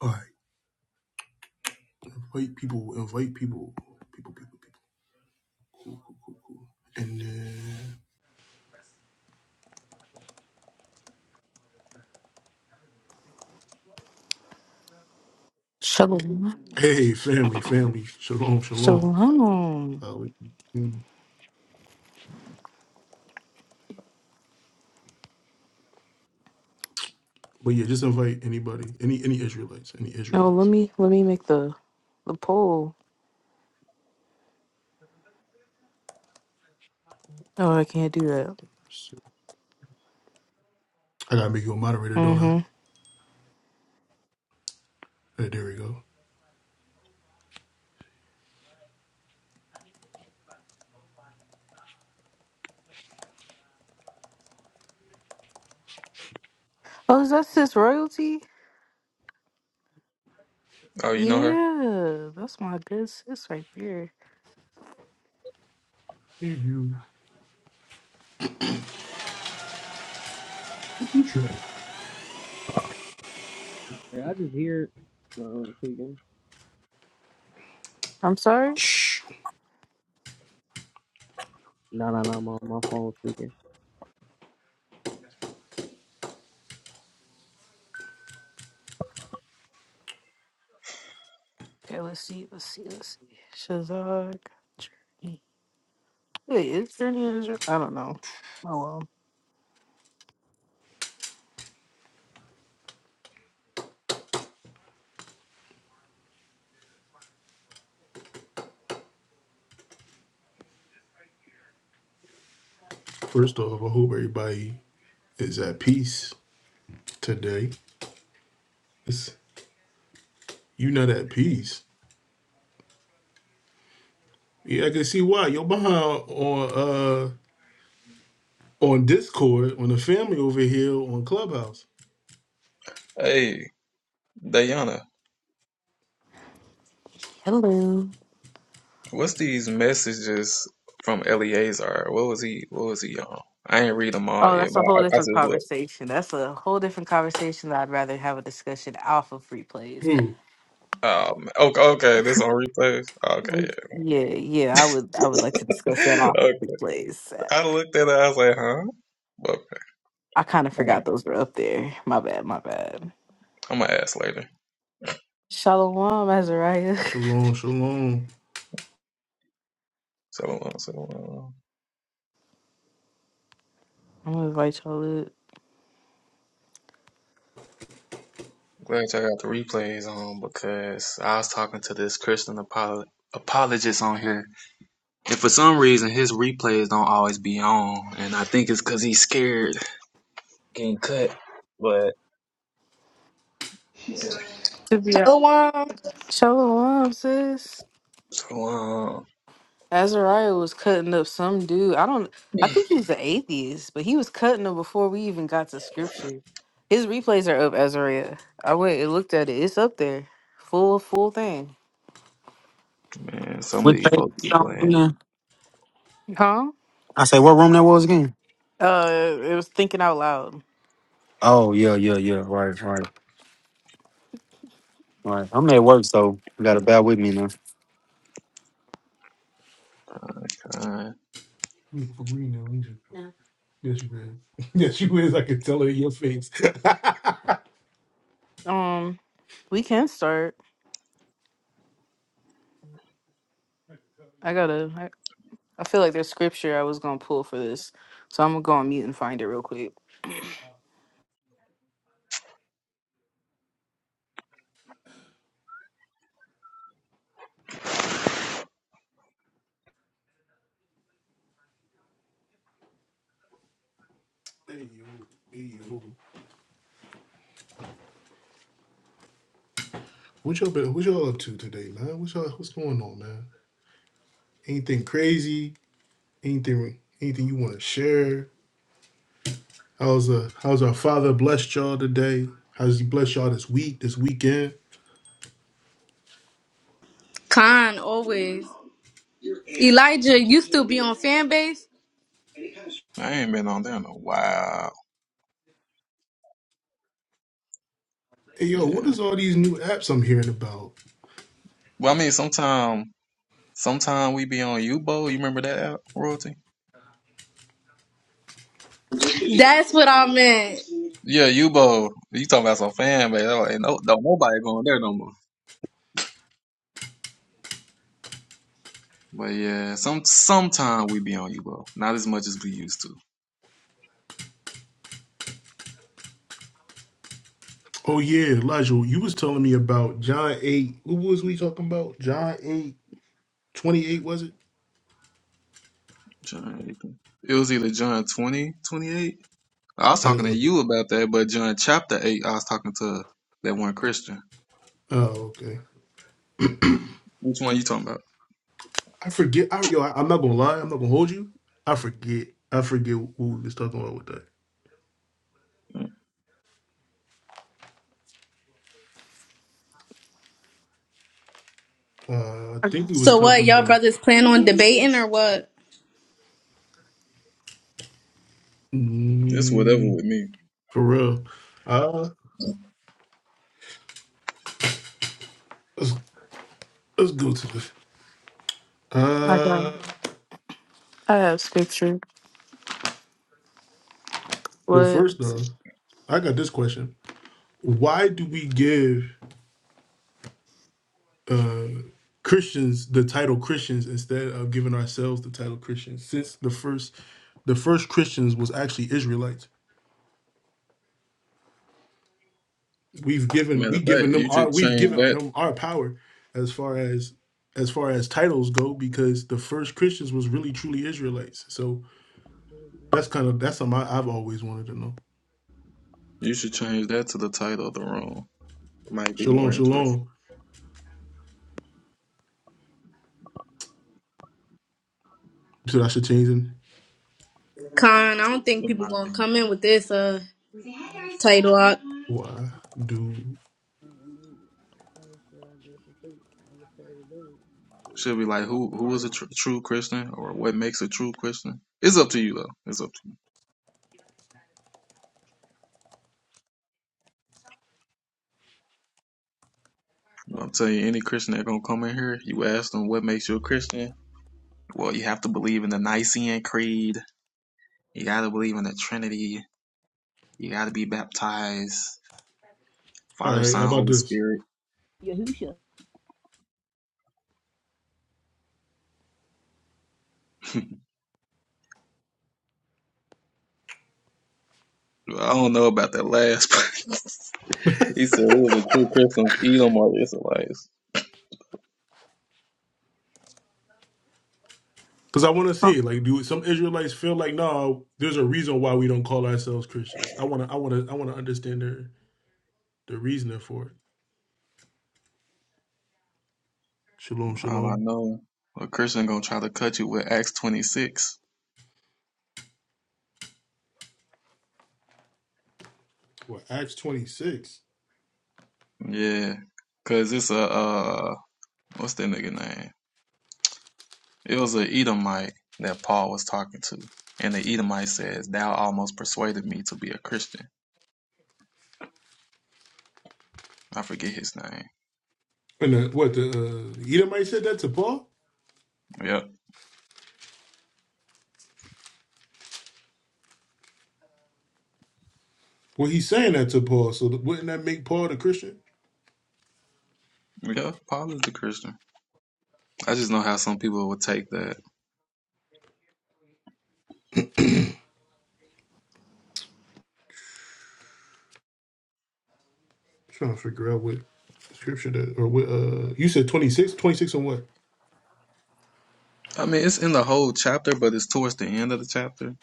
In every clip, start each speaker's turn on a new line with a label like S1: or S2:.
S1: All right, invite people, invite people, people, people, people. And uh,
S2: Shalom.
S1: hey, family, family, shalom, shalom.
S2: Shalom.
S1: Uh, we- mm, but yeah, just invite anybody, any any Israelites, any
S2: No, let
S1: Israelites.
S2: me let me make the the poll. Oh, I can't do that.
S1: I gotta make you a moderator, don't I?
S2: Mm-hmm.
S1: Uh, there we go.
S2: Oh, is that sis royalty?
S3: Oh, you know her?
S2: Yeah, that's my good sis right there.
S1: There you. you try.
S4: I just hear. No,
S2: I'm sorry.
S1: Shh.
S4: No, no, no, my, my phone's speaking.
S2: Okay, let's see, let's see, let's see. Shazag Journey. Wait, is Journey is I don't know. Oh well.
S1: First off, I hope everybody is at peace today. It's, you not at peace. Yeah, I can see why. You're behind on uh on Discord, on the family over here on Clubhouse.
S3: Hey, Diana,
S2: Hello.
S3: what's these messages from Eleazar? What was he what was he on? I ain't read them all
S2: Oh,
S3: yet,
S2: that's
S3: but
S2: a
S3: I,
S2: whole
S3: I
S2: different
S3: just looked.
S2: conversation. That's a whole different conversation that I'd rather have a discussion off of replays.
S1: Who?
S3: Um, okay, okay, this on replays. Okay,
S2: Mm,
S3: yeah.
S2: Yeah, yeah, I would I would like to discuss that off
S3: okay.
S2: the replays. Uh,
S3: I looked at it, I was like, huh? But
S2: I kind of
S3: I'm gonna,
S2: forgot those were up there. My bad, my bad.
S3: I'm gonna ask later.
S2: Shalom, Azariah.
S1: Shalom, shalom.
S3: So, uh, so uh,
S2: I'm gonna invite y'all up.
S3: glad y'all got the replays on because I was talking to this Christian apolo- apologist on here, and for some reason his replays don't always be on, and I think it's because he's scared. getting cut. But yeah,
S2: To be hon-
S5: Elwan,
S2: Shalom, sis.
S3: so um,
S2: Azariah was cutting up some dude. I don't I think he was an atheist, but he was cutting him before we even got to scripture. His replays are up, Azariah. I went and looked at it. It's up there. Full full thing.
S3: Man, some of
S6: Which
S3: these
S6: page
S3: folks be
S6: you on
S3: playing
S6: again?
S2: Huh?
S6: I say what room that was again?
S2: Uh it was thinking out loud.
S6: Oh yeah, yeah, yeah. Right, right, right. I'm at work, so you gotta bear with me now.
S3: kind.
S1: You for green now, ain't you? Yes, you is. Yes, you is. I can tell it in your face. hey,
S2: Um, We can start. I gotta. I, I feel like there's scripture I was gonna pull for this, so I'm gonna go on mute and find it real quick.
S1: yo. Hey, yo. What y'all, been, what y'all up to today, man? What y'all, what's going on, man? Anything crazy? Anything anything you want to share? How's uh, how's our father blessed y'all today? How's he blessed y'all this week, this weekend?
S5: Khan, always. Elijah, you still be on fan base?
S3: I ain't been on there in a while.
S1: Hey, yo, what
S3: Yeah.
S1: is all these new apps I'm hearing about?
S3: Well, I mean, sometime, sometime we be on Ubo. You remember that app, royalty?
S5: That's what I meant.
S3: Yeah, Ubo. You talking about some fan base? Oh, Ain't no, don't nobody going there no more. But yeah, some sometime we be on Ubo. Not as much as we used to.
S1: Oh, yeah, Elijah, you was telling me about John 8. What was we talking about? John 8 28 was it?
S3: John, Aiken. it was either John 20, 28. I was
S1: Uh,
S3: talking to you about that, but John chapter eight, I was talking to that one Christian.
S1: oh, okay.
S3: Which one you talking about?
S1: I forget. I, yo, I, am not gonna lie. I'm not gonna hold you. I forget. I forget who we was talking about with that. Uh, I
S2: I
S1: think we was
S5: So what,
S1: talking
S5: y'all
S1: about.
S5: brothers plan on debating or what?
S3: It's whatever
S1: Mm,
S3: with me.
S1: for real. Uh, let's let's go to this.
S2: I got.
S1: Uh,
S2: I have scripture.
S1: well,
S2: What?
S1: first off, I got this question. Why do we give uh Christians the title Christians instead of giving ourselves the title Christians? Since the first, the first Christians was actually Israelites. we've given
S3: Matter
S1: we
S3: of fact,
S1: given them
S3: you
S1: our
S3: should
S1: we've
S3: change
S1: given
S3: that.
S1: them our power as far as as far as titles go because the first Christians was really truly Israelites. So that's kind of that's something I, I've always wanted to know.
S3: You should change that to the title of the room. Might be more
S1: Shalom,
S3: interesting,
S1: shalom. So I should change it?
S5: Khan, I don't think
S3: in
S5: people
S3: my
S5: gonna
S3: opinion.
S5: come in with this uh title. Uh,
S1: why do
S3: Should be like who who is a tr- true Christian or what makes a true Christian. It's up to you though. It's up to you. I'm telling you, any Christian that gonna come in here, you ask them what makes you a Christian. Well, you have to believe in the Nicene Creed. You gotta believe in the Trinity. You gotta be baptized,
S1: all
S3: Father,
S1: right how
S3: Son,
S1: about
S3: Holy
S1: this?
S3: Spirit. I don't know about that last part. he said, "Who are the true Christians eat them or the Israelites?"
S1: Because I want to
S2: Oh,
S1: see like do some Israelites feel like no, there's a reason why we don't call ourselves Christians. I wanna I wanna I wanna understand their the reasoning for it. Shalom,
S3: All I
S1: shalom.
S3: know, a Christian gonna try to cut you with Acts twenty six.
S1: Well, Acts twenty six.
S3: Yeah, cause it's a uh, what's that nigga name? It was an Edomite that Paul was talking to, and the Edomite says, "Thou almost persuaded me to be a Christian." I forget his name.
S1: And the, what the uh, Edomite said that to Paul?
S3: Yeah,
S1: Well, he's saying that to Paul. So th- wouldn't that make Paul the Christian?
S3: yeah, Paul is the Christian. I just know how some people would take that.
S1: I'm trying to figure out what scripture that or what uh you said 26 26 on what
S3: I mean, it's in the whole chapter, but it's towards the end of the chapter.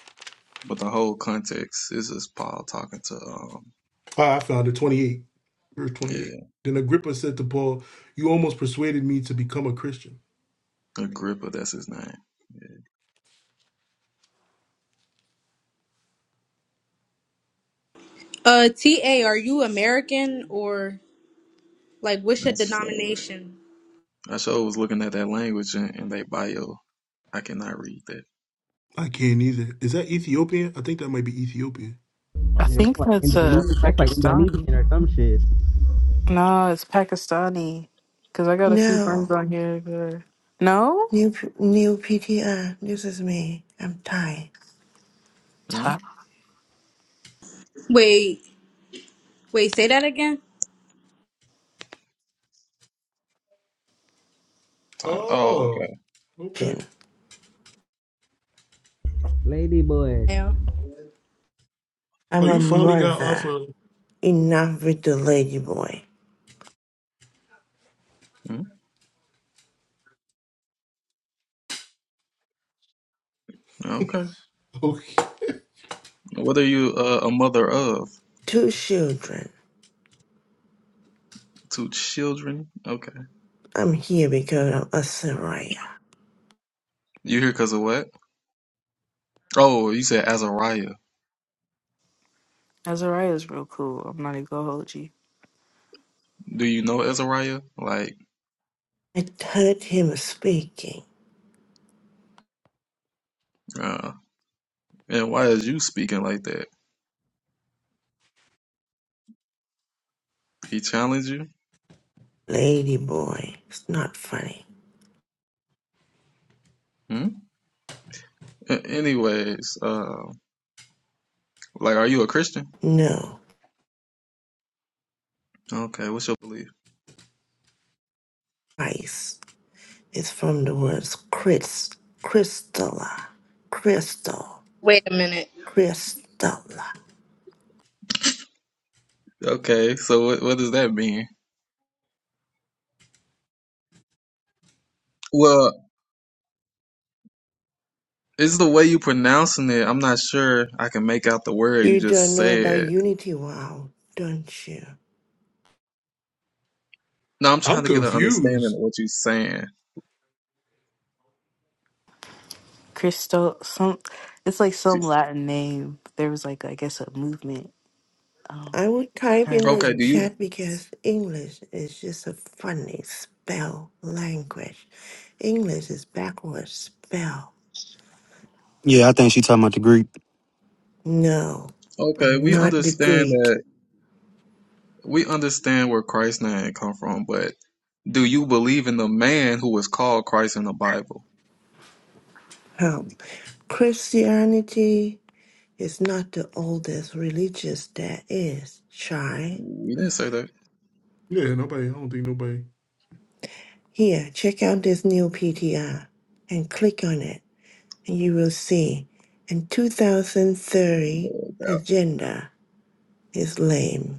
S3: But the whole context is just Paul talking to, um,
S1: Ah, i found it 28 verse
S3: yeah,
S1: 28 then agrippa said to paul you almost persuaded me to become a christian
S3: Agrippa, that's his name. Yeah,
S5: uh, TA, are you American or like what's your
S3: that's so.
S5: denomination?
S3: I sure was looking at that language in, in their bio. I cannot read that.
S1: i can't either is that ethiopian i think that might be ethiopian
S2: I
S4: that's
S2: think
S4: like
S2: that's a
S4: Indonesian. That's like Indonesian
S2: Pakistani.
S4: or some shit.
S2: No, it's Pakistani. Cause I got a few
S7: No,
S2: friends on here. That No,
S7: new p- new PTR. This is me. I'm Thai.
S3: Hmm?
S2: top
S5: Wait, wait, say that again?
S3: Title- Oh,
S1: oh
S3: okay.
S1: okay
S7: Jin.
S4: Lady boy.
S5: Yeah.
S1: oh
S7: I'm a
S1: you finally got off
S7: mother.
S1: of
S7: Enough with the lady boy.
S3: Hmm? Okay.
S1: okay
S3: What are you uh, a mother of?
S7: Two children.
S3: Two children? Okay.
S7: I'm here because of Asariah.
S3: You here because of what? Oh, you said Azariah.
S2: Azariah's real cool. I'm not even gonna hold you.
S3: Do you know Azariah? Like,
S7: I heard him speaking.
S3: uh, and why is you speaking like that? He challenged you?
S7: Lady boy. It's not funny.
S3: Hmm? A- Anyways, uh, like, are you a Christian?
S7: No,
S3: Okay, what's your belief?
S7: ice. It's from the words Chris, Crystalla, Crystal,
S5: Wait a minute.
S7: Crystalla.
S3: Okay, so what, what does that mean? Well, it's the way you pronouncing it. I'm not sure I can make out the word you
S7: You
S3: just
S7: don't know about
S3: said.
S7: Unity Wow, don't you?
S3: No, I'm trying
S1: i'm
S3: to get an understanding
S1: confused
S3: of what you're saying.
S2: Christo, some. It's like some
S3: She's-
S2: Latin name. There was like I guess a movement um
S7: I would type
S2: during
S7: in
S2: the
S7: the
S3: Okay,
S2: early.
S3: do you?
S7: chat
S2: days.
S7: because English is just a funny spell language. English is backwards spell.
S6: Yeah, I think she talking about the Greek.
S7: No,
S3: Okay,
S7: I'm
S3: we
S7: not the
S3: understand that
S7: Greek.
S3: we understand where Christ's name come from, but do you believe in the man who was called Christ in the Bible?
S7: Help. Christianity is not the oldest religious there is. Try.
S3: We didn't say that.
S1: yeah nobody i don't think nobody
S7: Here, check out this new PTR and click on it, and you will see. In 2030, agenda is lame.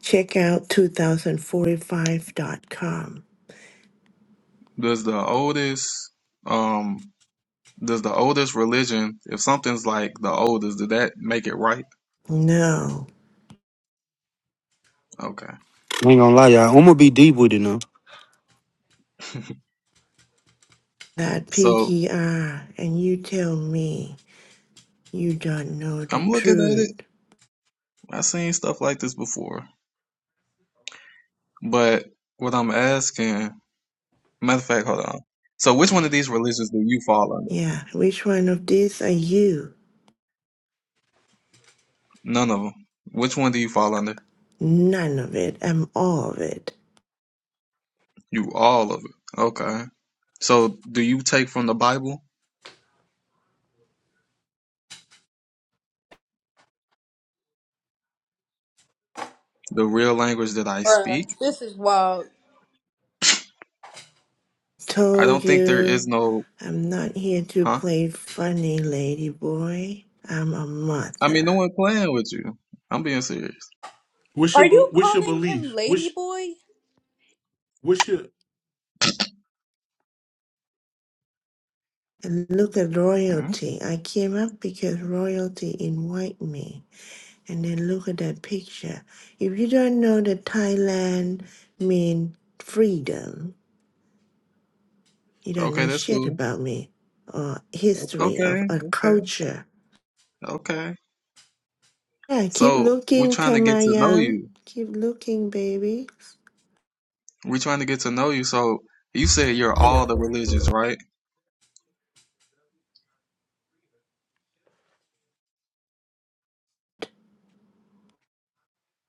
S7: Check out two thousand forty-five dot com.
S3: Does the oldest um does the oldest religion, if something's like the oldest, did that make it right?
S7: No,
S3: Okay.
S6: I ain't gonna lie, y'all. I'm gonna be deep with it now.
S7: that
S3: So
S7: PTR, and you tell me you don't know the
S3: I'm looking at it.
S7: truth.
S3: I've seen stuff like this before. But what I'm asking, matter of fact, hold on. So which one of these religions do you fall under?
S7: Yeah, which one of these are you?
S3: None of them. Which one do you fall under?
S7: None of it. I'm all of it.
S3: You all of it. Okay. So, do you take from the Bible the real language that I
S5: Bruh,
S3: speak?
S5: this is wild.
S3: I
S7: Told
S3: don't think there is
S7: you,
S3: no,
S7: I'm not here to
S3: huh?
S7: play funny, lady boy. I'm a
S3: I mean,
S7: mother.
S3: no one playing with you. I'm being serious.
S1: what's
S5: Are
S1: your
S5: you
S1: be- what's your
S5: calling him
S1: belief
S5: Lady
S1: what's
S5: Boy?
S1: what's your
S7: And look at
S3: Hmm?
S7: royalty. I came up because royalty invite me. and then look at that picture. If you don't know that Thailand means freedom, you don't
S3: Okay,
S7: know
S3: that's
S7: shit
S3: cool.
S7: about me or
S3: O-
S7: history of
S3: Okay,
S7: a
S3: okay,
S7: culture.
S3: okay.
S7: Yeah, keep
S3: So, we're
S7: looking,
S3: trying to get to know
S7: Tamayam.
S3: you.
S7: Keep looking, baby.
S3: We're trying to get to know you. So, you said you're all the religions, right?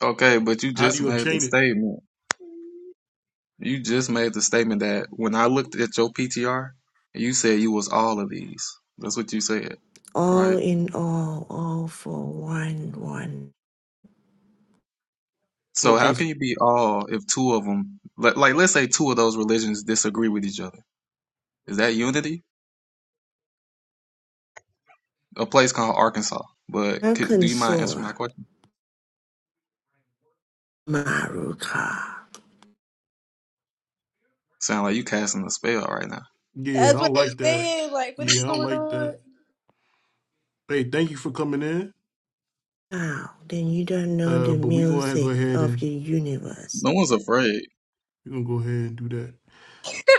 S3: Okay, but you
S1: How do
S3: just
S1: you
S3: made the
S1: obtain it?
S3: statement. You just made the statement that when I looked at your PTR, you said you was all of these. That's what you said,
S7: All
S3: right?
S7: in all, all for one, one.
S3: So how
S1: Okay,
S3: can
S1: so,
S3: you be all if two of them, like, like let's say two of those religions disagree with each other? Is that unity? A place called Arkansas. But could, do you mind answering
S7: Arkansas,
S3: my question?
S7: Maruka.
S3: Sound like you casting a spell right now.
S1: yeah, I
S5: That's what
S1: don't
S5: I'm
S1: like that.
S5: saying. Like, what is
S1: Yeah, I don't
S5: going
S1: like
S5: on?
S1: that. Hey, thank you for coming in.
S7: Now, then you don't know
S1: Uh,
S7: the
S1: but we gonna go
S7: music
S1: ahead
S7: of
S1: and
S7: the universe.
S3: No one's afraid.
S1: we gonna go ahead and do that.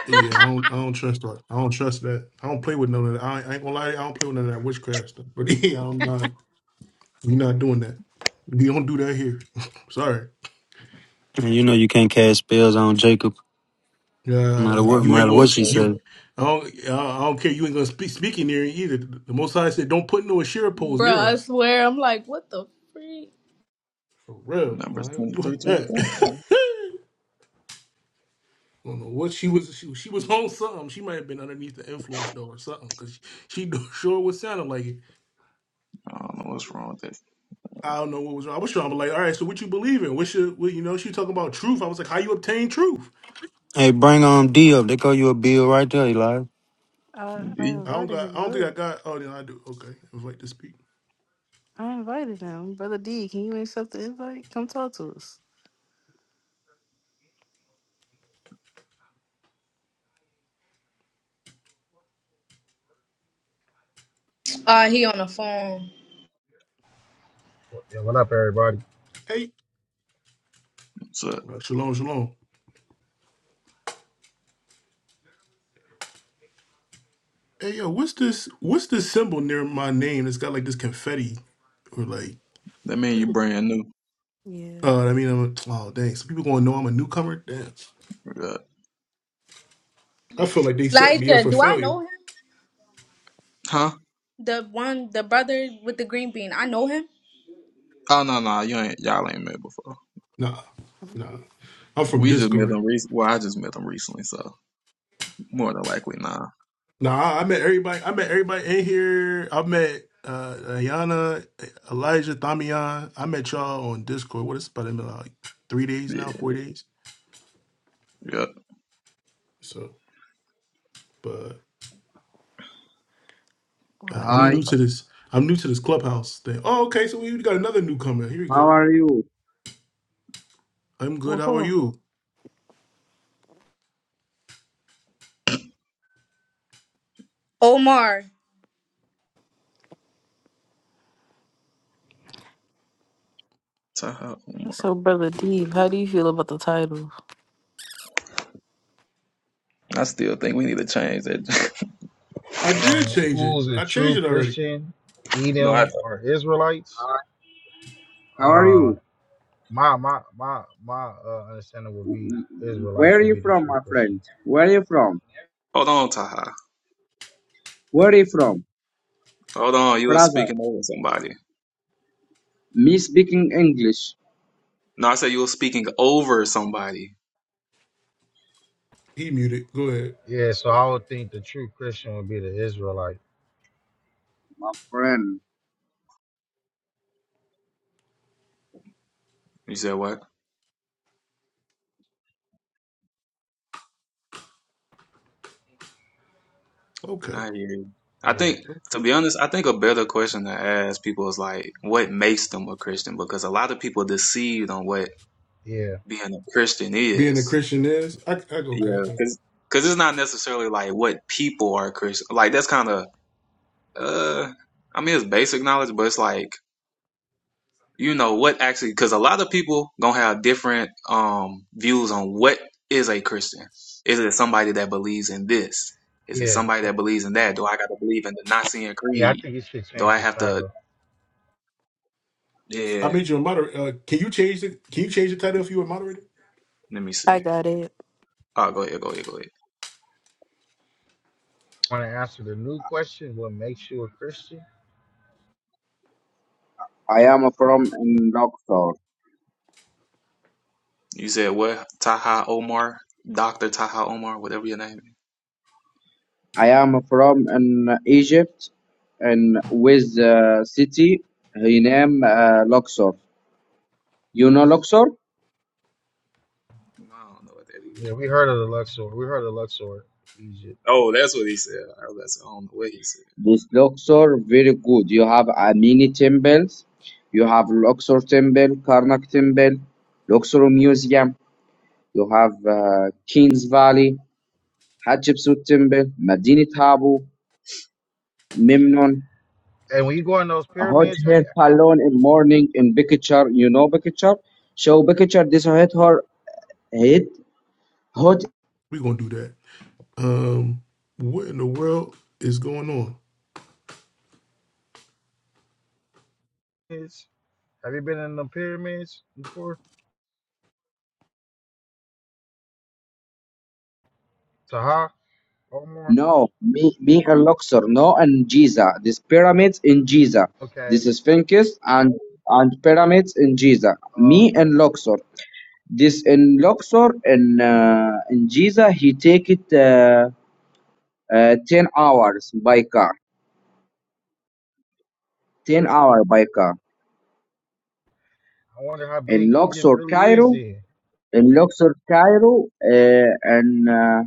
S1: Yeah, I don't, I don't trust that. I don't trust that. I don't play with none of that. I ain't, I ain't gonna lie, I don't play with none of that witchcraft stuff. But yeah, I'm not. We not doing that. We don't do that here. Sorry.
S6: And you know you can't cast spells on Jacob, no
S1: Uh,
S6: matter
S3: I
S6: what, no
S1: you ain't
S3: just
S6: matter what
S1: gonna
S3: say
S6: she
S1: you.
S6: said.
S3: that.
S1: I don't, I I don't care. You ain't gonna speak, speak in there either. The Most High said, "Don't put no Asherah poles
S5: Bruh,
S1: near
S5: I
S1: us."
S5: swear, I'm like, what the freak?
S1: For real, I
S3: Numbers
S1: ain't
S3: twenty-three,
S1: doing
S3: twenty-three. 23.
S1: that. I don't know what she was. She, she was on something. She might have been underneath the influence though, or something, because she, she sure was sounding like it.
S3: I don't know what's wrong with that.
S1: I don't know what was wrong. I was trying to be like, all right, so what you believe in? What should what, you know? She talking about truth. I was like, how you obtain truth?
S6: Hey, bring on D up. They call you a bill right there, Eli.
S2: I, I
S3: B,
S1: I don't
S2: invited
S1: got.
S2: him
S1: I don't think I
S2: up.
S1: got. Oh, yeah, I do. Okay, invite to speak.
S2: I invited him. Brother D, can you accept the invite? Come talk to us.
S5: Uh, he on the phone.
S8: Yeah, what up, everybody?
S1: Hey,
S3: what's up?
S1: well, shalom, shalom. Hey, yo, what's this? What's this symbol near my name? It's got like this confetti, or like,
S3: That mean you brand new.
S2: Yeah.
S1: uh, I mean, I'm a, oh dang, so people gonna know I'm a newcomer. Damn,
S3: Uh,
S1: I feel like they set me up
S5: Elijah,
S1: for
S5: do I
S1: failure.
S5: know him?
S3: huh?
S5: The one, the brother with the green bean, I know him.
S3: Oh, no, no, you ain't, y'all ain't met before.
S1: Nah, nah. I'm from
S3: We just met
S1: Discord.
S3: them recently. Well, I just met them recently, so more than likely, nah.
S1: Nah, I met everybody. I met everybody in here. I met uh Ayana, Elijah, Thamian. I met y'all on Discord. What is it? about been like three days now, four days.
S3: Yep,
S1: So, but
S2: Well, I
S1: uh, I'm
S9: Hi,
S1: new
S2: can't.
S1: to
S2: but-
S1: this. I'm new to this clubhouse thing. Oh, okay. So we got another newcomer. Here we
S9: how
S1: go.
S9: are you?
S1: I'm good.
S2: Well,
S1: How are
S2: hold
S1: you?
S5: Omar,
S3: Taha
S2: on.
S3: Umar.
S2: So, Brother D, how do you feel about the title?
S3: I still think we need to change that.
S1: I did
S8: Um,
S1: change it.
S8: who's a
S1: I
S8: true
S1: changed it already.
S8: Christian?
S3: No, I,
S8: Edom or Israelites?
S9: Hi, how are
S8: Uh,
S9: you?
S8: my my my my uh, understanding would be Israelites
S9: Where are
S8: would
S9: you
S8: be the
S9: from,
S8: true
S9: my
S8: Christian.
S9: friend? Where are you from?
S3: hold on, Taha.
S9: Where are you from?
S3: Hold on. You were
S9: Brother,
S3: speaking over somebody.
S9: me speaking English.
S3: No, I said you were speaking over somebody.
S1: He muted. Go ahead.
S8: Yeah, so I would think the true Christian would be the Israelite.
S9: My friend,
S3: You said what?
S1: Okay.
S3: I hear you. I
S8: Yeah,
S3: think, to be honest, I think a better question to ask people is like, what makes them a Christian? Because a lot of people are deceived on what
S8: yeah,
S3: being a Christian
S1: Being a
S3: is.
S1: Christian is. I, I okay. I,
S3: Yeah,
S1: can-
S3: because it's not necessarily like what people are Christian. Like that's kind of uh, I mean it's basic knowledge, but it's like you know what actually because a lot of people gonna have different um views on what is a Christian. Is it somebody that believes in this? Is it
S8: yeah,
S3: somebody
S8: I-
S3: that believes in that? Do I gotta believe in the Nicene
S8: yeah. I
S3: Creed?
S8: think you should
S3: Do
S8: change
S3: I
S8: the
S3: have to?
S8: title.
S3: Yeah,
S1: I made you a moderator. Uh, can you change the Can you change the title if you were a moderator?
S3: let me see.
S2: I got it.
S3: Oh, go ahead, go ahead, go ahead.
S8: Want to answer the new question? What makes you a Christian?
S9: I am from in doctor.
S3: You said what? Taha Omar, Doctor Taha Omar, whatever your name. is.
S9: I am from in Egypt and with uh, city he name uh, Luxor. You know Luxor?
S3: No, I don't know what that is.
S8: Yeah, we heard of the Luxor. We heard of Luxor, Egypt.
S3: Oh, that's what he said. I was like, I don't know what he said.
S9: This Luxor very good. You have Amini temples. You have Luxor temple, Karnak temple, Luxor museum. You have uh, Kings Valley, Hatshepsut Temple, Medinit Habu, Memnon,
S8: And when you go in those
S9: Hot
S8: pyramids, have
S9: Hair
S8: you,
S9: Palon in morning in Bekechar. You know Bekechar? Show Bekechar, this hot her head, hot,
S1: We're gonna do that. Um, what in the world is going on?
S8: have you been in the pyramids before? Taha? Omar?
S9: no, me, me and Luxor, no, and Giza. This pyramids in Giza.
S8: Okay.
S9: This is Sphinx and and pyramids in Giza. Me
S8: Okay.
S9: and Luxor. This in Luxor and uh, in Giza, he take it uh, uh, ten hours by car 10 hour by car
S8: I wonder how
S9: in
S8: big Egypt
S9: Luxor,
S8: really is
S9: Cairo,
S8: then.
S9: in Luxor, Cairo, uh, and uh,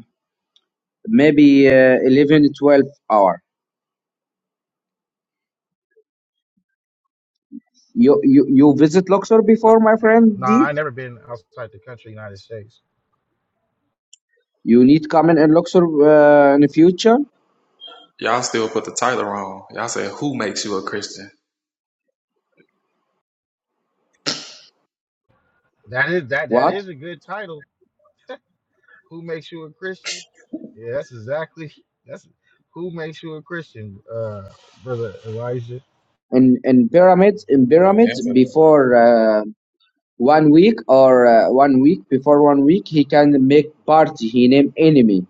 S9: maybe uh, 11, twelve hour. You, you you visit Luxor before, my friend
S8: No,
S9: D?
S8: I never been outside the country, United States.
S9: You need coming in Luxor uh, in the future.
S3: Y'all still put the title wrong. Y'all said, Who makes you a Christian?
S8: That is that that
S9: What?
S8: is a good title. Who makes you a Christian? Yeah, that's exactly that's who makes you a Christian, uh, brother Elijah.
S9: In in pyramids in
S3: Oh,
S9: pyramids
S3: that's it
S9: before uh, one week or uh, one week before one week he can make party. He name enemy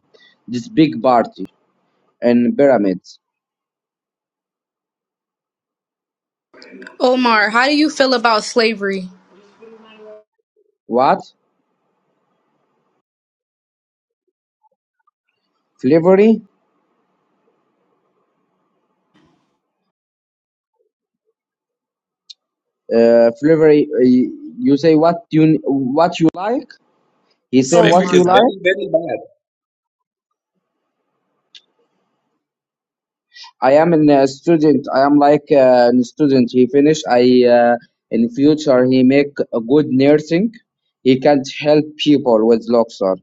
S9: this big party in pyramids.
S5: Omar, how do you feel about slavery?
S9: What? slavery? uh, flavor uh, you say what you what you like he say
S5: Oh
S3: Slavery
S9: what
S5: my
S9: you
S3: is
S5: god.
S9: like
S3: very, very
S9: i am a student i am like uh, a student he finish i uh, in future he make a good nursing he can help people with luxor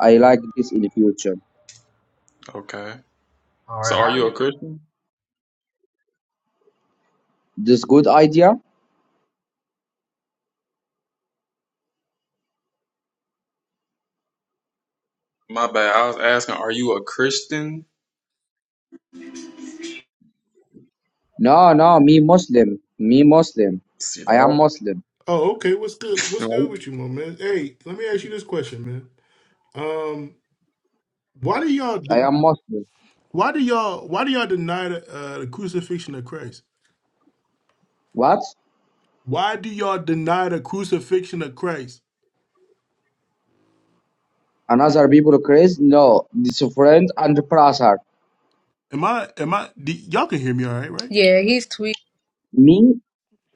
S9: i like this in the future
S3: Okay.
S8: All right,
S3: So are
S8: how
S3: you a
S8: do
S3: Christian?
S9: this good idea
S3: My bad. I was asking, Are you a Christian?
S9: no no me muslim me muslim
S3: See
S9: i am
S3: that?
S9: muslim
S1: Oh, okay. What's good? What's good
S3: Right?
S1: with you, my man? Hey, let me ask you this question, man. Um, why do y'all
S9: i
S1: de-
S9: am muslim
S1: why do y'all why do y'all deny the uh, the crucifixion of Christ?
S9: what
S1: Why do y'all deny the crucifixion of Christ?
S9: another people crazy no this friend and brother
S1: Am I am I do, y'all can hear me all right, right?
S5: Yeah, he's tweet.
S9: me
S2: Yeah,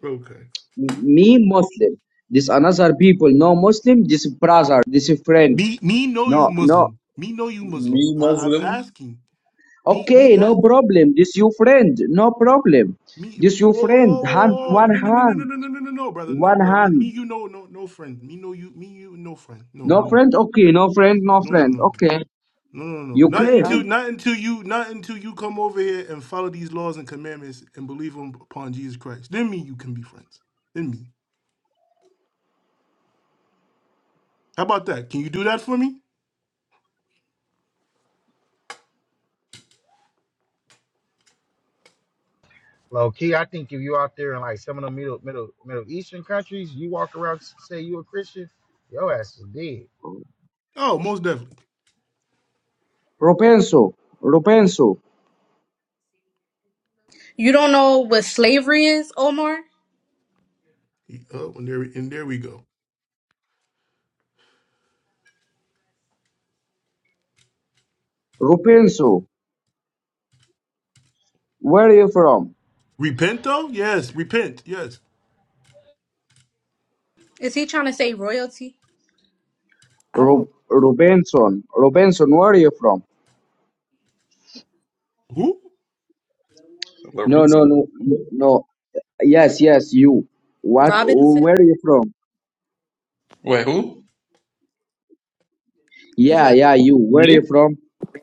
S1: Okay.
S9: me Muslim. This another people, no Muslim, this brother, this friend.
S1: Me me know you
S9: No, no.
S1: Muslim. Me know you Muslim.
S3: Me,
S1: I, I'm
S3: Muslim?
S1: asking. Me
S9: Okay,
S1: me.
S9: no problem. This your friend, no problem.
S1: Me, me,
S9: This your
S1: whoa, whoa,
S9: friend,
S1: whoa, whoa, whoa,
S9: hand,
S1: whoa.
S9: one
S1: no, no, no, no, no,
S9: hand,
S1: no, no, no, no, no, brother, no,
S9: one
S1: brother. We, me,
S9: hand.
S1: you, no, no, no, friend. Me, no, you, me, you, no, friend. No, no,
S9: No
S1: no,
S9: friend, okay, no friend, no
S1: no, no,
S9: friend.
S1: no,
S9: Okay,
S1: no, no, no.
S9: you
S1: Not
S2: I,
S1: until,
S9: crazy.
S2: don't-
S1: not until you, not until you come over here and follow these laws and commandments and believe them upon Jesus Christ. Then me, you can be friends. Then me. How about that? Can you do that for me?
S8: low key? I think if you out there in like some of the middle middle middle eastern countries, you walk around s- say you a Christian, your ass is dead.
S1: Oh, most definitely.
S9: Rubenso. Rubenso.
S5: You don't know what slavery is, Omar?
S1: Oh, and there, and there we go.
S9: Rubenso. where are you from?
S1: Repent though? Yes, repent. Yes.
S5: Is he trying to say royalty?
S2: I
S9: Ru-
S2: don't.
S9: Rubenson, Rubenson, where are you from?
S1: Who?
S9: No, no,
S3: Lorenzo.
S9: no, no. Yes, yes, you. What,
S5: Robinson?
S9: where are you from?
S3: Wait, who?
S5: He's
S9: Yeah,
S5: like,
S9: yeah, you. Where are
S3: Me?
S9: you from?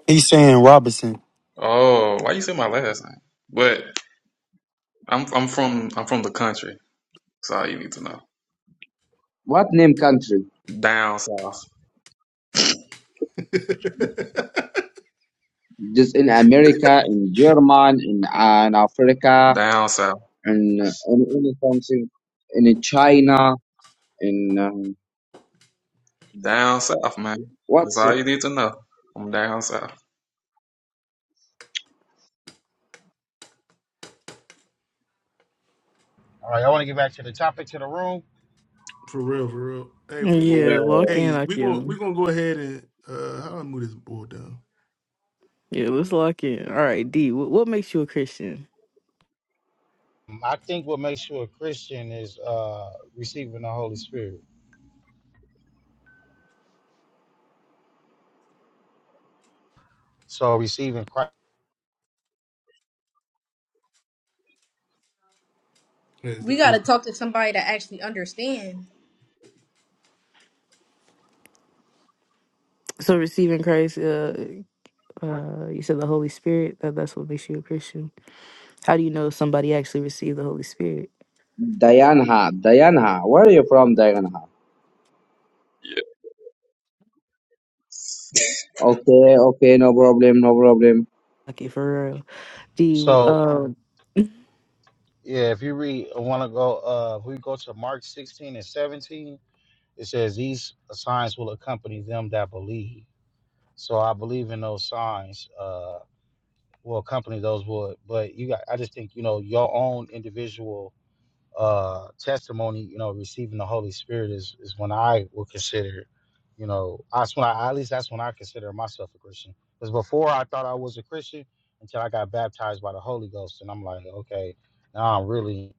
S6: He's saying Robinson.
S3: Oh, why you say my last name? But I'm I'm from I'm from the country. That's all you need to know.
S9: What name country?
S3: Down south.
S9: Just in America, in German, in, uh, in Africa,
S3: Down south.
S9: in, uh, in, in something, in China, in um,
S3: Down south, man. That's
S9: what's
S3: all you need to know. I'm down south.
S8: All right, I want to get back to the topic to the room.
S1: For real, for real. Hey, we gonna
S2: Yeah, lock
S3: Yeah,
S2: in,
S1: hey,
S2: I
S1: we gonna we
S2: can.
S1: gonna go ahead and uh how do I move this board down?
S2: Yeah, let's lock in. All right, D, what, what makes you a Christian?
S8: Mm, I think what makes you a Christian is uh, receiving the Holy Spirit. So receiving Christ.
S1: Is-
S5: we gotta
S1: is-
S5: talk to somebody that actually understand.
S2: So receiving Christ, uh, uh, you said the Holy Spirit. That that's what makes you a Christian. How do you know if somebody actually received the Holy Spirit?
S9: Dayanha? Dayanha. Where are you from, Dayanha?
S3: yeah.
S9: Okay, okay, no problem, no problem.
S2: Okay, for real. D,
S8: So
S2: uh,
S8: yeah, if you read, I want to go, uh, if we go to Mark 16 and 17, it says these signs will accompany them that believe. So I believe in those signs uh, will accompany those would. But you got, I just think you know your own individual uh, testimony, you know, receiving the Holy Spirit is, is when I would consider, you know, that's when I, at least that's when I consider myself a Christian. Because before I thought I was a Christian until I got baptized by the Holy Ghost, and I'm like, okay, now I'm really.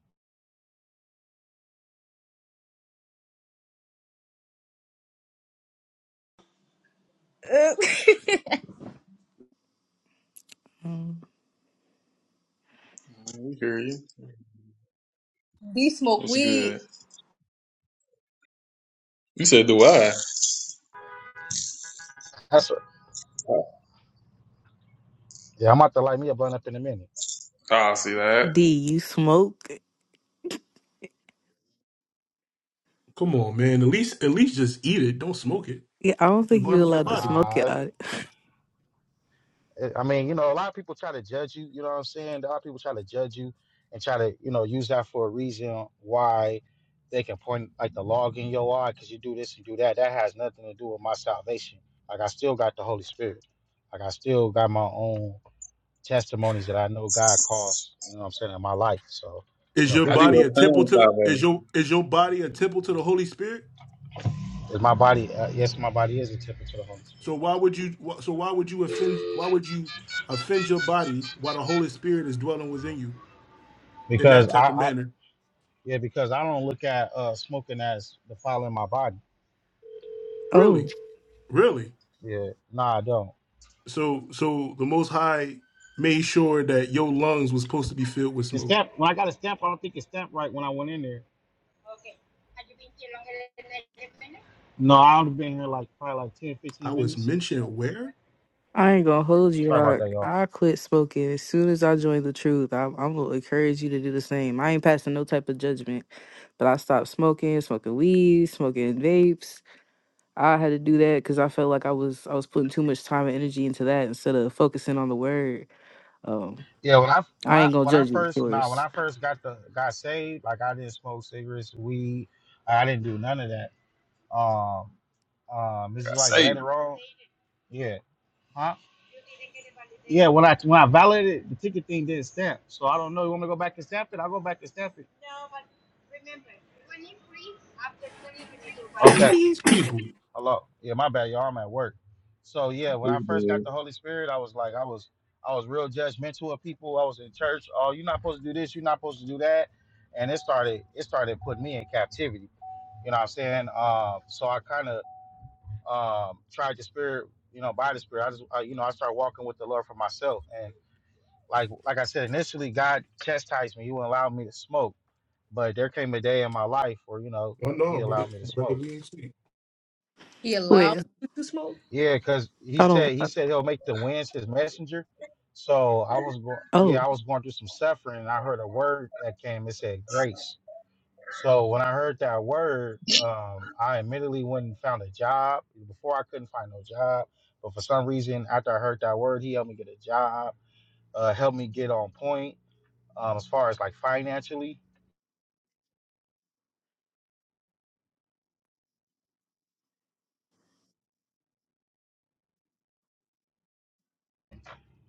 S5: Uh,
S3: We hear you.
S5: He smoke
S3: What's good?
S5: weed.
S3: You said, do I?
S8: That's
S3: Oh,
S8: yeah. I'm about to light me a blunt up in a minute.
S3: I see that.
S2: D, you smoke?
S1: come on, man. At least at least just eat it. Don't smoke it.
S2: Yeah, I don't
S1: You
S2: think you're
S1: harming your
S2: allowed to
S1: body.
S2: smoke it.
S8: Uh,
S2: I,
S8: eh, I mean, you know, a lot of people try to judge you. You know what I'm saying? A lot of people try to judge you and try to, you know, use that for a reason why they can point like the log in your eye because you do this and do that. That has nothing to do with my salvation. Like I still got the Holy Spirit. Like I still got my own testimonies that I know God calls. You know what I'm saying in my life. So, you
S1: Is
S8: know,
S1: your
S3: How
S8: people
S3: do you
S8: can.
S1: body a temple
S3: obtain
S1: to the, is
S3: salvation?
S1: your is your body a temple to the Holy Spirit?
S8: Is my body? Uh, yes, my body is a temple to the Holy
S1: So
S8: Spirit
S1: why would you wh- so why would you offend why would you offend your body while the Holy Spirit is dwelling within you in
S8: because
S1: that
S8: I,
S1: type of
S8: I
S1: manner?
S8: yeah because I don't look at uh smoking as defiling my body.
S2: oh,
S1: Really? Really?
S8: Yeah, nah, I don't.
S1: So so the most high made sure that your lungs was supposed to be filled with
S8: The
S1: smoke.
S8: stamp, when I got a stamp, I don't think it stamped right when I went in there. No, I would have been here like probably like ten, fifteen
S1: I was
S8: minutes.
S1: mentioned where?
S2: I ain't gonna hold you.
S8: Sorry about
S2: I,
S8: that, y'all.
S2: I quit smoking as soon as I joined the truth. I'm, I'm gonna encourage you to do the same. I ain't passing no type of judgment, but I stopped smoking, smoking weed, smoking vapes. I had to do that because I felt like I was I was putting too much time and energy into that instead of focusing on the word. Um,
S8: Yeah, when I when
S2: I
S8: I
S2: ain't gonna
S8: when I
S2: judge you, of
S8: first nah when
S2: course.
S8: I first got the got saved, like I didn't smoke cigarettes, weed, I didn't do none of that. Um, um, this
S3: I
S8: is like
S3: say
S8: later on. Yeah, huh? Yeah, when I when I validated the ticket thing didn't stamp, so I don't know. You want me to go back and stamp it? I'll go back and stamp it.
S1: Who
S8: Okay.
S1: these people?
S8: Hello. Yeah, my bad, y'all. I'm at work. So yeah, when I
S3: it's
S8: first
S3: good.
S8: got the Holy Spirit, I was like, I was, I was real judgmental of people. I was in church. Oh, you're not supposed to do this. You're not supposed to do that. And it started, it started putting me in captivity. You know what I'm saying? Um, so I kind of um, tried the Spirit, you know, by the Spirit. I just, I, you know, I started walking with the Lord for myself. And like, like I said, initially God chastised me. He wouldn't allow me to smoke. But there came a day in my life where, you know,
S1: I
S8: He
S1: know, brother.
S8: allowed me to
S1: Brother,
S8: smoke.
S1: we ain't see.
S5: He allowed
S2: Wait,
S5: you to smoke.
S8: Yeah, because he
S2: I
S8: said
S2: don't.
S8: he
S2: I,
S8: said he'll make the winds his messenger. So I was going,
S2: oh,
S8: yeah, I was going through some suffering, and I heard a word that came. It said grace. So when I heard that word, um, I immediately went and found a job. Before I couldn't find no job, but for some reason, after I heard that word, he helped me get a job, uh, helped me get on point um, as far as like financially.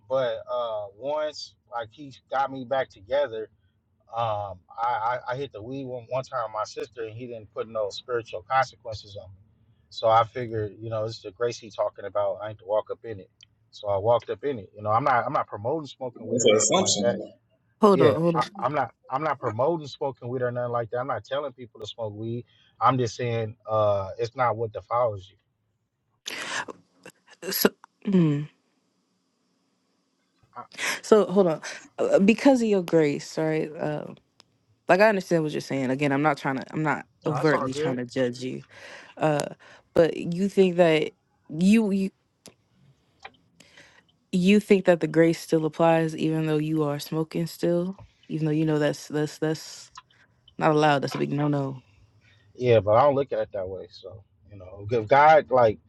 S8: But uh, once like he got me back together Um, I, I, I hit the weed one, one time with my sister, and he didn't put no spiritual consequences on me. So I figured, you know, this is the grace he talking about. I need to walk up in it. So I walked up in it. You know, I'm not I'm not promoting smoking weed
S3: It's
S8: or
S3: an
S8: nothing like that.
S3: assumption.
S2: hold on,
S8: Yeah,
S2: hold
S8: I,
S2: on.
S8: I'm not I'm not promoting smoking weed or nothing like that. I'm not telling people to smoke weed. I'm just saying uh, it's not what defiles you.
S2: So, mm.
S8: I,
S2: So hold on, Uh, uh, because of your grace, right? Uh, like I understand what you're saying. Again, I'm not trying to. I'm not
S8: no, that's all
S2: overtly trying
S8: good.
S2: to judge you. Uh, but you think that you you you think that the grace still applies, even though you are smoking still, even though you know that's that's that's not allowed. That's a big no no.
S8: Yeah, but I don't look at it that way. So you know, if God like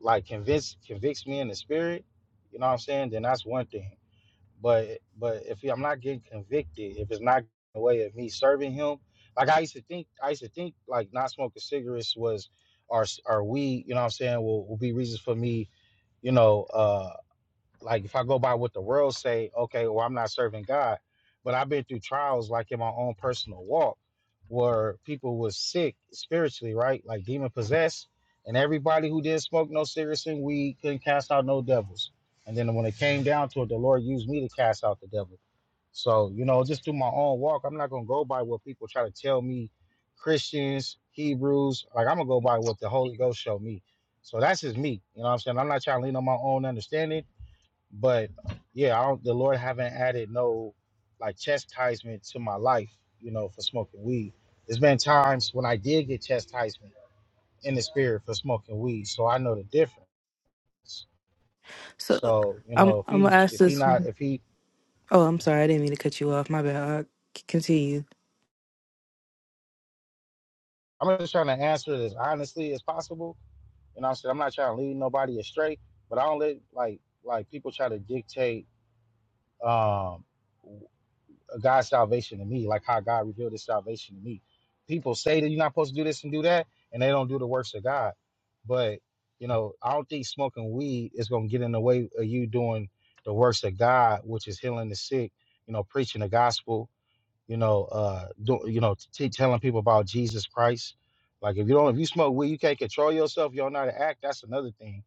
S8: like convince convicts me in the spirit, you know what I'm saying? Then that's one thing. But but if I'm not getting convicted, if it's not in the way of me serving him, like I used to think, I used to think like not smoking cigarettes was, or or weed, you know what I'm saying? Will will be reasons for me, you know, uh like if I go by what the world say, okay, well I'm not serving God, but I've been through trials like in my own personal walk where people was sick spiritually, right? Like demon possessed, and everybody who didn't smoke no cigarettes and weed couldn't cast out no devils. And then when it came down to it, the Lord used me to cast out the devil. So you know, just through my own walk, I'm not gonna go by what people try to tell me, Christians, Hebrews. Like I'm gonna go by what the Holy Ghost showed me. So that's just me. You know what I'm saying? I'm not trying to lean on my own understanding. But yeah, I don't, the Lord haven't added no like chastisement to my life, you know, for smoking weed. There's been times when I did get chastisement in the spirit for smoking weed, so I know the difference.
S2: So
S8: So you
S2: I'm
S8: know, if
S2: I'm
S8: he
S2: gonna ask
S8: if he
S2: this.
S8: not if he,
S2: Oh, I'm sorry. I didn't mean to cut you off. My bad. Uh, c- continue.
S8: I'm just trying to answer it as honestly as possible. You know, what I'm saying I'm not trying to lead nobody astray, but I don't let like like people try to dictate. um God's salvation to me, like how God revealed his salvation to me. People say that you're not supposed to do this and do that, and they don't do the works of God. But, you know, I don't think smoking weed is going to get in the way of you doing the works of God, which is healing the sick, you know, preaching the gospel, you know, uh, do, you know, t- telling people about Jesus Christ. Like if you don't, if you smoke weed, you can't control yourself. You don't know how to act. That's another thing.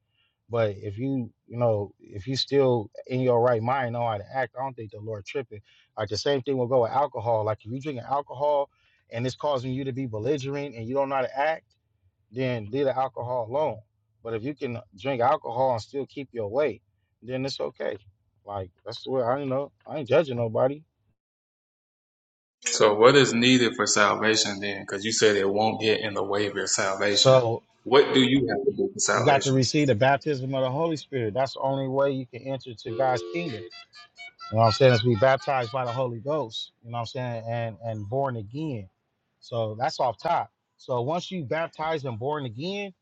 S8: But if you, you know, if you still in your right mind, know how to act, I don't think the Lord tripping. Like the same thing will go with alcohol. Like if you drinking alcohol and it's causing you to be belligerent and you don't know how to act, then leave the alcohol alone. But if you can drink alcohol and still keep your weight, then it's okay. Like that's the way I you know. I ain't judging nobody.
S3: So, what is needed for salvation then? Because you said it won't get in the way of your salvation.
S8: So
S3: What do you have to
S8: You
S3: do for
S8: you got to
S3: salvation?
S8: receive the baptism of the Holy Spirit. That's the only way you can enter to God's kingdom. You know what I'm saying? Is be baptized by the Holy Ghost. You know what I'm saying? And and born again. So that's off top. So once you baptized and born again,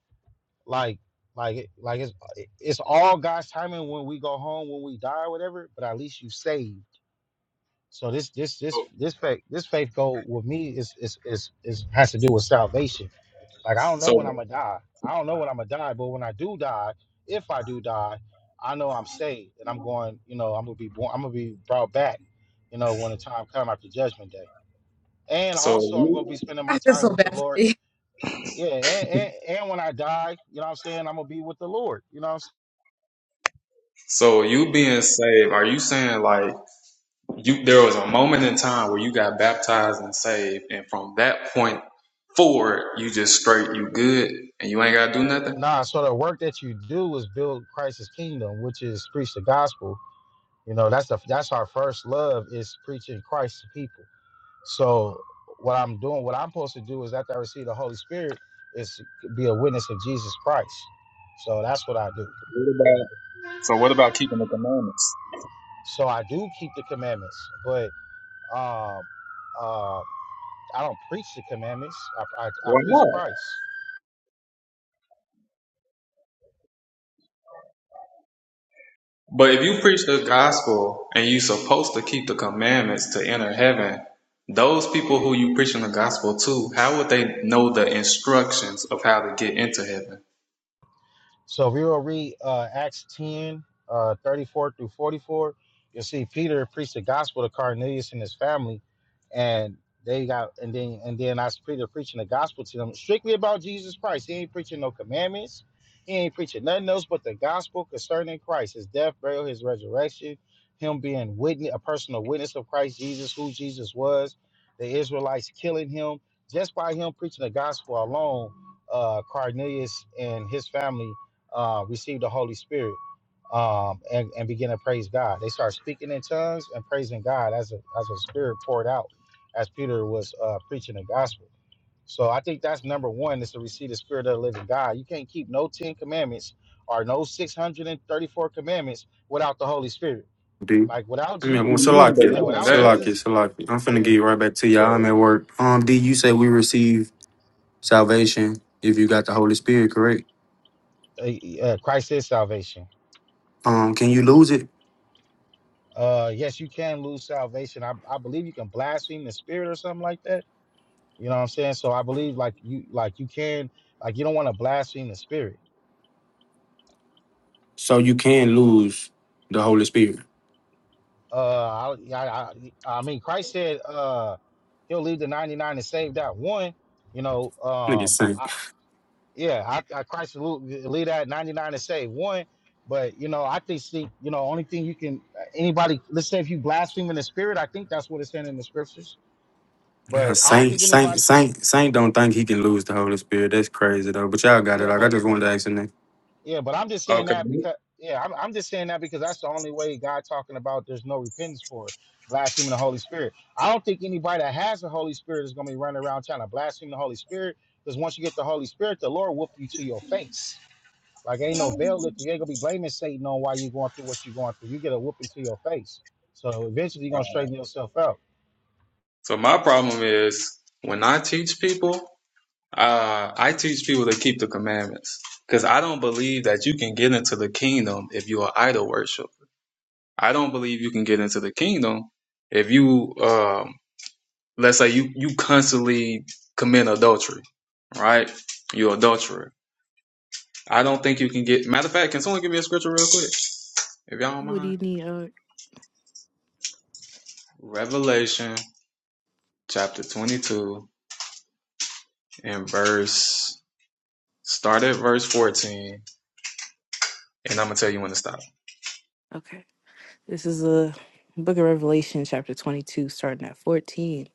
S8: like like like it's it's all God's timing when we go home, when we die or whatever. But at least you saved. So this this this
S3: So,
S8: this faith this faith goal with me is is is, is has to do with salvation. Like I don't know when
S3: so
S8: I'm gonna die. I don't know when I'm gonna die, but when I do die, if I do die, I know I'm saved and I'm going. You know, I'm gonna be born. I'm gonna be brought back. You know, when the time comes after Judgment Day, and
S3: so
S8: also I'm gonna be
S3: you,
S8: spending my
S5: I feel
S8: time
S5: so
S8: with the
S5: bad for
S8: Lord.
S5: D.
S8: Yeah, and, and and when I die, you know what I'm saying, I'm gonna be with the Lord. You know what I'm saying?
S3: so you being saved, are you saying like? You there was a moment in time where you got baptized and saved, and from that point forward, you just straight you good, and you ain't gotta do nothing.
S8: Nah, so the work that you do is build Christ's kingdom, which is preach the gospel. You know, that's the that's our first love is preaching Christ to people. So what I'm doing, what I'm supposed to do is after I receive the Holy Spirit, is to be a witness of Jesus Christ. So that's what I do.
S3: What about so? What about keeping the commandments?
S8: So I do keep the commandments, but um, uh, I don't preach the commandments. I, I, I
S3: Why
S8: preach
S3: not?
S8: Christ.
S3: But if you preach the gospel and you supposed to keep the commandments to enter heaven, those people who you preaching the gospel to, how would they know the instructions of how to get into heaven?
S8: So if we will read uh, Acts 10, uh, 34 through 44, you'll see Peter preached the gospel to Cornelius and his family, and they got and then and then I see Peter preaching the gospel to them strictly about Jesus Christ. He ain't preaching no commandments. He ain't preaching nothing else but the gospel concerning Christ, his death, burial, his resurrection, him being witness, a personal witness of Christ Jesus, who Jesus was, the Israelites killing him. Just by him preaching the gospel alone, uh, Cornelius and his family uh, received the Holy Spirit um, and, and begin to praise God. They start speaking in tongues and praising God as a, as a spirit poured out as Peter was uh, preaching the gospel. So I think that's number one is to receive the spirit of the living God. You can't keep no 10 commandments or no 634 commandments without the Holy Spirit.
S6: D.
S8: Like without
S6: I
S8: G,
S6: mean, well,
S3: You need
S8: yeah,
S6: Salakia,
S3: to
S8: without
S3: learn that.
S6: Salakia,
S8: Jesus,
S6: Salakia. I'm
S8: yeah,
S6: finna get right back to y'all. I'm at
S8: okay.
S6: work. Um, D, you say we receive salvation if you got the Holy Spirit, correct?
S8: Uh, uh, Christ is salvation.
S6: Um, can you lose it?
S8: Uh, yes, you can lose salvation. I, I believe you can blaspheme the spirit or something like that You know what I'm saying? So I believe like you like you can like you don't want to blaspheme the spirit.
S6: So you can lose the Holy Spirit.
S8: Uh, I, I I I mean Christ said uh he'll leave the 99 and save that one. You know
S6: Nigga
S8: um
S6: Saint.
S8: I yeah I, I Christ will leave that 99 and save one. But you know I think see you know only thing you can anybody let's say if you blaspheme in the spirit I think that's what it's saying in the scriptures.
S6: Well,
S8: But I don't
S6: Saint,
S8: think
S6: Saint,
S8: anybody
S6: Saint, Saint don't think he can lose the Holy Spirit. That's crazy though. But y'all got it.
S8: yeah
S6: Like I
S8: but
S6: just wanted to ask him that.
S8: Yeah, but I'm just saying
S3: Okay.
S8: that because yeah, I'm, I'm just saying that because that's the only way God talking about there's no repentance for blaspheming the Holy Spirit. I don't think anybody that has the Holy Spirit is gonna be running around trying to blaspheme the Holy Spirit because once you get the Holy Spirit, the Lord whoop you to your face. Like ain't no veil lifted. You ain't gonna be blaming Satan on why you going through what you're going through. You get a whooping to your face. So eventually you're gonna straighten yourself out.
S3: So my problem is when I teach people. Uh, I teach people to keep the commandments because I don't believe that you can get into the kingdom if you are idol worship. I don't believe you can get into the kingdom if you, um, let's say you you constantly commit adultery, right? You're adulterer. I don't think you can get. Matter of fact, can someone give me a scripture real quick, if y'all don't
S2: What do
S3: mind?
S2: you need? Uh,
S3: Revelation chapter 22 and verse. Start at verse 14 and I'm gonna tell you when to stop.
S2: okay. This is a Book of Revelation, chapter 22, starting at 14.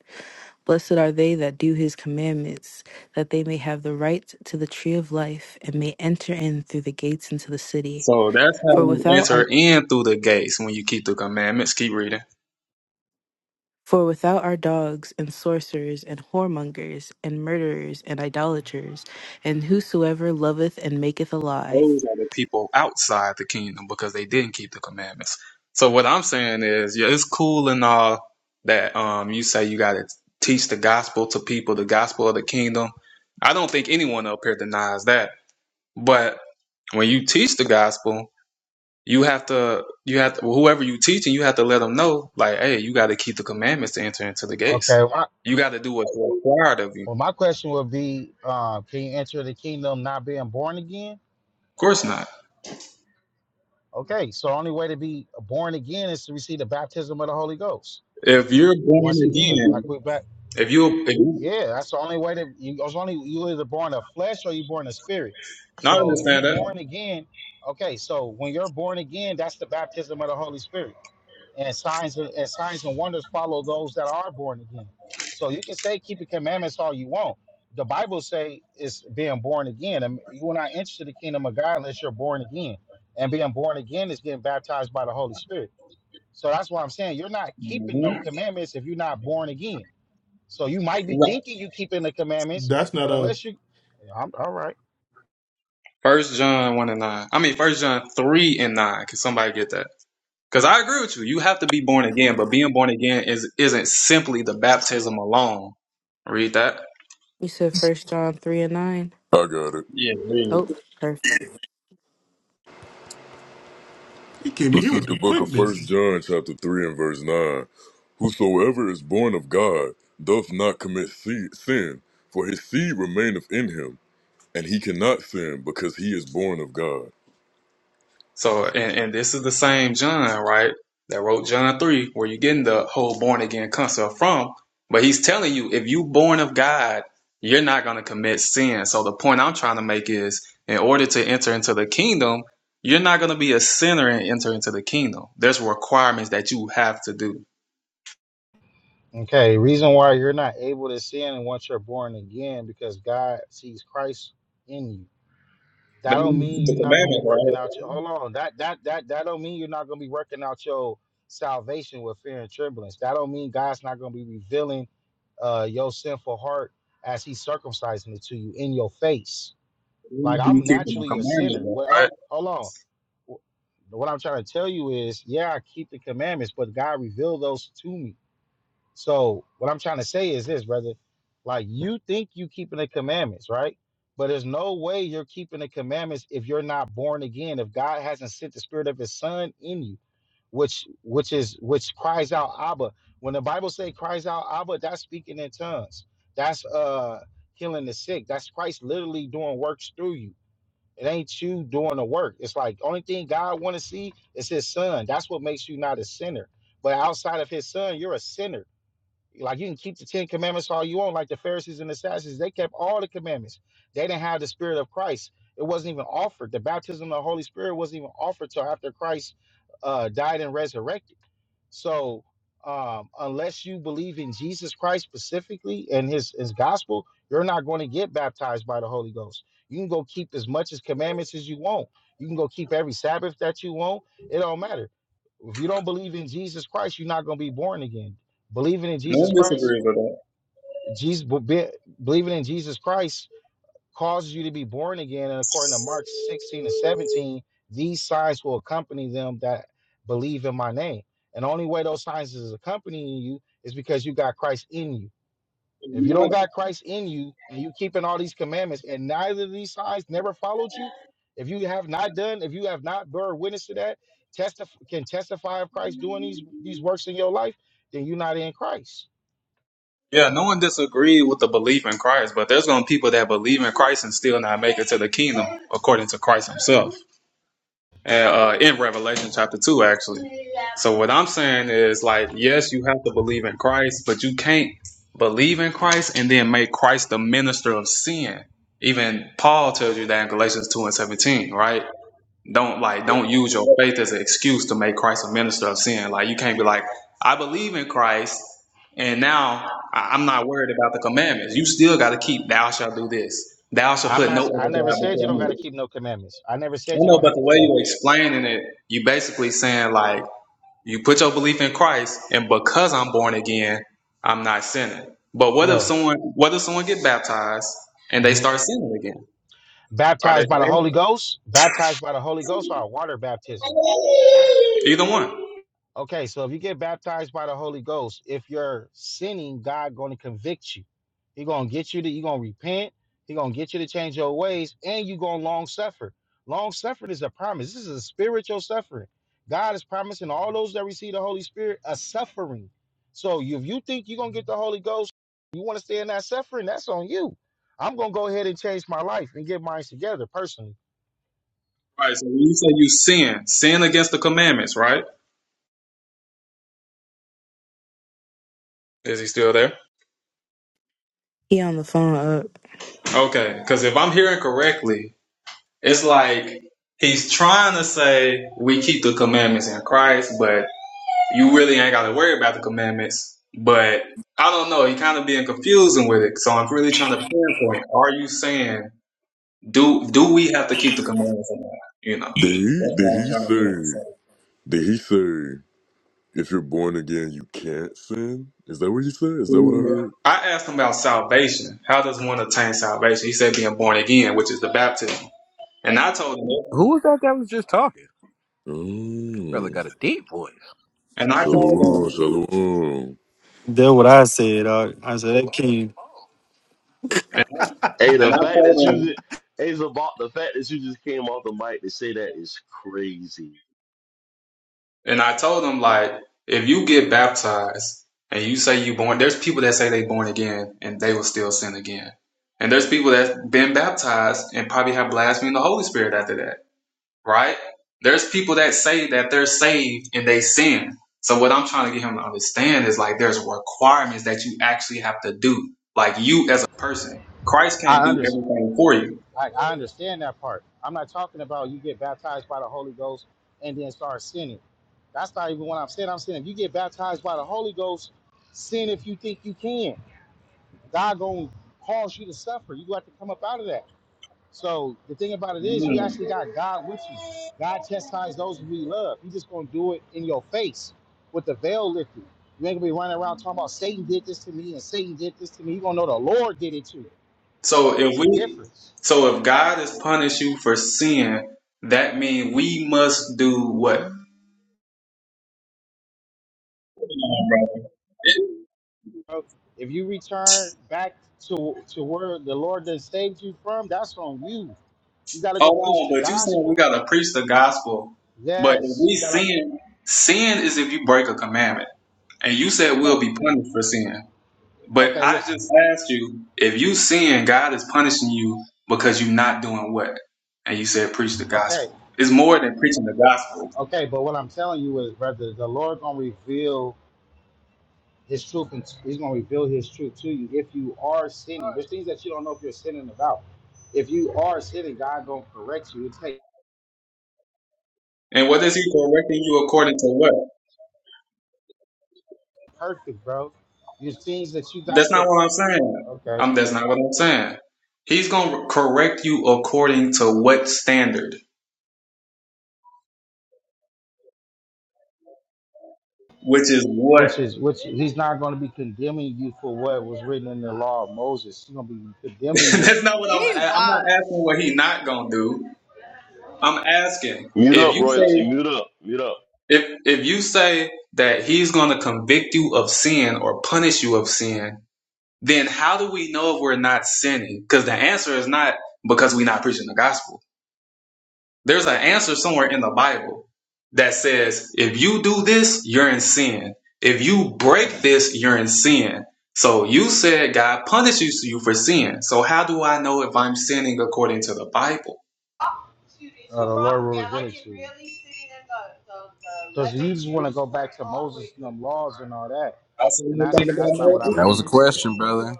S2: Blessed are they that do his commandments, that they may have the right to the tree of life and may enter in through the gates into the city.
S3: So that's how
S2: For
S3: you
S2: without
S3: enter
S2: our
S3: in through the gates when you keep the commandments. Keep reading.
S2: for without our dogs and sorcerers and whoremongers and murderers and idolaters and whosoever loveth and maketh a lie.
S3: Those are the people outside the kingdom because they didn't keep the commandments. So what I'm saying is, yeah, it's cool and all that um you say you gotta teach the gospel to people, the gospel of the kingdom. I don't think anyone up here denies that. But when you teach the gospel, you have to you have to, whoever you teaching, you have to let them know like, hey, you got to keep the commandments to enter into the
S8: Okay.
S3: gates.
S8: Well, I-
S3: You got to do what's required of you.
S8: well
S3: Of
S8: my question would be, uh, can you enter the kingdom not being born again?
S3: course not.
S8: Okay, so the only way to be born again is to receive the baptism of the Holy Ghost.
S3: If you're born
S8: Once again, like
S3: again,
S8: we're back.
S3: if you if you
S8: Yeah, that's the only way to you it's only you either born of flesh or you born of spirit.
S3: no, I
S8: So if you
S3: understand that.
S8: born again, okay, so when you're born again, that's the baptism of the Holy Spirit and signs and signs and wonders follow those that are born again. So you can say keeping commandments all you want. The Bible say it's being born again, and you're not interested in the kingdom of God unless you're born again. And being born again is getting baptized by the Holy Spirit. So that's why I'm saying you're not keeping no commandments if you're not born again. So you might be
S3: hmm
S8: thinking you keeping the commandments,
S1: That's not
S8: but
S1: a.
S8: unless you, Yeah, I'm all right.
S3: First John one and nine. I mean, First John three and nine. Can somebody get that? Because I agree with you. You have to be born again, but being born again is isn't simply the baptism alone. Read that.
S2: You said first John three and nine.
S10: I got it.
S3: Yeah, read.
S2: Oh, perfect.
S1: He came in
S10: This
S1: here
S10: is
S1: with the
S10: the book of
S1: quickness.
S10: First John, chapter three and verse nine. Whosoever is born of God doth not commit se- sin, for his seed remaineth in him, and he cannot sin because he is born of God.
S3: So, and, and this is the same John, right? That wrote John 3, where you're getting the whole born again concept from. But he's telling you, if you born of God, you're not going to commit sin. So the point I'm trying to make is, in order to enter into the kingdom, you're not going to be a sinner and enter into the kingdom. There's requirements that you have to do.
S8: Okay, reason why you're not able to sin once you're born again because God sees Christ in you. That
S3: But
S8: don't
S3: you keep
S8: mean
S3: The
S8: you're not gonna be
S3: commandment,
S8: working
S3: right?
S8: out your hold on. That that that that don't mean you're not gonna be working out your salvation with fear and tremblance. That don't mean God's not gonna be revealing uh your sinful heart as he's circumcising it to you in your face. Like
S3: You
S8: I'm
S3: keep the
S8: naturally a sinner.
S3: commandment,
S8: Well,
S3: right?
S8: hold on. Wh- What I'm trying to tell you is, yeah, I keep the commandments, but God revealed those to me. So what I'm trying to say is this, brother. Like you think you keeping the commandments, right? But there's no way you're keeping the commandments if you're not born again, if God hasn't sent the spirit of his son in you, which which is which cries out Abba. When the Bible say cries out Abba, that's speaking in tongues. That's uh healing the sick. That's Christ literally doing works through you. It ain't you doing the work. It's like only thing God want to see is his son. That's what makes you not a sinner. But outside of his son, you're a sinner like you can keep the Ten Commandments all you want, like the Pharisees and the Sadducees. They kept all the commandments. They didn't have the Spirit of Christ. It wasn't even offered. The baptism of the Holy Spirit wasn't even offered till after Christ uh, died and resurrected. So um, unless you believe in Jesus Christ specifically and his, his gospel, you're not going to get baptized by the Holy Ghost. You can go keep as much as commandments as you want. You can go keep every Sabbath that you want. It don't matter. If you don't believe in Jesus Christ, you're not going to be born again. Believing in
S3: No one
S8: Jesus Christ,
S3: disagrees with that.
S8: Jesus be- believing in Jesus Christ causes you to be born again. And according to Mark 16 and 17, these signs will accompany them that believe in my name. And the only way those signs is accompanying you is because you got Christ in you.
S3: You
S8: If you
S3: know what?
S8: don't got Christ in you and you keeping all these commandments and neither of these signs never followed you, if you have not done, if you have not bear witness to that, testify can testify of Christ doing these these works in your life, then you're not in Christ.
S3: Yeah, no one disagreed with the belief in Christ, but there's going to be people that believe in Christ and still not make it to the kingdom according to Christ himself. And, uh, in Revelation chapter 2, actually. So what I'm saying is like, yes, you have to believe in Christ, but you can't believe in Christ and then make Christ the minister of sin. Even Paul tells you that in Galatians 2 and 17, right? Don't like
S8: It-
S3: don't use your faith as an excuse to make Christ a minister of sin. Like you can't be like, I believe in Christ, and now I- I'm not worried about the commandments. You still got to keep thou shalt do this. Thou shalt
S8: I'm
S3: put no
S8: not
S3: other God
S8: I never said you don't
S3: before me.
S8: got to keep no commandments. I never
S3: I
S8: said you
S3: know,
S8: don't
S3: but
S8: have
S3: the
S8: to
S3: way
S8: keep no.
S3: you're explaining it, you basically saying like you put your belief in Christ, and because I'm born again, I'm not sinning. But what if
S8: No.
S3: someone what if someone get baptized and they
S8: Mhm.
S3: start sinning again? Are they
S8: Baptized by the
S3: saved?
S8: Holy Ghost, baptized by the Holy Ghost or water baptism.
S3: Either one.
S8: Okay, so if you get baptized by the Holy Ghost, if you're sinning, God going to convict you. He going to get you to you going to repent. He going to get you to change your ways and you going to long suffer. Long suffering is a promise. This is a spiritual suffering. God is promising all those that receive the Holy Spirit a suffering. So if you think you're going to get the Holy Ghost, you want to stay in that suffering, that's on you. I'm going to go ahead and change my life and get mine together personally
S3: Right. So when you say you sin, sin against the commandments, right? Is he still there?
S2: He on the phone up.
S3: Okay. Because if I'm hearing correctly, it's like he's trying to say we keep the commandments in Christ, but you really ain't got to worry about the commandments. But I don't know. He kind of being confusing with it. So I'm really trying to pinpoint. Are you saying do do we have to keep the commandments or not? You know.
S10: Did he?
S3: That's what
S10: Did
S3: I'm
S10: he
S3: trying to get. him to say.
S10: say? Did he say? If you're born again, you can't sin. Is that what he said? Is that what I
S3: I
S10: heard?
S3: asked him about salvation. How does one attain salvation? He said being born again, which is the baptism. And I told him,
S11: Who was that that was just talking? That brother
S10: Mm.
S11: got a deep voice.
S3: and I
S10: Shalom,
S3: told him,
S10: shalom.
S6: That's what I said, dog. I said that king.
S3: and,
S12: Hey, the
S3: and I
S12: fact that you
S3: told him,
S12: just, hey, about the fact that you just came off the mic to say that is crazy.
S3: and I told him like, if you get baptized and you say you born, there's people that say they born again and they will still sin again. And there's people that been baptized and probably have blasphemed the Holy Spirit after that. right? There's people that say that they're saved and they sin. So what I'm trying to get him to understand is like there's requirements that you actually have to do. Like you as a person, Christ can't
S8: I
S3: do
S8: understand.
S3: everything for you.
S8: Like I understand that part. I'm not talking about you get baptized by the Holy Ghost and then start sinning. That's not even what I'm saying. I'm saying if you get baptized by the Holy Ghost, sin if you think you can. God gonna cause you to suffer. You got to come up out of that. So the thing about it is, you
S3: Mm.
S8: actually got God with you. God chastised those who He love. He just gonna do it in your face with the veil lifted. You ain't gonna be running around talking about Satan did this to me and Satan did this to me. You gonna know the Lord did it too.
S3: So if
S8: It's a
S3: we,
S8: difference.
S3: so if God has punished you for sin, that means we must do what? Hold on, brother.
S8: If you return back to to where the Lord that saved you from, that's on you. You gotta go preach
S3: Hold
S8: the
S3: on, but you saying we
S8: gospel.
S3: gotta preach the gospel, but if
S8: Yes,
S3: we
S8: you gotta.
S3: sin, sin is if you break a commandment, and you said we'll
S8: Okay,
S3: be
S8: th-
S3: punished for sin. But
S8: okay,
S3: I
S8: listen.
S3: just asked you if you sin, God is punishing you because you're not doing what? And you said preach the
S8: Okay,
S3: gospel. It's more than preaching the gospel.
S8: okay, but what I'm telling you is, brother, the Lord gonna reveal His truth, and He's gonna reveal His truth to you if you are sinning. There's things that you don't know if you're sinning about. If you are sinning, God gonna correct you. It's not
S3: And what is He correcting you according to what?
S8: perfect, bro. There's things that you got
S3: That's not
S8: to.
S3: what I'm saying.
S8: Okay.
S3: Um, that's not what I'm saying. He's gonna correct you according to what standard, which is what.
S8: which is which he's not going to be condemning you for what was written in the law of Moses. He's going to be condemning you.
S3: that's not what I'm.
S5: He
S3: a- I'm not
S5: wild.
S3: asking what He not gonna do. I'm asking
S12: Mute
S3: if
S12: up,
S3: you say.
S12: royalty. Mute up. Mute up.
S3: If if you say that he's going to convict you of sin or punish you of sin, then how do we know if we're not sinning? Because the answer is not because we're not preaching the gospel. There's an answer somewhere in the Bible that says if you do this, you're in sin. If you break this, you're in sin. So you said God punishes you for sin. So how do I know if I'm sinning according to the Bible?
S8: Uh, the Lord will reveal it to you. Because you just want to go back to Moses and them laws and all that,
S3: I said,
S8: and
S3: you
S8: that's
S3: think
S8: that's
S3: about
S8: not what I
S3: Moses?
S11: That was a
S8: believe.
S11: question, brother.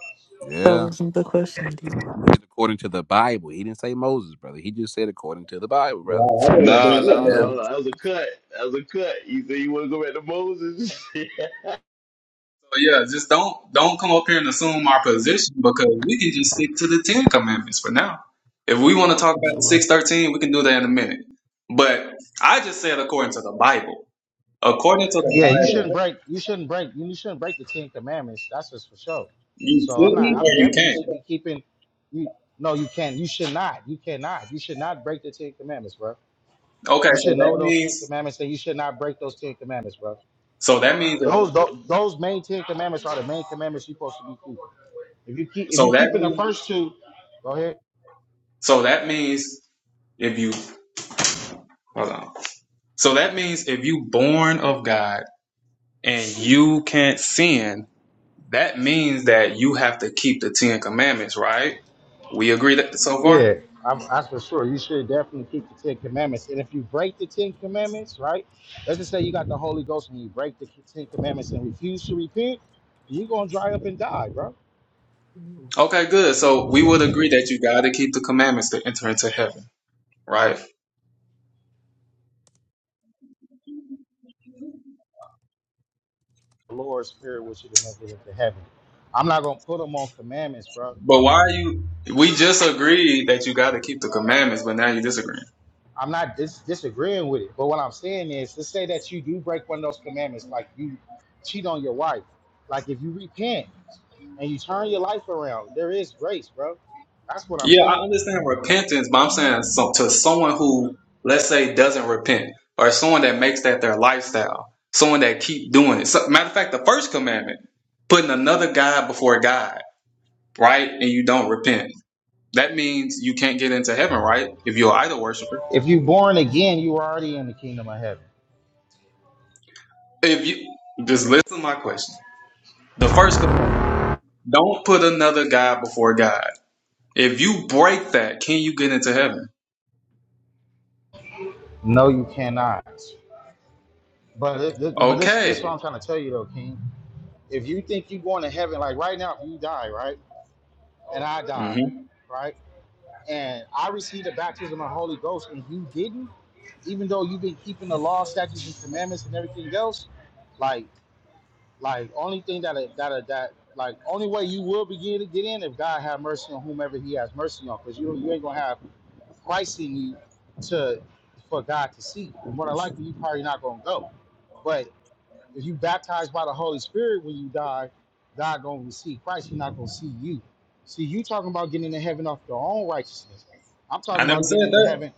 S2: That
S11: Yeah.
S2: wasn't the question, dude.
S11: According to the Bible, he didn't say Moses, brother. He just said according to the Bible, brother.
S3: Wow, I didn't even
S12: Nah,
S3: bring up
S12: nah, nah.
S3: Moses.
S11: Yeah.
S12: nah. That was a cut. That was a cut. You said you want to go back to Moses.
S3: But yeah, just don't don't come up here and assume our position because we can just stick to the Ten Commandments for now. If we want to talk about the
S1: Salak,
S3: six thirteen, we can do that in a minute. But I just said according to the Bible. According to the
S8: Yeah, you shouldn't
S3: Bible,
S8: break. You shouldn't break. You shouldn't break the Ten Commandments. That's just for sure.
S3: you
S8: So I'm not.
S3: couldn't
S8: I'm
S3: or you
S8: definitely. You
S3: can't.
S8: should be keeping. You no. You can't. You should not. You cannot. You should not break the Ten Commandments, bro.
S3: Okay,
S8: You
S3: so
S8: should know
S3: that
S8: those Ten
S3: means
S8: Commandments, and you should not break those Ten Commandments, bro.
S3: so that means
S8: Those those, those main Ten Commandments are the main commandments you're supposed to be keeping. If you keep if you
S3: so that
S8: keeping the
S3: means
S8: first two, go ahead.
S3: so that means if you hold on. So that means if you born of God and you can't sin, that means that you have to keep the Ten Commandments, right? We agree that so far?
S8: Yeah, I'm, that's for sure. You should definitely keep the Ten Commandments. And if you break the Ten Commandments, right? Let's just say you got the Holy Ghost and you break the Ten Commandments and refuse to repent, you're gonna dry up and die, bro.
S3: Okay, good. So we would agree that you got to keep the commandments to enter into heaven, right?
S8: The Lord's Spirit wants you to make it into heaven. I'm not gonna put them on commandments, bro.
S3: But why are you? We just agreed that you got to keep the commandments, but now you're disagreeing.
S8: I'm not dis- disagreeing with it, but what I'm saying is, let's say that you do break one of those commandments, like you cheat on your wife, like if you repent and you turn your life around, there is grace, bro. That's what I'm
S3: Yeah, I
S8: saying.
S3: understand repentance, but I'm saying so, to someone who, let's say, doesn't repent, or someone that makes that their lifestyle, someone that keep doing it. So, matter of fact, the first commandment, putting another God before God, right? And you don't repent. That means you can't get into heaven, right? If you're an idol worshiper.
S8: If you're born again, you are already in the kingdom of heaven.
S3: If you just listen to my question. The first commandment. Don't put another God before God. If you break that, can you get into heaven?
S8: No, you cannot. But it, th- but this this is
S3: Okay.
S8: what I'm trying to tell you though, King. If you think you're going to heaven, like right now, if you die, right, and I die,
S3: hmm
S8: right. and I received the baptism of the Holy Ghost, and you didn't, even though you've been keeping the law, statutes, and commandments and everything else, like, like only thing that that that like only way you will begin to get in if God have mercy on whomever He has mercy on, because you you ain't gonna have Christ in you to for God to see. More than likely, you probably not gonna go, but if you baptized by the Holy Spirit when you die, God gonna receive Christ. He not gonna see you. See, you talking about getting into heaven off your own righteousness. I'm talking
S3: I never
S8: about
S3: said
S8: getting into
S3: that.
S8: heaven.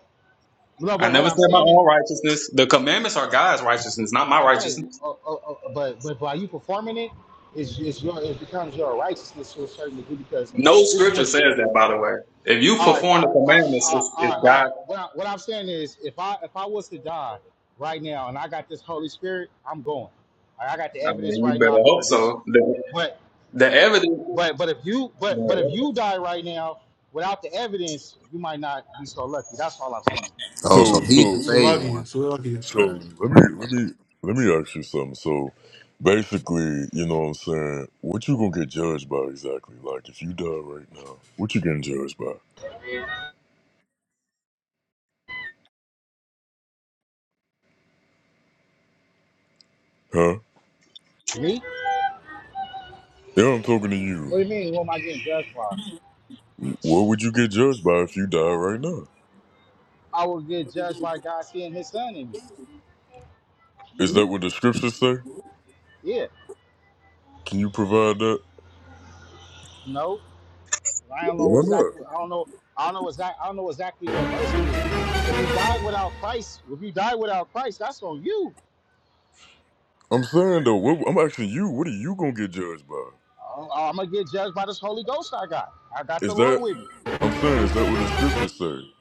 S8: No,
S3: I
S8: but what
S3: never
S8: I'm
S3: said my
S8: saying is,
S3: own righteousness. The commandments are God's righteousness, not my
S8: okay,
S3: righteousness.
S8: uh, uh, uh, but but by you performing it, it's, it's your it becomes your righteousness to a certain degree because
S3: No
S8: this is
S3: scripture
S8: what. You,
S3: says that, by the way. If you
S8: all right,
S3: perform the
S8: fine, fine.
S3: commandments,
S8: All right,
S3: it's,
S8: all
S3: it's
S8: right. All
S3: God.
S8: right. What, I, what I'm saying is, if I if I was to die right now and I got this Holy Spirit, I'm going. I I got the
S3: I
S8: evidence
S3: mean, you
S8: right now.
S3: better
S8: I can
S3: hope
S8: produce
S3: so.
S8: it.
S3: The,
S8: But
S3: the evidence,
S8: But but if you but but if
S3: and
S8: you die right now without the evidence, you might not be so lucky. That's all I'm saying.
S11: Oh, so
S10: So,
S11: he's the
S10: so, so,
S11: saved
S1: Salakia,
S11: one.
S1: Salakia,
S10: So
S11: Right.
S10: let me let me let me ask you something. So basically, you know what I'm saying, what you gonna get judged by exactly? Like if you die right now, what you getting judged by? Huh?
S8: Me?
S10: Yeah, I'm talking to you.
S8: What do you mean? What am I getting judged by?
S10: What would you get judged by if you die right now?
S8: I will get judged by God seeing His Son in me.
S10: Is that what the scriptures say?
S8: Yeah.
S10: Can you provide that?
S8: No. I don't know
S10: Why not?
S8: exactly. I don't know. I don't know exactly. I don't know exactly what verse it is. But if you die without Christ, if you die without Christ, that's on you.
S10: I'm saying though, what, I'm asking you, what are you gonna get judged by?
S8: I'm gonna get judged by this Holy Ghost I got. I got the
S10: Is
S8: Lord
S10: that
S8: with me.
S10: I'm saying, is that what the scriptures say?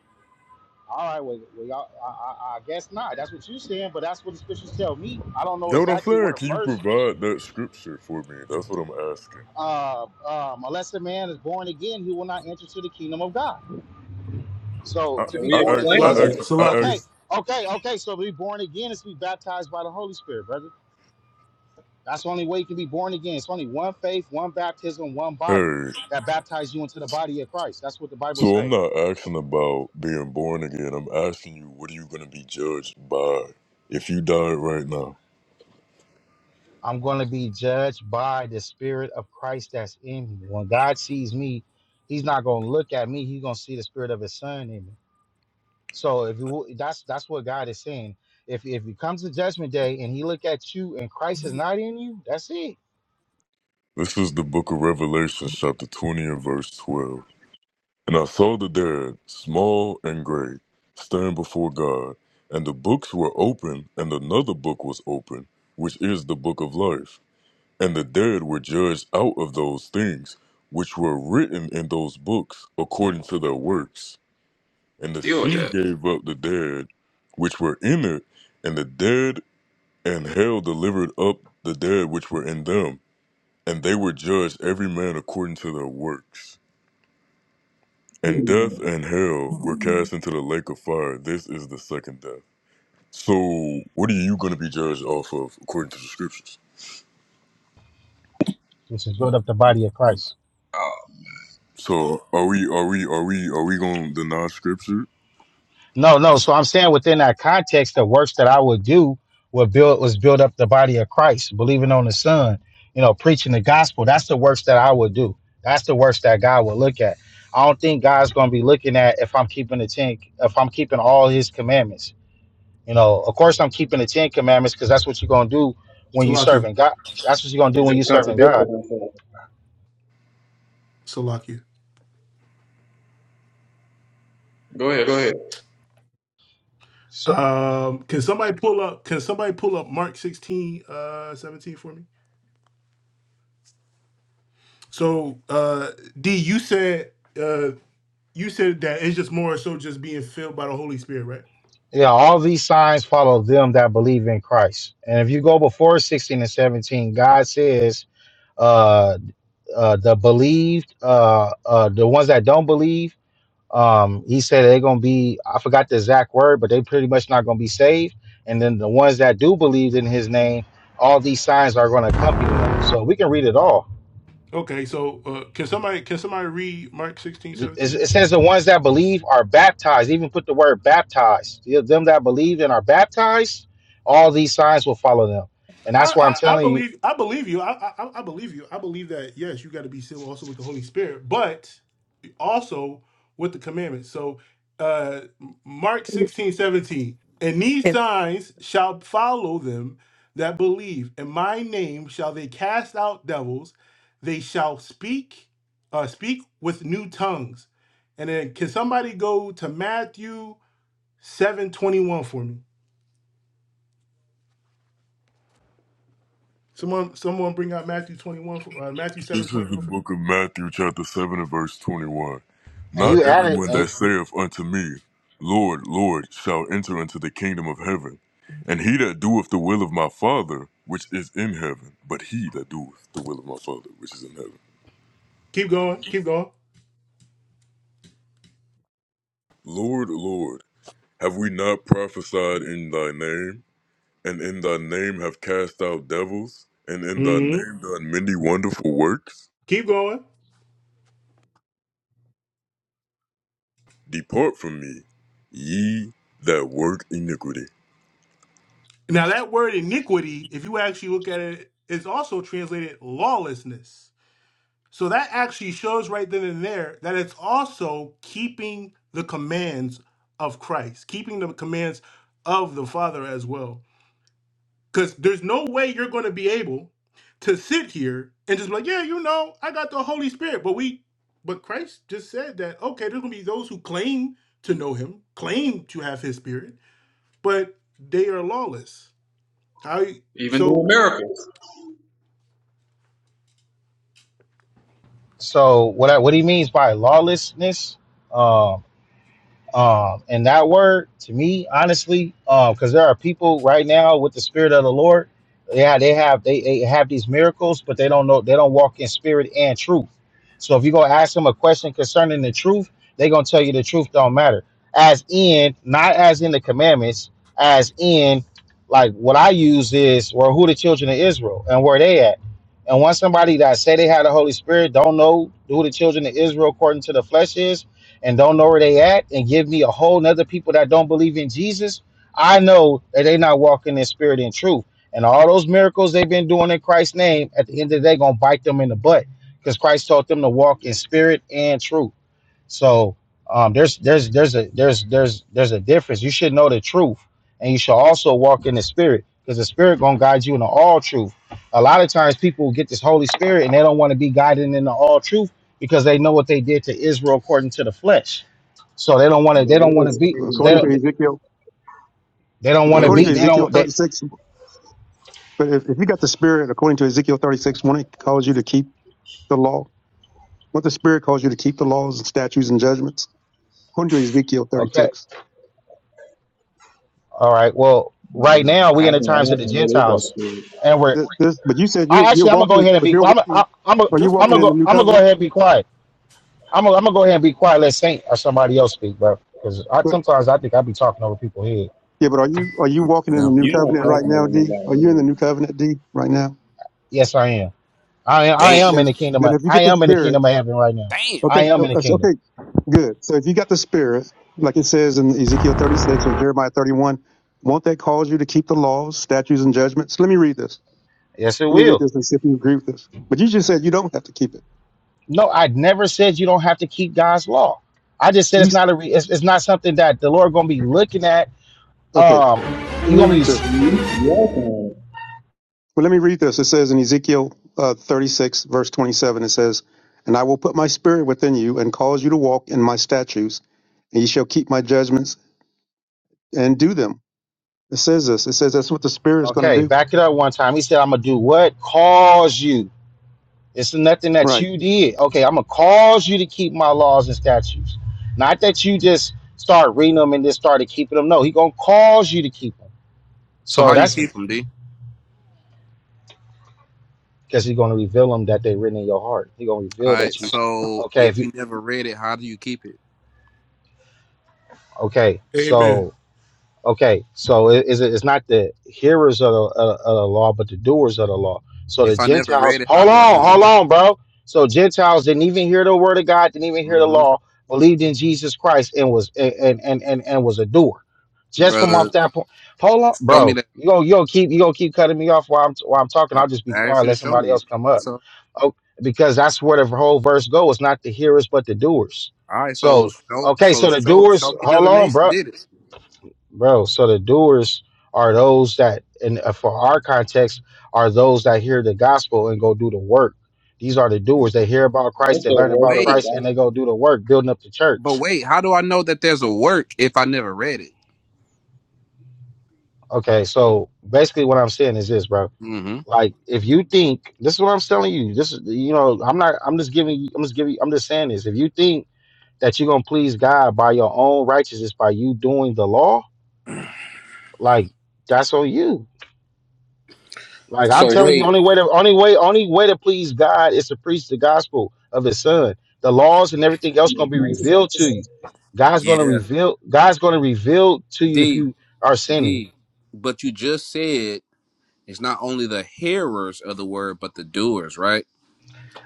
S8: All right, well, well y'all, I, I, I guess not. That's what you're saying, but that's what the scriptures tell me. I don't know
S10: That what I'm
S8: exactly what
S10: saying? Can
S8: a
S10: you
S8: verse.
S10: provide that scripture for me? That's what I'm asking.
S8: Uh, um, unless a man is born again, he will not enter to the kingdom of God. So
S10: I,
S8: to be
S10: I
S3: we
S8: born
S10: asked, I
S8: again
S3: explain
S8: is
S1: Salakia,
S3: that.
S10: asked, I
S8: okay,
S1: Salakia,
S10: asked,
S8: okay, okay. So to be born again is to be baptized by the Holy Spirit, brother. That's the only way you can be born again. It's only one faith, one baptism, one body
S10: hey,
S8: that baptizes you into the body of Christ. That's what the Bible
S10: so
S8: says.
S10: I'm not asking about being born again. I'm asking you, what are you going to be judged by if you died right now?
S8: I'm going to be judged by the spirit of Christ that's in me. When God sees me, he's not going to look at me. He's going to see the spirit of his son in me. So if you that's that's what God is saying. If if you comes to judgment day and he look at you and Christ is not in you, that's it.
S10: This is the book of Revelation, chapter 20 and verse 12. And I saw the dead, small and great, stand before God, and the books were open, and another book was open, which is the book of life. And the dead were judged out of those things which were written in those books according to their works. And the
S3: Deal with
S10: sea
S3: that.
S10: gave up the dead which were in it, and the dead and hell delivered up the dead which were in them, and they were judged every man according to their works. And
S3: Hmm.
S10: death and hell were cast into the lake of fire. This is the second death. So what are you gonna be judged off of according to the scriptures?
S8: Which is build up the body of Christ.
S10: So are we are we are we are we gonna deny scripture?
S8: No, no. So I'm saying within that context, the works that I would do would build was build up the body of Christ, believing on the Son, you know, preaching the gospel. That's the works that I would do. That's the works that God would look at. I don't think God's gonna be looking at if I'm keeping the ten if I'm keeping all his commandments. You know, of course I'm keeping the ten commandments because that's what you're gonna do when you are
S1: Salakia,
S8: serving God. That's what you're gonna
S3: He
S8: do when you
S3: just
S8: are serving
S3: contradicted
S8: God.
S3: himself.
S1: Salakia.
S3: Go ahead, go ahead.
S8: So
S1: Um, can somebody pull up? Can somebody pull up Mark 16, uh, 17 for me? So, uh, D, you said, uh, you said that it's just more so just being filled by the Holy Spirit, right?
S8: yeah, all these signs follow them that believe in Christ. And if you go before 16 and 17, God says uh, uh, the believed, uh, uh, the ones that don't believe. Um, he said they're gonna be. I forgot the exact word, but they pretty much not gonna be saved. And then the ones that do believe in His name, all these signs are gonna accompany them. So we can read it all.
S1: Okay, so uh, can somebody can somebody read Mark 16,
S8: It
S1: 17?
S8: it says the ones that believe are baptized. Even put the word baptized. Them that believe and are baptized, all these signs will follow them. And that's why I'm
S1: I, I, I
S8: telling you.
S1: believe I believe you. I, I I believe you. I believe that yes, you got to be civil also with the Holy Spirit, but also with the commandments. So uh Mark 16 17 And these
S2: It
S1: signs shall follow them that believe. In my name shall they cast out devils, they shall speak uh speak with new tongues. And then can somebody go to Matthew 7 21 for me? Someone someone bring out Matthew 21 for uh, Matthew 7
S10: This
S1: twenty
S10: is the
S1: one
S10: book of Matthew, chapter 7, and verse 21.
S8: And
S10: Not
S8: you added.
S10: everyone that
S8: And
S10: saith unto me, Lord, Lord, shall enter into the kingdom of heaven, and he that doeth the will of my Father, which is in heaven, but he that doeth the will of my Father, which is in heaven.
S1: Keep going. Keep going.
S10: Lord, Lord, have we not prophesied in thy name, and in thy name have cast out devils, and in thy
S1: hmm
S10: name done many wonderful works?
S1: Keep going.
S10: Depart from me, ye that work iniquity.
S1: Now that word iniquity, if you actually look at it, is also translated lawlessness. So that actually shows right then and there that it's also keeping the commands of Christ, keeping the commands of the Father as well. Because there's no way you're going to be able to sit here and just be like, yeah, you know, I got the Holy Spirit. But we, but Christ just said that, okay, there's going to be those who claim to know him, claim to have his spirit but they are lawless. I
S3: even doing
S1: so
S3: miracles.
S8: so what? I, what he means by lawlessness? um, Um, and that word to me, honestly, because there are people right now with the spirit of the Lord. Yeah, they have they, they have these miracles, but they don't know they don't walk in spirit and truth. So if you go ask them a question concerning the truth, they're gonna tell you the truth don't matter. As in, not as in the commandments, as in like what I use is well, who the children of Israel and where they at. And once somebody that say they had the Holy Spirit don't know who the children of Israel according to the flesh is, and don't know where they at and give me a whole nother people that don't believe in Jesus, I know that they not walking in spirit and truth. And all those miracles they've been doing in Christ's name, at the end of the day, gonna bite them in the butt. Because Christ taught them to walk in spirit and truth. So um, there's there's there's a there's there's there's a difference. You should know the truth, and you should also walk in the spirit, because the spirit gonna guide you into all truth. A lot of times people get this Holy Spirit and they don't want to be guided into all truth because they know what they did to Israel according to the flesh. So they don't want to
S3: But
S8: they
S3: what
S8: don't want to
S3: is
S8: be
S3: spirit and
S8: they
S13: According to
S8: don't
S3: truth?
S13: Ezekiel,
S8: they don't want
S3: What
S8: to
S13: according
S3: is,
S13: to
S8: be they
S13: Ezekiel
S8: don't they
S13: 36, but if, if you got the Spirit, according to Ezekiel 36, one, it calls you to keep the law. What the Spirit calls you to keep the laws and statutes and judgments, according to Ezekiel
S8: okay
S13: 36.
S8: all right well right now we
S3: I
S8: in the
S3: can
S8: times of
S3: ask
S8: the
S3: him, what is that
S8: Gentiles,
S3: spirit?
S8: and we're
S13: This, this, but you said you're,
S8: I
S13: you're
S8: actually I'm gonna go
S13: walking,
S8: ahead and
S13: but
S8: be
S13: you're
S8: quiet. I'm i
S13: walking,
S8: I'm i am i
S13: are you
S1: just
S8: i am i am going
S13: walking
S8: to
S13: in
S1: because.
S13: the
S8: go
S13: new
S8: I'm gonna go
S13: covenant?
S8: ahead and be quiet I'm gonna I'm gonna go ahead and be quiet. Let Saint or somebody else speak, bro. Because I
S13: But
S8: sometimes I think I be talking over people head.
S13: yeah, but are you, are you walking in
S11: Yeah.
S13: the new
S3: You're not
S13: covenant right
S3: talking
S13: now,
S3: over
S13: D? Are you in the
S3: nobody
S13: new covenant, D, right now?
S8: Yes, I am. I am. I
S11: Damn,
S8: am
S13: Then,
S8: in the kingdom.
S13: then
S8: Of,
S13: if you
S8: I
S13: get the
S8: am in the
S13: Spirit,
S8: kingdom of heaven right now.
S11: damn.
S13: Okay,
S8: I am
S13: uh,
S8: in the
S13: uh, so-
S8: kingdom.
S13: okay, good. So if you got the spirit, like it says in Ezekiel 36 or Jeremiah 31, won't that cause you to keep the laws, statutes, and judgments? Let me read this.
S8: Yes, it
S13: Let me read
S8: will.
S13: this and see if you agree with this. But you just said you don't have to keep it.
S8: No, I never said you don't have to keep God's law. I just said
S13: You
S8: it's
S13: s-
S8: not a. Re, it's, it's not something that the Lord gonna be looking at.
S13: okay?
S8: Um,
S13: Let
S8: he's
S13: me
S8: gonna be
S13: read this. Well, let me read this. It says in Ezekiel uh, 36 verse 27, it says, "And I will put my spirit within you and cause you to walk in my statutes, and ye shall keep my judgments and do them." It says this. It says that's what the spirit is going to
S8: okay.
S13: do.
S8: Back it up one time. He said, "I'm gonna do what cause you." It's nothing that
S13: Right.
S8: you did. Okay, I'm gonna cause you to keep my laws and statutes. Not that you just start reading them and just started keeping them. No, he gonna cause you to keep them.
S11: So
S8: So
S11: how do you
S8: that's
S11: keep them, D?
S8: because he's gonna reveal them that they are written in your heart. He gonna
S11: All
S8: reveal
S11: right.
S8: that you.
S11: So
S8: Okay,
S11: if
S8: if you.
S11: you never read it, how do you keep it?
S8: Okay, so
S1: Amen.
S8: Okay, so it, it's, it's not the hearers of the, of, of the law, but the doers of the law. So the
S11: If I never read
S8: Gentiles,
S11: it, how
S8: hold
S11: do I
S8: on,
S11: do
S8: hold
S11: it?
S8: on, bro. So Gentiles didn't even hear the word of God, didn't even hear the
S11: hmm
S8: law, believed in Jesus Christ, and was and and and, and was a doer. Just from off
S11: Brother,
S8: that point, hold on,
S11: show me
S8: bro.
S11: that.
S8: You gonna you gonna keep you gonna keep cutting me off while I'm while I'm talking.
S11: I
S8: I'll just be
S11: asked
S8: quiet,
S11: you to
S8: let
S11: show
S8: somebody
S11: me it.
S8: else come up.
S11: So
S8: Oh, because that's where the whole verse goes. It's not the hearers, but the doers.
S11: all right. So
S8: So
S11: show,
S8: okay,
S11: so
S8: so the
S11: show,
S8: doers,
S11: show me
S8: hold
S11: another
S8: on,
S11: nation
S8: bro
S11: did it.
S8: bro. So the doers are those that, and uh, for our context, are those that hear the gospel and go do the work. These are the doers. They hear about Christ, they learn about
S11: Wait.
S8: Christ, and
S3: here.
S8: they go do the work, building up the
S11: But
S8: church.
S11: wait, how do I know that there's a work if I never read it?
S8: Okay, so basically, what I'm saying is this, bro.
S11: hmm
S8: Like, if you think this is what I'm telling you, this is you know, I'm not. I'm just giving. you- I'm just giving. you- I'm just saying this. If you think that you're gonna please God by your own righteousness by you doing the law, like that's on you Like
S11: So
S8: I'm telling you,
S11: wait,
S8: only way to only way only way to please God is to preach the gospel of His Son. The laws and everything else gonna be revealed to you. God's gonna
S11: Yeah.
S8: reveal. God's gonna reveal to you if
S11: D
S8: you are sinning.
S11: D. But you just said it's not only the hearers of the word, but the doers, right?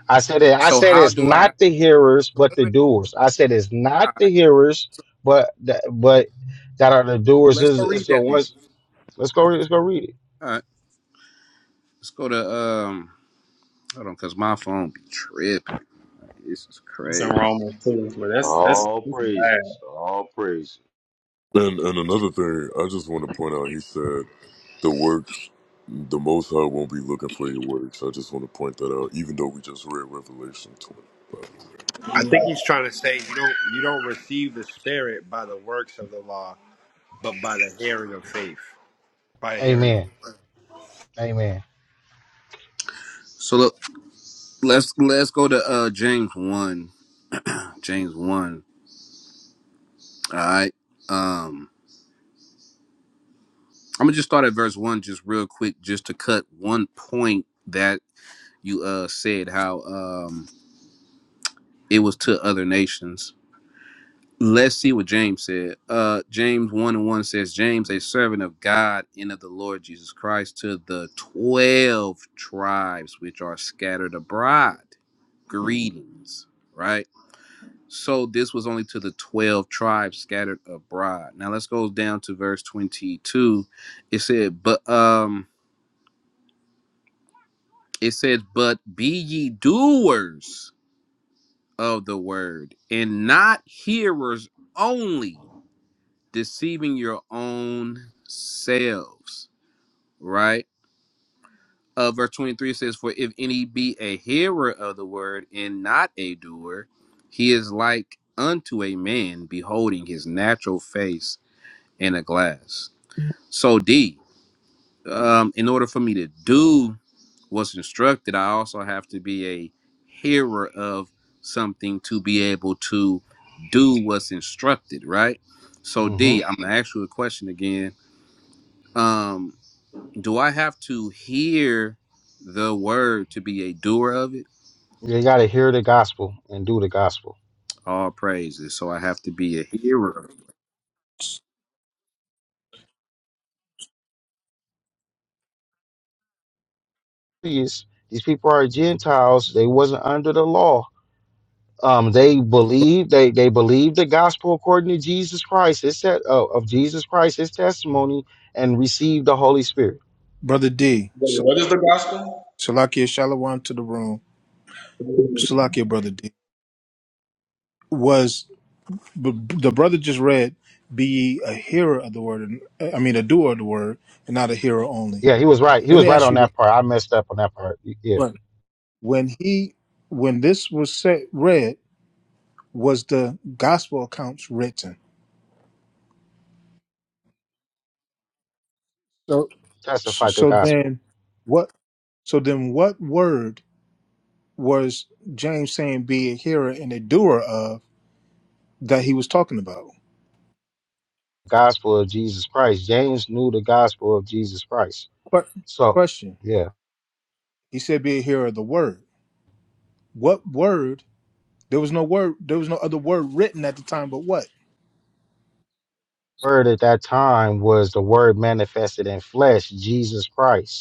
S8: I said it. I
S11: So
S8: said
S11: how
S8: it's
S11: do I
S8: not the hearers but
S11: wait,
S8: the
S11: wait.
S8: doers. I said it's not
S11: All
S8: the
S11: right.
S8: hearers but the, but that are the doers.
S11: Let's
S8: Is
S11: go
S8: is
S11: read
S8: the
S11: that then.
S8: ones. Let's go. Let's go read it.
S11: All right. Let's go to um hold on, cause my phone be tripping. This is
S3: It's in
S11: crazy.
S3: Romans 2, but that's, that's,
S12: all
S3: that's bad.
S12: praises. All praises.
S10: And and another thing, I just want to point out, he said the works, the Most High won't be looking for your works. I just want to point that out, even though we just read Revelation twenty.
S14: I think he's trying to say you don't you don't receive the spirit by the works of the law, but by the hearing of faith. By hearing of
S8: Amen. Amen.
S11: So look, let's let's go to uh James one. James one. All right. Um, I'm gonna just start at verse one, just real quick, just to cut one point that you uh said how um it was to other nations. Let's see what James said. Uh James one and one says, James, a servant of God and of the Lord Jesus Christ, to the twelve tribes which are scattered abroad. Greetings, right? So this was only to the twelve tribes scattered abroad. Now let's go down to verse twenty-two. It said, but um It says, But be ye doers of the word and not hearers only, deceiving your own selves. Right? Uh, verse 23 says, For if any be a hearer of the word and not a doer, he is like unto a man beholding his natural face in a glass. So, D, um, in order for me to do was instructed, I also have to be a hearer of something to be able to do what's instructed, right? So
S8: hmm
S11: D, I'm gonna ask you a question again. Um, do I have to hear the word to be a doer of it?
S8: You gotta hear the gospel and do the gospel.
S11: All praises. So I have to be a hearer.
S8: These people are Gentiles. They wasn't under the law. Um, they
S15: Br-
S8: believe they they believe the gospel according to Jesus Christ. It's that of of Jesus Christ, his testimony, and received the Holy Spirit.
S15: Brother D, Sh-
S3: What is the gospel?
S15: Salakia Shalom to the room. Salakia, Brother D, was b- b- the brother just read, be ye a hearer of the word, and I mean a doer of the word, and not a hearer only.
S8: Yeah, he was right. He
S15: Let
S8: was
S15: me
S8: right
S15: ask
S8: on
S15: you this.
S8: that part. I messed up on that part. Yeah,
S15: Right. When he, when this was said, read, was the gospel accounts written? So,
S8: testified the
S15: so
S8: gospel,
S15: then what, so then what word was James saying be a hearer and a doer of that he was talking about?
S8: gospel of Jesus Christ. James knew the gospel of Jesus Christ.
S15: Que-
S8: So,
S15: question.
S8: yeah,
S15: He said, "Be a hearer of the word." What word? There was no word. There was no other word written at the time, but what?
S8: word at that time was the word manifested in flesh, Jesus Christ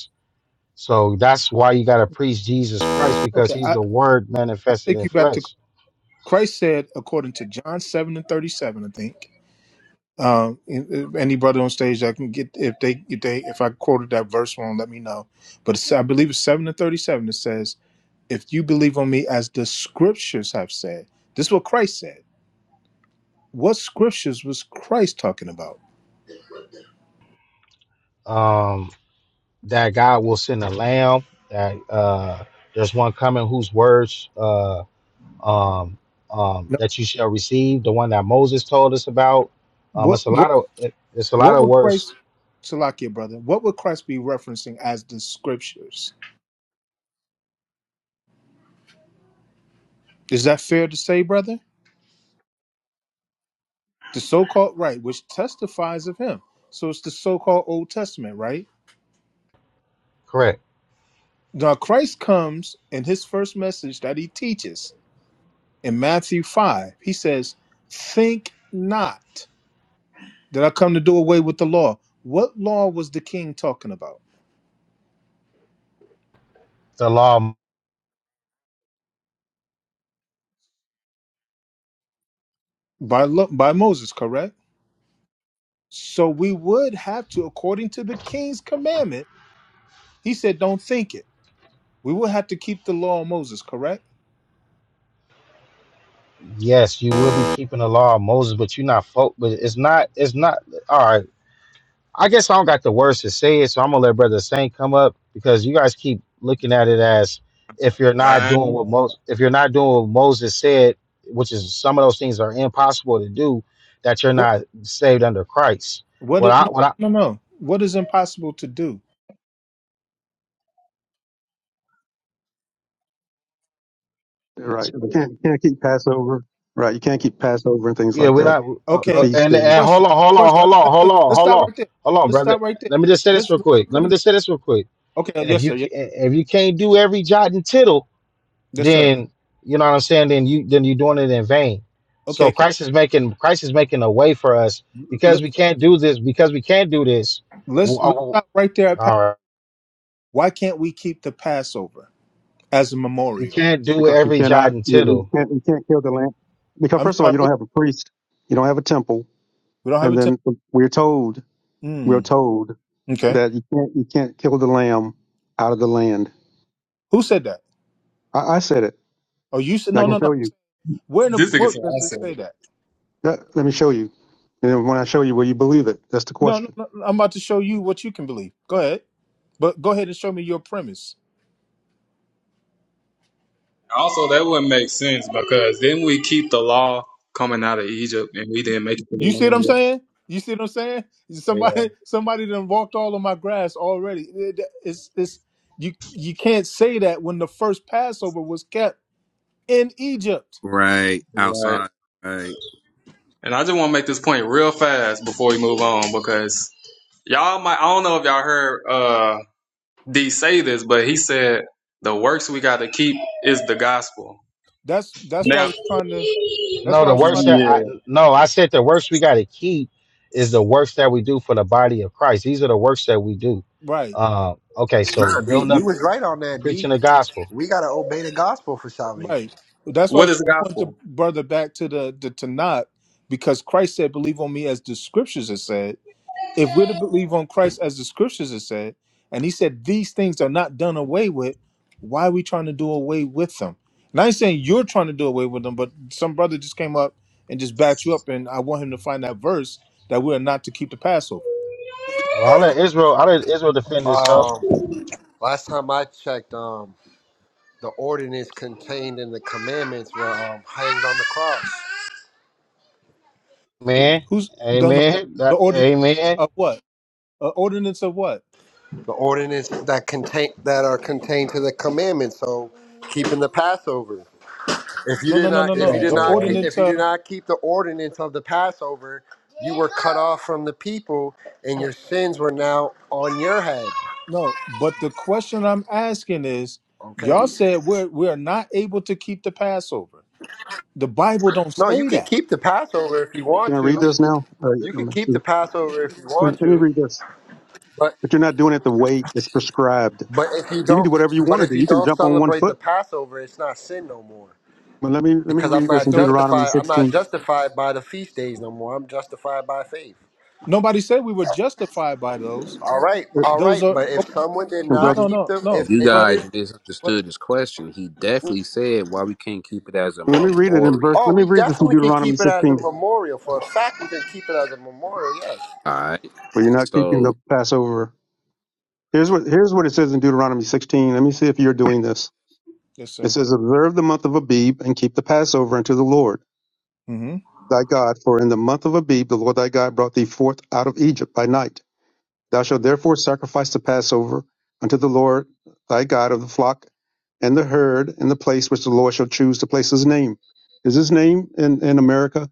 S8: So that's why you got to preach Jesus Christ because
S15: Okay,
S8: he's
S15: I,
S8: the word
S15: I
S8: manifested
S15: take
S8: in
S15: you back to
S8: flesh.
S15: Christ said, according to John seven and thirty-seven, I think. Um, and- any brother on stage that can get if they if they if I quoted that verse wrong, let me know. But it's, I believe it's seven and thirty-seven. It says, "If you believe on me, as the scriptures have said." This is what Christ said. What scriptures was Christ talking about?
S8: Um, that God will send a lamb. That uh, there's one coming whose words uh, um, um,
S15: No.
S8: that you shall receive. The one that Moses told us about. Um,
S15: What
S8: it's a
S15: what
S8: lot of it, it's a lot
S15: What
S8: of
S15: would
S8: words.
S15: Christ, Salakia, brother, what would Christ be referencing as the scriptures? Is that fair to say, brother? The so called right, which testifies of him. So it's the so called Old Testament, right?
S8: Correct.
S15: Now, Christ comes in his first message that he teaches in Matthew 5. He says, Think not that I come to do away with the law. What law was the king talking about?
S8: The law.
S15: By, lo- by Moses, correct? So we would have to, according to the king's commandment, he said, Don't think it. We will have to keep the law of Moses, correct?
S8: Yes, you will be keeping the law of Moses, but you're not folk. But it's not. It's not. All right. I guess I don't got the words to say it, so I'm gonna let Brother Saint come up because you guys keep looking at it as if you're not
S3: I-
S8: doing what Moses, if you're not doing what Moses said, which is some of those things are impossible to do, that you're
S15: What?
S8: not saved under Christ.
S15: What?
S8: What
S15: Is,
S8: I,
S15: no,
S8: what I,
S15: no, no. no. What is impossible to do?
S13: Right. you Can't you can't keep Passover. Right. You can't keep Passover and things
S8: yeah,
S13: like
S8: we're
S13: that.
S8: not. Uh,
S13: The
S8: uh,
S15: Okay.
S13: feast
S8: and and
S13: days.
S8: hold
S15: Question.
S8: on, hold on,
S15: Question.
S8: hold
S15: I-
S8: on, hold
S15: let-
S8: on,
S15: Let's
S8: hold
S15: stop
S8: on,
S15: right there.
S8: hold on,
S15: Let's
S8: brother.
S15: stop right there.
S8: Let me just say this
S15: Let's
S8: real
S15: let's go
S8: quick.
S15: to
S8: Let me
S15: the.
S8: just say this real quick.
S15: Okay. uh,
S8: And if
S15: Yes,
S8: you
S15: sir.
S8: ca-
S15: Yes,
S8: if you can't do every jot and tittle
S15: yes sir.
S8: then you know what I'm saying. Then you then you're doing it in vain. So
S15: Okay. Can,
S8: Christ is making Christ is making a way for us because
S15: let,
S8: we can't do this because we can't do this. w-
S15: let's
S8: uh,
S15: let's stop right there. At Pas-
S8: All right,
S15: Why can't we keep the Passover as a
S8: you
S15: memorial?
S8: can't do
S13: Because you
S8: every jot
S13: cannot
S8: and
S13: you, you
S8: tittle.
S13: can't you can't kill the lamb. Because
S15: I'm
S13: first of all,
S15: sorry.
S13: you don't
S15: What?
S13: have a priest, you don't have a temple.
S15: We don't have
S13: And
S15: a temple.
S13: then we're told we're
S15: Mm,
S13: told
S15: okay.
S13: that you can't you can't kill the lamb out of the land.
S15: Who said that?
S13: I, I said it.
S15: Oh, you said
S13: and I
S15: no,
S13: can
S15: no, no.
S13: show you.
S15: Where in the
S3: This nigga said
S15: book
S3: I
S15: does it
S3: said.
S15: say that?
S13: Let let me show you. And then when I show you, will you believe it? That's the
S15: No, no,
S13: question.
S15: no. I'm about to show you what you can believe. Go ahead. But go ahead and show me your premise.
S3: Also, that wouldn't make sense because then we keep the law coming out of Egypt and we didn't make it to
S15: You see what I'm
S3: the
S15: saying? You see what I'm saying?
S3: land.
S15: Somebody, somebody done walked all of my grass already. It- It's, it's, you, you can't say that when the first Passover was kept in Egypt.
S11: Right.
S3: Yeah, right.
S11: Outside. Right.
S3: And I just want to make this point real fast before we move on because Y'all might I don't know if y'all heard uh D say this, but he said the works we gotta keep is the gospel.
S15: That's, that's why I
S3: Now
S15: was trying to. That's
S8: No,
S15: why I
S8: the
S15: was trying
S8: worst
S15: to.
S8: that I
S3: yeah.
S8: no I said the worst we got to keep is the works that we do for the body of Christ. These are the works that we do.
S15: Right,
S8: Uh, okay, so
S14: Nah, D,
S8: building
S14: you
S8: up
S14: was right on that, D.
S8: preaching the gospel.
S14: We gotta obey the gospel for salvation.
S15: right. That's why I
S3: What
S15: was
S3: is
S15: trying
S3: the
S15: to point the
S3: gospel?
S15: brother back to the the Tanakh because Christ said, "Believe on me," as the scriptures have said. if we're to believe on Christ as the scriptures have said, and he said these things are not done away with, why are we trying to do away with them? And I ain't saying you're trying to do away with them, but some brother just came up and just backed you up, and I want him to find that verse that we are not to keep the Passover.
S8: Well, I let Israel I let Israel defend itself,
S14: Um, last time I checked, um, the ordinance contained in the commandments were um, hanged on the cross.
S8: man.
S15: Who's done the, no,
S8: Amen.
S15: the
S8: That,
S15: ordinance
S8: amen.
S15: of what? Uh, ordinance of what?
S14: The ordinance that contain that are contained to the commandments, so keeping the Passover. If you
S15: No, no,
S14: did
S15: no,
S14: not,
S15: no,
S3: It
S14: if
S15: no.
S14: you
S3: don't
S14: did
S3: say
S15: The
S14: not, keep,
S3: that.
S14: if
S15: ordinance
S14: you did
S15: of
S14: not keep the ordinance of the Passover, you were cut off from the people, and
S15: no,
S14: your sins were now on your head.
S15: no. But the question I'm asking is,
S14: Okay.
S15: y'all said we're we are not able to keep the Passover. The Bible don't
S14: No, you
S15: say
S14: can
S15: that.
S14: keep the Passover if you
S13: Can
S14: want
S13: I read
S14: to.
S13: this now? Uh, yeah,
S14: You
S13: let,
S14: can
S13: me
S14: keep
S13: see.
S14: the Passover if you
S13: let
S14: want
S13: let me
S14: to,
S13: read this.
S14: but
S13: But you're not doing it the way it's prescribed.
S14: but if you
S13: You can do
S14: don't,
S13: whatever you
S14: but
S13: want to
S14: if
S13: do.
S14: you
S13: You can
S14: don't
S13: jump on one
S14: celebrate the
S13: foot.
S14: Passover, it's not sin no more
S13: But let me let me
S14: because I'm
S13: read this in
S14: not
S13: Deuteronomy
S14: justified. I'm not
S13: 16,
S14: justified by the feast days no more. I'm justified by faith.
S15: Nobody said we were justified by those.
S14: All right,
S13: uh,
S14: all
S15: Those
S14: right.
S15: are
S14: But if
S15: okay.
S14: someone did
S13: and
S15: No,
S14: not
S13: brother.
S15: no,
S14: keep
S15: no,
S14: the,
S15: no.
S14: if
S11: You
S14: if you
S15: But
S11: guys
S14: did,
S15: but
S11: misunderstood his question. He definitely said why we can't keep it as a
S13: Let me read it in verse.
S11: memorial.
S14: Oh,
S13: Let me
S14: we
S13: read this in
S14: definitely can
S13: Deuteronomy
S14: keep it as a
S13: 16.
S14: memorial. For
S15: uh,
S14: a fact, we can keep it as a memorial. Yes.
S11: All right.
S13: Well, you're not keeping the
S11: So
S13: Passover. Here's what here's what it says in Deuteronomy 16. Let me see if you're doing this.
S15: yes,
S13: It
S15: sir.
S13: says, "Observe the month of Abib and keep the Passover unto the Lord
S15: hmm
S13: thy God, for in the month of Abib the Lord thy God brought thee forth out of Egypt by night. Thou shalt therefore sacrifice the Passover unto the Lord thy God of the flock." and the herd in the place which the Lord shall choose to place his name. Is his name in, in America?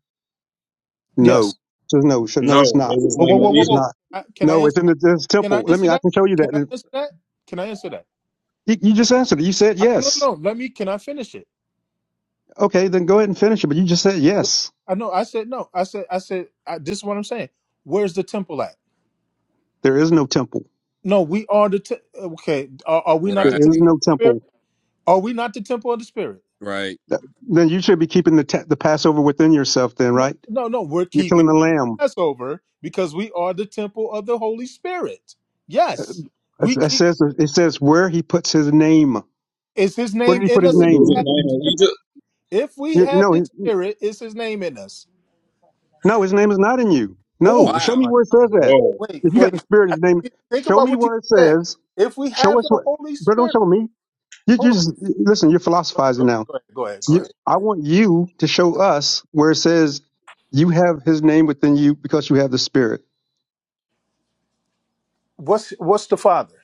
S15: Yes.
S13: No. So no, should, no,
S3: No.
S13: it's not.
S3: Is his
S15: Oh,
S3: name
S15: whoa, whoa,
S3: in
S15: whoa,
S13: It's
S15: whoa.
S3: Egypt?
S13: not.
S15: I, can I
S13: No, it's
S15: answer
S13: in the
S15: that?
S13: it's
S15: Can
S13: temple.
S15: I
S13: Let
S15: answer
S13: me, I
S15: that?
S13: can show you
S15: Can I
S13: that.
S15: answer that? Can I answer that?
S13: You, you just answered it. You said
S15: I, no,
S13: yes.
S15: no. Let me. Can I finish it?
S13: Okay, then go ahead and finish it. But you just said yes.
S15: I know. I said no. I said. I said. I, this is what I'm saying. Where's the temple at?
S13: There is no temple.
S15: No, we are the. Te- okay. Are, are we not the
S13: There
S11: Right.
S13: is
S15: temple
S13: no
S15: of the spirit?
S13: temple.
S15: Are we not the temple of the spirit?
S11: Right.
S13: That- Then you should be keeping the, ta- the Passover within yourself then,
S15: No,
S13: right?
S15: no, no. We're
S13: You're killing
S15: keeping
S13: the lamb.
S15: Passover because we are the temple of the Holy Spirit.
S13: Uh,
S15: Yes,
S13: It
S15: we
S13: it
S15: keep.
S13: says, it says where he puts his name.
S15: Is His
S13: Where
S15: name
S13: did he put
S15: in
S13: his
S15: us?
S3: Is
S13: name?
S15: If we
S3: his
S15: have
S3: name
S15: His
S3: in
S15: Spirit,
S3: Egypt?
S15: if we
S13: You,
S15: have
S13: no, he,
S15: His Spirit, is His name in us?
S13: No, his name is not in you.
S15: Oh,
S13: No, show
S11: Wow.
S13: me
S15: my-
S13: where it says that.
S3: Whoa.
S15: wait,
S13: If you got the
S15: wait.
S13: spirit
S15: I
S13: of his name,
S15: think think
S13: show
S15: about
S13: me
S15: what you
S13: where it
S15: said.
S13: says.
S15: If we
S13: Show
S15: have
S13: us
S15: the
S13: what.
S15: Holy
S13: Bro, don't
S15: Spirit,
S13: show me. You you
S15: hold on.
S13: just listen. You're philosophizing
S15: Go
S13: now.
S15: ahead, go ahead, go
S13: You,
S15: ahead, go
S13: I
S15: ahead.
S13: want you to show
S15: Go ahead.
S13: us where it says you have his name within you because you have the spirit.
S15: What's what's the Father?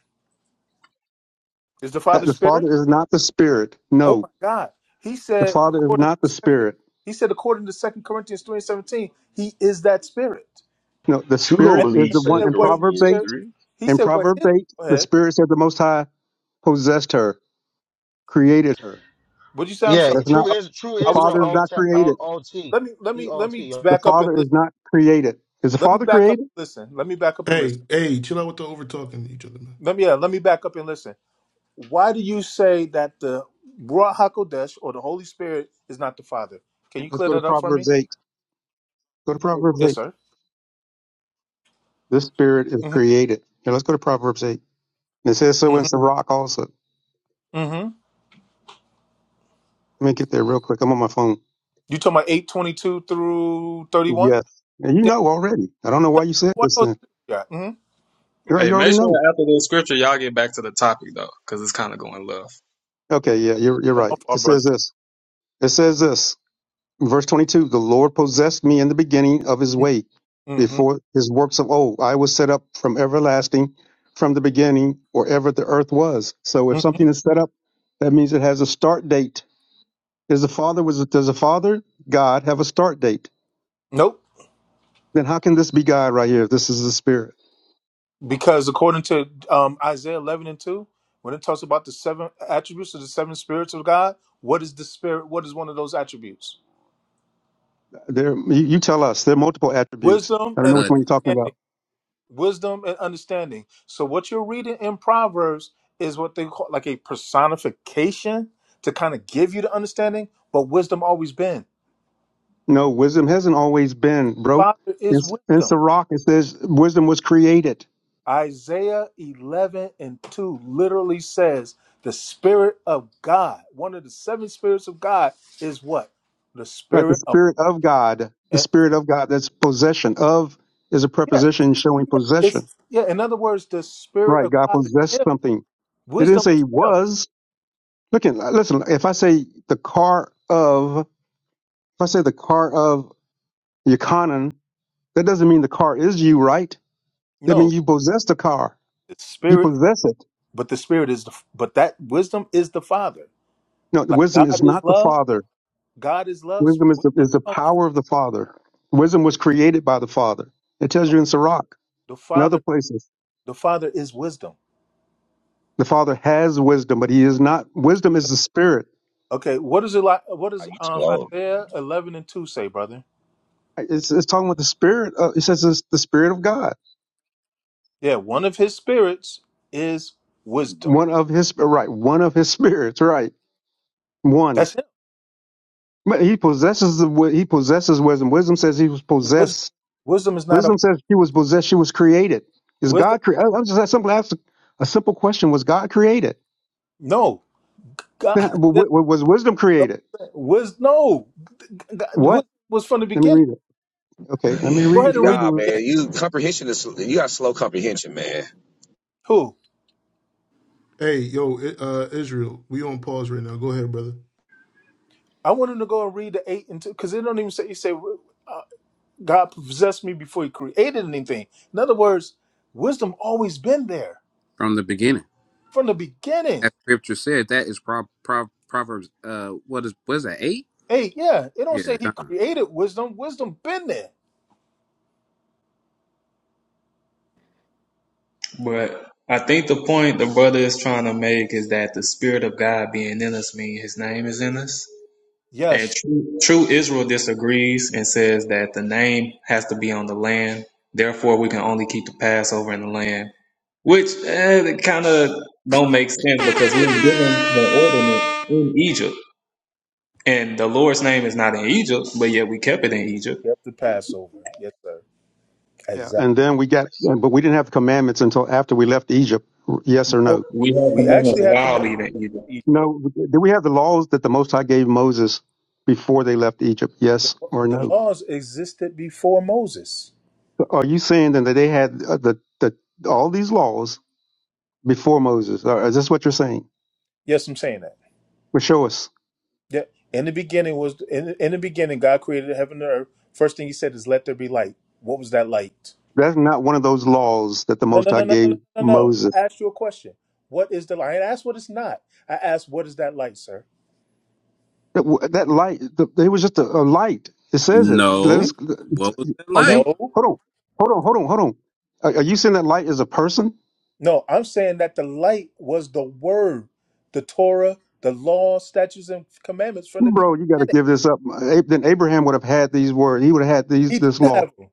S15: Is the
S13: That
S15: Father
S13: the
S15: Spirit?
S13: Father is not the spirit.
S15: Oh
S13: No,
S15: my God. He
S13: the
S15: said,
S13: Father is
S15: according
S13: not the
S15: to second,
S13: spirit.
S15: he said, according to Second Corinthians 3 and 17, he is that spirit.
S13: No, the
S12: Two don't
S15: And
S13: spirit is
S12: believe
S13: the
S15: he
S13: one
S12: Second
S15: said,
S13: in
S15: where his
S13: Proverbs
S12: Corinthians
S15: spirit,
S13: eight.
S12: three.
S15: he
S13: In
S15: said, what
S13: Proverbs
S15: his
S13: eight,
S15: go
S13: the
S15: ahead.
S13: spirit said the Most High possessed her, created her.
S15: What Would you say I'm
S8: Yeah,
S15: sorry?
S13: That's
S8: true
S13: not
S15: I,
S8: is true
S13: the
S15: I was
S8: Israel
S13: Father is
S15: talking.
S13: not
S8: OT.
S13: created.
S15: Let me let
S8: He
S15: me let
S8: OT.
S15: me
S8: yo.
S13: The
S15: back up and
S13: Father is
S15: listen.
S13: not created. Is the
S15: Let me
S13: Father
S15: back up
S13: created?
S15: and listen. Let me back up and
S1: Hey,
S15: listen.
S1: hey, chill out with the over talking to each other, man.
S15: Let me yeah, let me back up and listen. Why do you say that the Ruach HaKodesh or the Holy Spirit is not the Father? Can you
S13: Let's
S15: clear
S13: go to
S15: that up for
S13: Proverbs
S15: me?
S13: 8. Go to Proverbs
S15: Yes,
S13: 8.
S15: sir.
S13: This spirit is
S15: mm
S13: created. Now let's go to Proverbs 8. And it says
S15: hmm
S13: so in Sirach also.
S15: mm hmm
S13: Let me get there real quick. I'm on my phone.
S15: You talking about eight twenty two through thirty one?
S13: Yes. And you
S15: Yeah,
S13: know already. I don't know why
S15: yeah.
S13: you said
S15: What
S13: this
S15: those?
S13: then.
S15: Yeah. Mm-hmm.
S13: You're right.
S3: Hey,
S13: You already
S3: make sure
S13: know.
S3: after this scripture y'all get back to the topic though, because it's kinda going left.
S13: Okay. Yeah. You're, you're
S15: Oh, my
S13: right. It
S15: fault, brother.
S13: says this. It says this. Verse 22 The Lord possessed me in the beginning of his way,
S15: Mm-hmm.
S13: before his works of old. I was set up from everlasting, from the beginning, or ever the earth was. So
S15: hmm
S13: if something is set up, that means it has a start date. Is the Father was does the Father God have a start date?
S15: Nope.
S13: Then how can this be God right here? If this is the Spirit,
S15: Because according to um, Isaiah eleven and two, when it talks about the seven attributes of the seven spirits of God, what is the spirit? What is one of those attributes?
S13: there you, you tell us. There are multiple attributes.
S15: Wisdom
S13: I don't know
S15: and
S13: which
S11: Cut
S13: one you're talking
S15: understanding.
S13: about.
S15: Wisdom and understanding. So what you're reading in Proverbs is what they call like a personification to kind of give you the understanding. But wisdom always been.
S13: No, wisdom hasn't always been, bro.
S15: Father is
S13: It's
S15: wisdom.
S13: it's the rock. It says wisdom was created.
S15: Isaiah 11 and 2 literally says the Spirit of God, one of the seven spirits of God is what? The
S13: Right, the
S15: Spirit of,
S13: Spirit of God, the
S15: eh,
S13: Spirit of God that's possession. Of is a
S15: yeah,
S13: preposition showing possession.
S15: it's, yeah, in other words, the Spirit
S13: Right,
S15: of
S13: God
S15: God is
S13: possessed
S15: Him.
S13: something. It didn't
S15: Wisdom
S13: say
S15: is
S13: he
S15: Him.
S13: was. Look at, listen, if I say the car of, if I say the car of Yukonin, that doesn't mean the car is you, right? That
S15: No,
S13: means you possess the car.
S15: the
S13: You
S15: Spirit,
S13: possess it.
S15: but the Spirit is, the, but that wisdom is the Father.
S13: No,
S15: Like
S13: wisdom
S15: God
S13: is
S15: is
S13: not the
S15: love.
S13: Father.
S15: God is love.
S13: Wisdom is the,
S15: Wisdom
S13: is the
S15: comes.
S13: power of the Father. Wisdom was created by the Father. It tells you in Sirach
S15: The
S13: and other
S15: Father,
S13: places.
S15: the Father is wisdom.
S13: The Father has wisdom, but He is not. Wisdom is the Spirit.
S15: Okay, what is it like? What
S16: Are
S15: does
S16: you
S15: um,
S16: slow?
S15: Isaiah 11 and 2 say, brother?
S13: It's, it's talking about the Spirit. Of, it says it's the Spirit of God,
S15: Yeah, one of his spirits is wisdom.
S13: one of His right, one of His spirits, right, one.
S15: That's him.
S13: But He possesses the wi- He possesses wisdom. Wisdom says He was
S15: Wisdom,
S13: possessed.
S15: wisdom is not a
S13: Wisdom says she was possessed. She was created. Is
S15: wisdom.
S13: God created? I'm just I simply asking a simple question: Was God created?
S15: No,
S13: Then,
S15: God,
S13: I- w-
S15: there's
S13: w- was wisdom
S15: no
S13: created?
S15: wisdom. No, God, wisdom
S13: What?
S15: was from the
S13: Let me
S15: beginning.
S13: read it. Okay, let me
S15: Go
S13: read it.
S15: ahead and read
S16: yeah,
S13: Says-
S16: man. You comprehension is you got slow comprehension, man.
S15: who.
S1: Hey, yo, I- uh, Israel, we on pause right now. Go ahead, brother.
S15: I want him to go and read the eight and two because they don't even say you say uh, God possessed me before He created anything. In other words, wisdom always been there
S11: from the beginning.
S15: from the beginning.
S11: As scripture said, that is pro- pro- Proverbs, uh, what is, was that, eight?
S15: Hey, yeah, it don't
S11: Yeah.
S15: say He created wisdom. Wisdom been there.
S3: But I think the point the brother is trying to make is that the spirit of God being in us means his name is in us. And
S15: Yes,
S3: true, true Israel disagrees and says that the name has to be on the land. Therefore, we can only keep the Passover in the land, which eh, it kind of don't make sense because we were given the
S17: The
S3: ordinance in Egypt, and the Lord's name is not in Egypt, but yet we kept it in Egypt.
S15: kept the Passover. Yes, sir.
S13: Yeah, and then we got, but we didn't have the commandments until after we left Egypt. Yes or no?
S15: No,
S3: We had
S15: we
S3: commandments
S15: actually had
S3: while
S15: commandments.
S3: leaving Egypt.
S13: No, do we have the laws that the Most High gave Moses before they left Egypt?
S15: The,
S13: Yes or
S15: the
S13: no?
S15: laws existed before Moses.
S13: So Are you saying then that they had uh, the, the all these laws before Moses? Or Is this what you're saying?
S15: Yes, I'm saying that.
S13: Well, show us.
S15: Yeah. In the beginning was in, in the beginning God created the heaven and the earth. First thing He said is, "Let there be light." What was that light?
S13: That's not one of those laws that the
S15: No, no,
S13: Most High
S15: no, no,
S13: gave
S15: no, no, no. no. I
S13: Moses.
S15: asked you a question. What is the light? I didn't ask what it's not. I asked what is that light, sir?
S13: That w- that light, the, it was just a, a light. It says it. Let
S15: Hmm?
S13: us.
S11: No. What was that
S13: Are
S11: like?
S13: you?
S15: No,
S13: Hold on. Hold on. Hold on. Hold on. Are, are you saying that light is a person?
S15: no. I'm saying that the light was the word, the Torah, the law, statutes, and commandments from the beginning.
S13: Bro, you got to give this up. Ab- Then Abraham would have had these words. He would have had these
S15: He did
S13: this law.
S15: have them.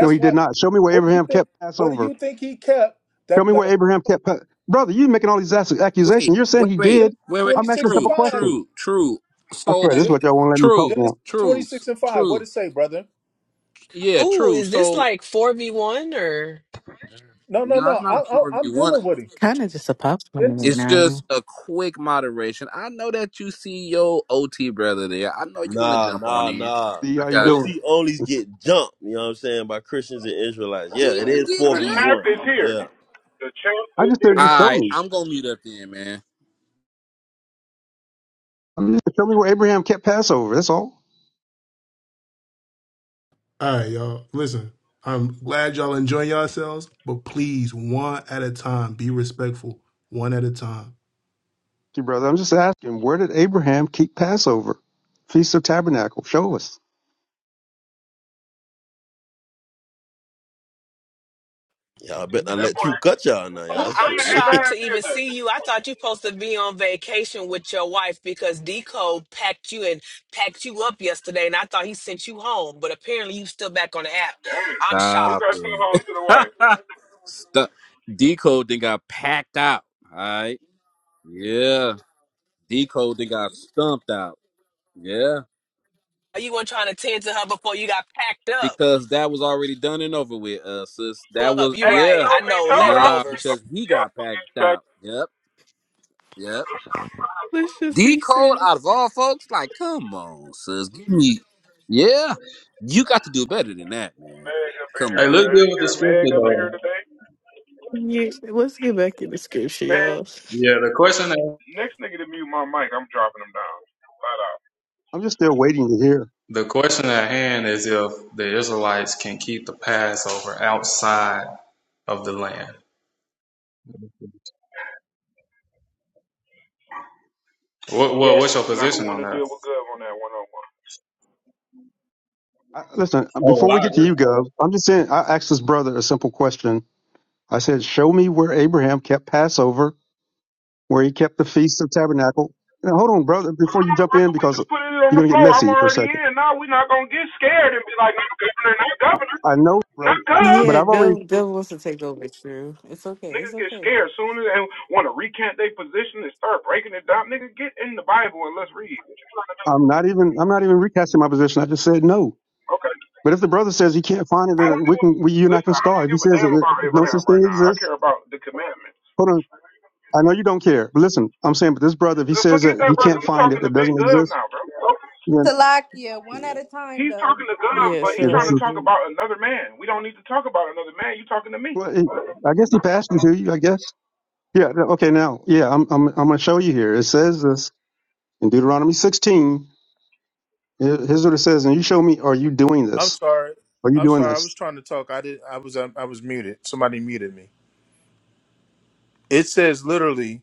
S13: No, he did
S15: what.
S13: not. Show me where
S15: What do you
S13: Abraham
S15: think?
S13: kept
S15: What do
S13: Passover.
S15: you think he kept?
S13: Show
S15: That
S13: me where
S15: the
S13: Abraham kept. Pa- Brother, you making all these ass-
S11: Wait,
S13: accusations. You're saying
S11: wait,
S13: he
S11: wait,
S15: Genesis
S13: did.
S11: wait, wait.
S15: twenty
S13: I'm asking a
S15: six and
S13: simple
S11: True,
S15: five.
S13: question.
S11: true, true.
S13: I
S11: So,
S13: swear, this is
S15: Gen-
S13: what y'all won't let me talk
S11: true,
S15: Genesis
S13: now.
S15: twenty
S11: true,
S15: six and five. What it
S11: true.
S15: say, brother?
S11: Yeah,
S18: Ooh,
S11: true.
S18: is this
S11: So,
S18: like 4v1 or?
S15: No, no,
S11: no,
S15: no.
S11: it's not
S15: I,
S11: a
S15: I, I'm
S11: 4v1.
S15: dealing with him.
S2: kind of just a pop one right
S15: Genesis.
S11: It's
S2: now.
S11: just a quick moderation. I know that you see your OT brother there. I know you want to
S12: Nah,
S11: jump on
S12: nah,
S11: in.
S12: nah.
S13: D,
S11: I
S13: how you
S11: got you.
S13: doing?
S12: OT onlys get jumped, you know what I'm saying, by Christians and Israelites. Yeah,
S11: He
S12: it
S11: ain't
S12: is
S11: get jumped.
S17: champ
S12: 4v1.
S17: is here.
S12: Yeah.
S17: The champ
S13: I
S17: is
S13: just said,
S11: All
S17: here.
S13: just show
S11: right,
S13: me.
S11: I'm gonna mute up then, man.
S13: I'm just show me where Abraham kept Passover. That's all.
S1: All right, y'all. Listen, I'm glad y'all enjoying yourselves, but please, one at a time, be respectful, one at a time.
S13: You brother, I'm just asking, where did Abraham keep Passover? Feast of Tabernacle. Show us.
S12: Yeah, I bet I
S17: That
S12: let you
S17: boy.
S12: cut y'all now,
S17: Who
S18: I-
S17: said
S18: I'm
S12: y'all.
S18: shocked
S17: Abraham
S18: to
S17: did
S18: even
S17: that?
S18: see you. I thought you supposed to be on vacation with your wife because Decode packed you and packed you up yesterday, and I thought he sent you home, but apparently you still back on the app.
S17: Damn.
S18: I'm
S17: Who
S11: Stop
S17: got
S18: shocked.
S17: sent home
S11: it.
S17: to the wife?
S11: Stop. Decode then got packed out. All right. Yeah. Decode then got stumped out. Yeah.
S18: You weren't trying to tend to her before you got packed up.
S11: Because that was already done and over with, uh, sis. That
S18: Up,
S11: was
S18: you're
S17: Hey,
S18: right.
S11: yeah.
S18: I
S17: truth be
S18: know
S17: told, I'm
S11: Nah,
S18: leftovers.
S11: because he got packed
S17: packed
S11: out. Yep. Yep.
S2: Let's just
S11: Decode
S2: reset.
S11: out of all folks, like, come on, sis. Give me. Yeah. You got to do better than that, man.
S17: Meg up in
S11: Come
S3: Hey,
S17: here,
S11: on.
S3: let's
S17: man.
S3: deal
S17: You
S3: with the
S17: got Meg
S3: scripture
S17: up in here
S3: though.
S17: today?
S2: Yeah, let's get back in the scripture,
S17: Man,
S2: y'all.
S3: Yeah, the question at,
S17: next nigga to mute my mic, I'm dropping him down. Flat out.
S13: I'm just still waiting to hear.
S3: the question at hand is if the Israelites can keep the Passover outside of the land. What, what
S17: Yes.
S3: what's your
S17: Now who
S3: position on
S17: wanna
S3: that?
S17: deal with Gov on that one on one?
S13: I, listen,
S3: Oh
S13: before we
S3: well, I
S13: get to
S3: agree.
S13: you, Gov, I'm just saying, I asked this brother a simple question. I said, show me where Abraham kept Passover where he kept the feast of tabernacle. Now, hold on, brother, before you jump in,
S17: We
S13: because
S17: just put it on
S13: you're
S17: the
S13: gonna get
S17: floor. I'm
S13: messy for a
S17: already
S13: second.
S17: in. No, we not gonna get scared and be like, no, governor, not governor,
S13: I know,
S17: not
S13: bro,
S17: Gov.
S13: but
S2: Yeah,
S13: I've already.
S2: Gov Gov wants to take over True. It's okay. It's
S17: Niggas get
S2: okay.
S17: scared soon as they want to recant their position and start breaking it down. Nigga, get in the Bible and let's read.
S13: I'm not even. I'm not even recasting my position. I just said no.
S17: Okay.
S13: But if the brother says he can't find it,
S17: I
S13: then
S17: don't
S13: we
S17: give, a,
S13: can. We, you and I
S17: listen,
S13: can
S17: I
S13: start.
S17: don't
S13: If he
S17: give a
S13: says
S17: damn
S13: that
S17: about
S13: no
S17: Abraham
S13: such thing
S17: right now. I
S13: exists,
S17: care about the commandments.
S13: hold on. I know you don't care. But listen, I'm saying, but this brother, if he says
S17: Forget
S13: that
S17: that,
S13: he
S17: brother.
S13: can't
S17: you
S13: find
S17: talking
S13: it, it
S17: to Big
S13: doesn't
S17: Gov
S13: exist,
S17: now, bro. Okay?
S13: then
S5: Salakia, one at
S2: Yeah.
S5: a time
S17: He's
S5: though.
S17: talking to Gov,
S2: Yeah,
S17: but he's
S13: yeah,
S2: so
S13: this
S17: trying to
S13: is.
S2: like
S17: talk
S2: you
S17: about another man. We don't need to talk about another man. You talking to me.
S13: Well, it, I guess he passed it to you. I guess. Yeah. Okay. Now, yeah, I'm. I'm. I'm gonna show you here. It says this in Deuteronomy 16 Here- Here's what it says, and you show me. Are you doing
S15: I'm
S13: this?
S15: sorry.
S13: Are you
S15: I'm
S13: doing
S15: sorry. I was
S13: this?
S15: trying to talk. I did. I was. um, I was muted. Somebody muted me. It says literally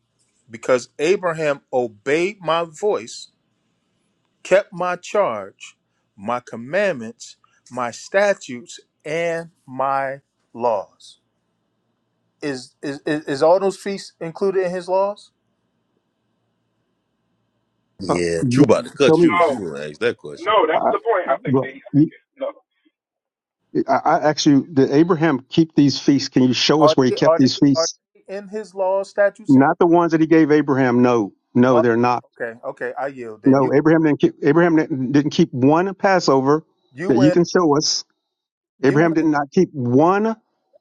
S15: because Abraham obeyed my voice, kept my charge, my commandments, my statutes, and my laws. Is is is, is all those feasts included in his laws?
S13: Uh,
S12: Yeah,
S13: yeah,
S12: true about to
S13: show
S12: cut
S13: me.
S12: you if
S17: No,
S12: you want to ask that question.
S17: no, that's
S13: I,
S17: the point I think
S13: look,
S17: that he's
S13: you,
S17: making. No.
S13: I, I asked you, did Abraham keep these feasts? Can you show us
S15: Are
S13: where he
S15: they
S13: kept
S15: are
S13: these
S15: they are
S13: feasts?
S15: they in his laws, statutes, and
S13: Not the
S15: commandments?
S13: ones that he gave Abraham. No, no,
S15: Are-
S13: they're not.
S15: okay, okay, I yield. Then you
S13: No, Abraham didn't keep. Abraham didn't didn't keep one Passover
S15: you
S13: that you
S15: win
S13: can show us.
S15: you
S13: Abraham did
S15: win.
S13: not keep one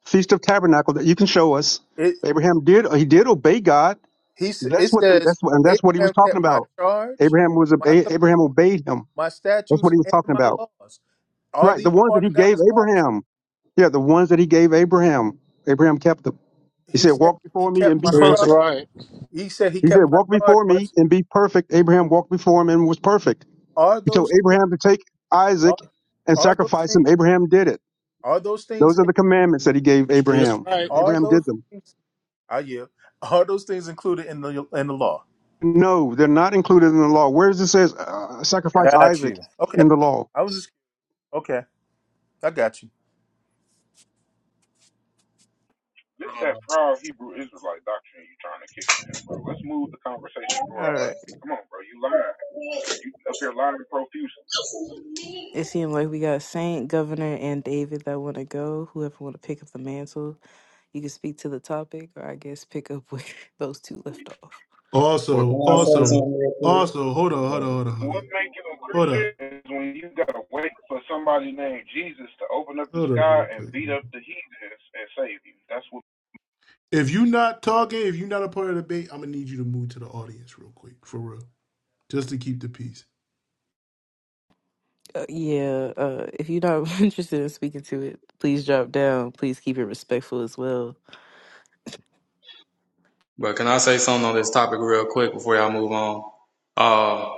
S13: feast of tabernacle that you can show us.
S15: It
S13: Abraham did. He did obey God
S15: he s- it
S13: That's what the,
S15: says
S13: that's what and that's what he was
S15: Abraham
S13: talking
S15: kept my
S13: about.
S15: charge,
S13: Abraham was obe-
S15: my
S13: Abraham
S15: commandment,
S13: obeyed him.
S15: my
S13: That's
S15: statutes,
S13: what he was
S15: and
S13: talking
S15: my
S13: about.
S15: laws. Are
S13: Right, the
S15: these
S13: ones that
S15: part
S13: he
S15: of
S13: gave
S15: God's laws?
S13: Abraham. Yeah, the ones that he gave Abraham. Abraham kept them. He
S15: He
S13: said,
S15: said
S13: "Walk
S15: he
S13: before me
S15: kept
S13: and
S15: my
S13: be
S19: She is
S13: perfect."
S15: charge.
S19: right.
S15: He said he
S13: He said,
S15: kept my
S13: "Walk
S15: charge.
S13: before
S15: My
S13: me and be perfect." Abraham walked before him and was perfect.
S15: are
S13: He told
S15: those things
S13: Abraham to take Isaac
S15: are
S13: and
S15: are those
S13: sacrifice
S15: things
S13: him. Abraham did it.
S15: are those things
S13: Those are the commandments that he gave
S19: She is
S13: Abraham.
S19: right.
S15: are
S13: Abraham did
S15: those
S13: them.
S15: things I yield. Are those things included in the in the law?
S13: No, they're not included in the law. Where does it says uh, sacrifice
S15: Got
S13: Isaac
S15: you. Okay.
S13: in the law?
S15: I was just okay. I got you.
S17: This
S3: Um,
S17: that proud Hebrew Israelite doctrine you trying to kick to him, bro. Let's move the conversation
S2: all
S17: forward,
S2: right.
S17: brother. Come on, bro. You lying. You up here lying profusely.
S2: It seemed like we got Saint, Governor, and David that wanna go. Whoever wanna pick up the mantle, you can speak to the topic or I guess pick up where those two left off.
S3: well,
S1: Also, also, also, hold on, hold on, hold on, hold
S17: What
S1: on,
S17: make you a
S1: hold
S17: Christian
S1: up,
S17: is when you gotta wait for somebody named Jesus to open up the
S1: hold up, real
S17: sky and
S1: quick,
S17: beat
S1: man.
S17: up the heathens and save you. That's what.
S1: If you not talking, if you are not a part of the debate, I'm gonna need you to move to the audience real quick, for real. just to keep the peace.
S2: Uh, yeah, uh, if you're not interested in speaking to it, please drop down. Please keep it respectful as well.
S3: But can I say something on this topic real quick before y'all move on? Uh,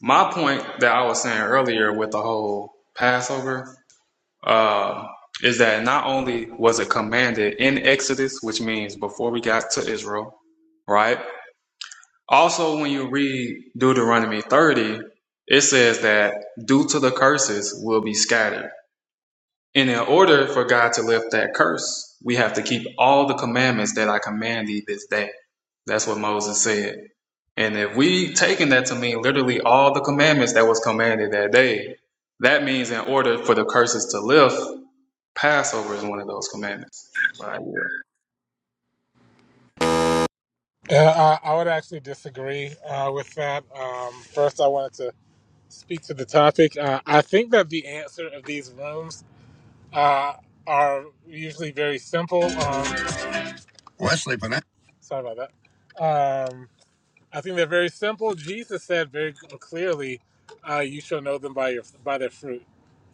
S3: my point that I was saying earlier with the whole Passover uh, is that not only was it commanded in Exodus, which means before we got to Israel, right? Also, when you read Deuteronomy 30, it says that due to the curses will be scattered. And in order for God to lift that curse, we have to keep all the commandments that I command thee this day. That's what Moses said. And if we taking that to mean literally all the commandments that was commanded that day, that means in order for the curses to lift, Passover is one of those commandments. But I
S19: Uh, I, I would actually disagree uh, with that. Um, first, I wanted to speak to the topic. Uh, I think that the answer of these rooms uh, are usually very simple. Um, Wesley, for that. sorry about that. Um, I think they're very simple. Jesus said very clearly, uh, "You shall know them by your by their fruit."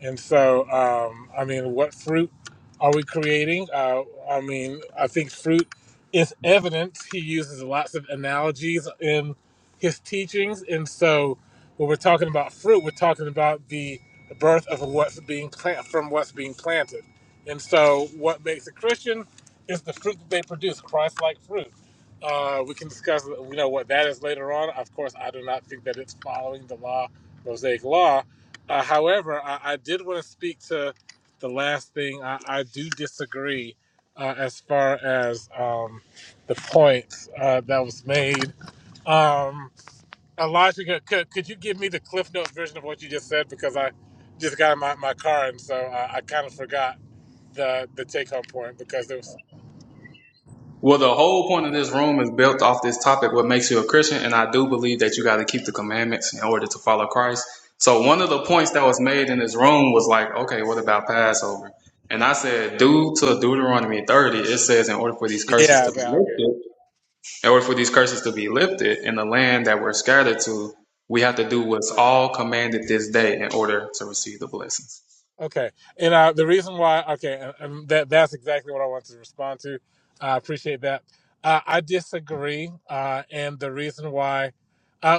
S19: And so, um, I mean, what fruit are we creating? Uh, I mean, I think fruit is evidence. He uses lots of analogies in his teachings, and so when we're talking about fruit, we're talking about the birth of what's being planted from what's being planted. And so, what makes a Christian is the fruit that they produce, Christ-like fruit. Uh, we can discuss, you know, what that is later on. Of course, I do not think that it's following the law, Mosaic law. Uh, however, I, I did want to speak to the last thing. I, I do disagree uh, as far as um, the point uh, that was made. Um, Elijah, could, could you give me the Cliff Notes version of what you just said? Because I just got in my, my car, and so I, I kind of forgot the, the take home point because there was.
S3: Well, the whole point of this room is built off this topic, what makes you a Christian. And I do believe that you got to keep the commandments in order to follow Christ. So one of the points that was made in this room was like, okay, what about Passover? And I said, due to Deuteronomy 30, it says in order for these curses
S19: Yeah,
S3: to be
S19: yeah, okay.
S3: lifted, in order for these curses to be lifted in the land that we're scattered to, we have to do what's all commanded this day in order to receive the blessings.
S19: Okay, and uh, the reason why, okay, and, and that that's exactly what I wanted to respond to. I appreciate that. Uh, I disagree, uh, and the reason why, uh,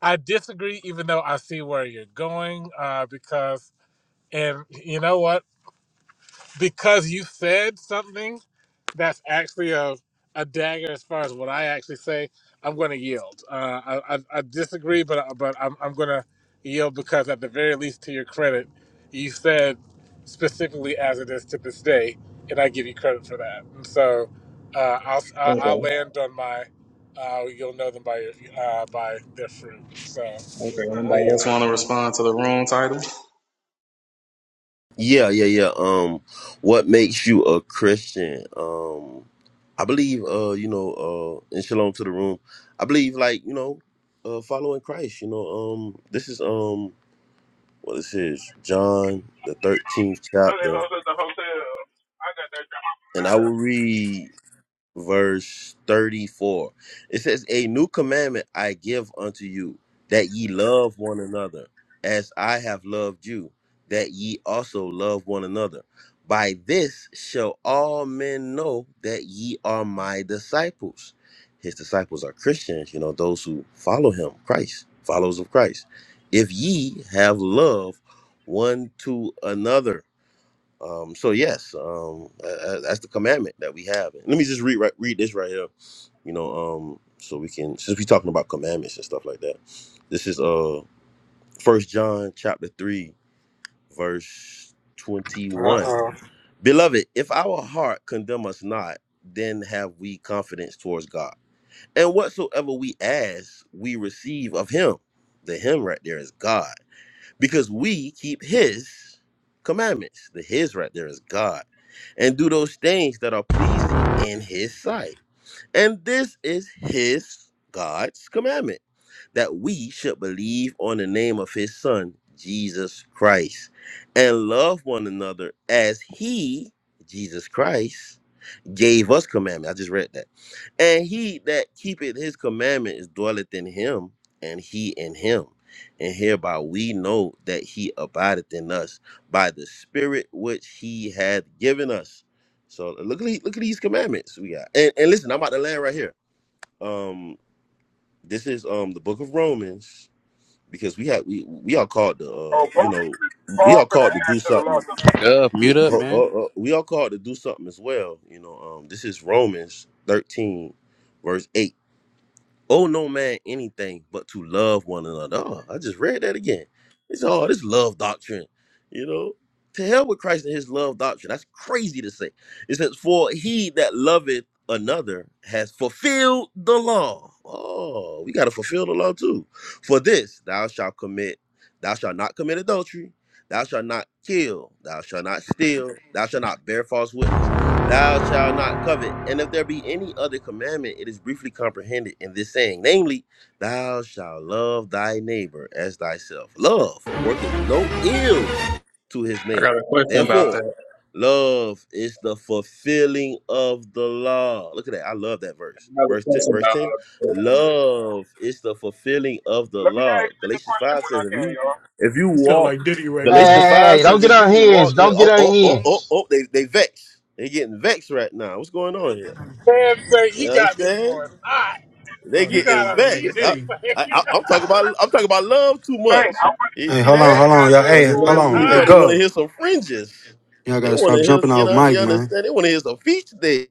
S19: I disagree, even though I see where you're going, uh, because, and you know what? because you said something that's actually a, a dagger as far as what I actually say, I'm going to yield. Uh, I, I, I disagree, but uh, but I'm, I'm going to yield because at the very least, to your credit, you said specifically as it is to this day, and I give you credit for that. And so uh, I'll I-
S3: I
S19: I'll land on my. Uh, you'll know them by your, uh, by their fruit. So I, I yield.
S3: just want to respond to the room title.
S12: Yeah, yeah, yeah. Um, what makes you a Christian? Um, I believe, uh, you know, uh, in shalom to the room. I believe, like, you know, uh, following Christ. You know, um, this is um, what this is John the thirteenth
S17: I
S12: chapter,
S17: was at the hotel. I got that job. from
S12: and I
S17: there.
S12: will read. verse 34. It says, A new commandment I give unto you, that ye love one another, as I have loved you, that ye also love one another. By this shall all men know that ye are my disciples. His disciples are Christians, you know, those who follow him, Christ, followers of Christ. If ye have love one to another, um, so yes, um, uh, that's the commandment that we have. And let me just read right, read this right here, you know, um, so we can since we're talking about commandments and stuff like that. This is uh First John chapter three, verse twenty
S19: Uh
S12: one.
S19: oh.
S12: Beloved, if our heart condemn us not, then have we confidence towards God. And whatsoever we ask, we receive of Him. The Him right there is God because we keep his commandments. The his right there is God. And do those things that are pleasing in his sight. And this is his God's commandment that we should believe on the name of his son, Jesus Christ, and love one another as he, Jesus Christ, gave us commandment. I just read that. And he that keepeth his commandment is dwelleth in him, and he in him. And hereby we know that he abideth in us by the spirit which he hath given us. So look at the- look at these commandments we got. And, and listen, I'm about to land right here. Um, this is um the book of Romans because we have we we are called to uh
S17: Oh,
S12: you
S17: Paul,
S12: know we
S17: Paul
S12: are
S17: finna
S12: called to
S17: ask
S12: do
S17: to the
S12: something
S17: Lord.
S11: Uh,
S12: we
S11: mute up,
S12: oh, oh,
S11: man.
S12: oh, we are called to do something as well. You know, um, this is Romans 13, verse 8. Oh no man anything but to love one another. Oh, I just read that again. It's all this love doctrine, you know. To hell with Christ and his love doctrine. That's crazy to say. It says, For he that loveth another has fulfilled the law. Oh, we gotta fulfill the law too. For this thou shalt commit, thou shalt not commit adultery, thou shalt not kill, thou shalt not steal, thou shalt not bear false witness Thou shalt not covet. And if there be any other commandment, it is briefly comprehended in this saying, namely, Thou shalt love thy neighbor as thyself. Love worketh no ill to his
S3: I got
S12: neighbor.
S3: a question about
S12: Therefore,
S3: that.
S12: love is the fulfilling of the law. Look at that. I love that verse. Verse 10. Verse 10. Love is the fulfilling of the
S17: Let me
S12: law.
S17: ask you the
S12: Galatians
S17: question
S12: 5
S17: when I
S12: says, if
S17: can,
S12: you
S17: y'all.
S12: if you
S1: You sound
S12: walk
S1: like Diddy right
S8: Hey,
S1: now.
S12: Galatians
S8: hey,
S12: 5
S8: hey, don't
S12: says,
S8: get
S12: if you walk,
S8: unhinged. Don't get
S12: oh, oh, oh, oh,
S8: unhinged.
S12: oh, they, they vexed. They getting vexed right now. What's going on here?
S19: Man, say
S12: You
S19: you got these
S12: understand?
S19: boys.
S12: They
S1: Uh,
S19: You
S12: getting
S19: gotta
S1: sound
S19: feed
S1: like
S19: it.
S12: vexed. I,
S1: Diddy
S12: I,
S19: man.
S12: I- I'm talking about, I'm talking about love too much.
S17: Saint, I would.
S12: You
S6: Hey,
S12: see
S6: hold on,
S19: they
S12: that?
S6: hold
S19: ain't
S6: on,
S19: got
S6: y'all.
S19: those
S6: Hey, hold
S19: boys
S6: on.
S12: These
S6: Hey,
S12: brother
S19: hot.
S12: want to
S6: go.
S12: hear some fringes.
S6: Y'all
S12: They
S6: gotta
S12: want
S6: stop
S12: to hear,
S6: jumping
S12: you
S6: off
S12: know,
S6: mic,
S12: you
S6: man.
S12: understand? They want to hear some feature day.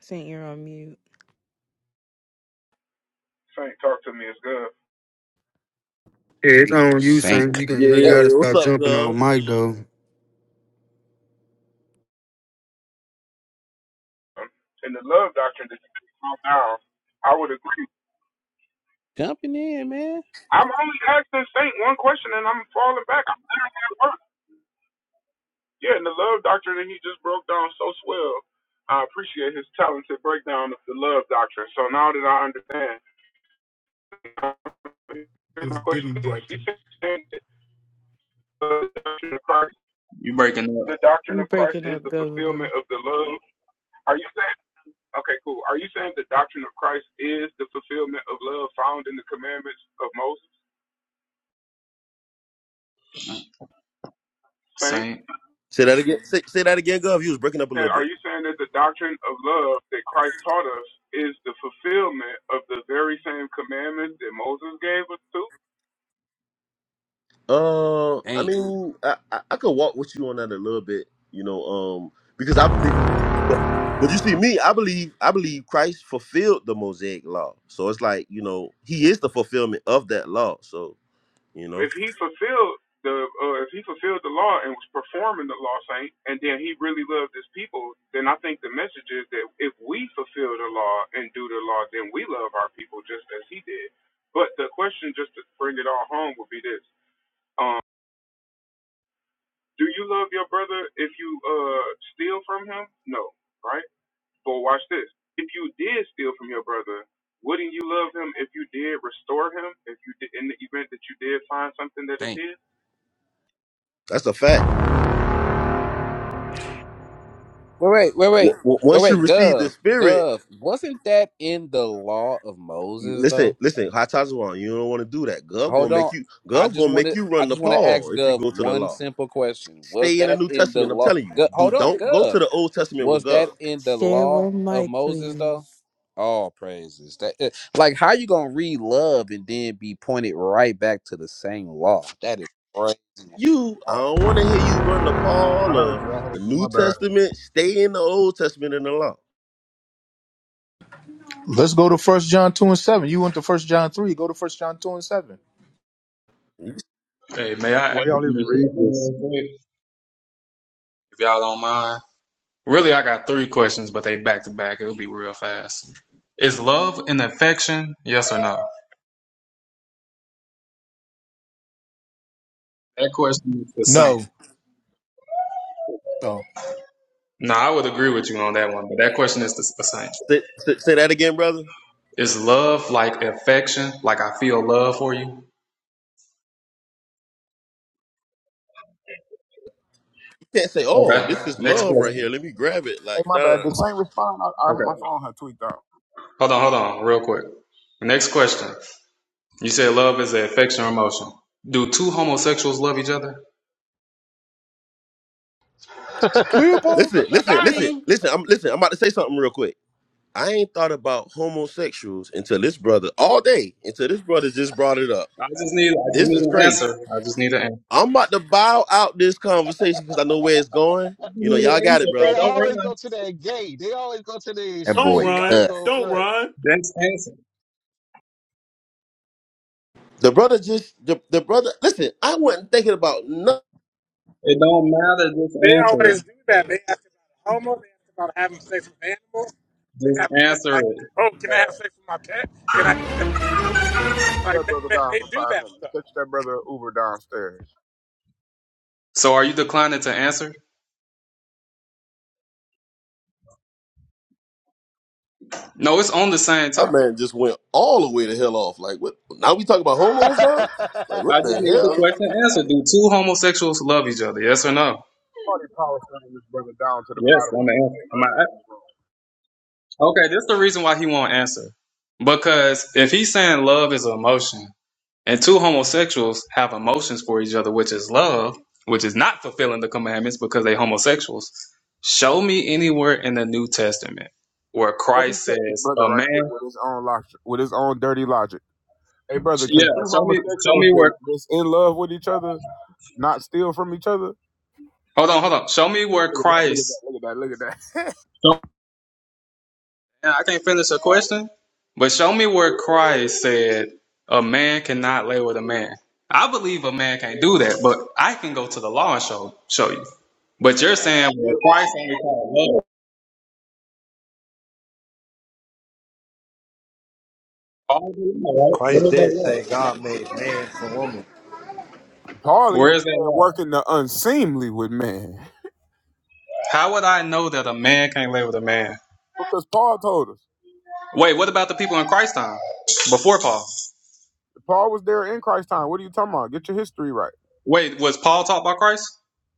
S2: Saint, you're on mute.
S17: Saint, talk to me. It's good.
S6: Yeah, it's on you, Saint. You
S11: Sink.
S6: got
S12: Yeah,
S6: you gotta
S12: yeah. What's
S6: stop
S12: up,
S6: jumping off
S12: girl?
S6: mic though.
S17: In the love doctrine that you talk now, I would agree.
S11: Jumping in, man.
S17: I'm only asking Saint one question, and I'm falling back. I'm literally at work. Yeah, and the love doctrine that he just broke down so swell. I appreciate his talented breakdown of the love doctrine. So now that I understand, here's
S1: is
S17: my
S1: Diddy
S17: question. You
S1: Jackson.
S17: said that the doctrine of Christ,
S3: You breaking up,
S17: the doctrine
S2: You
S17: of Christ
S2: breaking
S17: is
S2: up,
S17: the
S2: Governor.
S17: fulfillment of the love. Are you saying? Okay, cool. Are you saying the doctrine of Christ is the fulfillment of love found in the commandments of Moses? Saint,
S3: Saint.
S12: Say that again. Say, say that again, girl. You was breaking up a
S17: and
S12: little bit.
S17: are you saying that the doctrine of love that Christ taught us is the fulfillment of the very same commandments that Moses gave us to?
S12: Uh, I
S11: Damn,
S12: mean, I, I I could walk with you on that a little bit, you know, um, because I, be- but but you see, me, I believe I believe Christ fulfilled the Mosaic law, so it's like you know He is the fulfillment of that law, so you know
S17: if he fulfilled the uh, if he fulfilled the law and was performing the law saint and then he really loved his people then i think the message is that if we fulfill the law and do the law then we love our people just as he did but the question just to bring it all home would be this um do you love your brother if you uh steal from him no right but watch this if you did steal from your brother wouldn't you love him if you did restore him if you did in the event that you did find something that is
S11: damn.
S17: his
S12: that's a fact.
S11: Wait, wait, wait,
S12: W-
S11: wait.
S12: w-
S11: Wait,
S12: once you
S11: wait,
S12: receive the
S11: Gov.
S12: Spirit,
S11: Gov. Wasn't that in the law of Moses
S12: listen,
S11: though?
S12: listen, Hatazawan, you don't want to do that. God gonna
S11: Hold on.
S12: make you,
S11: I
S12: God
S11: just
S12: gonna make
S11: wanted.
S12: you
S11: I
S12: run the
S11: just wanna ask
S12: Paul if you
S11: Gov
S12: go to the
S11: one
S12: law.
S11: simple question. Was
S12: Stay in the
S11: that
S12: New
S11: in the
S12: Testament. I'm
S11: law
S12: telling you,
S11: Gov,
S12: do
S11: hold on,
S12: don't go to
S11: Gov.
S12: the Old Testament with
S11: Was
S12: God.
S11: that in the
S2: Share
S11: law
S2: one
S11: of
S2: mic,
S11: Moses
S2: please.
S11: though? All praises. That eh, like how you gonna read love and then be pointed right back to the same law? That is crazy.
S12: you. I
S11: Oh,
S12: don't want to hear you run to
S17: I
S12: Paul
S17: heard
S12: or
S17: you. I
S12: the
S17: heard you.
S12: New
S17: My bad.
S12: Testament. Stay in the Old Testament and the law.
S15: Let's go to First John two and seven. You went to First John three. Go to First John two and seven.
S12: You
S3: Hey, may I ask
S13: Why
S3: you
S13: y'all even
S3: a
S13: read
S3: question
S13: this?
S3: real quick, if y'all don't mind? Really, I got three questions, but they back to back. It'll be real fast. Is love an affection? Yes or no? That question is the same.
S15: No, no,
S3: No, I would agree with you on that one, but that question is the, the same.
S12: Say, say, say that again, brother. You
S3: Is love like affection? Like I feel love for you?
S12: can't say, "Oh,
S3: Okay.
S12: this is
S3: Next
S12: love right
S3: question.
S12: here. Let me grab it."
S17: Oh
S12: Like,
S17: my
S12: nah. nah,
S17: bad. The
S12: nah.
S17: Saint respond. I, I,
S3: Okay.
S17: my phone had tweaked out.
S3: Hold on, hold on, real quick. Next question. You said love is an affection or emotion. Do two homosexuals love each other?
S15: Leopold.
S12: Listen, listen,
S1: Got
S12: listen,
S1: him.
S12: listen. I'm listen. I'm about to say something real quick. I ain't thought about homosexuals until this brother all day. Until this brother just brought it up.
S3: I just need, I just
S12: This
S3: need
S12: is
S3: an
S12: crazy.
S3: answer. I just need an answer.
S12: I'm about to bow out this conversation because I know where it's going.
S3: You
S12: You know,
S3: need an
S12: y'all got
S3: answer,
S12: it,
S3: bro.
S8: They
S12: brother.
S3: Don't
S8: always go to that gay. They always go to the
S11: that
S1: Don't
S11: boy
S8: extreme. I
S1: run.
S8: ain't go
S1: Don't
S8: right.
S1: run.
S3: run. Just answer.
S12: The brother just the, the brother. Listen, I wasn't thinking about nothing
S3: It don't matter. Just
S19: They
S3: answer it.
S19: always do that. They ask about homo. They ask about having sex with animals. They
S3: Just
S19: have sex
S3: answer
S19: like,
S3: it.
S19: oh, can I
S17: Hey,
S19: have sex with my pet? Can I eat a human foot? I'm like,
S17: That
S19: that,
S17: brother
S19: that,
S17: down
S19: they
S17: for
S19: do
S17: five
S19: that stuff.
S17: minutes. Catch that brother Uber downstairs.
S3: So are you declining to answer? No, it's on the same
S12: That
S3: topic.
S12: man just went all the way to hell off. Like what? Now we talk about hormones now? Like
S3: I
S12: what
S3: just
S12: the
S3: need the
S12: hell?
S3: question answered. Do two homosexuals love each other? Yes or no?
S17: Party power sending this brother down to the
S3: Yes,
S17: bottom.
S3: I'm
S17: of
S3: an answer.
S17: the
S3: I'm
S17: others in
S3: a-
S17: the room.
S3: okay, this is the reason why he won't answer. Because if he's saying love is an emotion, And two homosexuals have emotions for each other, which is love, which is not fulfilling the commandments because they homosexuals. Show me anywhere in the New Testament where
S17: Let me
S3: Christ
S17: cut this
S3: says
S17: brother
S3: a
S17: right quick
S3: man.
S17: with his own logic, with his own dirty logic. Hey brother, can
S3: Yeah,
S17: two
S3: show me, show
S17: homosexuals
S3: me
S17: that-
S3: where.
S17: that's in love with each other not steal from each other?
S3: Hold on, hold on. Show me where
S17: Look at that! Look at that!
S3: Christ.
S17: Look at that! Look at that!
S3: I can't finish a question, but show me where Christ said a man cannot lay with a man. I believe a man can't do that, but I can go to the law and show show you. But you're saying well, Christ only called love. All the law, right? Where
S14: Christ
S3: is that
S14: did
S3: law?
S14: say God made man and woman.
S17: Paul even
S3: Where is that
S17: said
S3: law?
S17: working the unseemly with man
S3: How would I know that a man can't lay with a man?
S17: because Paul told us.
S3: Wait, what about the people in Christ time? Before Paul?
S17: Paul was there in Christ's time. What are you talking about? Get your history right.
S3: Wait, was Paul taught by Christ?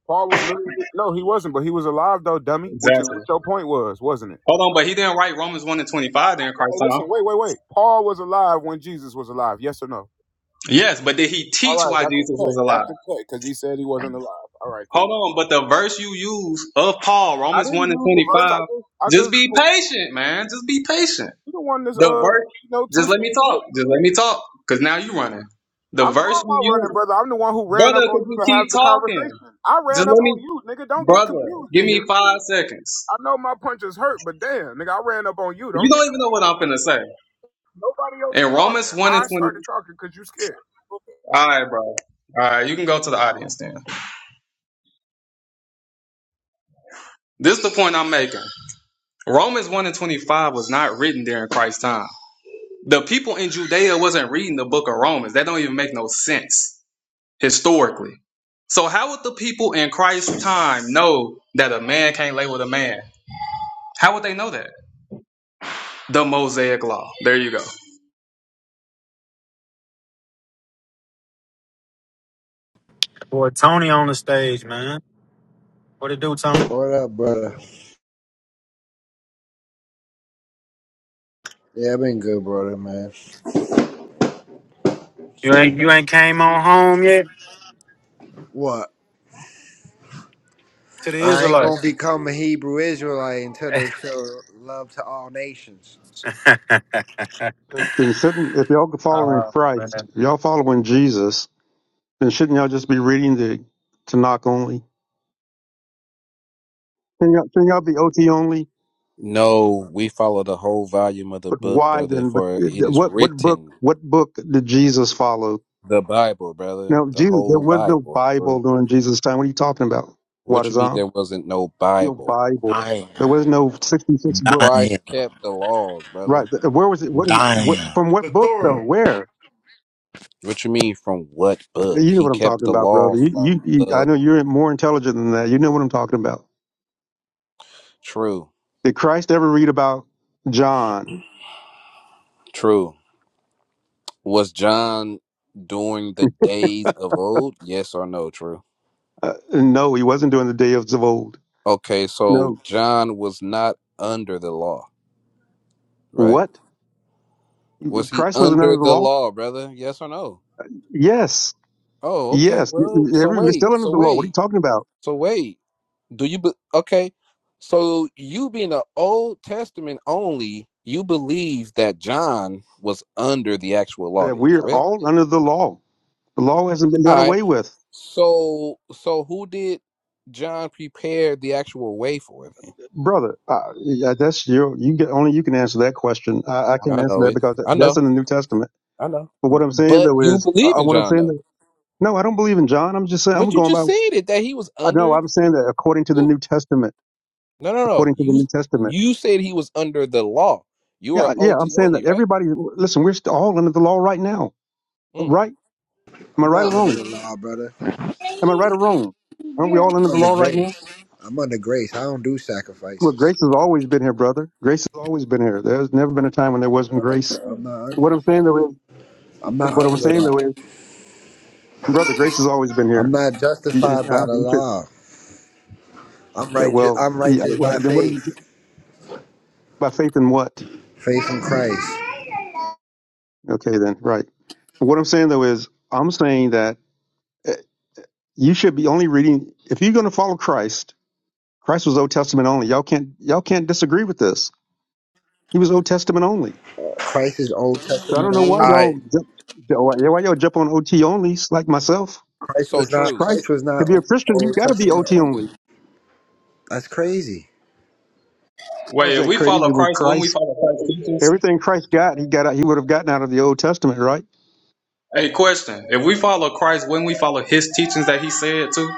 S17: Paul was literally no, he wasn't, but he was alive though, dummy. Which is
S3: Exactly.
S17: what your point was, wasn't it?
S3: Hold on, but he didn't write Romans 1 and 25 during Christ
S17: Hey,
S3: time.
S17: listen, wait, wait, wait. Paul was alive when Jesus was alive. Yes or no?
S3: Yes, but did he
S17: All
S3: teach
S17: right,
S3: why
S17: that's the
S3: Jesus was
S17: cut.
S3: alive?
S17: That's the cut because he said he wasn't alive. All right,
S3: Hold
S17: cool.
S3: on, but the verse you use of Paul,
S17: I
S3: Romans
S17: didn't
S3: 1 and
S17: use the verse.
S3: 25,
S17: I just, I
S3: just
S17: just.
S3: be patient, man. Just be patient.
S17: You the one that's
S3: The
S17: uh,
S3: verse,
S17: you know,
S3: just let
S17: twisted
S3: me
S17: his foot.
S3: talk. Just let me talk, because now you running. The
S17: I'm how
S3: verse
S17: am
S3: you
S17: I running,
S3: use.
S17: brother? I'm the one who ran
S3: Brother,
S17: up on
S3: because
S17: you
S3: you
S17: to have
S3: keep
S17: the
S3: talking.
S17: conversation. I
S3: Just
S17: ran up
S3: let
S17: on
S3: me,
S17: you, nigga. Don't get
S3: brother,
S17: confused
S3: give
S17: in
S3: me
S17: here.
S3: five seconds.
S17: I know my punches hurt, but damn, nigga, I ran up on you.
S3: You
S17: Don't get
S3: don't even know
S17: confused.
S3: what I'm finna say.
S17: Nobody else
S3: In
S17: was talking.
S3: Romans 1 and
S17: I
S3: 20,
S17: started talking because you scared.
S3: all right, bro. All right, you can go to the audience then. This is the point I'm making. Romans 1 and 25 was not written during Christ's time. The people in Judea wasn't reading the book of Romans. That don't even make no sense historically. So how would the people in Christ's time know that a man can't lay with a man? How would they know that? The Mosaic law. There you go.
S6: Boy, Tony on the stage, man. What it do, Tony?
S14: What up, brother? Yeah, I've been good, brother, man.
S6: You
S14: So,
S6: ain't you ain't came on home yet
S14: what?
S6: to the
S14: I ain't gonna
S6: Israelites.
S14: become a Hebrew Israelite until they show love to all nations.
S13: And then shouldn't, if y'all following
S6: Oh,
S13: Christ,
S6: man.
S13: if y'all following Jesus, then shouldn't y'all just be reading the Tanakh only? Can y'all, can y'all be OT only?
S11: No, we follow the whole volume of the
S13: But
S11: book,
S13: why
S11: brother,
S13: then? But
S11: for it
S13: uh,
S11: is
S13: what what book
S11: written
S13: what book did Jesus follow?
S11: the Bible, brother.
S13: Now
S11: The
S13: Jesus, there
S11: whole
S13: was no
S11: Bible,
S13: Bible
S11: bro.
S13: during Jesus' time. What are you talking about?
S11: What you mean
S13: Wadazam?
S11: there wasn't no
S13: No
S11: Bible?
S13: Bible.
S20: Dying,
S13: There was no sixty six books.
S20: dying,
S11: Christ kept the laws,
S13: Right.
S11: brother.
S13: Where was it? What? Where,
S20: dying.
S13: from what
S1: The
S13: book though?
S1: Torah.
S13: Where?
S11: What you mean from what book?
S13: You know
S11: He
S13: what I'm
S11: kept
S13: talking
S11: the
S13: about,
S11: law
S13: brother. You, you,
S11: from
S13: you I
S11: the
S13: know you're more intelligent than that. You know what I'm talking about.
S11: true.
S13: Did Christ ever read about John?
S11: True. Was John during the days of old? Yes or no, true.
S13: Uh, no, he wasn't doing the days of old.
S11: Okay, so
S13: No.
S11: John was not under the law, right?
S13: What?
S11: Was he
S13: Christ wasn't under
S11: under
S13: the
S11: the
S13: law?
S11: law, brother? Yes or no?
S13: Yes.
S11: Oh, okay.
S13: Yes.
S11: Well, so
S13: Every, you're still
S11: wait,
S13: under
S11: so
S13: the law. What are you
S11: wait,
S13: talking about?
S11: so wait. Do you be okay? So you being an Old Testament only, you believe that John was under the actual law,
S13: That
S11: then,
S13: we're
S11: correct?
S13: all under the law. The law hasn't been
S11: All
S13: done
S11: right.
S13: away with,
S11: So, so who did John prepare the actual way for? Then
S13: brother. Uh, yeah, that's your. You get only you can answer that question. I, I can't
S11: I
S13: answer
S11: know
S13: that
S11: it.
S13: because that-
S11: I
S13: that's
S11: know.
S13: in the New Testament.
S11: I know.
S13: But what I'm saying
S11: But
S13: though
S11: you
S13: is,
S11: believe
S13: uh,
S11: in
S13: what I'm
S11: John
S13: saying
S11: though.
S13: though, no, I don't believe in John. I'm just saying I'm
S11: But you
S13: going by
S11: just said it that he was
S13: I know.
S11: under.
S13: I'm saying that according to the
S11: Yeah.
S13: New Testament,
S11: No, no, no.
S13: according to the
S11: You
S13: New Testament.
S11: you said he was under the law. You are
S13: Yeah, yeah. I'm
S11: OT
S13: saying that
S11: only, right?
S13: everybody. Listen, we're st- all under the law right now,
S11: Mm.
S13: right? Am I
S14: I'm
S13: right or
S14: not under
S13: wrong?
S14: the law, brother.
S13: Am I right or wrong? Aren't we all
S14: I'm
S13: under the
S14: under
S13: law right now?
S14: grace. I'm under grace. I don't do
S13: Well,
S14: sacrifices.
S13: grace has always been here, brother. Grace has always been here. There's never been a time when there wasn't grace.
S14: I'm not.
S13: What I'm saying though is,
S14: I'm not
S13: what
S14: under
S13: I'm
S14: the
S13: saying
S14: law.
S13: though is, brother, grace has always been
S14: I'm
S13: here.
S14: not
S13: You,
S14: justified by
S13: uh,
S14: the
S13: you should.
S14: law. I'm
S13: Yeah.
S14: righteous.
S13: Well.
S14: I'm
S13: Yeah.
S14: righteous
S13: Well,
S14: by
S13: then what are you
S14: faith.
S13: by faith in what?
S14: Faith in Christ.
S13: Okay, then right. But what I'm saying though is, I'm saying that. you should be only reading if you're going to follow Christ. Christ was Old Testament only. Y'all can't y'all can't disagree with this. He was Old Testament only.
S14: Christ is Old
S13: So I
S14: Testament
S13: don't know why
S14: only.
S11: I
S13: y'all jump, why y'all jump on OT onlys like myself.
S14: Christ
S11: so
S14: was
S13: It's
S14: not.
S11: true.
S13: Christ
S14: Christ was
S13: to
S14: not
S13: be a
S14: o-
S13: Christian, you
S14: Old
S13: have got to be
S14: Testament
S13: OT
S14: only.
S13: only.
S14: That's crazy.
S13: How is
S3: Wait, if
S13: that
S3: we follow
S13: crazy with
S3: Christ when we
S13: Christ?
S3: follow Christ's teachings,
S13: Everything Christ got, he got out. He would have gotten out of the Old Testament, right?
S3: hey, question. If we follow Christ when we follow his teachings that he said too,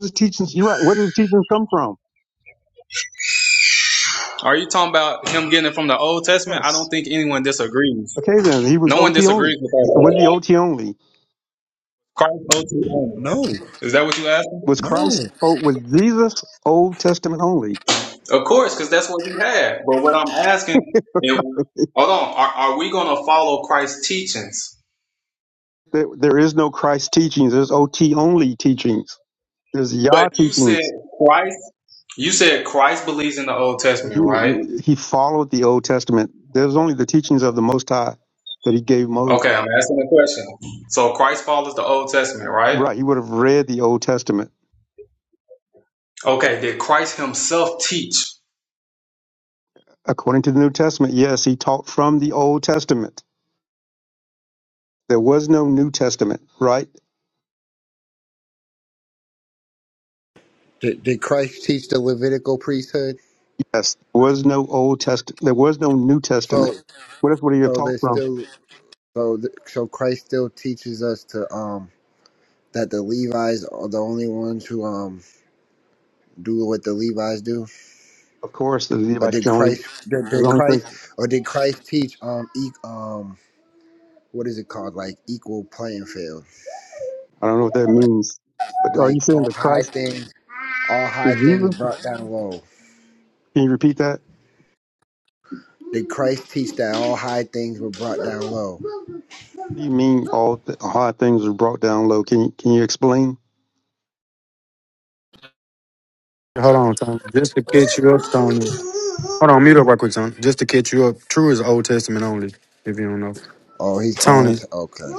S13: His teachings. You're right. Where did his teachings come from?
S3: are you talking about him getting it from the Old Testament? I don't
S13: Yes.
S3: think anyone disagrees.
S13: Okay, then he was
S3: No one
S13: OT
S3: disagrees
S13: only.
S3: with
S13: Was the
S3: that.
S13: OT only?
S3: Christ Old Testament.
S14: No,
S3: Is that what you asking?
S13: Was
S14: no.
S13: Christ? Oh, was Jesus Old Testament only?
S3: Of course, because that's what he had. But what I'm asking, if, hold on, are, are we going to follow Christ's teachings?
S13: There, there is no Christ teachings. There's OT only teachings. There's
S3: But
S13: Yah
S3: you said
S13: teachings.
S3: Christ, you said Christ believes in the Old Testament, right?
S13: He he followed the Old Testament. There's only the teachings of the Most High that he gave Moses.
S3: Okay, I'm asking a question. So Christ follows the Old Testament, right?
S13: Right. He would have read the Old Testament.
S3: Okay, did Christ himself teach?
S13: According to the New Testament, yes, he taught from the Old Testament. There was no New Testament, right?
S14: Did, did Christ teach the Levitical priesthood?
S13: Yes. There was no Old Test. There was no New Testament.
S14: So,
S13: What else would he have
S14: so
S13: taught
S14: there's
S13: from?
S14: still. So, th- so Christ still teaches us to um that the Levites are the only ones who um do what the Levites do.
S13: Of course, the
S14: Or
S13: Levites
S14: did
S13: the only
S14: Christ? Did,
S13: the
S14: did
S13: only thing
S14: Christ? Or did Christ teach um e- um what is it called like equal playing field?
S13: I don't know what that means. But are you
S14: Like
S13: saying
S14: on
S13: that
S14: high
S13: Christ
S14: things all
S13: is
S14: high things
S13: Jesus?
S14: brought down low.
S13: Can you repeat that?
S14: Did Christ teach that all high things were brought down low?
S13: What do you mean all th- hard things are brought down low? Can you can you explain?
S6: Hold on, Tony. Just to catch you up, Tony. Hold on, mute up right quick, Tony. Just to catch you up. True is Old Testament only, if you don't know.
S14: Oh, he's on.
S6: Tony,
S14: T- okay.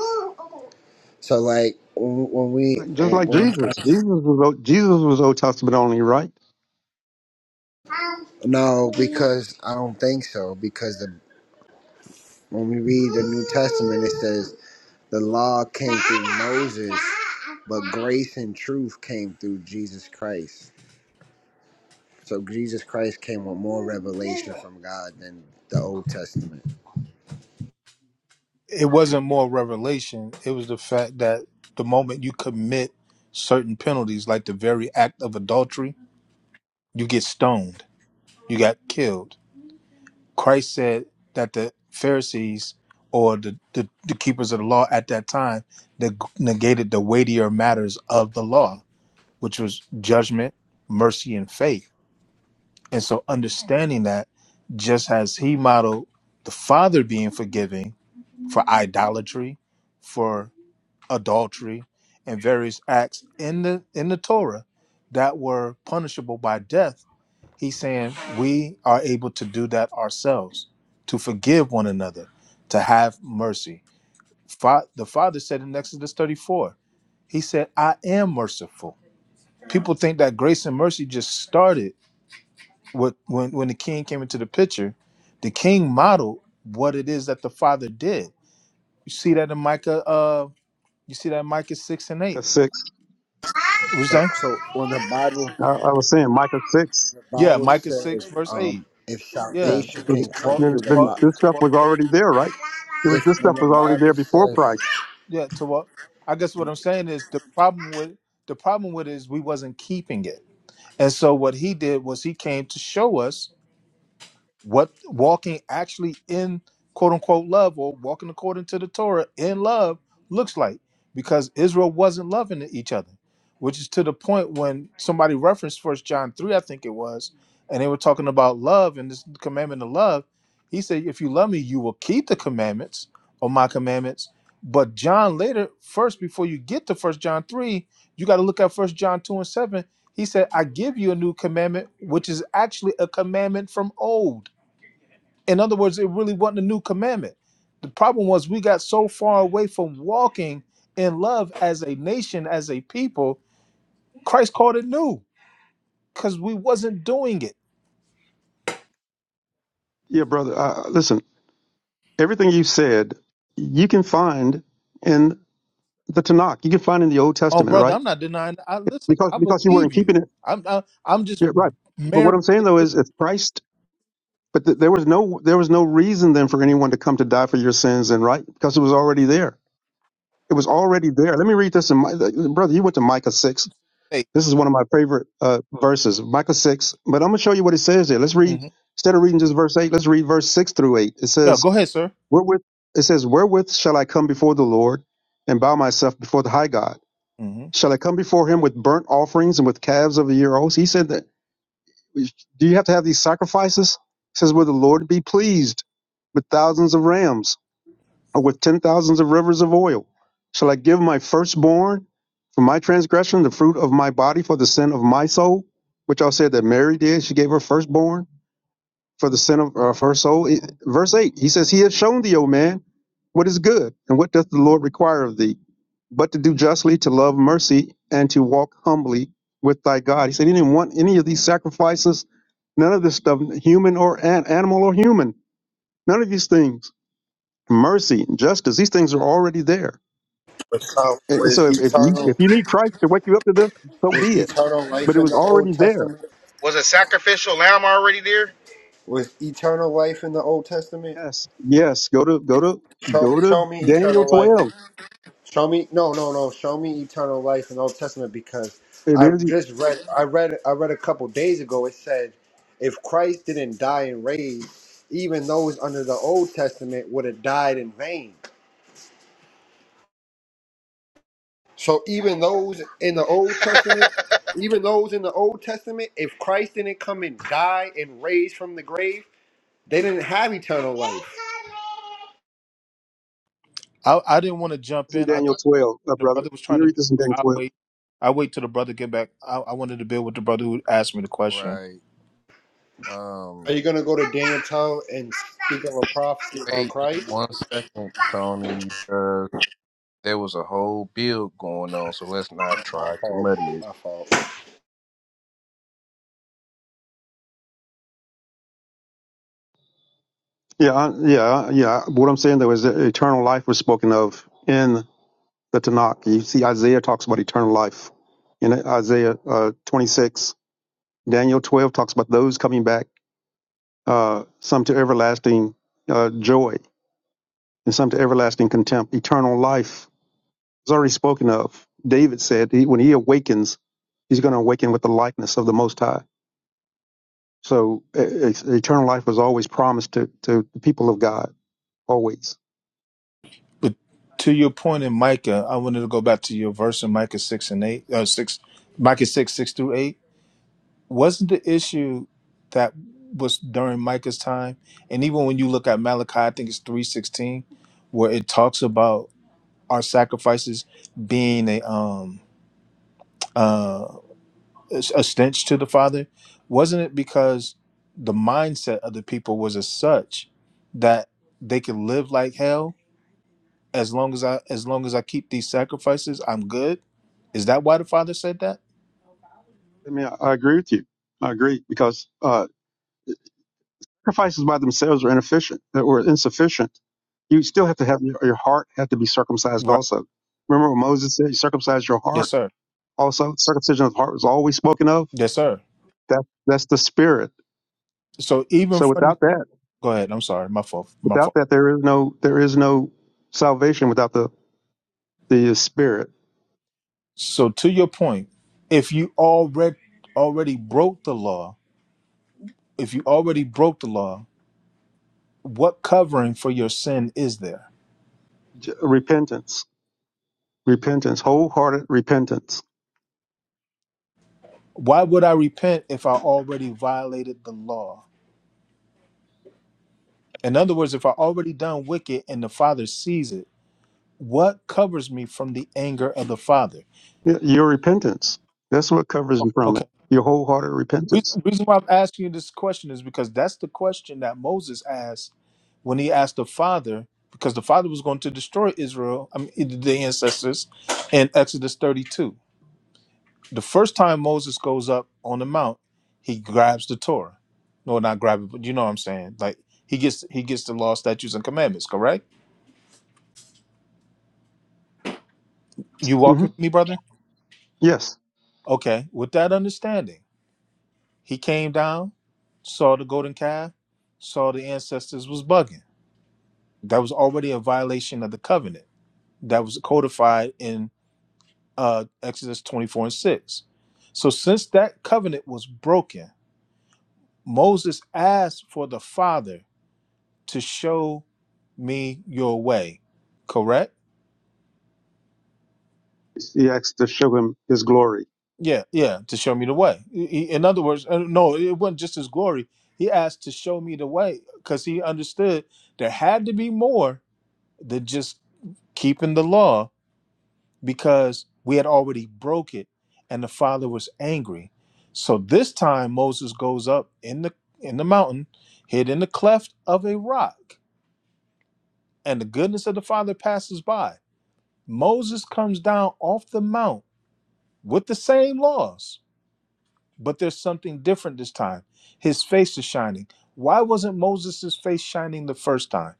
S14: So like when when we
S13: Like, just like
S14: when I'm trying,
S13: Jesus, Jesus was Old, Jesus was Old Testament only, right?
S14: no, because I don't think so. Because the when we read the New Testament, it says the law came through Moses, but grace and truth came through Jesus Christ. So Jesus Christ came with more revelation from God than the Old Testament.
S15: It wasn't more revelation. It was the fact that the moment you commit certain penalties, like the very act of adultery, you get stoned. You got killed. Christ said that the Pharisees or the, the, the keepers of the law at that time neg- negated the weightier matters of the law, which was judgment, mercy, and faith. And so, understanding that, just as he modeled the Father being forgiving for idolatry, for adultery, and various acts in the in the Torah that were punishable by death He's saying we are able to do that ourselves, to forgive one another, to have mercy. Fa- the Father said in Exodus 34, He said, I am merciful. People think that grace and mercy just started with, when, when the king came into the picture. The king modeled what it is that the Father did. You see that in Micah, uh, you see that in Micah 6 and
S13: Micah
S15: 8.
S13: six.
S15: What you
S14: So
S15: say?
S14: so when the Bible
S13: I, I was saying Micah six.
S15: Yeah,
S14: Bible
S15: Micah 6,
S14: says,
S15: verse 8.
S14: um, if
S13: was-
S15: Yeah.
S14: salvation
S13: was-
S15: To
S14: can come
S15: walk,
S13: Then
S14: through
S15: to
S14: the
S15: walk,
S13: then
S14: law,
S13: this
S15: to
S13: stuff was
S15: walk
S13: already there, right? It was
S14: if
S13: this
S14: when
S13: stuff
S14: the
S13: was already there
S14: Bible
S13: before
S14: says,
S13: Christ.
S15: Yeah, to what? I guess what I'm saying is the problem with the problem with it is we wasn't keeping it, and so what he did was he came to show us what walking actually in quote unquote love or walking according to the Torah in love looks like because Israel wasn't loving each other, which is to the point when somebody referenced first John 3, I think it was, and they were talking about love and this commandment of love. He said, If you love me, you will keep the commandments or my commandments. But John later, first before you get to first John 3, you got to look at first John 2 and 7. He said, I give you a new commandment, which is actually a commandment from old in other words, it really wasn't a new commandment. The problem was we got so far away from walking in love as a nation, as a people. Christ called it new because we wasn't doing it.
S13: Yeah, brother. Uh, listen, everything you said, you can find in the Tanakh. You can find in the Old
S15: Oh,
S13: Testament,
S15: brother,
S13: right?
S15: I'm not denying. I listen.
S13: Because
S15: I
S13: because you
S15: believe
S13: weren't
S15: you.
S13: keeping it,
S15: I'm. I, I'm just
S13: yeah, right? But what
S15: married.
S13: I'm saying though is, if Christ But th- there was no there was no reason then for anyone to come to die for your sins and right because it was already there. It was already there. Let me read this in my brother. You went to Micah six.
S15: faith.
S13: This is one of my favorite uh, verses, Micah six. But I'm gonna show you what it says there. Let's read
S15: Mhm.
S13: instead of reading just verse eight. Let's read verse six through eight. It
S15: Yeah,
S13: says,
S15: go ahead, sir.
S13: "Wherewith it says, wherewith shall I come before the Lord and bow myself before the high God?
S15: hmm
S13: Shall I come before Him with burnt offerings and with calves of the year olds?" He said that do you have to have these sacrifices? He says, Will the Lord be pleased with thousands of rams or with ten thousands of rivers of oil? Shall I give my firstborn for my transgression, the fruit of my body for the sin of my soul? Which I said that Mary did. She gave her firstborn for the sin of, uh, of her soul. It- Verse 8, he says, He has shown thee, O man, what is good, and what doth the Lord require of thee, but to do justly, to love mercy, and to walk humbly with thy God. He said, He didn't want any of these sacrifices, none of this stuff, human or an, animal or human, none of these things. Mercy and justice, these things are already there.
S14: was sal-
S13: And and so
S14: was
S13: if, if, you, if
S14: eternal,
S13: you need Christ to wake you up to this, so
S14: was
S13: be it.
S14: eternal
S13: But
S14: life
S13: it
S14: in
S13: was
S14: the Old
S13: already there.
S14: Testament?
S8: Was a sacrificial lamb already there?
S14: Was eternal life in the Old Testament?
S13: Yes, yes. Go to go to
S14: Show,
S13: go to
S14: show me
S13: Daniel
S14: eternal life.
S13: twelve.
S14: Show me no, no, no. Show me eternal life in the Old Testament because
S13: It
S14: I
S13: is.
S14: just read, I read, I read a couple days ago. It said, if Christ didn't die and raise, even those under the Old Testament would have died in vain. So even those in the Old Testament, even those in the Old Testament, if Christ didn't come and die and raise from the grave, they didn't have eternal life.
S15: I, I didn't want to jump
S13: this in
S15: in. I
S13: Daniel
S15: thought
S13: 12, uh,
S15: the
S13: brother.
S15: brother was
S13: Let me
S15: trying to.
S13: read this in
S15: build.
S13: Daniel
S15: I
S13: 12.
S15: wait. I wait till the brother get back. I, I wanted to build with the brother who asked me the question.
S11: Right.
S14: Are
S11: Um,
S14: you gonna go to Daniel 12 and speak of a prophecy about
S11: wait just
S14: Christ?
S11: one second, Tony, because there was a whole build going on, so let's not
S14: My
S11: try to
S14: fault.
S11: muddy it.
S14: My fault.
S13: Yeah, I, yeah, yeah. What I'm saying though is that eternal life was spoken of in the Tanakh. You see, Isaiah talks about eternal life in Isaiah uh, 26. Daniel 12 talks about those coming back, uh, some to everlasting uh, joy and some to everlasting contempt. Eternal life is already spoken of. David said he, when he awakens, he's going to awaken with the likeness of the Most High. So e- e- eternal life was always promised to, to the people of God always.
S15: But to your point in Micah, I wanted to go back to your verse in Micah six and eight, uh, six, Micah six six through eight. Wasn't the issue that was during Micah's time, and even when you look at Malachi, I think it's three sixteen, where it talks about our sacrifices being a um uh a stench to the Father. Wasn't it because the mindset of the people was as such that they could live like hell as long as I as long as I keep these sacrifices, I'm good. Is that why the father said that?
S13: I mean, I, I agree with you. I agree because uh, sacrifices by themselves are inefficient or insufficient. You still have to have your, your heart have to be circumcised
S15: Right.
S13: also. Remember what Moses said? You circumcise your
S15: Yes,
S13: heart.
S15: sir.
S13: Also, circumcision of the heart was always spoken of.
S15: Yes, sir.
S13: That that's the spirit.
S15: So even
S13: So
S15: from
S13: without that,
S15: go ahead. I'm sorry. My fault. My
S13: without
S15: fault.
S13: that, there is no there is no salvation without the the spirit.
S15: So to your point, if you already already broke the law, if you already broke the law, what covering for your sin is there?
S13: J- Repentance, repentance, wholehearted repentance.
S15: Why would I repent if I already violated the law? In other words, if I already done wicked and the Father sees it, what covers me from the anger of the Father?
S13: Y- Your repentance. That's what covers you from it.
S15: Okay.
S13: Your wholehearted
S15: Re-
S13: repentance.
S15: Reason why I'm asking you this question is because that's the question that Moses asked when he asked the Father, because the Father was going to destroy Israel, I mean, the ancestors, in Exodus 32. The first time Moses goes up on the mount, he grabs the Torah. No, not grab it, but you know what I'm saying. Like he gets he gets the law, statutes, and commandments. Correct? You
S13: hmm
S15: walking with me, brother?
S13: Yes,
S15: Okay, with that understanding, he came down, saw the golden calf, saw the ancestors was bugging. That was already a violation of the covenant that was codified in uh, Exodus 24 and 6. So, since that covenant was broken, Moses asked for the Father to show me your way, correct?
S13: he asked to show him his glory
S15: Yeah, yeah, to show me the way. He- in other words, uh, no, it wasn't just his glory. He asked to show me the way because he understood there had to be more than just keeping the law because we had already broke it and the father was angry. So this time Moses goes up in the in the mountain, hid in the cleft of a rock, and the goodness of the father passes by. Moses comes down off the mount with the same laws but there's something different this time. His face is shining. Why wasn't Moses' face shining the first time?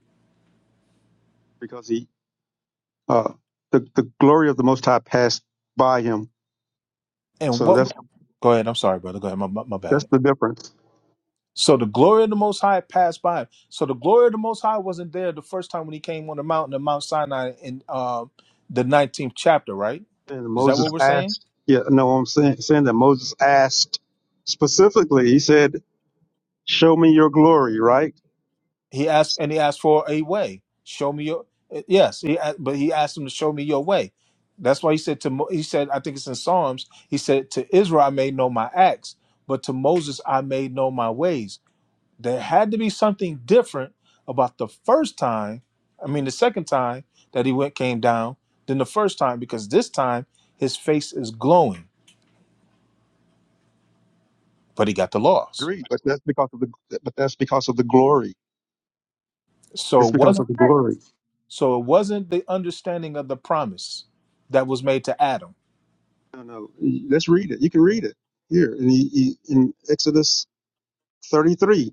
S13: because he uh, the the glory of the Most High passed by him.
S15: And
S13: So
S15: what?
S13: that's
S15: Go ahead. I'm sorry, brother. Go ahead. My, my, my
S13: that's
S15: bad.
S13: the difference.
S15: So the glory of the Most High passed by him. So the glory of the Most High wasn't there the first time when he came on the mountain of Mount Sinai in uh, the 19th chapter, right?
S13: And
S15: Is that
S13: Moses
S15: what we're saying?
S13: asked, yeah, no, I'm saying, saying that Moses asked specifically. He said, "Show me your glory." Right?
S15: He asked, and he asked for a way. Show me your uh, yes. He a- but he asked him to show me your way. That's why he said to Mo- he said I think it's in Psalms. He said to Israel I made know my acts, but to Moses I made know my ways. There had to be something different about the first time. I mean the second time that he went came down than the first time because this time his face is glowing, but he got the laws.
S13: Agreed. But that's because of the but that's because of the glory.
S15: So
S13: It's
S15: it
S13: because of
S15: wasn't
S5: What?
S13: the glory.
S15: so it wasn't the understanding of the promise that was made to Adam.
S13: No, no. Let's read it. You can read it here in, in Exodus 33.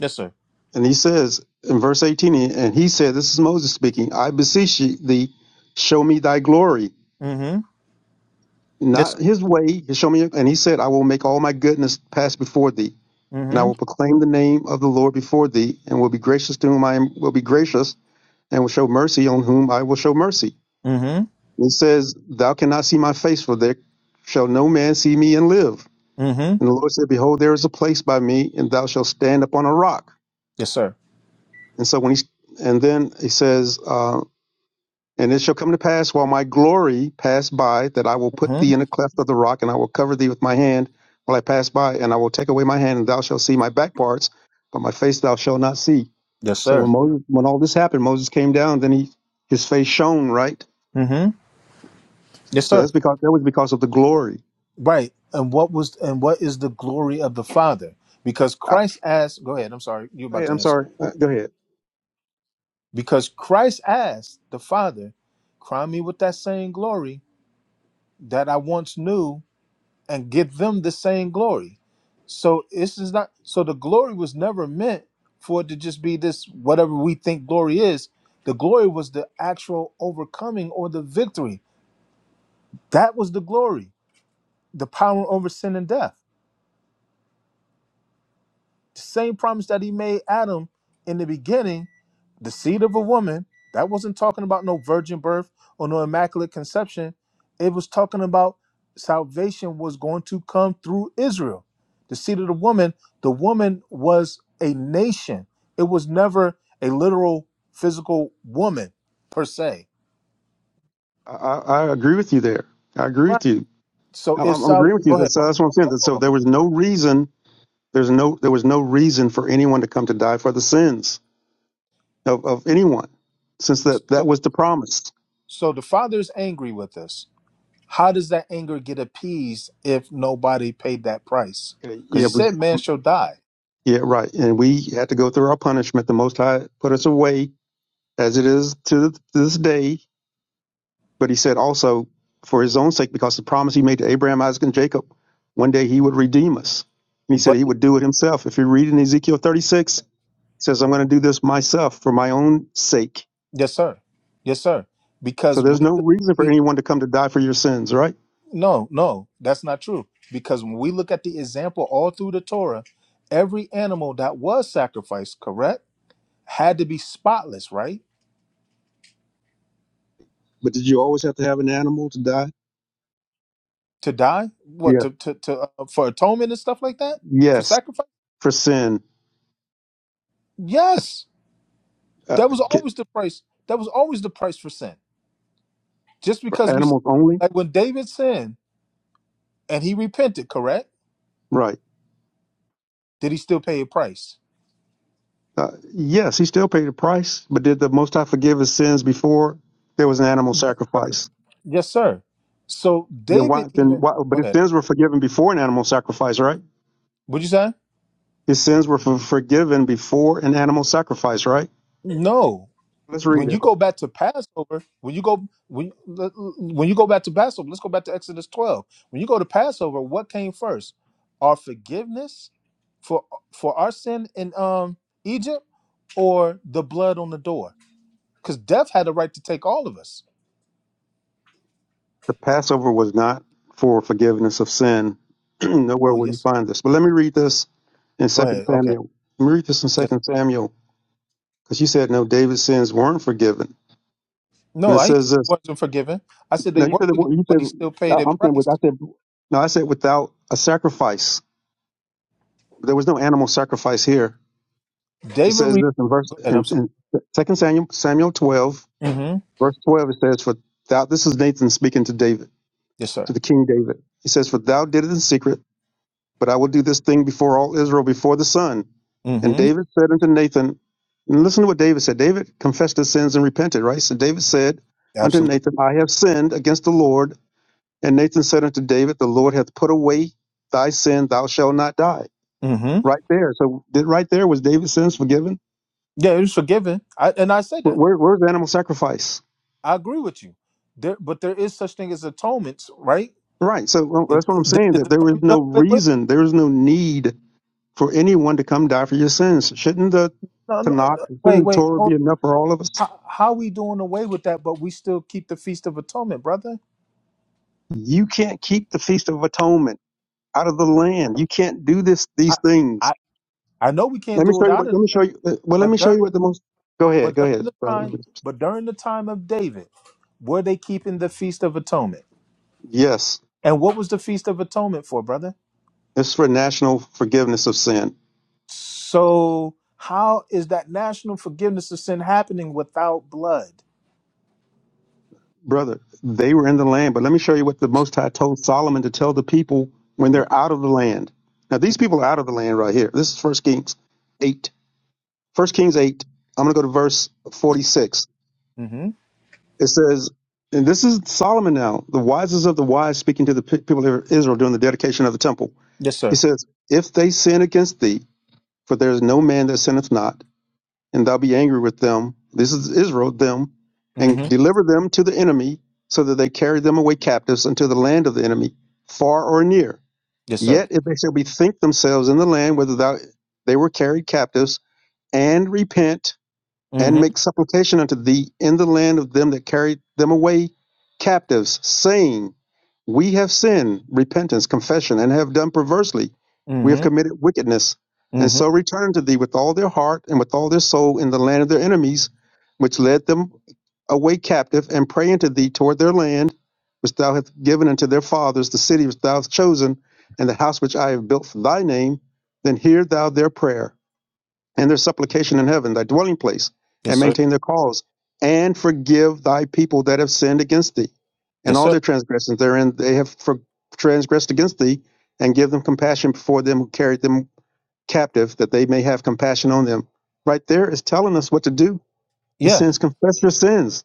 S15: Yes, sir.
S13: And he says in verse 18, and he said, This is Moses speaking, I beseech thee, show me thy glory,
S15: Mm-hmm. Yes,
S13: not
S15: sir.
S13: his way, show me. And he said, I will make all my goodness pass before thee, and I
S15: Mm-hmm.
S13: will proclaim the name of the Lord before thee, and will be gracious to whom I am, will be gracious, and will show mercy on whom I will show mercy.
S15: Mm-hmm.
S13: And he says, Thou cannot see my face, for there shall no man see me and live.
S15: Mm-hmm.
S13: And the Lord said, Behold, there is a place by me, and thou shalt stand upon a rock.
S15: Yes, sir.
S13: And so when he and then he says, uh, And it shall come to pass while my glory pass by that I will put
S15: Mm-hmm.
S13: thee in a cleft of the rock, and I will cover thee with my hand while I pass by, and I will take away my hand, and thou shalt see my back parts, but my face thou shalt not see.
S15: Yes,
S13: So when
S15: sir.
S13: Moses, when all this happened, Moses came down, then he his face shone, right?
S15: Mm-hmm. Yes,
S13: So
S15: sir.
S13: that's because that was because of the glory.
S15: Right. And what was and what is the glory of the Father? Because
S13: I,
S15: Christ asked, go ahead, I'm sorry, you're
S13: go
S15: about
S13: ahead,
S15: to
S13: I'm
S15: answer.
S13: sorry. Uh, Go ahead.
S15: Because Christ asked the Father, crown me with that same glory that I once knew and give them the same glory. So this is not so the glory was never meant for it to just be this whatever we think glory is. The glory was the actual overcoming or the victory That was the glory, the power over sin and death. The same promise that he made Adam in the beginning, the seed of a woman, that wasn't talking about no virgin birth or no immaculate conception. It was talking about salvation was going to come through Israel. The seed of the woman, the woman was a nation. It was never a literal physical woman per se.
S13: I, I, I agree with you there. I agree
S15: Right.
S13: with you.
S15: So
S13: I'm,
S15: if
S13: I'm I'm
S15: South,
S13: agreeing with you.
S15: go ahead.
S13: That's,
S15: My-
S13: uh, that's what I'm
S15: my-
S13: saying.
S15: my fault,
S13: So
S15: my
S13: there was
S15: brother.
S13: no reason. There's no there was no reason for anyone to come to die for the sins of, of anyone, since that, that
S15: So,
S13: was the promise.
S15: so the father's angry with us How does that anger get appeased if nobody paid that price?
S13: Okay,
S15: Because
S13: Yeah,
S15: he
S13: we,
S15: said man shall die.
S13: yeah, right. And we had to go through our punishment. The Most High put us away as it is to th- to this day. But he said also for his own sake, because the promise he made to Abraham, Isaac, and Jacob, one day he would redeem us. And he said
S15: But
S13: he would do it himself. If you read in Ezekiel 36, he says, I'm going to do this myself for my own sake.
S15: yes, sir. Yes, sir.
S13: So
S15: Because
S13: there's
S15: we
S13: no reason for
S15: we
S13: anyone to come to die for your sins, right?
S15: no, no, that's not true. Because when we look at the example all through the Torah, every animal that was sacrificed, correct, had to be spotless, right?
S13: But did you always have to have an animal to die?
S15: To die? What
S13: Yes.
S15: to to, to uh, for atonement and stuff like that? For
S13: Yes,
S15: sacrifice?
S13: for sin
S15: Yes.
S13: Uh,
S15: That was
S13: ki-
S15: always the price. That was always the price for sin. Just because we
S13: animals only?
S15: like when David sinned and he repented, correct?
S13: Right.
S15: Did he still pay a price?
S13: Uh, yes, he still paid the price, but did the Most High forgive his sins before there was an animal
S15: Sure.
S13: sacrifice?
S15: Yes, sir. So
S13: Then
S15: David
S13: why? Then
S15: even
S13: why?
S15: go
S13: But his
S15: ahead.
S13: sins were forgiven before an animal sacrifice, right?
S15: Would you say?
S13: His sins were for, forgiven before an animal sacrifice, right?
S15: No.
S13: Let's read
S15: When
S13: it.
S15: you go back to Passover, when you go when when you go back to Passover, let's go back to Exodus 12. When you go to Passover, what came first? Our forgiveness for for our sin in um Egypt or the blood on the door? Because death had the right to take all of us.
S13: The Passover was not for forgiveness of sin. Nowhere
S15: Oh
S13: will you
S15: yes.
S13: find this. But let me read this in
S15: Go
S13: Second
S15: ahead. Okay.
S13: Samuel. Let me read this in
S15: Yes.
S13: Second Samuel because you said no, David's sins weren't forgiven, and
S15: No,
S13: it
S15: I ain't said
S13: says this.
S15: they wasn't forgiven. I said they
S13: No, you
S15: were
S13: said that,
S15: forgiven,
S13: you
S15: but he
S13: said
S15: still paid a
S13: I- I'm saying with
S15: price.
S13: I said no, I said without a sacrifice. There was no animal sacrifice here. It
S15: David,
S13: says
S15: re-
S13: this in verse
S15: go ahead. I'm
S13: in,
S15: sorry.
S13: in Second Samuel Samuel twelve,
S15: hmm
S13: verse twelve. It says, "For thou." This is Nathan speaking to David,
S15: Yes, sir.
S13: to the king David. He says, "For thou did it in secret, but I will do this thing before all Israel, before the sun." And
S15: hmm
S13: David said unto Nathan, and listen to what David said. David confessed his sins and repented. Right. So David said unto
S15: Absolutely.
S13: Nathan, "I have sinned against the Lord." And Nathan said unto David, The Lord hath put away thy sin, thou shalt not die.
S15: hmm
S13: Right there. So did, right there was David's sins forgiven.
S15: Yeah, it was forgiven. I, and I say
S13: Where,
S15: that.
S13: where's the animal sacrifice?
S15: I agree with you. There, but there is such thing as atonements, right?
S13: Right. So well,
S15: It,
S13: that's what I'm
S15: it-
S13: saying.
S15: is
S13: That there is
S15: atonement
S13: no
S15: done away with?
S13: reason, there is no need for anyone to come die for your sins. Shouldn't the
S15: No, no,
S13: Tanakh,
S15: no. Wait,
S13: shouldn't the
S15: wait,
S13: Torah
S15: hold
S13: be
S15: on.
S13: enough for all of us?
S15: How, how we doing away with that, but we still keep the feast of atonement, brother?
S13: You can't keep the Feast of Atonement out of the land. You can't do this
S15: I,
S13: these things.
S15: I, I know we can't
S13: Let me
S15: do it
S13: show you
S15: out
S13: what.
S15: of
S13: Let me
S15: the land,
S13: show you. uh, Well, let me
S15: but
S13: show you
S15: there,
S13: what the most. Go ahead.
S15: But
S13: Go
S15: during
S13: ahead,
S15: the
S13: brother.
S15: time, but during the time of David, were they keeping the feast of atonement?
S13: Yes.
S15: And what was the feast of atonement for, brother?
S13: It's for national forgiveness of sin.
S15: So how is that national forgiveness of sin happening without blood?
S13: Brother, they were in the land, but let me show you what the Most High told Solomon to tell the people when
S15: Yes.
S13: they're out of the land. Now, these
S15: Mm-hmm.
S13: people are out of the land right here. This is First Kings 8. First Kings 8. I'm going to go to verse 46.
S15: Mm-hmm.
S13: It says, and this is Solomon now, the wisest of the wise, speaking to the pe- people of Israel during the dedication of the temple.
S15: Yes,
S13: He
S15: sir.
S13: says, If they sin against thee, for there is no man that sinneth not, and thou be angry with them. This is Israel, them, and
S15: Mm-hmm.
S13: deliver them to the enemy, so that they carry them away captives unto the land of the enemy, far or near.
S15: Yes, sir.
S13: Yet if they shall bethink themselves in the land whither thou, they were carried captives, and repent and
S15: Mm-hmm.
S13: make supplication unto thee in the land of them that carried them away captives, saying, We have sinned, repentance, confession, and have done perversely. We have
S15: Mm-hmm.
S13: committed wickedness, and
S15: Mm-hmm.
S13: so return to thee with all their heart and with all their soul in the land of their enemies, which led them away captive, and pray unto thee toward their land, which thou hast given unto their fathers, the city which thou hast chosen, and the house which I have built for thy name. Then hear thou their prayer and their supplication in heaven, thy dwelling place, and
S15: Yes, sir.
S13: maintain their cause, and forgive thy people that have sinned against thee, and
S15: Yes,
S13: all
S15: sir.
S13: their transgressions therein they have for, transgressed against thee, and give them compassion before them who carried them captive, that they may have compassion on them. Right there is telling us what to do. It
S15: Yeah,
S13: says, confess your sins,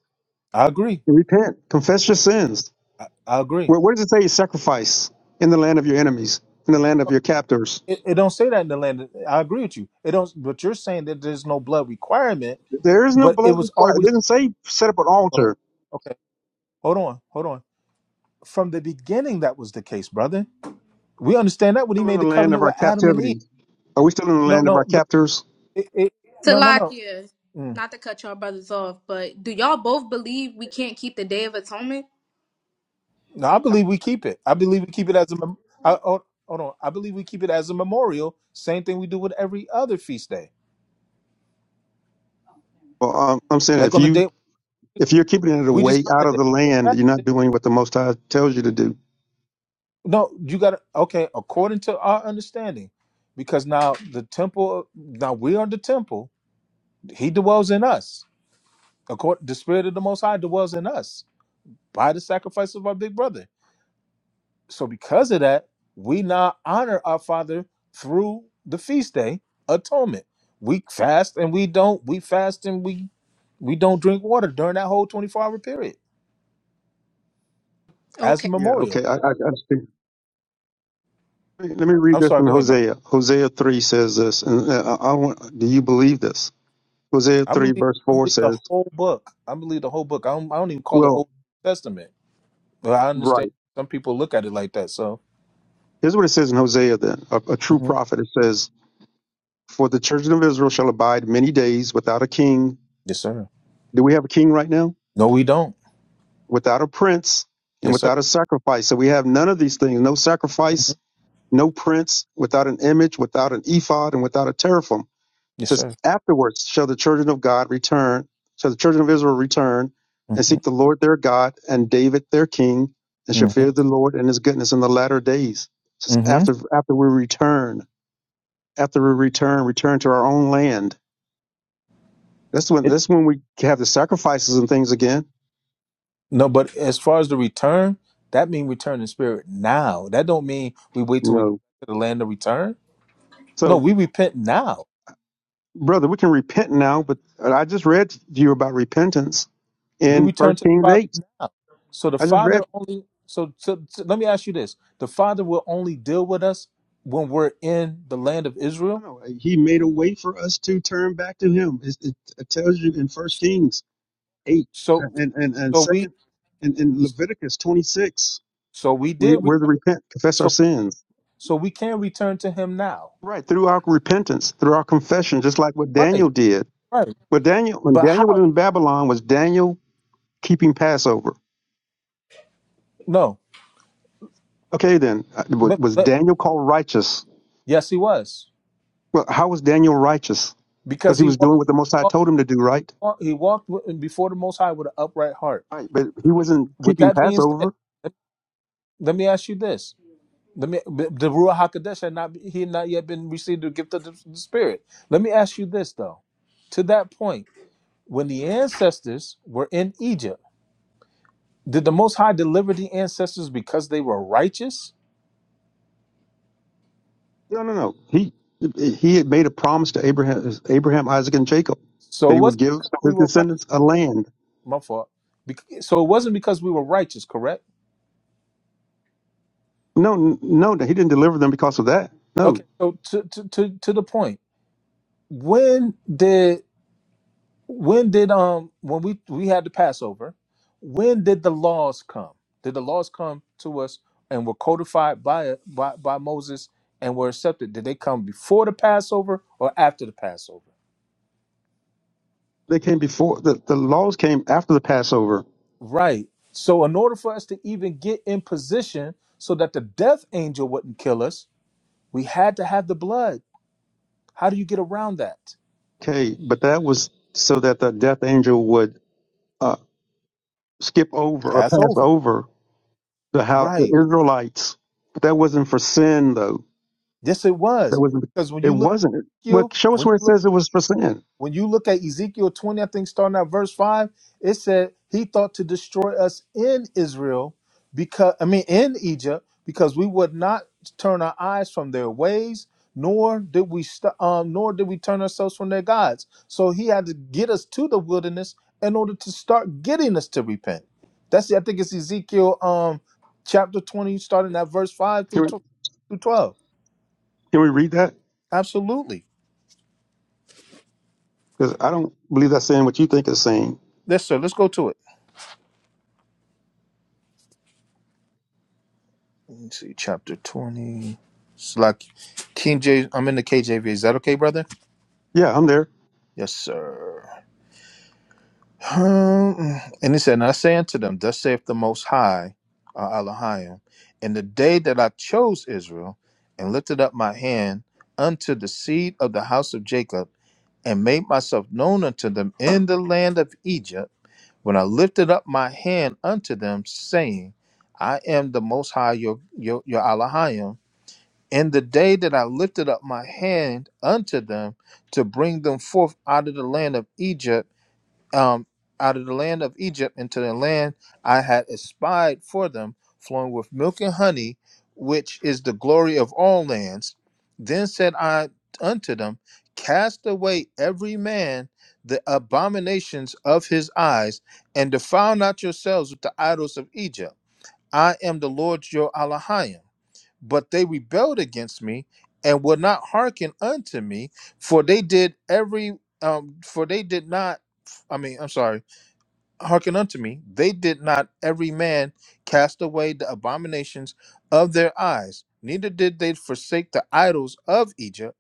S15: I agree.
S13: and repent, confess your sins.
S15: I, I agree.
S13: Where, where does it say sacrifice in the land of your enemies, in the land of your captors?
S15: It, it don't say that in the land. of- I agree with you. It don't. But you're saying that there's no blood requirement,
S13: There is no
S15: but it
S13: blood
S15: was
S13: required. It
S15: always.
S13: didn't say set up an
S15: Well,
S13: altar.
S15: okay. Hold on. Hold on. From the beginning, that was the case, brother. We understand that when he
S13: Still in
S15: made
S13: the
S15: the
S13: land of
S15: covenant
S13: our
S15: with Adam and
S13: captivity.
S15: Eve.
S13: Are we still in the
S15: No,
S13: land of
S15: no,
S13: our
S15: no,
S13: captors?
S15: it, it, no, no, no.
S5: Salakia,
S15: Mm.
S5: not to cut y'all brothers off, but do y'all both believe we can't keep the Day of Atonement?
S15: No, I believe we keep it. I believe we keep it as a. Mem- I, hold, hold on, I believe we keep it as a memorial. Same thing we do with every other feast day.
S13: Well, um, I'm saying
S15: Like
S13: if
S15: on the
S13: you
S15: day
S13: if you're keeping it
S15: we just
S13: away out
S15: honored
S13: of
S15: it.
S13: the land, you're not
S15: Fasted.
S13: doing what the Most High tells you to do.
S15: No, you got to okay. According to our understanding, because now the temple, now we are the temple. He dwells in us. According, the spirit of the Most High dwells in us. by the sacrifice of our big brother. So because of that, we now honor our father through the feast day atonement. We fast and we don't. We fast and we we don't drink water during that whole 24 hour period as a
S5: Okay.
S13: Yeah.
S15: memorial.
S13: Okay. I, I, I just think, let me let me read
S15: I'm
S13: this
S15: sorry.
S13: in
S15: Go ahead, bro.
S13: Hosea. Hosea three says this, and uh, I, I want. Do you believe this? Hosea
S15: I
S13: three
S15: believe
S13: verse
S15: I
S13: four
S15: believe the
S13: says,
S15: whole book. I believe the whole book. I don't, I don't even call it
S13: "Well,
S15: Old Testament, but I understand
S13: right."
S15: some people look at it like that. So
S13: Here's what it says in Hosea. Then a, a true
S15: Mhm.
S13: prophet. It says, "For the children of Israel shall abide many days without a king."
S15: yes, sir.
S13: Do we have a king right now?
S15: No, we don't.
S13: Without a prince and
S15: Yes, sir.
S13: without a sacrifice. So we have none of these things. No sacrifice
S15: Mhm.
S13: no prince, without an image, without an ephod, and without a teraphim. It
S15: Yes,
S13: says,
S15: sir.
S13: Afterwards shall the children of God return, shall the children of Israel return and
S15: Mm-hmm.
S13: seek the Lord their God and David their king, and shall
S15: Mm-hmm.
S13: fear the Lord and his goodness in the latter days. It says,
S15: Mm-hmm.
S13: After after we return, after we return, return to our own land. That's when that's when we have the sacrifices and things again.
S15: No, but as far as the return, that mean return in spirit now. That don't mean we wait till we get
S13: No.
S15: to the land of return. No,
S13: So
S15: we repent now.
S13: brother, we can repent now, but I just read to you about repentance
S15: We
S13: in
S15: return
S13: first
S15: to the
S13: Kings
S15: Father
S13: eight.
S15: now. So the
S13: I just read.
S15: Father only. So, so, so let me ask you this: the Father will only deal with us when we're in the land of
S13: No,
S15: Israel.
S13: no, he made a way for us to turn back to him. It, it, it tells you in First Kings eight
S15: So,
S13: and and and
S15: so we,
S13: second and in Leviticus twenty six,
S15: so we
S13: we
S15: did
S13: we're to
S15: return.
S13: repent, confess our
S15: So, we,
S13: sins.
S15: so we can return to Him now.
S13: Right through our repentance, through our confession, just like what Daniel
S15: Right,
S13: did.
S15: right.
S13: What Daniel when
S15: But
S13: Daniel was
S15: how?
S13: in Babylon, was Daniel keeping Passover?
S15: No.
S13: Okay, then uh, was
S15: But,
S13: was
S15: but,
S13: Daniel called righteous?
S15: yes, He was
S13: Well, how was Daniel righteous?
S15: because
S13: Because he
S15: He
S13: was
S15: was.
S13: doing what the Most High told him to do, right?
S15: He walked with- before the Most High with an upright heart.
S13: Right, but he wasn't
S15: With
S13: keeping
S15: that being said,
S13: Passover.
S15: let let me ask you this: Let me the the Ruach Hakodesh had not he had not yet been received the gift of the, the Spirit. Let me ask you this though: To that point, when the ancestors were in Egypt, did the Most High deliver the ancestors because they were righteous?
S13: No, no, no. He he had made a promise to Abraham, Abraham, Isaac, and Jacob that
S15: So
S13: he
S15: it
S13: would
S15: wasn't
S13: give
S15: because we
S13: his
S15: were
S13: descendants
S15: righteous.
S13: a land.
S15: My fault. Bec- So it wasn't because we were righteous, correct?
S13: No, n- no, no, he didn't deliver them because of that. No,
S15: Okay. So to to to, to the point, when did When did um when we we had the Passover, when did the laws come? Did the laws come to us and were codified by by, by Moses and were accepted? Did they come before the Passover or after the Passover?
S13: they came before the the laws came after the Passover.
S15: Right. So in order for us to even get in position so that the death angel wouldn't kill us, we had to have the blood. How do you get around that?
S13: Okay, but that was so that the death angel would uh, skip over or pass
S15: Passover.
S13: over the how the
S15: Right.
S13: Israelites. But that wasn't for sin, though.
S15: Yes, it
S13: That
S15: was.
S13: wasn't.
S15: Because when
S13: It
S15: you look
S13: wasn't.
S15: at
S13: Well,
S15: Ezekiel,
S13: show us
S15: when
S13: where it
S15: you
S13: says it was for sin.
S15: When you look at Ezekiel 20, I think starting at verse 5, it said he thought to destroy us in Israel because I mean in Egypt because we would not turn our eyes from their ways nor did we st- um nor did we turn ourselves from their gods. So he had to get us to the wilderness in order to start getting us to repent. That's I think it's Ezekiel um chapter 20 starting at verse 5
S13: Can
S15: through
S13: we,
S15: tw- through 12.
S13: can we read that?
S15: Absolutely.
S13: Because I don't believe that's saying what you think it's saying.
S15: Yes sir, let's go to it. Let me see, chapter 20. Slack. King J. I'm in the KJV. Is that okay, brother?
S13: Yeah, I'm there.
S15: Yes, sir. Um, and he said, And I say unto them, Thus saith the Most High, uh, Elohim, in the day that I chose Israel and lifted up my hand unto the seed of the house of Jacob and made myself known unto them in the land of Egypt, when I lifted up my hand unto them, saying, I am the Most High, your, your, your Elohim in the day that I lifted up my hand unto them to bring them forth out of the land of Egypt, um, out of the land of Egypt into the land I had espied for them, flowing with milk and honey, which is the glory of all lands. Then said I unto them, Cast away every man the abominations of his eyes, and defile not yourselves with the idols of Egypt. I am the Lord your Allah but they rebelled against me and would not hearken unto me for they did every um for they did not i mean i'm sorry hearken unto me they did not every man cast away the abominations of their eyes neither did they forsake the idols of egypt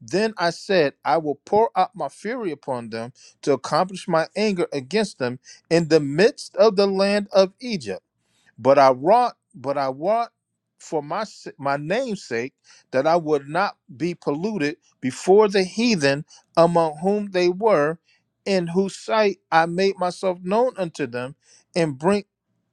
S15: then i said i will pour out my fury upon them to accomplish my anger against them in the midst of the land of egypt but I want, but I want for my s- my name's sake that I would not be polluted before the heathen among whom they were, in whose sight I made myself known unto them, and bring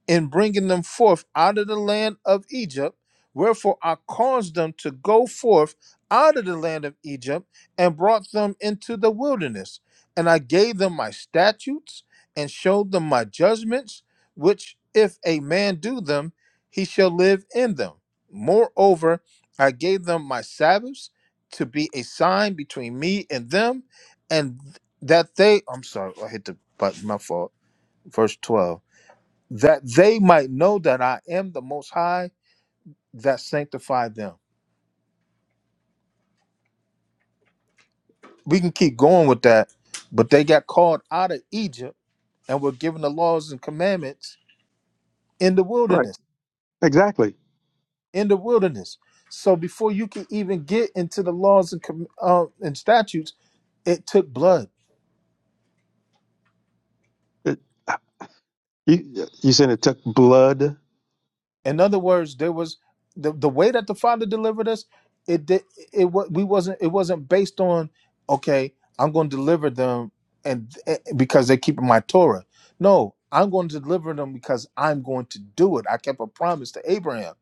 S15: in bringing them forth out of the land of Egypt. Wherefore I caused them to go forth out of the land of Egypt and brought them into the wilderness. And I gave them my statutes and showed them my judgments, which if a man do them, he shall live in them. Moreover, I gave them my Sabbaths to be a sign between me and them, and that they, I'm sorry, I hit the button, my fault. Verse 12 that they might know that I am the Most High that sanctified them. We can keep going with that, but they got called out of Egypt and were given the laws and commandments in the
S13: Right.
S15: wilderness.
S13: Exactly.
S15: In the wilderness. So before you can even get into the laws and com- uh, and statutes, it took blood.
S13: It, you, you said it took blood.
S15: In other words, there was the, the way that the Father delivered us. It did. It wa- we wasn't. It wasn't based on okay. I'm going to deliver them, and eh, because they keep my Torah. No, I'm going to deliver them because I'm going to do it. I kept a promise to Abraham.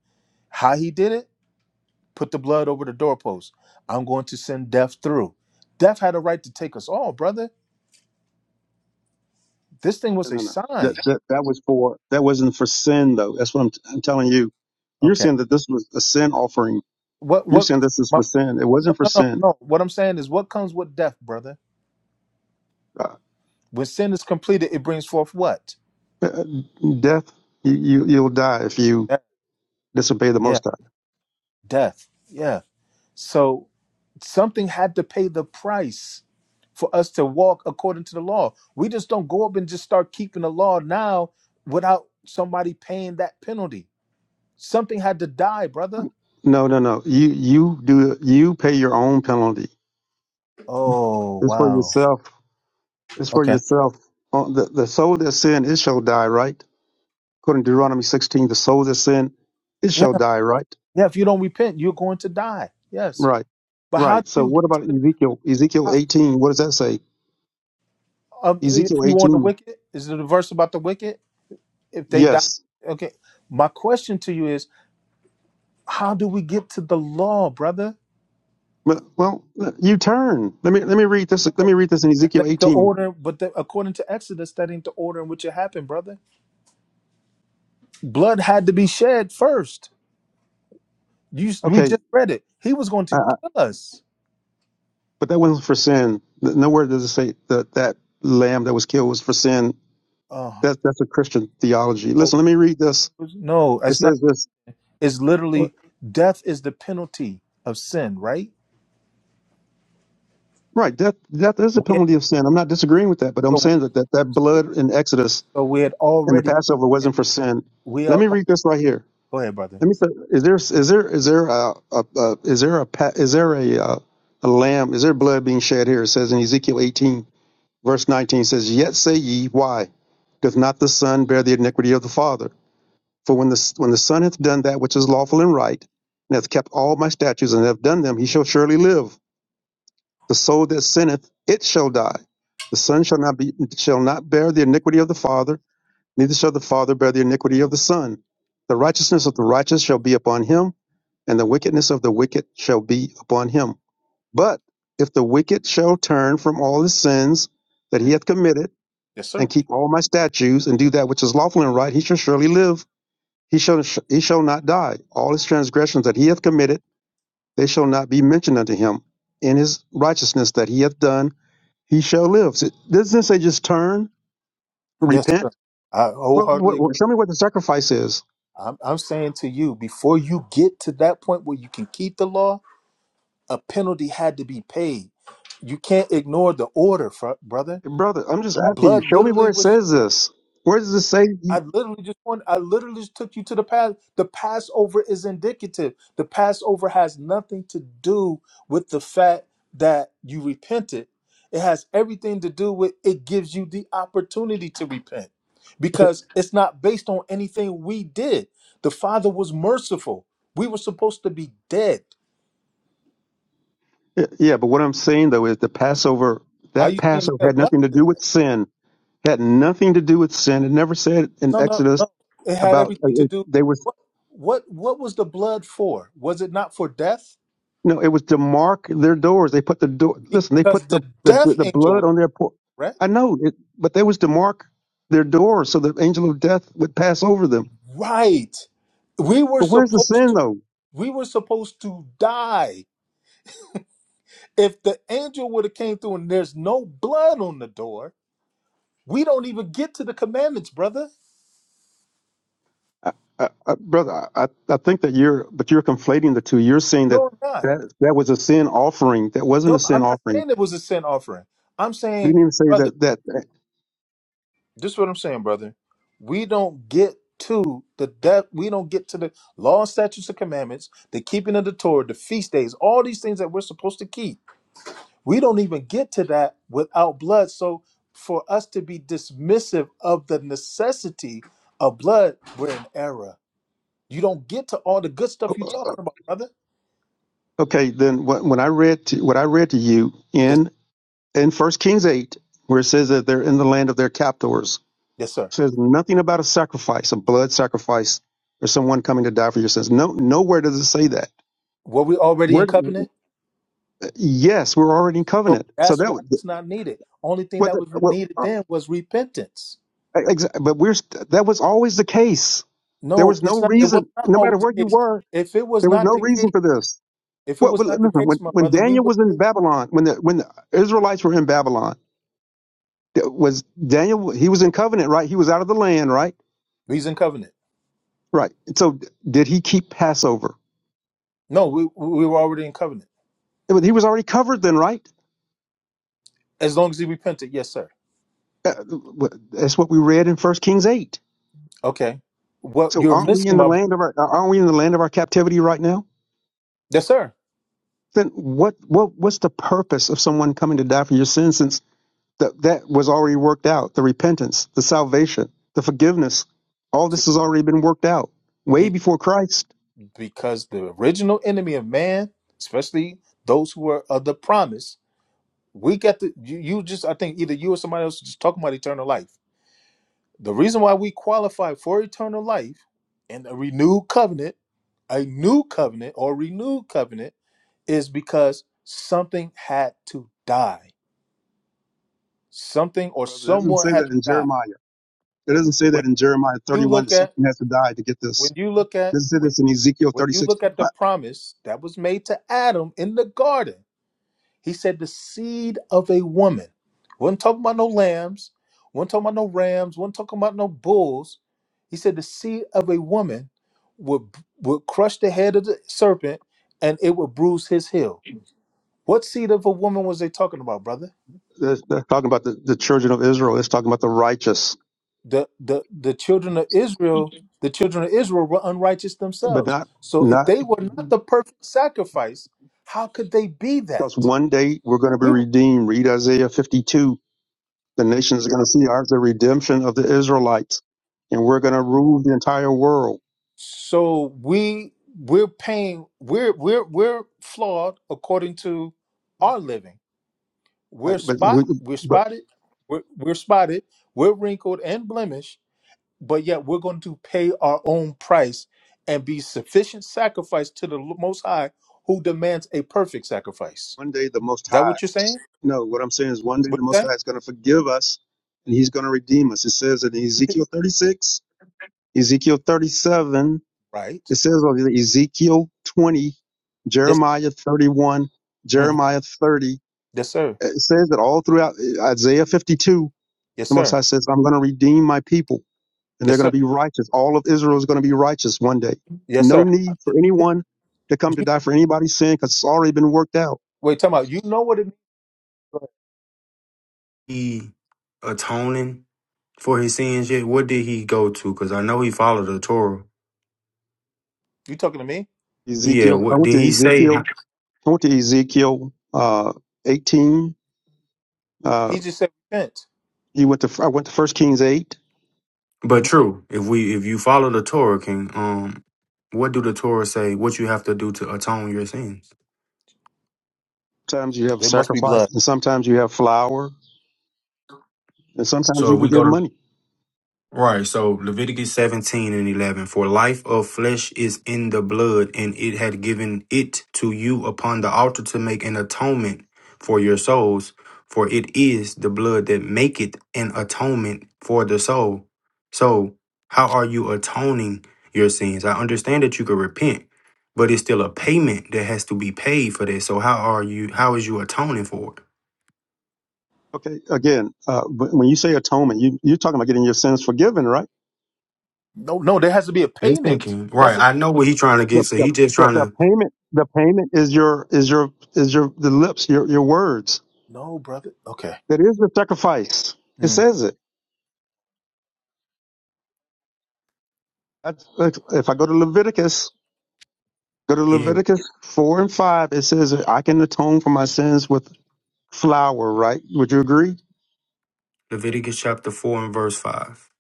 S15: How he did it? Put the blood over the doorpost. I'm going to send death through. Death had a right to take us all, brother. This thing
S13: No,
S15: was a
S13: no, no. That,
S15: sign.
S13: that that was for that wasn't for sin though. That's what I'm, I'm telling you. You're
S15: Okay.
S13: saying that this was a sin offering.
S15: What?
S13: You're
S15: What?
S13: saying this is
S15: My,
S13: for sin. It wasn't for
S15: no, no,
S13: sin.
S15: no. What I'm saying is, what comes with death, brother?
S13: Uh,
S15: When sin is completed, it brings forth what?
S13: uh, death. You, you you'll die if you
S15: Death.
S13: disobey the
S15: Yeah,
S13: Most High.
S15: death. Yeah. So something had to pay the price for us to walk according to the law. We just don't go up and just start keeping the law now without somebody paying that penalty. Something had to die, brother.
S13: No, no, no. You you do you pay your own penalty.
S15: Oh,
S13: It's for
S15: wow.
S13: yourself. It's for
S15: Okay.
S13: yourself. Uh, The the soul that sin it shall die, right? According to Deuteronomy 16, the soul that sin, it
S15: Yeah.
S13: shall die, right?
S15: Yeah. If you don't repent, you're going to die. Yes.
S13: Right,
S15: But how
S13: right.
S15: do
S13: So
S15: you
S13: what
S15: get,
S13: about Ezekiel? Ezekiel 18, what does that say?
S15: um, if
S13: Ezekiel
S15: you want the
S13: 18,
S15: wicked? Is it a verse about the wicked? If they die,
S13: yes.
S15: okay. My question to you is How do we get to the law, brother?
S13: Well, well, you turn. Let me let me read this. Let
S15: No,
S13: me read this in Ezekiel
S15: that ain't the
S13: 18.
S15: order. But the, according to Exodus, that ain't the order in which it happened, brother. Blood had to be shed first. You, we
S13: Okay,
S15: just read it. He was going
S13: uh,
S15: to
S13: uh,
S15: kill us.
S13: but that wasn't for sin. Nowhere does it say that that lamb that was killed was for sin.
S15: Oh
S13: That that's a Christian theology.
S15: no,
S13: Listen, let me read this.
S15: no,
S13: It
S15: it's not.
S13: says this.
S15: It's
S13: uh,
S15: literally death is the penalty of sin, right?
S13: Right, death death is the
S15: We,
S13: penalty of sin. I'm not
S15: we,
S13: disagreeing with that, but I'm
S15: so
S13: saying
S15: we,
S13: that that, that blood in Exodus
S15: so we had
S13: and the
S15: already.
S13: Passover wasn't for sin.
S15: We
S13: Let
S15: are.
S13: me
S15: oh,
S13: read this right here.
S15: go ahead, brother.
S13: Let me. Say, is there is there is there a, a, a is there a pa- is there a, a a lamb? Is there blood being shed here? It says in Ezekiel 18 verse 19 says, "Yet say ye, Why doth not the son bear the iniquity of the father? For when the when the son hath done that which is lawful and right, and hath kept all my statutes and hath done them, he shall surely live. The soul that sinneth, it shall die. The son shall not be shall not bear the iniquity of the father." Neither shall the father bear the iniquity of the son. The righteousness of the righteous shall be upon him, and the wickedness of the wicked shall be upon him. But if the wicked shall turn from all his sins that he
S15: Mm,
S13: hath committed,
S15: Yes,
S13: and
S15: sir.
S13: keep all my statutes, and do that which is lawful and right, he shall surely live. He shall he shall not die. All his transgressions that he hath committed, they shall not be mentioned unto him. In his righteousness that he hath done, he shall live. So, doesn't it say just turn,
S15: Yes, sir.
S13: repent?
S15: I
S13: Well,
S15: wholeheartedly
S13: what,
S15: agree.
S13: show me what the sacrifice is.
S15: I'm, I'm saying to you, before you get to that point where you can keep the law, a penalty had to be paid. You can't ignore the order, fr- brother.
S13: Brother, I'm just asking you,
S15: Blood
S13: show me where
S15: literally
S13: it
S15: was shed.
S13: says this. Where does it say?
S15: I
S13: you-
S15: literally just want I literally just took you to the past. The Passover is indicative. The Passover has nothing to do with the fact that you repented. It has everything to do with it gives you the opportunity to repent because it's not based on anything we did. The Father was merciful. We were supposed to be dead.
S13: Yeah, but what I'm saying though is the Passover,
S15: How
S13: that
S15: you saying,
S13: Passover
S15: yeah,
S13: had
S15: what?
S13: nothing to do with sin, had nothing to do with sin. It never said in
S15: No, no,
S13: Exodus
S15: no. It had
S13: about uh,
S15: everything to
S13: it-
S15: do.
S13: they was
S15: What what what was the blood for? Was it not for death?
S13: no, it was to mark their doors. They put the door, listen, they
S15: because
S13: put the,
S15: the
S13: the,
S15: death
S13: the
S15: angel
S13: blood
S15: was
S13: on their por
S15: correct.
S13: I know, it, but they was to mark their doors so the angel of death would pass over them.
S15: Right. We were
S13: But where's the
S15: supposed
S13: sin
S15: to
S13: though?
S15: we were supposed to die. If the angel would have came through and there's no blood on the door, we don't even get to the commandments, brother.
S13: I, I, I, brother, I, I think that you're, but you're conflating the two. You're saying that,
S15: No, I'm not.
S13: that that was a sin offering. That wasn't a
S15: No,
S13: sin
S15: I'm not
S13: offering.
S15: saying it was a sin offering. I'm
S13: You didn't
S15: saying,
S13: even say
S15: brother,
S13: that. That
S15: this is what I'm saying, brother. We don't get to the death, we don't get to the law, statutes, and commandments, the keeping of the Torah, the feast days, all these things that we're supposed to keep We don't even get to that without blood. So for us to be dismissive of the necessity of blood, we're in error. You don't get to all the good stuff you're
S13: that-
S15: talking about, brother.
S13: okay? Then when when I read to, what I read to you
S15: Yes,
S13: in in First Kings eight, where it says that they're in the land of their captors,
S15: yes, sir.
S13: says nothing about a sacrifice, a blood sacrifice, or someone coming to die for your sins. No, nowhere does it say that.
S15: Were we already in
S13: Where?
S15: covenant?
S13: Yes, we're already in
S15: So
S13: covenant. So
S15: that's
S13: that
S15: why
S13: was-
S15: it's not needed. Only thing
S13: what?
S15: that
S13: The,
S15: was
S13: what?
S15: needed then was repentance.
S13: Ex- But we're st- that was always the case. There
S15: No,
S13: was no
S15: it's not. It was
S13: reason,
S15: not
S13: no
S15: always
S13: matter where
S15: the
S13: you
S15: case.
S13: were,
S15: If it was
S13: there was
S15: not
S13: no
S15: the
S13: reason
S15: case,
S13: for this.
S15: if it
S13: Well,
S15: was
S13: well
S15: not the
S13: listen, when
S15: case, my
S13: when
S15: brother, we
S13: Daniel
S15: would.
S13: was in Babylon, when the when the Israelites were in Babylon, it was Daniel? He was in covenant, right? He was out of the land, right?
S15: He's in covenant.
S13: Right. So did he keep Passover?
S15: No, we we were already in covenant.
S13: But He was already covered then, right?
S15: As long as he repented, yes, sir.
S13: Uh, well, That's what we read in First Kings eight.
S15: Okay. What
S13: So
S15: you're
S13: aren't we in
S15: missing,
S13: the
S15: my brother.
S13: land of our aren't we in the land of our captivity right now?
S15: Yes, sir.
S13: Then what what what's the purpose of someone coming to die for your sins since That that was already worked out. The repentance, the salvation, the forgiveness, all
S15: To
S13: this has already been worked out way
S15: be,
S13: before Christ.
S15: because the original enemy of man, especially those who are of the promise, we got the you, you just I think either you or somebody else just talking about eternal life. The reason why we qualify for eternal life and a renewed covenant, a new covenant or renewed covenant is because something had to die. Something or
S13: Brother, it doesn't
S15: someone
S13: say
S15: had
S13: that
S15: to
S13: in
S15: die.
S13: Jeremiah. It doesn't say that
S15: When
S13: in Jeremiah
S15: you
S13: 31
S15: look
S13: that
S15: at
S13: something has to die to get this.
S15: when you look
S13: It
S15: at
S13: doesn't say
S15: when
S13: this in Ezekiel
S15: When you
S13: 36.
S15: look at
S13: Uh,
S15: the promise that was made to Adam in the garden, he said, The seed of a woman. Wasn't talking about no lambs, wasn't talking about no rams, wasn't talking about no bulls. He said, The seed of a woman would, would crush the head of the serpent and it would bruise his heel. What seed of a woman was they talking about, brother?
S13: They're, they're talking about the, the children of Israel. It's talking about the righteous,
S15: the the the children of Israel, the children of Israel were unrighteous
S13: but
S15: themselves.
S13: not
S15: So if
S13: not
S15: they were not the perfect sacrifice, how could they be
S13: because
S15: that?
S13: one day we're going to be
S15: We
S13: redeemed. Read Isaiah 52. The nations are going to see ours the redemption of the Israelites, and we're going to rule the entire world.
S15: So we we're paying we're we're we're flawed according to our living. We're
S13: Right, But, we-
S15: spot we're
S13: but
S15: spotted we're, we're spotted we're wrinkled and blemished, but yet we're going to pay our own price and be sufficient sacrifice to the L- Most High, who demands a perfect sacrifice.
S13: One day the Most
S15: Is that
S13: High,
S15: what you're saying?
S13: no, what I'm saying is one day
S15: What
S13: the Most
S15: you
S13: High is going to forgive us and he's going to redeem us. It says in
S15: say?
S13: Ezekiel 36, Ezekiel 37,
S15: Right.
S13: it says over there, Ezekiel 20,
S15: Yes.
S13: Jeremiah 31,
S15: mhm.
S13: Jeremiah 30.
S15: Yes, sir.
S13: It says that all throughout eh, Isaiah 52,
S15: Yes,
S13: the Most
S15: sir.
S13: High says, I'm going to redeem my people and they're
S15: Yes,
S13: going
S15: sir.
S13: to be righteous. All of Israel is going to be righteous one day.
S15: Yes,
S13: No
S15: sir.
S13: need for anyone to come to
S15: You,
S13: die for anybody's sin because it's already been worked out.
S15: wait, talking about you know what it means?
S6: he atoning for his sins yet? What did he go to? Because I know he followed the Torah.
S15: You talking to me?
S6: Yeah,
S13: Ezekiel, I
S6: what
S13: went to
S6: did he say?
S13: Ezekiel I went to Ezekiel uh, 18. Uh,
S15: He just said repent.
S13: he went to I went to First Kings 8.
S6: But
S15: hmm
S6: true, if we if you follow the Torah, King, um, what do the Torah say? What you have to do to atone your sins?
S13: Sometimes you have
S15: There must be
S13: sacrifice,
S15: blood.
S13: and sometimes you have flour, and sometimes
S6: So
S13: you
S6: if
S13: can
S6: we go
S13: give
S6: to
S13: money.
S6: Right. So Leviticus 17 and 11. For life of flesh is in the blood, and it had given it to you upon the altar to make an atonement for your souls. For it is the blood that maketh an atonement for the soul. So, how are you atoning your sins? I understand that you could repent, but it's still a payment that has to be paid for that. So, how are you? How is you atoning for it?
S13: Okay, again, uh, but when you say atonement, you, you're talking about getting your sins forgiven, right?
S15: No, no, there has to be a
S6: Listen,
S15: payment.
S6: King. Right.
S15: That's a
S6: I know what he's trying to
S13: The,
S6: get. So
S13: the,
S6: he just
S13: the,
S6: trying
S13: the
S6: to.
S13: payment the payment is your is your is your the lips your your words.
S15: no, brother. Okay.
S13: That is the sacrifice. It
S15: Mm.
S13: says it. That's, like, if I go to Leviticus, go to
S6: Yeah.
S13: Leviticus four and five. It says I can atone for my sins with flower, right? Would you agree?
S6: Leviticus chapter 4 and verse 5.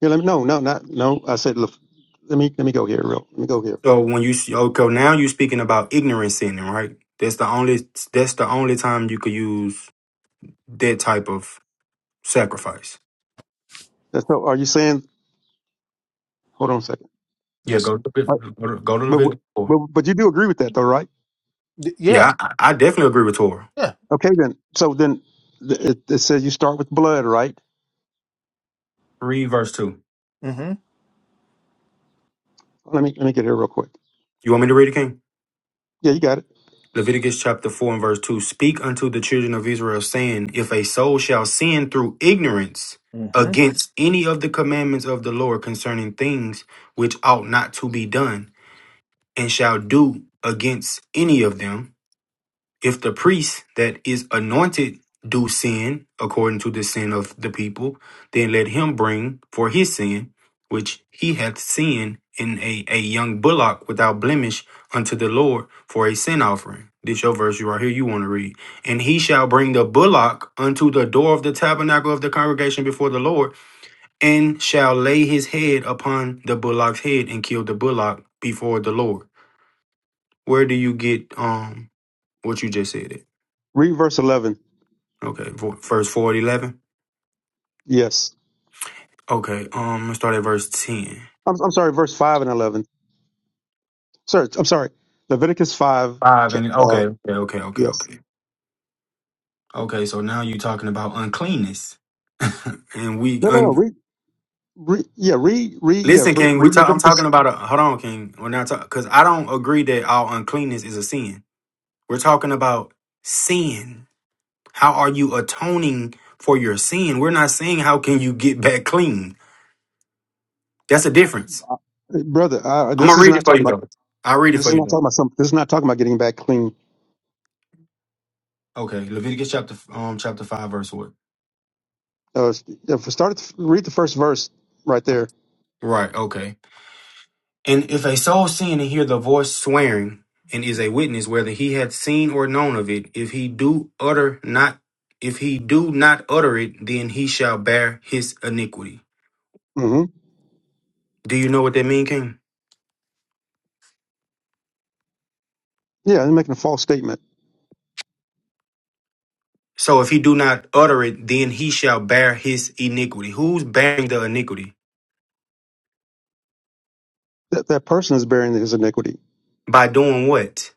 S13: Yeah, let me, no, no, not no. I said, look, let me let me go here, real. Let me go here.
S6: So when you see, okay, now you're speaking about ignorant sinning, right? That's the only that's the only time you could use that type of sacrifice.
S13: That's so. Are you saying? Hold on a second.
S6: Yeah,
S15: Yes.
S6: go to
S13: All right,
S6: go to go to
S13: but w-
S6: Leviticus 4.
S13: but but you do agree with that, though, right?
S15: Y- Yeah.
S6: Yeah, I, I definitely agree with Torah.
S15: Yeah.
S13: Okay, then. So then th- it, it says you start with blood, right?
S6: Read verse 2.
S15: Mm-hmm.
S13: Let me let me get here real quick.
S6: You want me to read it, King?
S13: Yeah, you got it.
S6: Leviticus chapter 4 and verse 2. Speak unto the children of Israel, saying, If a soul shall sin through ignorance
S15: Mm-hmm.
S6: against any of the commandments of the Lord concerning things which ought not to be done, and shall do against any of them. If the priest that is anointed do sin according to the sin of the people, then let him bring for his sin, which he hath sinned in a, a young bullock without blemish unto the Lord for a sin offering. This your verse right here you want to read. And he shall bring the bullock unto the door of the tabernacle of the congregation before the Lord, and shall lay his head upon the bullock's head and kill the bullock before the Lord. Where do you get um what you just said? It
S13: Read verse eleven.
S6: okay. vo- Verse four and eleven.
S13: Yes,
S6: Okay. Um, let's start at verse ten.
S13: I'm I'm sorry, verse five and eleven. Sorry, I'm sorry. Leviticus five.
S6: Five
S13: cha-
S6: and
S13: Uh,
S6: okay, okay, okay, okay,
S13: yes.
S6: okay. Okay. So now you're talking about uncleanness, and we
S13: No, no, no.
S6: un-
S13: Read, read. Yeah, read, read. Yeah,
S6: listen,
S13: ver-
S6: King. We
S13: read
S6: talk. I'm
S13: Leviticus,
S6: talking about a hold on, King. We're not talking because I don't agree that all uncleanness is a sin. We're talking about sin. How are you atoning for your sin? We're not saying how can you get back clean. That's a difference.
S13: brother. Uh,
S6: I'm
S13: this
S6: gonna
S13: is
S6: read
S13: not
S6: it for
S13: talking
S6: you
S13: about.
S6: though. I'll read it
S13: This
S6: for
S13: is
S6: you
S13: not
S6: though.
S13: talking about some. This is not talking about getting back clean.
S6: Okay, Leviticus chapter um chapter five verse what?
S13: Uh, if we start at the- read the first verse right there.
S6: Right. Okay. And if a soul sin and hear the voice swearing and is a witness whether he had seen or known of it, if he do utter not, if he do not utter it, then he shall bear his iniquity.
S13: hmm
S6: Do you know what that mean, King?
S13: Yeah, he's making a false statement
S6: So if he do not utter it, then he shall bear his iniquity. Who's bearing the iniquity
S13: that that person is bearing his iniquity.
S6: by doing what?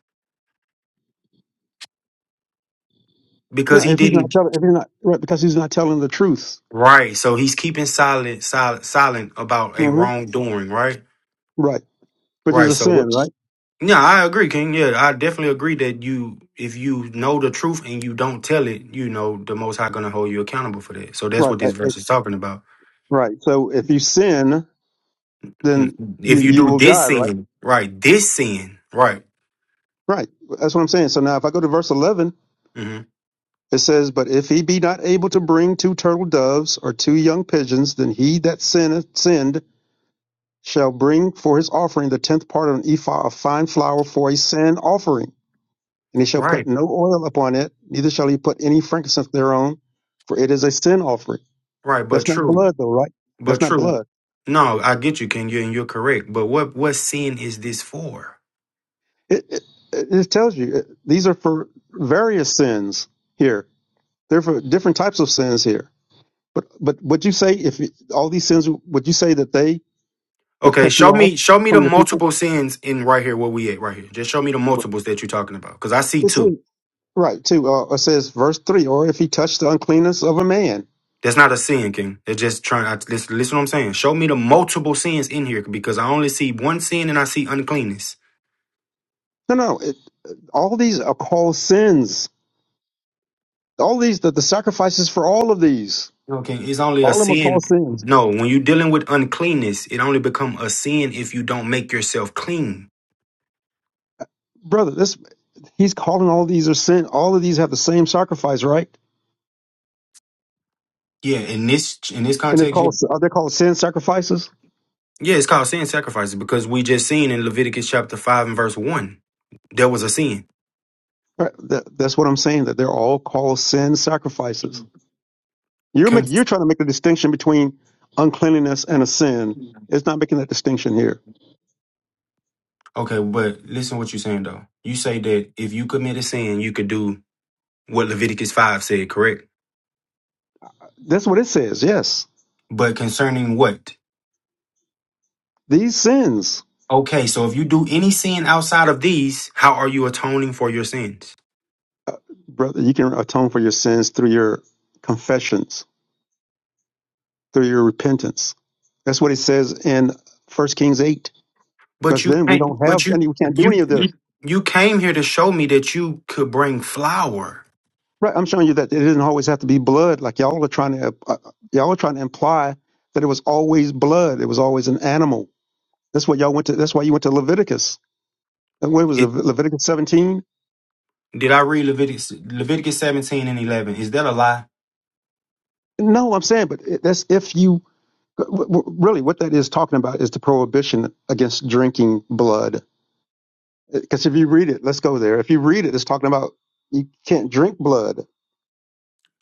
S6: Because
S13: Yeah,
S6: he
S13: if he's not
S6: didn't.
S13: telling, if he's not right, because he's not telling the truth.
S6: Right. So he's keeping silent, silent, silent about a
S13: hmm
S6: wrongdoing. Right.
S13: Right, which is
S6: Right.
S13: a
S6: So
S13: sin,
S6: what?
S13: right?
S6: Yeah, I agree, King. Yeah, I definitely agree that you, if you know the truth and you don't tell it, you know the Most High gonna hold you accountable for that. So that's
S13: Right,
S6: what
S13: I-
S6: this verse is
S13: I-
S6: talking about.
S13: right. So if you sin,
S6: Mm.
S13: then you
S6: If you
S13: you
S6: do
S13: will
S6: this
S13: die, right?
S6: sin, right? This sin, right?
S13: Right. That's what I'm saying. So now, if I go to verse 11,
S6: hmm
S13: it says, "But if he be not able to bring two turtle doves or two young pigeons, then he that sinneth sinned." shall bring for his offering the tenth part of an ephah of fine flour for a sin offering, and he shall put
S6: Right,
S13: no oil upon it, neither shall he put any frankincense thereon, for it is a sin offering.
S6: right. But
S13: That's not
S6: true,
S13: blood, though, right?
S6: but
S13: That's not
S6: true.
S13: blood.
S6: No, I get you, King. You and you're correct. But what what sin is this for?
S13: It it, it tells you it, these are for various sins here. They're for different types of sins here. But but would you say if it- all these sins would you say that they would
S6: Okay,
S13: cut you
S6: show
S13: off
S6: me show me the
S13: from your people?
S6: multiple sins in right here. Where we at right here? Just show me the
S13: Right.
S6: multiples that you're talking about, because I see
S13: It
S6: two.
S13: seems- right, too. Uh, it says verse three, or if he touched the uncleanness of a man
S6: That's not a sin, King. It's just trying. I, listen, listen, what I'm saying. Show me the multiple sins in here because I only see one sin and I see uncleanness.
S13: No, no. It, all these are called sins. All these, the, the sacrifices for all of these,
S6: Okay, it's only a
S13: all of them are called
S6: sin.
S13: sins.
S6: No, when you're dealing with uncleanness, it only become a sin if you don't make yourself clean.
S13: Brother, this he's calling all these are sin. All of these have the same sacrifice, right?
S6: Yeah, in this in this
S13: And it's
S6: context, yeah,
S13: called are they called sin sacrifices?
S6: yeah it's called sin sacrifices because we just seen in Leviticus chapter five and verse one there was a sin.
S13: Right. That, that's what I'm saying. That they're all called sin sacrifices. You're
S6: Con-
S13: making you're trying to make the distinction between uncleanliness and a sin. It's not making that distinction here.
S6: Okay, but listen what you're saying though. You say that if you commit a sin, you could do what Leviticus 5 said, correct?
S13: That's what it says. Yes,
S6: But concerning what?
S13: these sins,
S6: Okay, so if you do any sin outside of these, how are you atoning for your sins?
S13: uh, brother, you can atone for your sins through your confessions through your repentance. That's what it says in First Kings eight. Because
S6: But you
S13: then we
S6: can't.
S13: don't have
S6: But you
S13: any, we can't do
S6: you
S13: any of
S6: you,
S13: this.
S6: you came here to show me that you could bring flour.
S13: Right? I'm showing you that it did not always have to be blood. Like y'all are trying to, uh, uh, y'all are trying to imply that it was always blood. It was always an animal. That's what y'all went to. That's why you went to Leviticus. And When was it?
S6: It,
S13: Leviticus 17?
S6: did I read Leviticus Leviticus seventeen and eleven? Is that a lie?
S13: No, I'm saying, but it- that's if you uh, w- w- really what that is talking about is the prohibition against drinking blood. Because if you read it, let's go there. If you read it, it's talking about you can't drink blood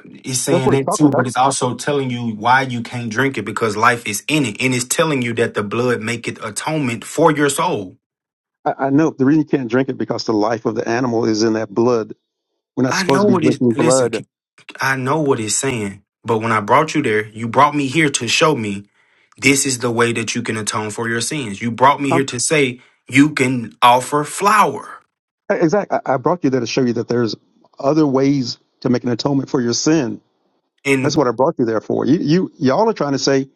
S6: It's
S13: That's
S6: saying
S13: what it's
S6: that
S13: talking
S6: too, but
S13: about.
S6: it's also telling you why you can't drink it because life is in it, and it's telling you that the blood maketh atonement for your soul.
S13: I, I know the reason you can't drink it because the life of the animal is in that blood. We're not
S6: I
S13: supposed to
S6: know
S13: be
S6: it is.
S13: drinking
S6: Listen,
S13: blood.
S6: I know what it's saying, but when I brought you there, you brought me here to show me this is the way that you can atone for your sins. You brought me here
S13: Um,
S6: to say you can offer flour.
S13: exactly. I, I brought you there to show you that there's other ways to make an atonement for your sin. That's
S6: And
S13: what I brought you there for. You, you, y'all are trying to say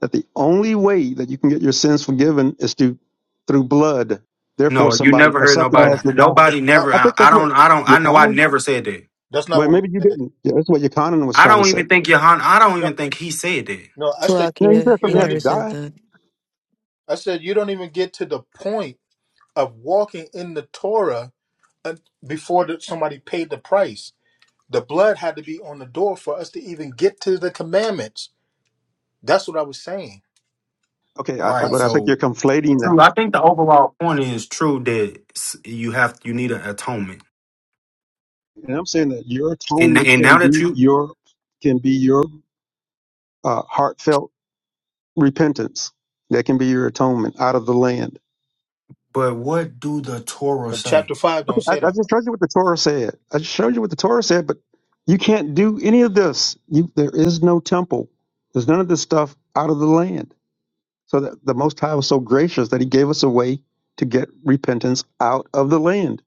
S13: that the only way that you can get your sins forgiven is to through blood. Therefore,
S6: no, you
S13: somebody
S6: never
S13: or
S6: heard
S13: something
S6: nobody.
S15: Oh,
S13: has to die.
S15: that's
S6: Nobody
S15: not
S6: never.
S13: I
S6: I,
S13: think
S6: I
S13: that's what
S6: don't. I don't. I know. I
S13: Yochanan.
S6: never said that.
S15: that's not
S13: Well,
S15: what we
S13: maybe you
S15: said.
S13: didn't. Yeah, that's what Yochanan was
S6: I
S13: trying to
S6: don't
S13: say.
S6: even think Johan. I don't
S15: No,
S6: even think he said that.
S15: no. I said
S13: Yeah, he
S2: Slovakia,
S13: said
S15: you
S2: he
S13: something
S15: don't.
S13: had to
S2: never
S15: Even,
S2: said
S13: die.
S2: that.
S15: I said you don't even get to the point of walking in the Torah un- before that somebody paid the price. The blood had to be on the door for us to even get to the commandments. That's what I was saying.
S13: Okay, I, I-
S6: Right.
S13: but I think you're
S6: So
S13: conflating that.
S6: true. I think the overall point is true that s- you have. You need an atonement.
S13: And I'm saying that your
S6: And
S13: atonement
S6: and now
S13: can
S6: that
S13: be
S6: you.
S13: your can be your uh, heartfelt repentance. That can be your atonement out of the land.
S6: But what do the Torah
S15: But
S6: say?
S15: chapter five don't
S13: I, I
S15: say that.
S13: just
S15: bro.
S13: showed you what the Torah said. I just showed you what the Torah said, but you can't do any of this. You, there is no temple. There's none of this stuff out of the land. So that the Most High was so gracious that He gave us a way to get repentance out of the land.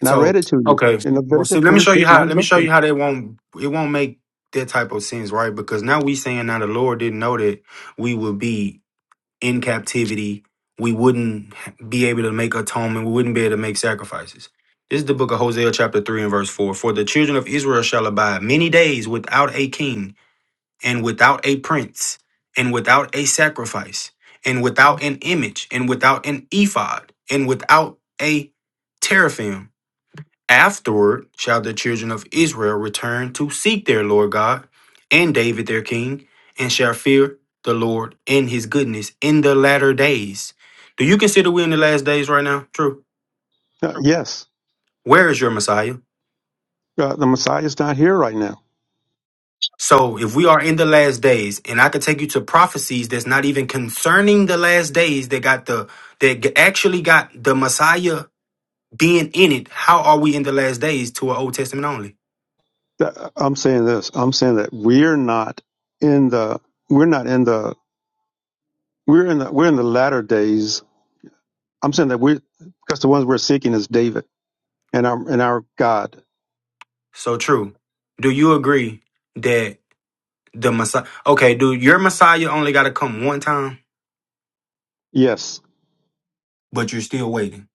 S13: And I read
S6: So
S13: it to you
S6: okay,
S13: in
S6: well, see,
S13: Leviticus
S6: let me show you
S13: 26 and
S6: how.
S13: all
S6: Let
S13: these
S6: me
S13: other
S6: show you
S13: places.
S6: how they won't. It won't make that type of sense, right? Because now we saying now the Lord didn't know that we would be in captivity. We wouldn't be able to make atonement. We wouldn't be able to make sacrifices. This is the book of Hosea, chapter three and verse four. For the children of Israel shall abide many days without a king and without a prince and without a sacrifice and without an image and without an ephod and without a teraphim Afterward shall the children of Israel return to seek their Lord God and David their king, and shall fear the Lord and his goodness in the latter days. Do you consider we're in the last days right now? True.
S13: Uh, yes,
S6: Where is your Messiah?
S13: uh, the Messiah is not here right now.
S6: So, if we are in the last days, and I could take you to prophecies that's not even concerning the last days that got the that g- actually got the Messiah being in it, how are we in the last days to an Old Testament only?
S13: that- I'm saying this. I'm saying that we're not in the we're not in the we're in the we're in the latter days. I'm saying that we because the ones we're seeking is David and our and our God.
S6: So true. Do you agree that? The Messiah. Okay, dude, your Messiah only got to come one time,
S13: Yes,
S6: but you're still waiting.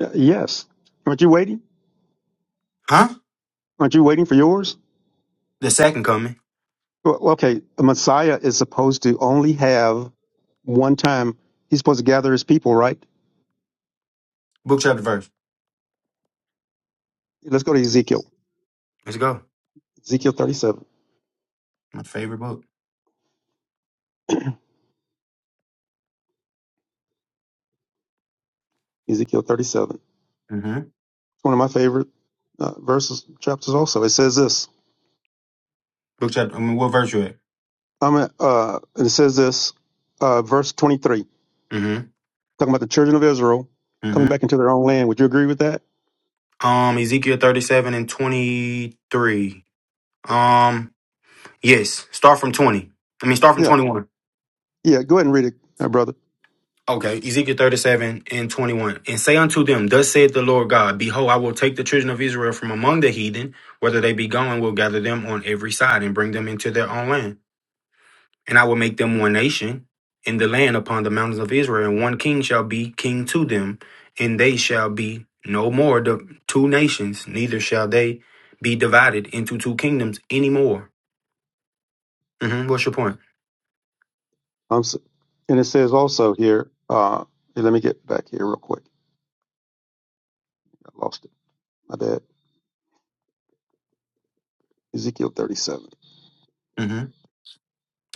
S13: Uh, yes. Aren't you waiting?
S6: Huh?
S13: Aren't you waiting for yours?
S6: The second coming.
S13: Well, okay, a Messiah is supposed to only have one time. He's supposed to gather his people, right?
S6: Book, chapter, verse.
S13: Let's go to Ezekiel.
S6: Let's go.
S13: Ezekiel 37.
S6: My favorite book.
S13: Ezekiel 37. It's
S6: Mm-hmm.
S13: one of my favorite uh, verses, chapters also. It says this
S6: Book, chapter. I mean, what verse you at?
S13: I'm at, uh, and it says this, uh, verse 23,
S6: Mm-hmm.
S13: talking about the children of Israel coming
S6: Mm-hmm.
S13: back into their own land. Would you agree with that?
S6: Um, Ezekiel 37 and 23. Um, yes. Start from 20. I mean, start from
S13: Yeah.
S6: 21.
S13: Yeah. Go ahead and read it, uh, brother.
S6: Okay, Ezekiel 37 and 21. And say unto them, Thus saith the Lord God, Behold, I will take the children of Israel from among the heathen, whether they be going, will gather them on every side and bring them into their own land. And I will make them one nation in the land upon the mountains of Israel, and one king shall be king to them, and they shall be no more the two nations, neither shall they be divided into two kingdoms anymore. hmm What's your point?
S13: Um, s- and it says also here, uh, here, let me get back here real quick. I lost it. My bad. Ezekiel 37.
S6: hmm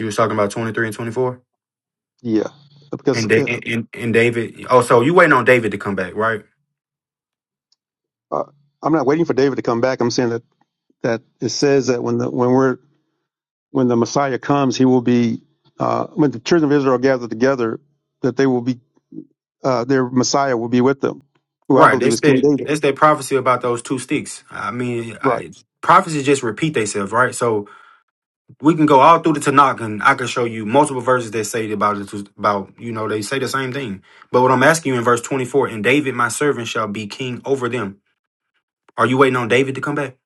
S6: You was talking about twenty three and twenty four,
S13: Yeah.
S6: and
S13: Because
S6: da-
S13: uh,
S6: and, and and David. Oh, so you waiting on David to come back, right?
S13: uh, I'm not waiting for David to come back. I'm saying that, that it says that when the, when we're, when the Messiah comes, he will be, uh, when the children of Israel gather together, that they will be uh, their Messiah will be with them, who I
S6: Right.
S13: believe
S6: That's
S13: is King
S6: that.
S13: David.
S6: That's that prophecy about those two sticks. I mean,
S13: Right.
S6: I, prophecies just repeat themselves, right? So we can go all through the Tanakh, and I can show you multiple verses that say about it. About you know, they say the same thing. But what I'm asking you in verse 24, and David, my servant, shall be king over them. Are you waiting on David to come back?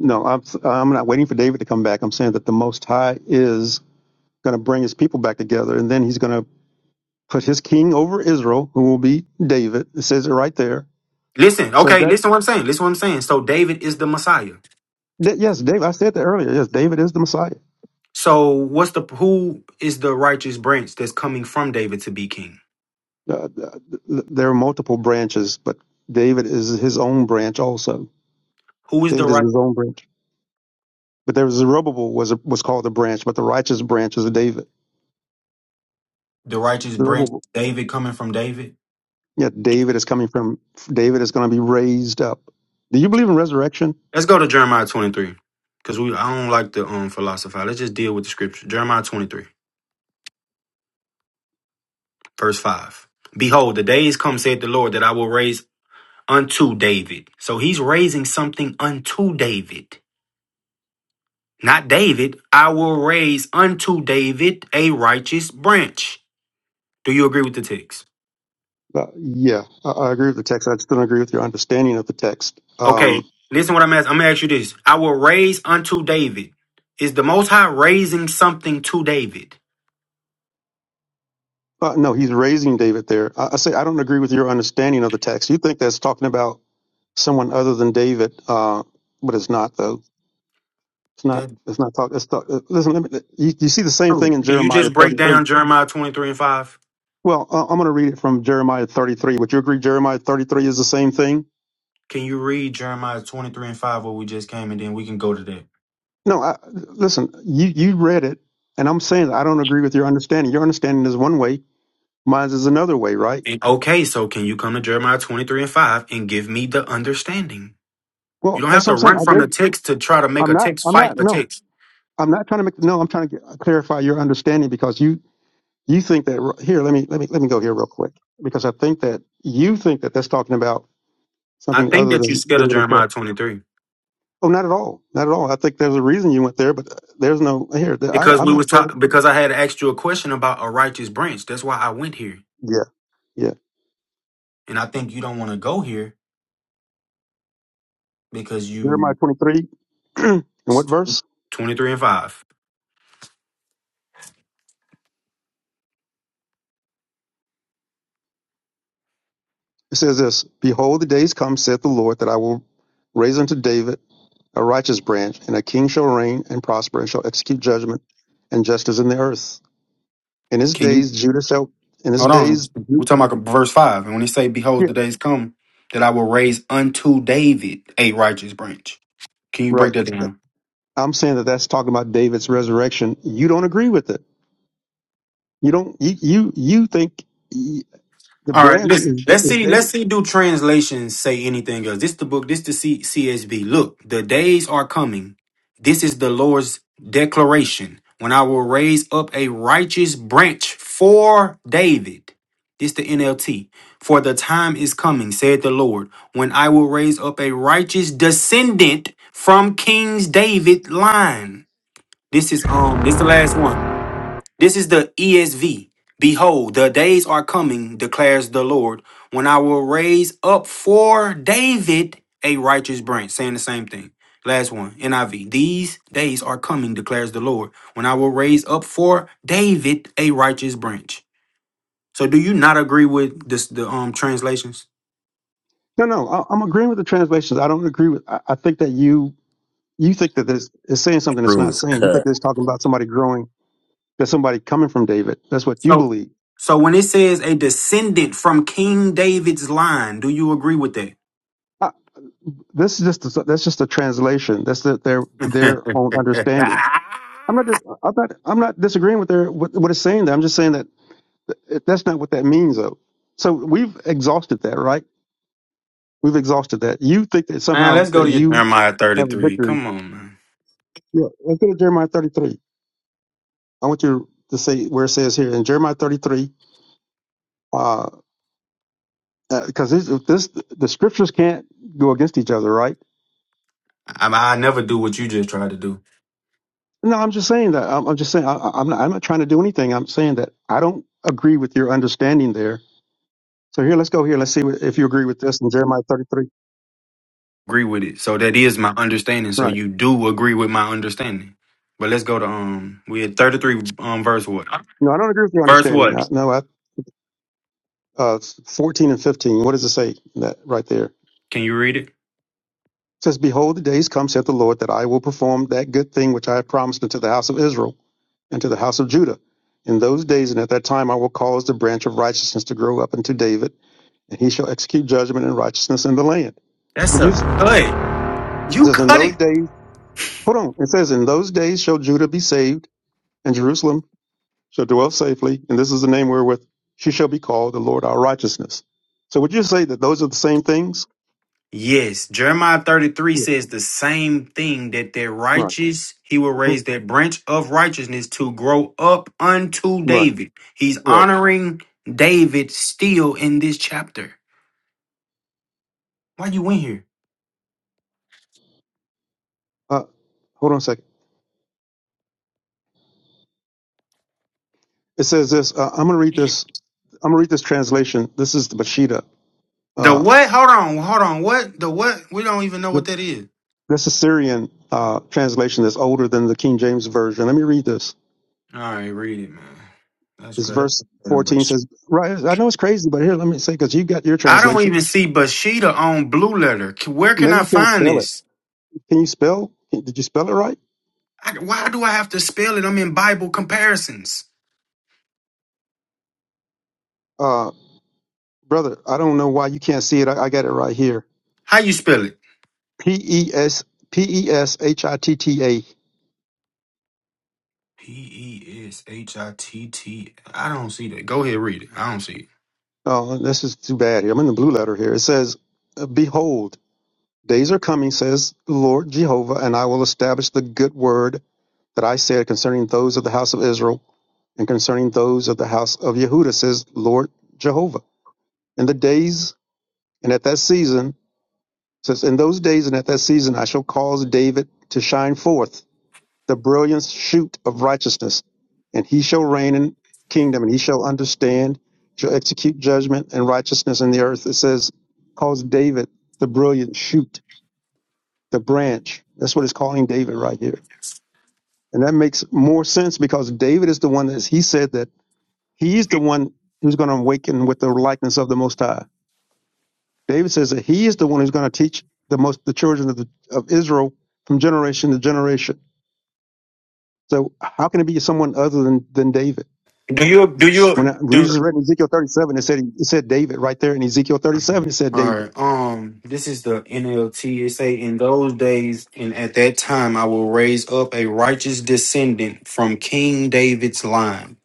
S13: No, I'm, I'm not waiting for David to come back. I'm saying that the Most High is going to bring his people back together, and then he's going to put his king over Israel, who will be David. It says it right there.
S6: Listen,
S13: So
S6: okay,
S13: that,
S6: listen what I'm saying. Listen what I'm saying. So David is the Messiah.
S13: that yes, David, I said that earlier. Yes, David is the Messiah.
S6: So what's the who is the righteous branch that's coming from David to be king?
S13: Uh, uh, th- th- there are multiple branches, but David is his own branch also.
S6: Who is the
S13: David is
S6: right
S13: his own branch. But there was Zerubbabel was was called a branch, but the righteous branch is David.
S6: the righteous branch?
S13: Zerubbabel.
S6: David coming from David.
S13: Yeah, David is coming from David is going to be raised up. Do you believe in resurrection?
S6: Let's go to Jeremiah 23 because we I don't like to um philosophize. Let's just deal with the scripture. Jeremiah 23. Verse 5. Behold, the days come, said the Lord, that I will raise unto David. So he's raising something unto David. Not David. I will raise unto David a righteous branch. Do you agree with the text?
S13: Uh, yeah, I, I agree with the text. I just don't agree with your understanding of the text. Um,
S6: Okay. Listen what I'm asking. I'm gonna ask you this. I will raise unto David. Is the most high raising something to David?
S13: uh, no, he's raising David there. I, I say I don't agree with your understanding of the text. You think that's talking about someone other than David, uh, but it's not though. It's not.
S6: That-
S13: It's not talking. It's talk, uh, listen, let me, you, you see the same thing in
S6: Can you
S13: Jeremiah
S6: just break
S13: 33.
S6: down Jeremiah 23 and 5?
S13: Well, uh, I'm going to read it from Jeremiah 33. Would you agree Jeremiah 33 is the same thing?
S6: Can you read Jeremiah 23 and 5 where we just came and then we can go to that?
S13: No, I, listen, you, you read it, and I'm saying that I don't agree with your understanding. Your understanding is one way, mine is another way, right?
S6: okay, so can you come to Jeremiah 23 and 5 and give me the understanding? You
S13: Well,
S6: don't have
S13: that's what
S6: to
S13: I'm saying.
S6: run
S13: I
S6: from the
S13: gave.
S6: text to try to make
S13: I'm
S6: a
S13: not.
S6: text
S13: I'm not.
S6: fight a
S13: No,
S6: text.
S13: I'm not trying to make. No, I'm trying to get, clarify your understanding because you you think that here. Let me let me let me go here real quick because I think that you think that that's talking about
S6: I
S13: something
S6: think
S13: other
S6: that you
S13: than
S6: scared of
S13: David himself.
S6: Jeremiah 23
S13: Oh, not at all. Not at all. I think there's a reason you went there, but there's no here. I,
S6: because
S13: I'm
S6: we
S13: not
S6: was
S13: afraid.
S6: ta-
S13: Of,
S6: because I had asked you a question about a righteous branch. That's why I went here.
S13: yeah, yeah.
S6: And I think you don't want to go here because
S13: Jeremiah
S6: you
S13: 23, and what verse?
S6: 23 and 5.
S13: It says this Behold, the days come, saith the Lord, that I will raise unto David a righteous branch, and a king shall reign and prosper, and shall execute judgment and justice in the earth. In his
S6: Can you
S13: days, Judah shall, in his
S6: hold on?
S13: days,
S6: We're
S13: Ju-
S6: talking about verse 5. And when he say, Behold,
S13: yeah,
S6: the days come that I will raise unto David a righteous branch. Can you break
S13: right.
S6: that down?
S13: I'm saying that that's talking about David's resurrection. You don't agree with it. You don't, you, you, you think y- the
S6: All right,
S13: branch
S6: listen.
S13: is, D-
S6: Let's
S13: is
S6: see. Let's
S13: David.
S6: see. Do translations say anything else? This the book. This the C- CSB. Look, the days are coming. This is the Lord's declaration. When I will raise up a righteous branch for David. This the NLT. For the time is coming, said the Lord, when I will raise up a righteous descendant from King's David line. This is um. This the last one. This is the ESV. Behold, the days are coming, declares the Lord, when I will raise up for David a righteous branch. Saying the same thing. Last one, NIV. These days are coming, declares the Lord, when I will raise up for David a righteous branch. So, do you not agree with this, the um translations?
S13: No, no, I, I'm agreeing with the translations. I don't agree with, I, I think that you, you think that this is saying something it's
S11: Crew
S13: not
S11: is
S13: saying. You think
S11: cut.
S13: that it's talking about somebody growing There's somebody coming from David. That's what you
S6: So,
S13: believe.
S6: so when it says a descendant from King David's line, do you agree with
S13: Uh, this is just a, that's just a translation. That's the, their their own understanding.
S6: that?
S13: I'm not dis- I'm not I'm not disagreeing with their what, what it's saying. There, I'm just saying that th- that's not what that means though. So we've exhausted that, right? We've exhausted that. You think that
S6: Man,
S13: somehow
S6: let's go
S13: that
S6: to your
S13: you
S6: Jeremiah
S13: have a
S6: 33.
S13: victory.
S6: Come on, man.
S13: Yeah, let's go to Jeremiah 33. I want you to say where it says here in Jeremiah 33, because uh, uh 'cause this, this the scriptures can't go against each other, right?
S6: I, I never do what you just tried to do.
S13: No, I'm just saying that. I'm, I'm just saying I, I- I'm not. I'm not trying to do anything. I'm saying that I don't agree with your understanding there. So here, let's go here. Let's see what, if you agree with this in Jeremiah 33.
S6: Agree with it. So that is my understanding. So
S13: Right.
S6: you do agree with my understanding. But let's go to um we had 33 um verse what?
S13: No, I don't agree with your
S6: Verse
S13: understanding.
S6: what?
S13: No, no I, uh, 14 and 15. What does it say that right there? It
S6: Can you read it?
S13: says, "Behold, the days come," saith the Lord, "that I will perform that good thing which I have promised unto the house of Israel and to the house of Judah." In those days and at that time, I will cause the branch of righteousness to grow up unto David, and he shall execute judgment and righteousness in the land.
S6: That's
S13: Would
S6: a
S13: you? It
S6: cut. You
S13: says, "In
S6: cut
S13: those
S6: it.
S13: days." Hold on. It says, In those days shall Judah be saved, and Jerusalem shall dwell safely, and this is the name wherewith she shall be called the Lord our righteousness. So would you say that those are the same things?
S6: Yes, Jeremiah 33
S13: Yeah.
S6: says the same thing that that
S13: Right.
S6: righteous, he will
S13: hmm
S6: raise that branch of righteousness to grow up unto
S13: Right.
S6: David. He's
S13: Right.
S6: honoring David still in this chapter. Why you went here?
S13: Uh, hold on a second. It says this. Uh, I'm going to read this. I'm going to read this translation. This is the Mashida.
S6: The
S13: Uh,
S6: what? Hold on, hold on. What? The what? We don't even know what
S13: th-
S6: that is.
S13: this Assyrian uh, translation that's older than the King James version. Let me read this.
S6: All right, read it, man. That's
S13: This
S6: correct.
S13: verse 14 says, right, I know it's crazy, but here, let me say, because you got your
S6: I don't
S13: translation.
S6: even see Bashida on Blue Letter. C- Where can
S13: Maybe
S6: I
S13: you can't
S6: find
S13: spell it.
S6: this?
S13: Can you spell? Did you spell it right,
S6: I, why do I have to spell it? I'm in Bible comparisons.
S13: uh, brother? I don't know why you can't see it. I, I got it right here.
S6: How you spell it?
S13: P e s p e s h i t t a.
S6: P E S H I T T. I don't see that. Go ahead, read it. I don't see
S13: Oh, this is too bad here. I'm in the blue letter here. It says, uh, "Behold, days are coming," says the Lord Jehovah, "and I will establish the good word that I said concerning those of the house of Israel and concerning those of the house of Yehuda," says Lord Jehovah. In the days and at that season, says, "In those days and at that season, I shall cause David to shine forth." the brilliant shoot of righteousness, and he shall reign in kingdom, and he shall understand, shall execute judgment and righteousness in the earth. It says, calls David the brilliant shoot, the branch. That's what it's calling David right here. And that makes more sense because David is the one that he said that he's the one who's going to awaken with the likeness of the Most High. David says that he is the one who's going to teach the most the children of, the, of Israel from generation to generation. So how can it be someone other than, than David?
S6: it. Do you do
S13: When
S6: you
S13: I, we
S6: do?
S13: just read Ezekiel 37, it said it said David right there in Ezekiel 37. It said
S6: All
S13: David.
S6: right. Um, this is the NLT. It say, "In those days and at that time, I will raise up a righteous descendant from King David's line."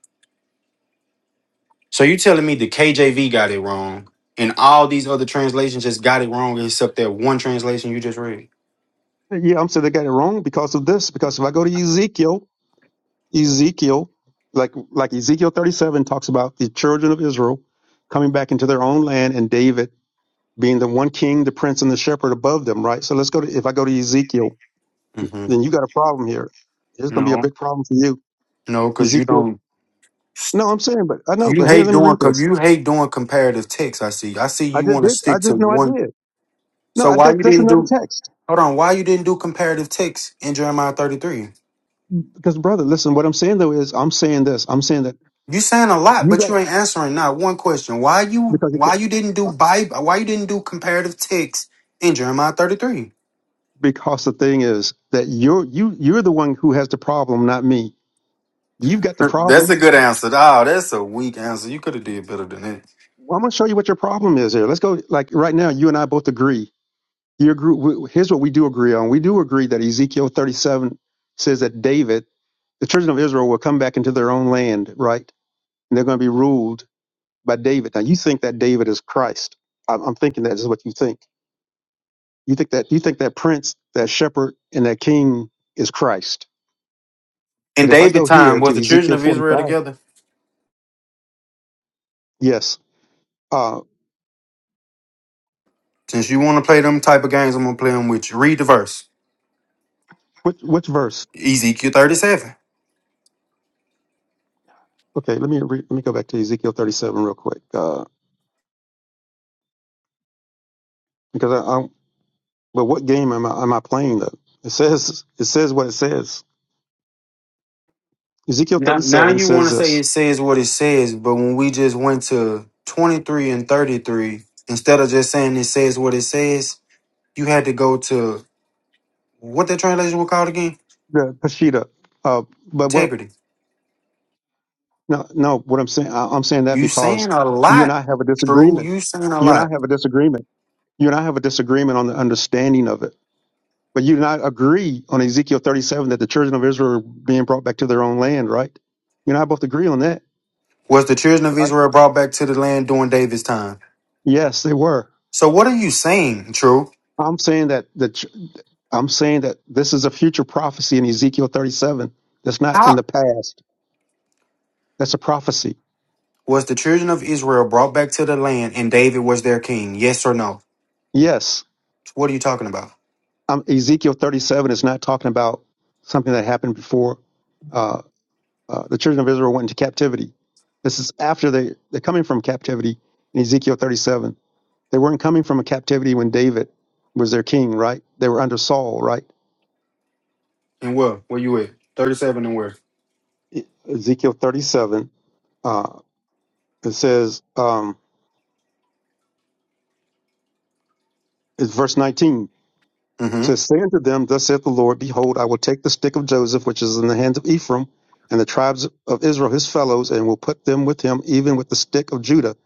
S6: So you telling me the KJV got it wrong, and all these other translations just got it wrong, except that one translation you just read?
S13: Yeah, I'm saying they got it wrong because of this. Because if I go to Ezekiel, Ezekiel, like like Ezekiel 37 talks about the children of Israel coming back into their own land and David being the one king, the prince, and the shepherd above them. Right. So let's go to if I go to Ezekiel,
S6: hmm
S13: then you got a problem here. There's going to be a
S6: No,
S13: big problem for you,
S6: no, because you
S13: Ezekiel.
S6: don't.
S13: No, I'm saying, but I know.
S6: You
S13: But here,
S6: hate
S13: let me
S6: doing.
S13: read
S6: com-
S13: this.
S6: You hate doing comparative text. I see. I see.
S13: I
S6: You
S13: just
S6: want to
S13: did. I
S6: stick to
S13: just know I
S6: one.
S13: did. No,
S6: So
S13: I,
S6: why you
S13: that, that's
S6: didn't
S13: another
S6: do?
S13: text.
S6: Hold on. Why you didn't do comparative text in Jeremiah thirty three?
S13: Because brother, listen, what I'm saying though is I'm saying this. I'm saying that
S6: You saying a lot,
S13: you
S6: but
S13: got
S6: you ain't answering not one question. Why you
S13: because you
S6: why
S13: can,
S6: you didn't do Bible why you didn't do comparative ticks in Jeremiah 33?
S13: because the thing is that you're you you're the one who has the problem, not me. You've got the
S6: That's
S13: problem.
S6: a good answer. Oh, that's a weak answer. You could have did better than that.
S13: Well, I'm gonna show you what your problem is here. Let's go like right now. You and I both agree. You agree. w- Here's what we do agree on. We do agree that Ezekiel 37 says that David, the children of Israel, will come back into their own land, right? And they're going to be ruled by David. Now you think that David is Christ. I'm, I'm thinking that is what you think You think that you think that prince, that shepherd, and that king is Christ.
S6: In
S13: But if I
S6: David
S13: go
S6: time,
S13: here
S6: was
S13: to
S6: the children
S13: Ezekiel
S6: of Israel
S13: 45,
S6: together?
S13: yes. Uh,
S6: Since you want to play them type of games, I'm gonna play them with you. Read the verse.
S13: which which verse?
S6: Ezekiel 37.
S13: Okay, let me re- let me go back to Ezekiel 37 real quick uh, because I, I but what game am I am I playing though? It says it says what it says. Ezekiel
S6: Now now
S13: 37
S6: you wanna
S13: says
S6: say
S13: this.
S6: it says what it says, but when we just went to 23 and 33, instead of just saying it says what it says, you had to go to What that translation was called again?
S13: The Peshitta. Uh, but what?
S6: Integrity.
S13: No, no. What I'm saying, I, I'm saying that
S6: You
S13: because
S6: saying a
S13: you and
S6: lot.
S13: I have a
S6: True,
S13: disagreement.
S6: you saying a
S13: You and I
S6: lot.
S13: have a disagreement. You and I have a disagreement on the understanding of it But you do not agree on Ezekiel 37 that the children of Israel are being brought back to their own land, right? You and I both agree on that,
S6: Was the children of
S13: right?
S6: Israel brought back to the land during David's time?
S13: Yes, they were.
S6: So what are you saying, True?
S13: I'm saying that the ch- I'm saying that this is a future prophecy in Ezekiel 37. That's not in
S6: How
S13: the past. That's a prophecy.
S6: was the children of Israel brought back to the land and David was their king? Yes or no?
S13: Yes,
S6: What are you talking about?
S13: um, Ezekiel 37 is not talking about something that happened before uh, uh, the children of Israel went into captivity. This is after they they're coming from captivity in Ezekiel 37. They weren't coming from a captivity when David was their king, right? They were under Saul, right?
S6: And where? Where you at? Thirty-seven and where?
S13: E- Ezekiel 37, uh, it says, um, it's verse 19. It
S6: Mm-hmm.
S13: says, Say unto them, Thus saith the Lord, Behold, I will take the stick of Joseph, which is in the hands of Ephraim, and the tribes of Israel, his fellows, and will put them with him, even with the stick of Judah,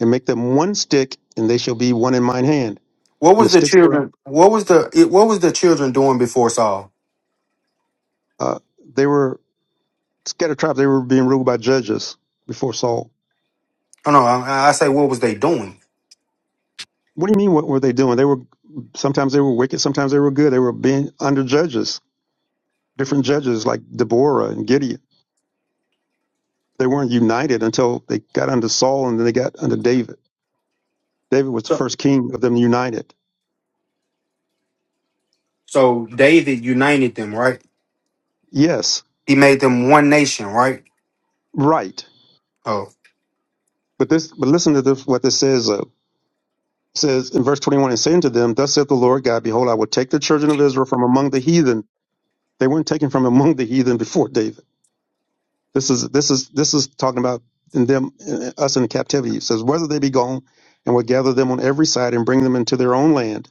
S13: and make them one stick, and they shall be one in mine hand.
S6: What
S13: And
S6: was
S13: the
S6: the
S13: sticks were,
S6: children? What was the it, what was the children doing before Saul?
S13: uh, they were scattered tribes. They were being ruled by judges before Saul.
S6: Oh no, I, I say what was they doing?
S13: What do you mean? What were they doing? They were sometimes they were wicked, sometimes they were good. They were being under judges, different judges like Deborah and Gideon. They weren't united until they got under Saul and then they got under David. David was the
S6: So
S13: first king of them united.
S6: so David united them, right?
S13: Yes,
S6: He made them one nation, right?
S13: right.
S6: Oh.
S13: But this, but listen to this, what this says. Uh, it says in verse twenty-one, and saying to them, "Thus saith the Lord God: Behold, I will take the children of Israel from among the heathen. They weren't taken from among the heathen before David." This is this is this is talking about in them in- us in captivity. It says, "Whether they be gone, and will gather them on every side, and bring them into their own land,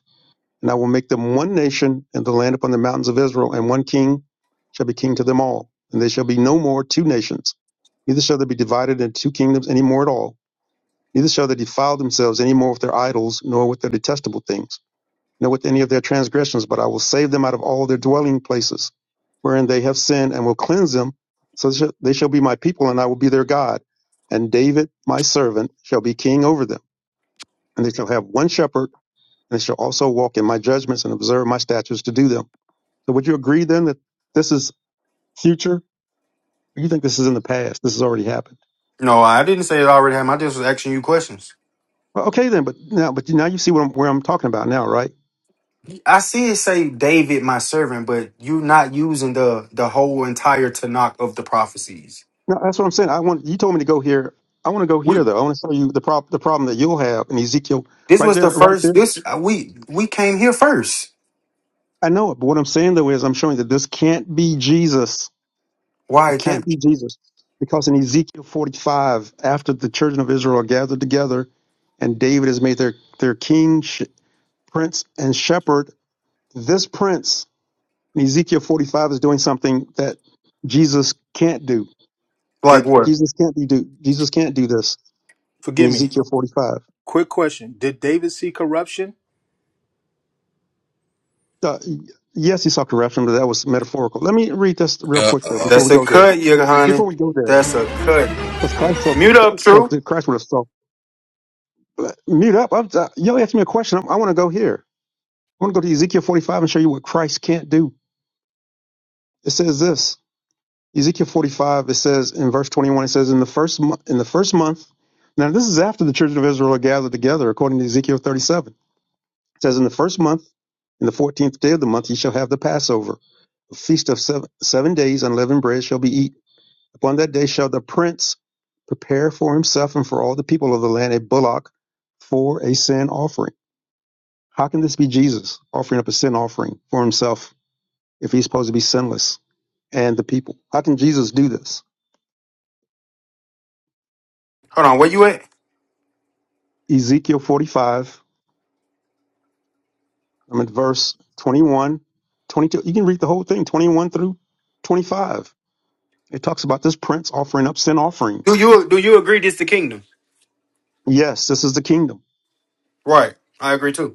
S13: and I will make them one nation in the land upon the mountains of Israel, and one king shall be king to them all, and they shall be no more two nations, neither shall they be divided into two kingdoms any more at all. Neither shall they defile themselves any more with their idols, nor with their detestable things." nor with any of their transgressions, but I will save them out of all their dwelling places wherein they have sinned and will cleanse them. So they shall be my people and I will be their God. And David, my servant, shall be king over them. And they shall have one shepherd and they shall also walk in my judgments and observe my statutes to do them. So would you agree then that this is future? Or you think this is in the past? This has already happened.
S6: No, I didn't say it already happened. I just was asking you questions.
S13: Well, okay then, but now, but now you see what I'm, where I'm talking about now, right?
S6: I see it say David, my servant, but you not using the the whole entire Tanakh of the prophecies.
S13: No, that's what I'm saying. I want you told me to go here. I want to go
S6: We
S13: here though. I want to show you the prop the problem that you'll have in Ezekiel
S6: this
S13: right
S6: was
S13: there,
S6: the
S13: right there.
S6: first. This uh, we we came here first.
S13: I know it, but what I'm saying though is I'm showing that this can't be Jesus.
S6: Why
S13: It
S6: it
S13: can't
S6: came?
S13: be Jesus because in Ezekiel 45, after the children of Israel are gathered together, and David is made their their king, sh- prince, and shepherd, this prince in Ezekiel 45 is doing something that Jesus can't do.
S6: Like
S15: Did
S6: what?
S13: Jesus can't be do. Jesus can't do this in
S15: Forgive me.
S13: Ezekiel 45.
S15: Quick question: Did David see corruption?
S13: Uh, yes, he sought to rapture but that was metaphorical. Let me read this real
S11: Uh
S13: quick though before
S6: That's
S13: we
S11: oh.
S6: a
S13: go there.
S6: cut, you honey.
S13: Before we go there,
S6: That's a cut.
S13: because Christ so
S6: Mute up,
S13: because
S6: true.
S13: Christ would have so mute up. I'm, uh, y'all asked me a question. i I want to go here. I want to go to Ezekiel 45 and show you what Christ can't do. It says this. Ezekiel 45. It says in verse 21. It says in the first mo- in the first month. Now this is after the children of Israel are gathered together, according to Ezekiel 37. It says in the first month, in the fourteenth day of the month, ye shall have the Passover, a feast of seven, seven days. Unleavened bread shall be eaten. Upon that day shall the prince prepare for himself and for all the people of the land a bullock for a sin offering. How can this be Jesus offering up a sin offering for himself if he's supposed to be sinless and the people? How can Jesus do this?
S6: Hold on, where you at?
S13: Ezekiel 45, I'm at verse 21, 22. You can read the whole thing, 21 through 25. It talks about this prince offering up sin
S6: Do
S13: offerings.
S6: you do you agree this the kingdom?
S13: Yes, this is the kingdom.
S6: Right, I agree too.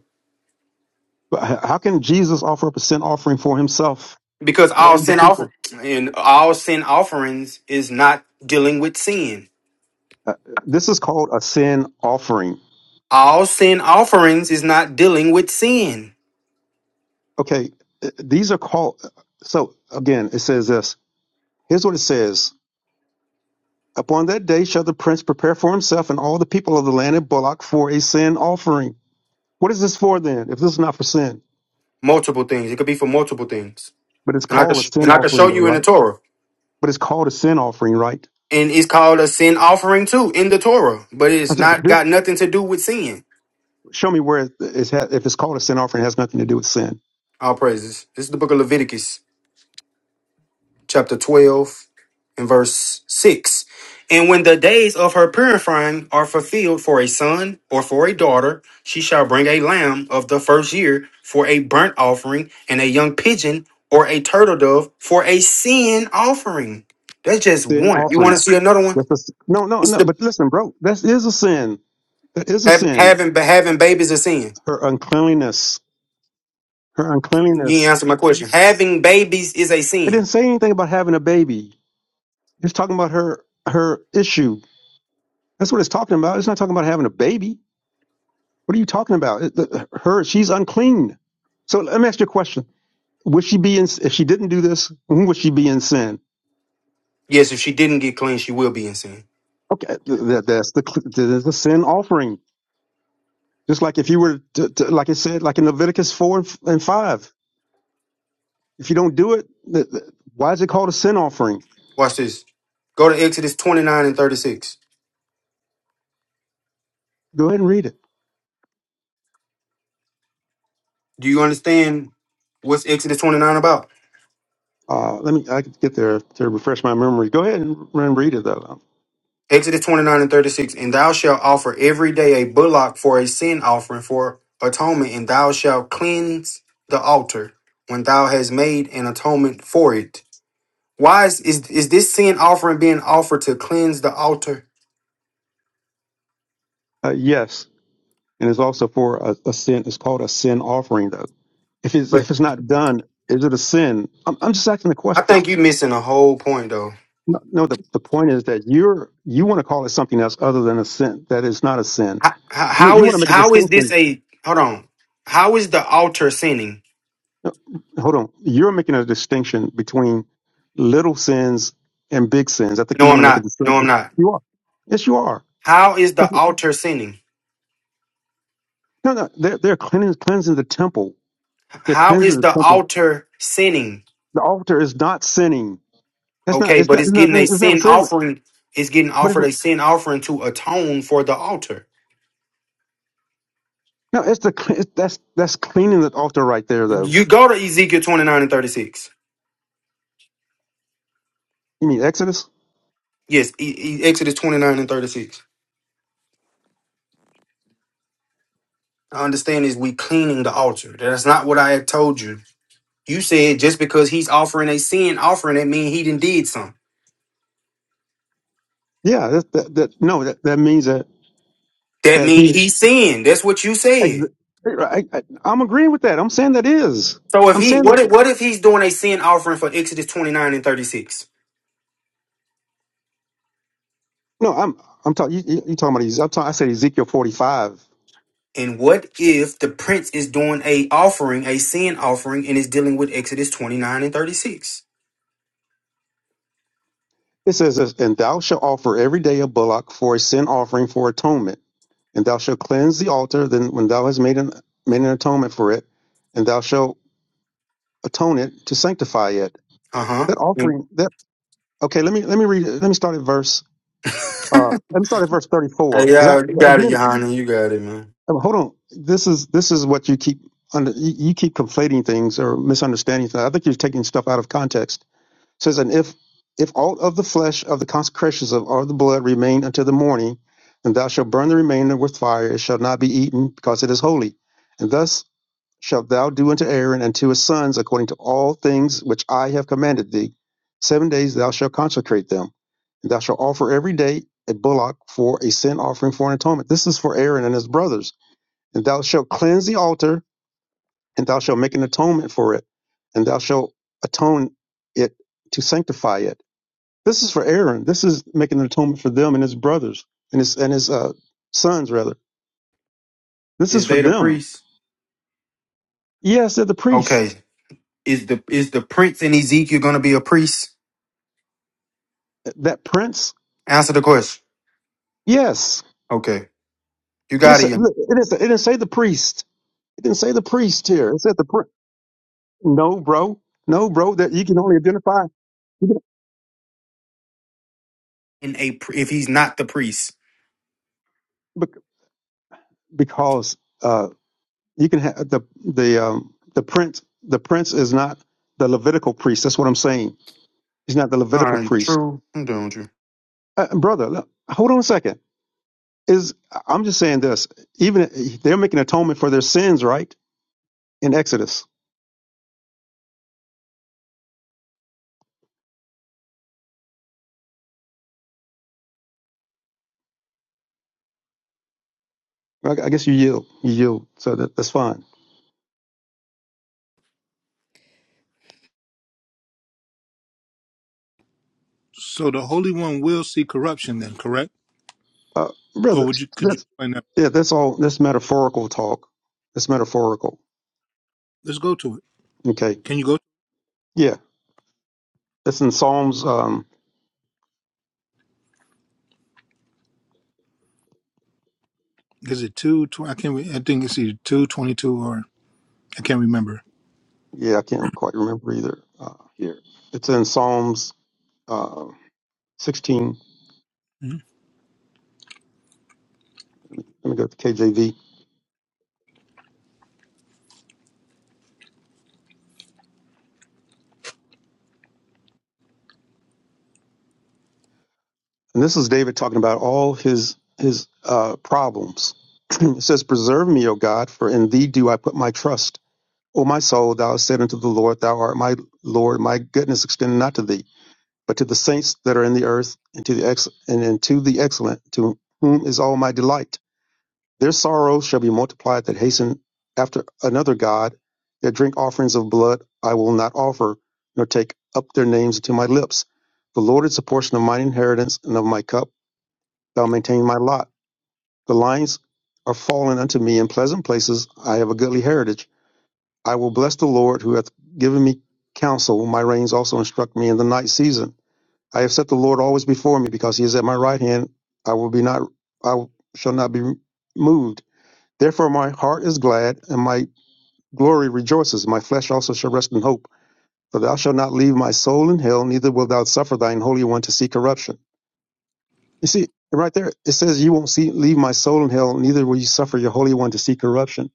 S13: But how can Jesus offer up a sin offering for himself
S6: because all
S13: and the
S6: sin
S13: people?
S6: offer and all sin offerings is not dealing with sin.
S13: Uh, this is called a sin offering.
S6: All sin offerings is not dealing with sin.
S13: Okay, uh, these are called. So again, it says this. Here's what it says: Upon that day shall the prince prepare for himself and all the people of the land of Bullock for a sin offering. What is this for then? If this is not for sin,
S6: Multiple things. It could be for multiple things.
S13: but it's
S6: And I could
S13: called a
S6: sh- and
S13: sin
S6: I could show
S13: offering, though,
S6: you in the
S13: right?
S6: Torah.
S13: But it's called a sin offering, right?
S6: And it's called a sin offering too in the Torah, but
S13: I
S6: it's
S13: said, but
S6: not
S13: this,
S6: got nothing to do with sin.
S13: show me where it, it's ha- if it's called a sin offering, it has nothing to do with sin.
S6: All praises. This is the book of Leviticus. chapter 12 and verse 6. And when the days of her purifying are fulfilled for a son or for a daughter, she shall bring a lamb of the first year for a burnt offering, and a young pigeon or a turtle dove for a sin offering. That's just
S13: sin
S6: one. You
S13: offering.
S6: want to see another one?
S13: That's a, s- no, no,
S6: It's
S13: no.
S6: the
S13: But listen, bro, that is a sin. That is a
S6: have,
S13: sin.
S6: having having babies is a sin.
S13: Her uncleanliness. Her
S6: You ain't
S13: uncleanliness.
S6: answer my question. Having babies is a
S13: It
S6: sin.
S13: didn't say anything about having a baby. It's talking about her her issue. That's what it's talking about. It's not talking about having a baby. What are you talking about? It- the- Her, she's unclean. So let me ask you a question. Would she be in, if she didn't do this, when would she be in sin?
S6: Yes, if she didn't get clean, she will be in sin.
S13: Okay, th- that, that's the, cl- the, the sin offering. Just like if you were, to, to, like it said, like in Leviticus 4 and f- and 5, if you don't do it, th- th- why is it called a sin offering?
S6: Watch this. Go to Exodus 29 and 36.
S13: Go ahead and read it.
S6: Do you understand what's Exodus 29 about?
S13: Uh, let me, I could get there to refresh my memory. Go ahead and, and read it though.
S6: Exodus 29 and 36. And thou shalt offer every day a bullock for a sin offering for atonement, and thou shalt cleanse the altar when thou hast made an atonement for it. Why is, is, is this sin offering being offered to cleanse the altar?
S13: Uh, yes. and it's also for a, a sin. It's called a sin offering, though. If it's
S6: But
S13: if it's not done, is it a sin? I'm, I'm just asking a
S6: I
S13: question.
S6: think you're missing a whole point though.
S13: No, no, the, the point is that you're you want to call it something else other than a sin. That is not a sin.
S6: How, how
S13: You
S6: how
S13: you want to
S6: is
S13: make a
S6: how is this
S13: distinction.
S6: a hold on? How is the altar sinning?
S13: No, Hold on, you're making a distinction between little sins and big sins. I think
S6: No,
S13: you want
S6: I'm
S13: to make a
S6: not. No, I'm
S13: distinction.
S6: not.
S13: You are. Yes, you are.
S6: How is the altar sinning?
S13: No, no, they're they're cleansing, cleansing the temple. They're
S6: How
S13: cleansing
S6: is
S13: the
S6: the
S13: temple.
S6: altar sinning?
S13: The altar is not sinning. That's not.
S6: Okay,
S13: It's
S6: but
S13: not.
S6: it's
S13: It's, not,
S6: getting a
S13: it's never
S6: sin
S13: sinning.
S6: offering. It's getting
S13: But it's,
S6: offered a sin offering to atone for the altar.
S13: no, it's the it's, that's that's cleaning the altar right there, though.
S6: You go to Ezekiel 29 and 36.
S13: You mean Exodus?
S6: Yes, E- E- Exodus 29 and 36. I understand is we cleaning the altar. That's not what I had told you. You said just because he's offering a sin offering, that mean he didn't did something.
S13: Yeah. That, that, that no, that, that means that
S6: That
S13: that
S6: mean
S13: he.
S6: he sinned. That's what you
S13: Ex-
S6: said.
S13: I, I, I'm agreeing with that. I'm saying that is.
S6: So if
S13: I'm
S6: he
S13: saying
S6: what if
S13: that.
S6: what if he's doing a sin offering for Exodus 29 and 36?
S13: No, I'm I'm talking. You, you you talking about? Ez- I'm talking. I said Ezekiel 45.
S6: And what if the prince is doing a offering, a sin offering, and is dealing with Exodus 29 and 36?
S13: It says this, and thou shalt offer every day a bullock for a sin offering for atonement, and thou shalt cleanse the altar. Then, when thou hast made an made an atonement for it, and thou shalt atone it to sanctify it.
S6: Uh-huh.
S13: That
S6: And-
S13: offering. Okay, let me let me read. Let me start at verse. Uh, let me start at verse thirty-four
S6: Hey,
S13: because I
S6: yeah, you got it,
S13: again
S6: Johanna. You got it, man.
S13: uh, hold on. This is this is what you keep under. You, you keep conflating things or misunderstanding things. I think you're taking stuff out of context. It says and if if all of the flesh of the consecrations of all the blood remain until the morning, and thou shalt burn the remainder with fire. It shall not be eaten because it is holy. And thus shalt thou do unto Aaron and to his sons according to all things which I have commanded thee. Seven days thou shalt consecrate them, and thou shalt offer every day a bullock for a sin offering for an atonement. This is for Aaron and his brothers. And thou shalt cleanse the altar, and thou shalt make an atonement for it, and thou shalt atone it to sanctify it. This is for Aaron. This is making an atonement for them and his brothers and his and his uh, sons rather. This is
S6: Is
S13: for
S6: they the
S13: them.
S6: priest?
S13: Yes, they're the priest.
S6: Okay. Is the is the prince in Ezekiel gonna be a priest?
S13: That prince.
S6: Answer the question.
S13: Yes,
S6: Okay. You
S13: But
S6: got
S13: it's,
S6: it, Johanna.
S13: look, it, didn't say, it didn't say the priest. It didn't say the priest here. It said the pri- no, bro, no, bro. That you can only identify you can,
S6: In a pr- if he's not the priest.
S13: bec- because uh, you can have the the um, the prince. The prince is not the Levitical priest. That's what I'm saying. He's not the
S6: All
S13: Levitical
S6: right,
S13: priest,
S6: true. I'm done with you.
S13: uh, brother. Look, hold on a second. Is I'm just saying this. Even they're making atonement for their sins, right? In Exodus, I, I guess you yield. You yield. So that, that's fine,
S15: So the Holy One will see corruption then, correct?
S13: uh, brother.
S15: Or would you could you explain that?
S13: Yeah, that's all. That's metaphorical talk. That's metaphorical.
S15: Let's go to it.
S13: Okay.
S15: Can you go?
S13: Yeah, it's in Psalms. Um,
S15: Is it two? Tw- I can't. re- I think it's either two twenty two or I can't remember.
S13: yeah, I can't quite remember either. Uh, here, it's in Psalms uh, 16.
S15: hmm
S13: Let me go to KJV. And this is David talking about all his his uh, problems. it says, "Preserve me, O God, for in Thee do I put my trust. O my soul, Thou hast said unto the Lord, Thou art my Lord. My goodness extended not to Thee." but to the saints that are in the earth, and to the ex- and, and to the excellent, to whom is all my delight. Their sorrow shall be multiplied that hasten after another God. Their drink offerings of blood I will not offer, nor take up their names into my lips. The Lord is a portion of mine inheritance and of my cup. Thou maintain my lot. The lines are fallen unto me in pleasant places. I have a goodly heritage. I will bless the Lord who hath given me counsel. My reins also instruct me in the night season. I have set the Lord always before me, because he is at my right hand. I will be not, I shall not be moved. Therefore my heart is glad, and my glory rejoices. My flesh also shall rest in hope. For thou shalt not leave my soul in hell, neither wilt thou suffer thine holy one to see corruption. You see, right there, it says, "You won't see leave my soul in hell, neither will you suffer your holy one to see corruption."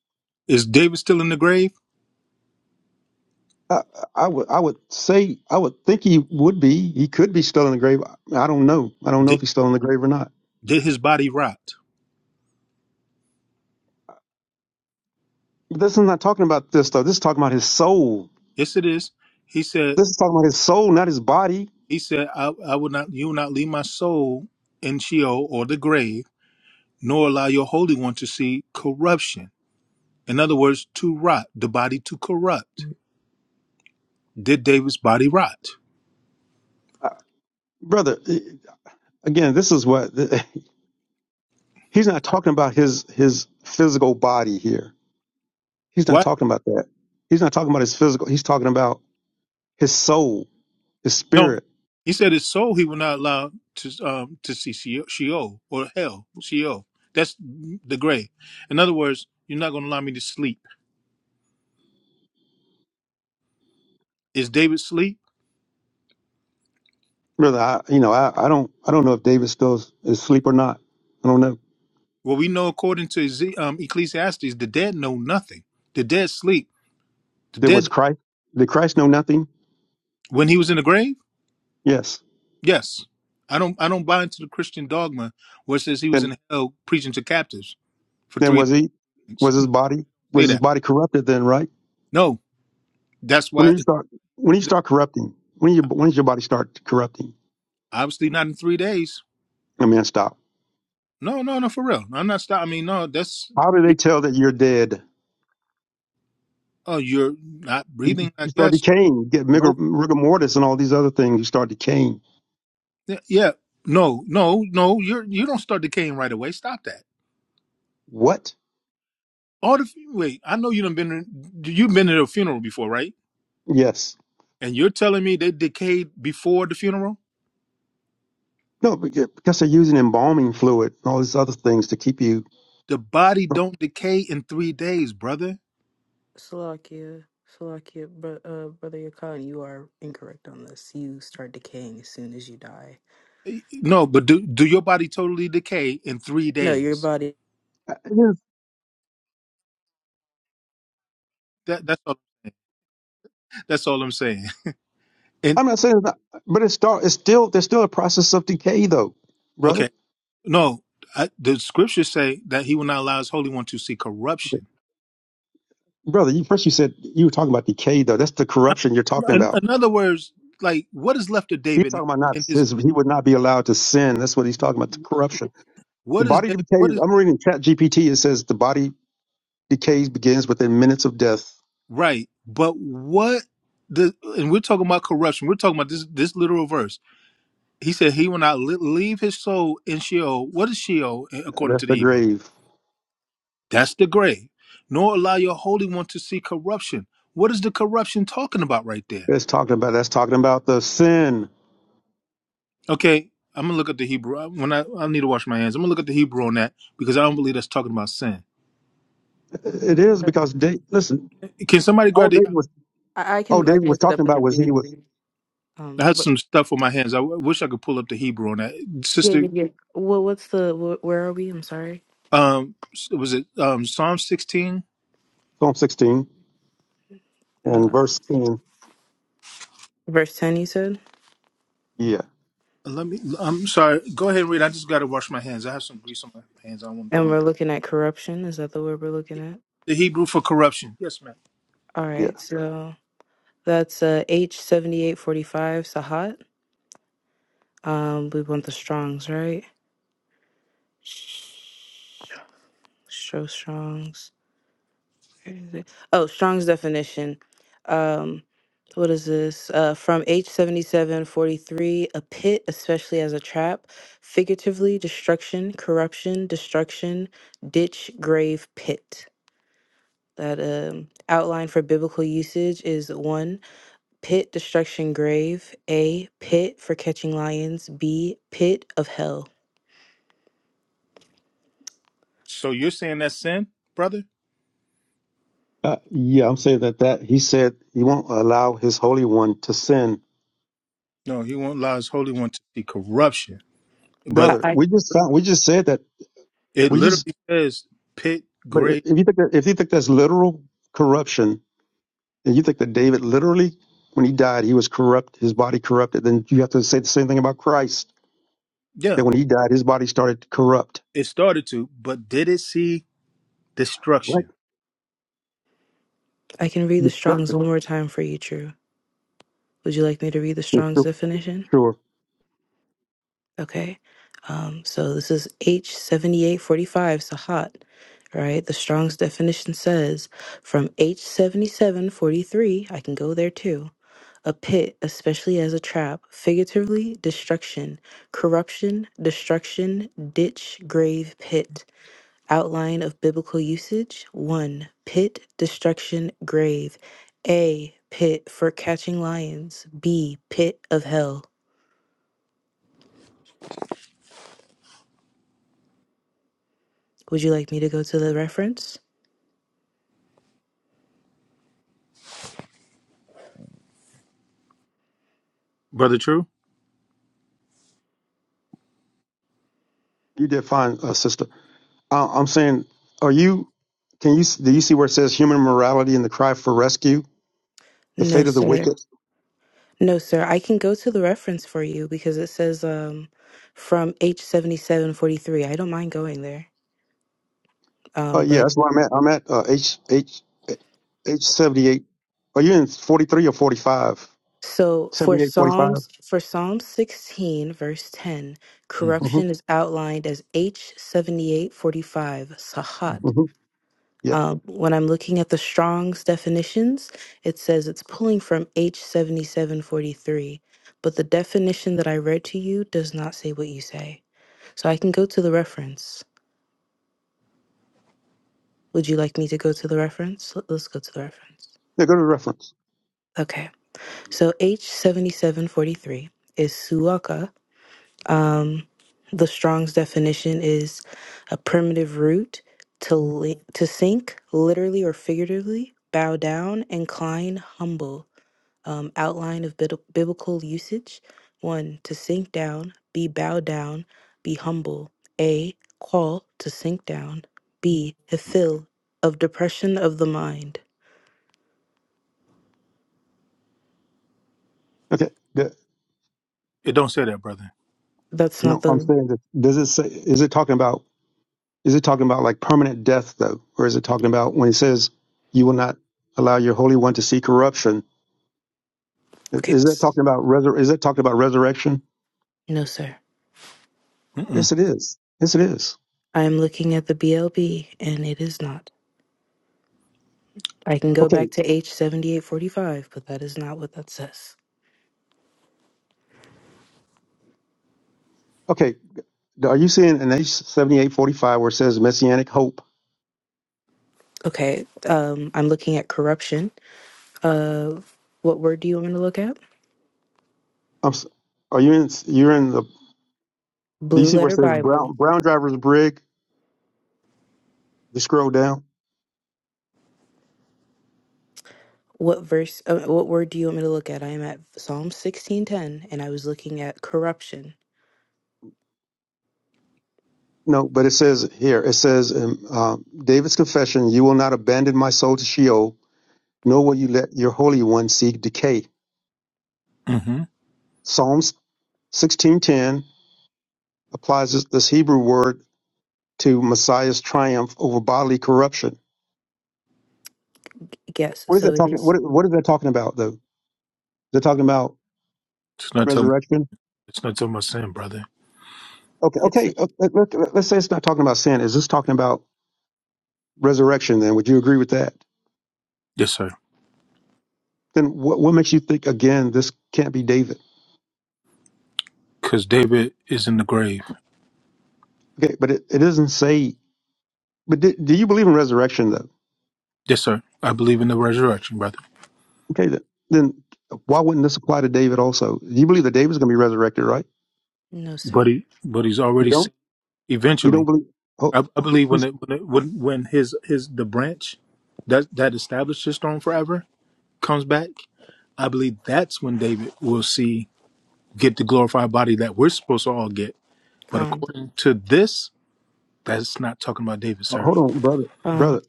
S15: Is David still in the grave?
S13: I, I would, I would say, I would think he would be. He could be still in the grave. I don't know. I don't know if
S15: Did
S13: he's still in the grave or not.
S15: did his body rot?
S13: But this is not talking about this though. This is talking about his soul.
S15: Yes, it is. He said
S13: This is talking about his soul, not his body,
S15: He said, I, I will not, you will not leave my soul in Sheol or the grave, nor allow your Holy One to see corruption. In other words, to rot, the body to corrupt. Did David's body rot?
S13: uh, brother. eh, Again, this is what he's not talking about his his physical body here. He's not
S15: What?
S13: talking about that. He's not talking about his physical. He's talking about his soul, his
S15: No.
S13: spirit,
S15: He said his soul he will not allow to, um, to see Sheol Sheol or hell, Sheol. That's the grave. In other words, you're not going to allow me to sleep. Is David sleep?
S13: brother. I, you know, I, I don't I don't know if David still is asleep or not. I don't know.
S15: Well, we know according to Eze- um, Ecclesiastes, the dead know nothing. The dead sleep. The
S13: There was
S15: dead,
S13: Christ. Did Christ know nothing?
S15: when he was in the grave,
S13: Yes.
S15: Yes. I don't I don't buy into the Christian dogma where it says he was
S13: Then
S15: in hell preaching to captives for
S13: then
S15: three
S13: was he
S15: days.
S13: was his
S15: No,
S13: body was
S15: say
S13: his
S15: that.
S13: body corrupted then? Right.
S15: No. That's
S13: When do
S15: why
S13: you start? When do you start corrupting? When do you when does your body start corrupting?
S15: obviously not in three days.
S13: I mean, stop.
S15: No, no, no, for real. I'm not stop I mean, no, that's
S13: How do they tell that you're dead?
S15: oh you're not
S13: You,
S15: breathing, I
S13: you start
S15: guess.
S13: decaying. You get rigor,
S15: No
S13: rigor mortis and all these other things. You start decaying.
S15: yeah. yeah. No, no, no, you're you don't start decaying right away. Stop that.
S13: What?
S15: All the wait, I know you done been you've been to a funeral before, right?
S13: Yes.
S15: And you're telling me they decayed before the funeral?
S13: No, yeah, because they're using embalming fluid and all these other things to keep you.
S15: The body don't decay in three days, brother.
S2: Slovakia, Slovakia, bro- uh, brother Yakan, you are incorrect on this. You start decaying as soon as you die.
S15: Eh, No, but do do your body totally decay in three
S2: No, your
S15: days?
S2: body.
S13: is-
S15: That that's all, that's all I'm saying. And
S13: I'm not saying, it's not, but it's start. It's still there's still a process of decay though, brother.
S15: okay, no, I, the scriptures say that He will not allow His Holy One to see corruption.
S13: Brother, you, first you said you were talking about decay though. That's the
S15: I-
S13: corruption you're talking
S15: In,
S13: about
S15: in other words, like what is left of
S13: He's
S15: David now
S13: talking about not
S15: in his
S13: his, he would not be allowed to sin. That's what he's talking about. The corruption. The
S15: what is
S13: body
S15: David, what
S13: decays.
S15: is
S13: I'm reading Chat GPT. It says the body decays begins within minutes of death.
S15: right? But what the and we're talking about corruption. We're talking about this this literal verse He said he will not li- leave his soul in Sheol. What is Sheol a- according to
S13: That's
S15: the
S13: the
S15: Hebrew?
S13: grave.
S15: That's the grave. Nor allow your Holy One to see corruption. What is the corruption talking about right there?
S13: That's talking about that's talking about the sin.
S15: Okay, I'm gonna look at the Hebrew. I- When I, I need to wash my hands, I'm gonna look at the Hebrew on that because I don't believe that's talking about sin.
S13: It is
S2: uh,
S13: because Da- listen,
S15: Can somebody
S13: all
S15: grab the?
S13: David was
S2: I, I
S13: all
S2: can I
S13: David
S2: can
S13: was
S2: look it up
S13: talking
S2: in
S13: about
S2: the
S13: was he was
S2: BRB.
S15: I
S2: Um,
S15: have
S2: what,
S15: some stuff on my hands. I w- wish I could pull up the Hebrew on that,
S2: yeah,
S15: sister.
S2: yeah, yeah. Well, what's the wh- where are we? I'm sorry.
S15: Um, s- was it um Psalm 16?
S13: Psalm 16 and
S2: Uh,
S13: verse 10.
S2: verse ten, you said.
S13: Yeah,
S15: Let me. I'm sorry. Go ahead and read. I just gotta wash my hands. I have some grease on my hands. I don't want to put
S2: And
S15: them. on.
S2: we're looking at corruption. Is that the word we're looking
S15: Yes.
S2: at?
S15: The Hebrew for corruption. Yes, ma'am.
S2: All
S13: yeah,
S2: right. So that's uh, H7845 Sahat. Um, we want the Strongs, right? Show Strongs. Where is it? Oh, Strong's definition. Um, what is this? Uh, from H7743, a pit, especially as a trap, figuratively, destruction, corruption, destruction, ditch, grave, pit. That um, outline for biblical usage is 1. Pit, destruction, grave. A. Pit for catching lions. B. Pit of hell.
S15: So you're saying that's sin, brother?
S13: uh, yeah. I'm saying that that he said he won't allow his holy one to sin,
S15: No, he won't allow his holy one to see corruption. But
S2: I,
S13: brother.
S2: I,
S13: We just found we just said that
S15: it
S13: we just
S15: literally says pit,
S13: But i-
S15: grave.
S13: if you think that, if you think that's literal corruption, and you think that David literally, when he died, he was corrupt, his body corrupted, then you have to say the same thing about Christ.
S15: Yeah,
S13: That when he died, his body started to corrupt.
S15: it started to, but did it see
S13: What
S15: destruction?
S2: I can read the Strong's
S13: destruction?
S2: one more time for you, True. Would you like me to read the
S13: Yes,
S2: Strong's
S13: Sure,
S2: definition?
S13: sure.
S2: Okay. Um, so this is H7845, Sahat, right? The Strong's definition says from H7743, I can go there too. A pit, especially as a trap, figuratively, destruction, corruption, destruction, ditch, grave, pit. Outline of biblical usage 1. Pit, destruction, grave. A. Pit for catching lions. B. Pit of hell. Would you like me to go to the reference?
S15: Brother True?
S13: you did fine, uh, sister. Uh, I'm saying, are you? Can you s- do you see where it says human morality and the cry for rescue, the
S2: No,
S13: fate of the
S2: sir.
S13: wicked?
S2: No, sir. I can go to the reference for you because it says um, from H7743. I don't mind going there.
S13: Uh,
S2: Um,
S13: yeah,
S2: but
S13: that's where I'm at. I'm at uh, H H H seventy eight. Are you in forty three or forty five?
S2: so for
S13: Seventy eight, forty five.
S2: Psalms, for Psalm 16, verse 10,
S15: Mhm.
S2: corruption is outlined as H7845, Sahat.
S13: Yeah.
S2: Uh, when I'm looking at the Strong's definitions, it says it's pulling from H7743, but the definition that I read to you does not say what you say. So I can go to the reference. Would you like me to go to the reference? Let- Let's go to the reference.
S13: Yeah. Go to the reference.
S2: Okay. So H7743 is suaka. Um, the Strong's definition is a primitive root to li- to sink, literally or figuratively, bow down, incline, humble. um, outline of bid- biblical usage. One, to sink down, be bowed down, be humble. A, call to sink down. B, hefil, of depression of the mind.
S13: Okay. The-
S15: It don't say that, brother.
S2: That's not
S13: no, I'm
S2: the.
S13: saying that does it say? Is it talking about? Is it talking about like permanent death though, or is it talking about when it says you will not allow your holy one to see corruption? i-
S2: Okay.
S13: Is that talking about resur- Is that talking about resurrection?
S2: No, sir.
S15: Mm-mm.
S13: Yes, it is. Yes, it is.
S2: I am looking at the BLB and it is not. I can go
S13: Okay.
S2: back to H7845, but that is not what that says.
S13: Okay. Are you seeing in H seventy eight forty five where it says messianic hope?
S2: Okay. Um, I'm looking at corruption. Uh, what word do you want me to look at?
S13: I'm, s- are you in? You're in the. Do you
S2: Blue
S13: see where it
S2: letter
S13: says
S2: Bible.
S13: brown brown driver's brig? You scroll down.
S2: What verse, uh, what word do you want me to look at? I am at Psalm 16:10 and I was looking at corruption.
S13: No, but it says here, it says in uh, David's confession, you will not abandon my soul to Sheol, nor will you let your Holy One see decay.
S15: Mm-hmm.
S13: Psalms 16.10 applies this, this Hebrew word to Messiah's triumph over bodily corruption.
S2: Yes,
S13: What is
S2: so
S13: that
S2: it
S13: talking,
S2: is
S13: what, what is that talking about, though? They're talking about
S15: It's not talking.
S13: resurrection?
S15: It's not talking about sin, brother.
S13: Okay,
S2: it's
S13: okay, uh, let, let, us say it's not talking about sin. Is this talking about resurrection, then? Would you agree with that?
S15: Yes, sir.
S13: Then what, what makes you think, again, this can't be David?
S15: Because David is in the grave.
S13: Okay, but it, it doesn't say But do, do you believe in resurrection, though?
S15: Yes, sir. I believe in the resurrection, brother.
S13: Okay, then, then why wouldn't this apply to David also? Do You believe that David's going to be resurrected, right?
S2: no sir.
S15: But he, but he's
S13: You
S15: already
S13: don't.
S15: seen.
S13: You don't
S15: Eventually,
S13: believe. Oh,
S15: I, I believe when
S13: he's,
S15: it, when, it, when when his his the branch that that established his throne forever comes back, I believe that's when David will see get the glorified body that we're supposed to all get. But
S2: Con.
S15: according to this, that's not talking about David,
S13: oh,
S15: sir.
S13: hold on, brother,
S2: Con.
S13: brother.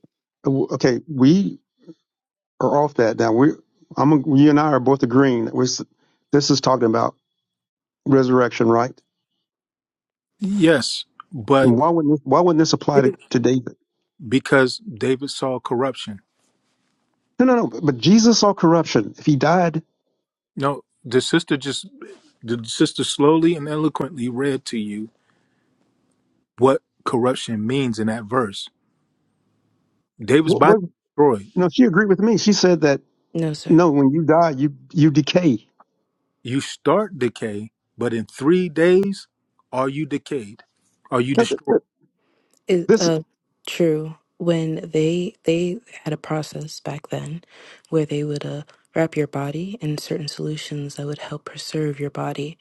S13: Oh, Okay, we are off that now. We, I'm, you and I are both agreeing that we're, s- this is talking about resurrection, right?
S15: Yes, but
S13: And why wouldn't this, why wouldn't this apply to, to David?
S15: because David saw corruption.
S13: No, no, no. But but Jesus saw corruption. If he died,
S15: No, the sister just the sister slowly and eloquently read to you what corruption means in that verse. David's
S13: what? what
S15: body destroyed.
S13: no, she agreed with me. She said that
S2: No sir.
S13: no, when you die, you you decay.
S15: You start decay, but in three days are you decayed? Are you
S13: No, th-
S15: destroyed?
S13: th-
S2: It,
S13: This
S2: uh true. When they they had a process back then where they would uh wrap your body in certain solutions that would help preserve your body.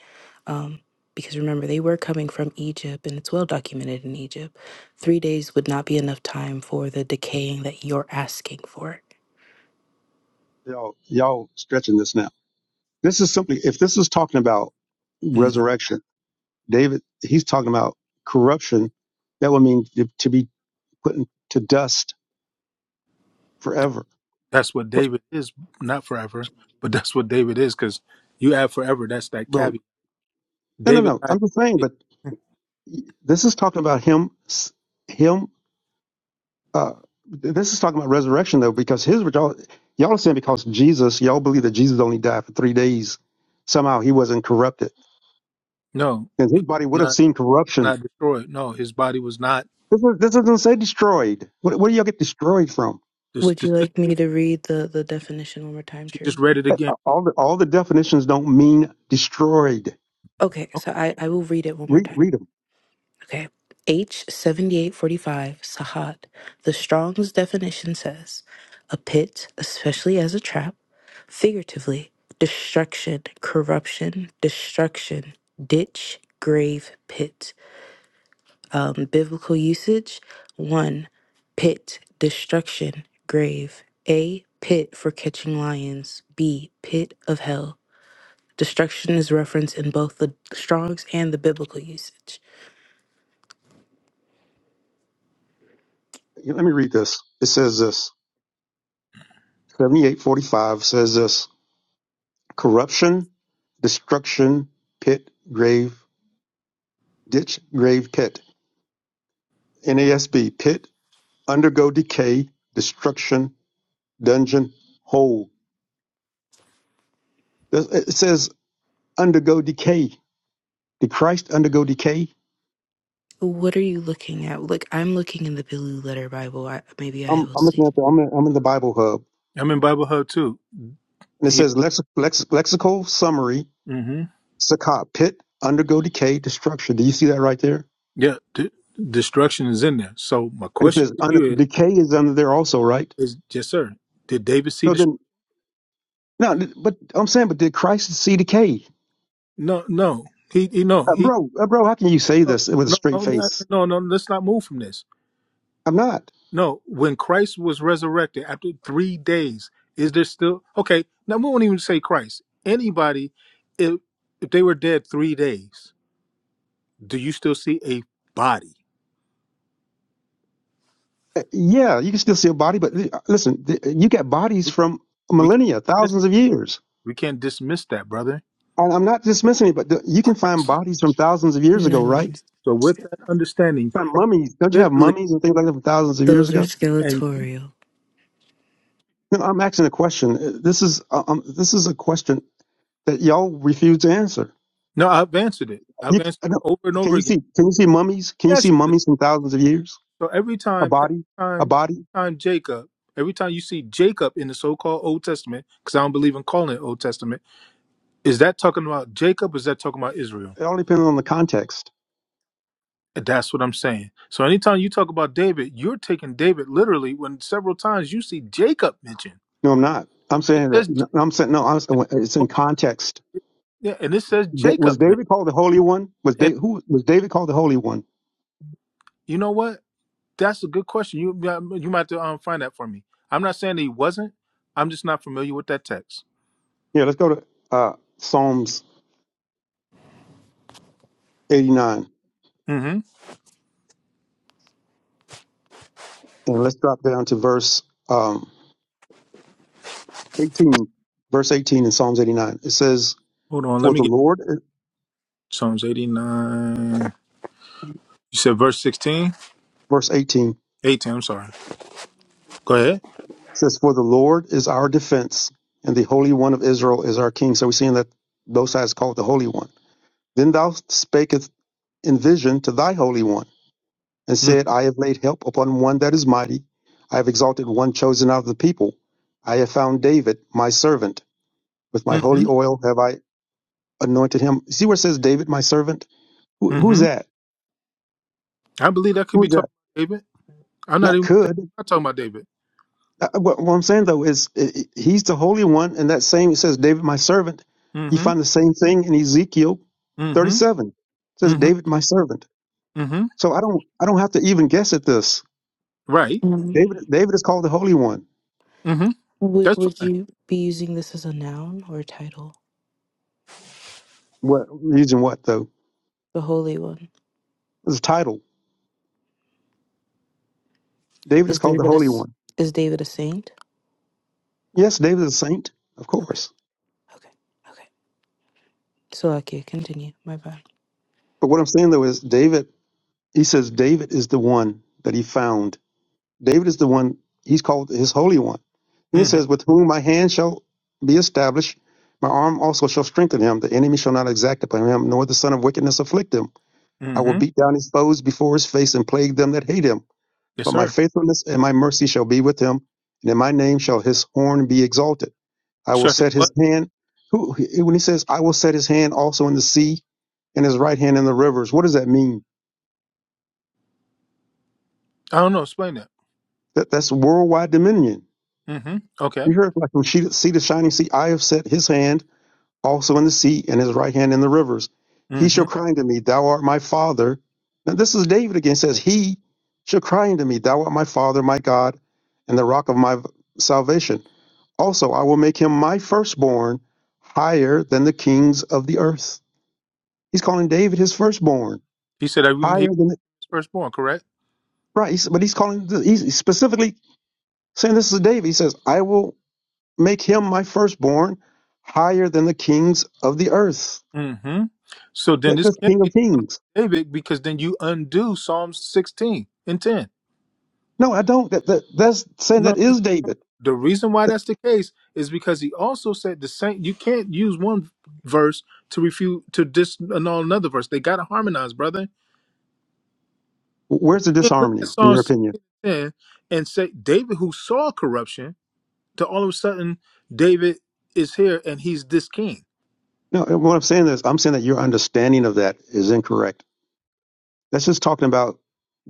S2: Um because remember they were coming from Egypt and it's well documented in Egypt. 3 days would not be enough time for the decaying that you're asking for
S13: y'all y'all stretching this now. This is simply if this is talking about
S15: Hmm.
S13: resurrection, David he's talking about corruption. That would mean to, to be put in, to dust forever,
S15: That's what David is, not forever, but that's what David is, because you add forever, that's that
S13: bro.
S15: caveat.
S13: No, no,
S15: David
S13: no.
S15: died.
S13: I'm just saying,
S15: in
S13: but
S15: faith.
S13: this is talking about him, s- him. Uh, this is talking about resurrection though, because his y'all y'all are saying because Jesus, y'all believe that Jesus only died for three days. Somehow he wasn't corrupted,
S15: No,
S13: and
S15: he
S13: his body
S15: was
S13: would have
S15: not
S13: seen corruption.
S15: not destroyed. No, his body was not.
S13: This, is, this doesn't say destroyed. What, what do y'all get destroyed from?
S15: This,
S2: Would you
S15: this, this-
S2: like me to read the, the definition one more time,
S15: she just
S2: True?
S15: read it again.
S13: all the all the definitions don't mean destroyed.
S2: Okay, so
S15: Okay,
S2: I, I will read it one more
S13: Read
S2: time.
S13: read them.
S2: Okay. H7845 Sahat. The Strong's definition says a pit, especially as a trap, figuratively, destruction, corruption, destruction, ditch, grave, pit. Um, biblical usage one, pit, destruction, grave. A, pit for catching lions. B, pit of hell. Destruction is referenced in both the Strong's and the biblical usage.
S13: Let me read this. It says this. Seventy eight forty five says this. Corruption, destruction, pit, grave, ditch, grave, pit. NASB pit, undergo decay, destruction, dungeon, hole. Does- It says undergo decay. Did Christ undergo decay?
S2: What are you looking at? Look, I'm looking in the Billy Letter Bible. I, maybe I
S13: I'm,
S2: will
S13: I'm
S2: see.
S13: looking at the I'm in, I'm in the Bible Hub,
S15: I'm in Bible Hub too.
S13: and it
S15: He,
S13: says lex, lex, lexical summary
S15: hmm
S13: Sakat, pit, undergo decay, destruction. Do you see that right there?
S15: yeah, d- destruction is in there. So my
S13: And it
S15: question
S13: says
S15: to
S13: un-
S15: you is.
S13: decay is under there also, right?
S15: Is yes, sir. Did David see
S13: So
S15: the?
S13: then, no, but I'm saying, but did Christ see decay?
S15: No, no. He, he no.
S13: Uh,
S15: He
S13: bro, uh, bro, how can you say
S15: no,
S13: this with a
S15: no,
S13: straight
S15: no, no,
S13: face?
S15: no. no, Let's not move from this.
S13: I'm not.
S15: No. When Christ was resurrected after three days, is there still okay? Now we won't even say Christ. Anybody, if if they were dead three days, do you still see a body?
S13: Uh, yeah, you can still see a body, but uh, listen, th- you got bodies
S15: We
S13: from
S15: we can't
S13: millennia,
S15: dismiss,
S13: thousands of years.
S15: we can't dismiss that, brother.
S13: And I'm not dismissing it, but th- you can find
S15: Christ.
S13: bodies from thousands of years
S2: No,
S13: ago,
S2: no, no.
S13: right?
S15: So with that understanding,
S13: Find
S15: Christ
S13: mummies. Don't you have
S15: literally
S13: mummies and things like that from thousands of years
S2: those are
S13: ago?
S15: and
S2: skeletorial.
S13: No, I'm asking a question. Uh, This is uh, um, this is a question that y'all refuse to answer.
S15: no, I've answered it. I've
S13: You c-
S15: answered
S13: I
S15: it
S13: don't-
S15: over and over
S13: can you
S15: again.
S13: see can you see mummies? Can you see
S15: Yes,
S13: mummies from thousands of years?
S15: So every
S13: A
S15: time, every
S13: body, a
S15: time, every
S13: body.
S15: time Jacob, every time you see Jacob in the so-called Old Testament, because I don't believe in calling it Old Testament, is that talking about Jacob? Or Is that talking about Israel?
S13: It all depends on the context.
S15: And That's what I'm saying. So anytime you talk about David, you're taking David literally when several times you see Jacob mentioned.
S13: No, I'm not. I'm
S15: It
S13: saying
S15: says,
S13: that. no,
S15: J-
S13: no, I'm saying no. I'm, saying it's in context.
S15: yeah, and it says
S13: That, was
S15: Jacob, man.
S13: David called the Holy One? Was da-
S15: And
S13: who was David called the Holy One?
S15: you know what? That's a good question. You you might have to um, find that for me. I'm not saying that he wasn't. I'm just not familiar with that text.
S13: Yeah, let's go to uh, Psalms 89
S15: hmm
S13: and let's drop down to verse um, 18. Verse 18 in Psalms 89. It says,
S15: Hold on. Let
S13: "For
S15: me
S13: the
S15: get.
S13: Lord."
S15: Psalms 89. You said verse 16?
S13: Verse 18.
S15: 18, I'm sorry. Go ahead.
S13: says, For the Lord is our defense, and the Holy One of Israel is our king. So we're seeing that both sides call it the Holy One. Then thou spakest in vision to thy Holy One, and said, I have laid help upon one that is mighty. I have exalted one chosen out of the people. I have found David, my servant. With my holy
S15: Mm,
S13: oil have I anointed him. See where it says David, my servant?
S15: hmm
S13: Who, who's
S15: hmm
S13: that?
S15: I believe that could be
S13: Who's that?
S15: talking about David. I'm not
S13: Not
S15: even I'm
S13: could.
S15: not talking about David.
S13: Uh, uh, What, what I'm saying though is i he's the Holy One, and that same it says David my servant. You
S15: mm
S13: find the same thing in Ezekiel
S15: hmm mm
S13: 37. It says
S15: hmm
S13: David my servant.
S15: hmm hmm
S13: So I don't I don't have to even guess at this.
S15: Right.
S2: Um,
S13: David David is called the Holy One.
S15: mm hmm
S2: would
S15: That's
S2: would
S15: fine.
S2: you be using this as a noun or a title?
S13: What using what though?
S2: The Holy One
S13: His title. David is
S2: is
S13: called the
S2: David a
S13: Holy
S2: s-
S13: One.
S2: is David a saint?
S13: Yes, David is a saint, of
S2: Okay,
S13: course.
S2: okay, okay. So okay, continue. My bad.
S13: But what I'm saying though is David. He says David is the one that he found. David is the one he's called his holy one. Then he
S15: mm
S13: says,
S15: hmm
S13: With whom my hand shall be established, my arm also shall strengthen him. The enemy shall not exact upon him, nor the son of wickedness afflict him. I
S15: mm
S13: will
S15: hmm
S13: beat down his foes before his face and plague them that hate him.
S15: Yes,
S13: But my
S15: sir.
S13: faithfulness and my mercy shall be with him, and in my name shall his horn be exalted. I will
S15: Shut his
S13: set his
S15: what?
S13: hand. Who, when he says, I will set his hand also in the sea and his right hand in the rivers, what does that mean?
S15: I don't know. Explain that.
S13: That, that's worldwide dominion
S15: mm hmm Okay.
S13: You heard like from sea sea to shining sea, I have set his hand also in the sea and his right hand in the rivers. He
S15: mm
S13: shall
S15: hmm
S13: cry unto me, Thou art my father. Now this is David again says, He shall cry unto me, Thou art my father, my God, and the rock of my salvation. Also I will make him my firstborn higher than the kings of the earth. He's calling David his firstborn,
S15: He said that he
S13: higher
S15: was
S13: than the,
S15: firstborn, correct?
S13: right, he's- but he's calling he's specifically saying this is David. He says, I will make him my firstborn higher than the kings of the earth.
S15: mm hmm So then
S13: That,
S15: this
S13: that's
S15: can't
S13: king of
S15: be
S13: kings.
S15: David because then you undo Psalms 16 and 10.
S13: No, I don't. That, that that's saying
S15: No.
S13: that is David.
S15: The reason why that's the case is because he also said the same. You can't use one verse to refute to dis annul another verse. They gotta harmonize, brother.
S13: Where's the
S15: You can't look at
S13: disharmony in
S15: Psalm
S13: your opinion?
S15: sixteen and ten and say David, who saw corruption, to all of a sudden David is here and he's this king.
S13: No, what I'm saying is I'm saying that your understanding of that is incorrect. That's just talking about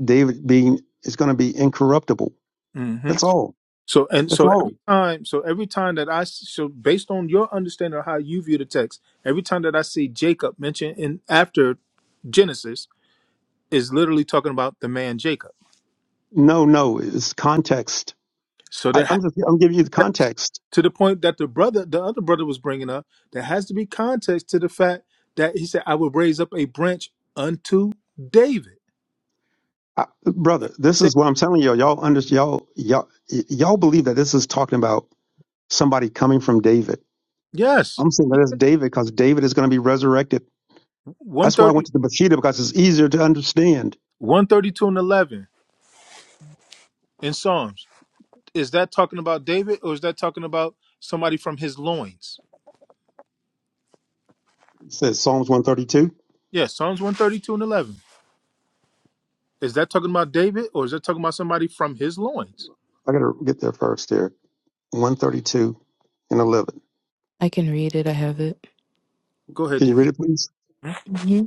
S13: David being is going to be incorruptible.
S15: hmm
S13: That's all.
S15: So and
S13: That's
S15: so
S13: all.
S15: every time, so every time that I s- so based on your understanding of how you view the text, every time that I see Jacob mentioned in after Genesis is literally talking about the man Jacob.
S13: No, no, it's context.
S15: So
S13: I,
S15: there
S13: I'm just I'm giving you the
S15: context
S13: context.
S15: to the point that the brother, the other brother was bringing up, there has to be context to the fact that he said, I will raise up a branch unto David.
S13: I,
S15: And
S13: brother,
S15: you
S13: this is
S15: said,
S13: what I'm telling you. Y'all under, y'all, y'all, y'all believe that this is talking about somebody coming from David.
S15: yes.
S13: I'm saying that
S15: He
S13: it's
S15: said
S13: David because David is going to be resurrected. That's why I went
S15: 130,
S13: to the Bathsheba because it's easier to understand.
S15: and 11 in Psalms. Is that talking about David or is that talking about somebody from his loins?
S13: It says Psalms 132.
S15: Yeah, Psalms 132 and 11. Is that talking about David or is that talking about somebody from his loins?
S13: I got to get there first here. 132 and 11.
S2: I can read it. I have it.
S15: Go ahead.
S13: Can you
S15: Dan.
S13: read it, please?
S2: hmm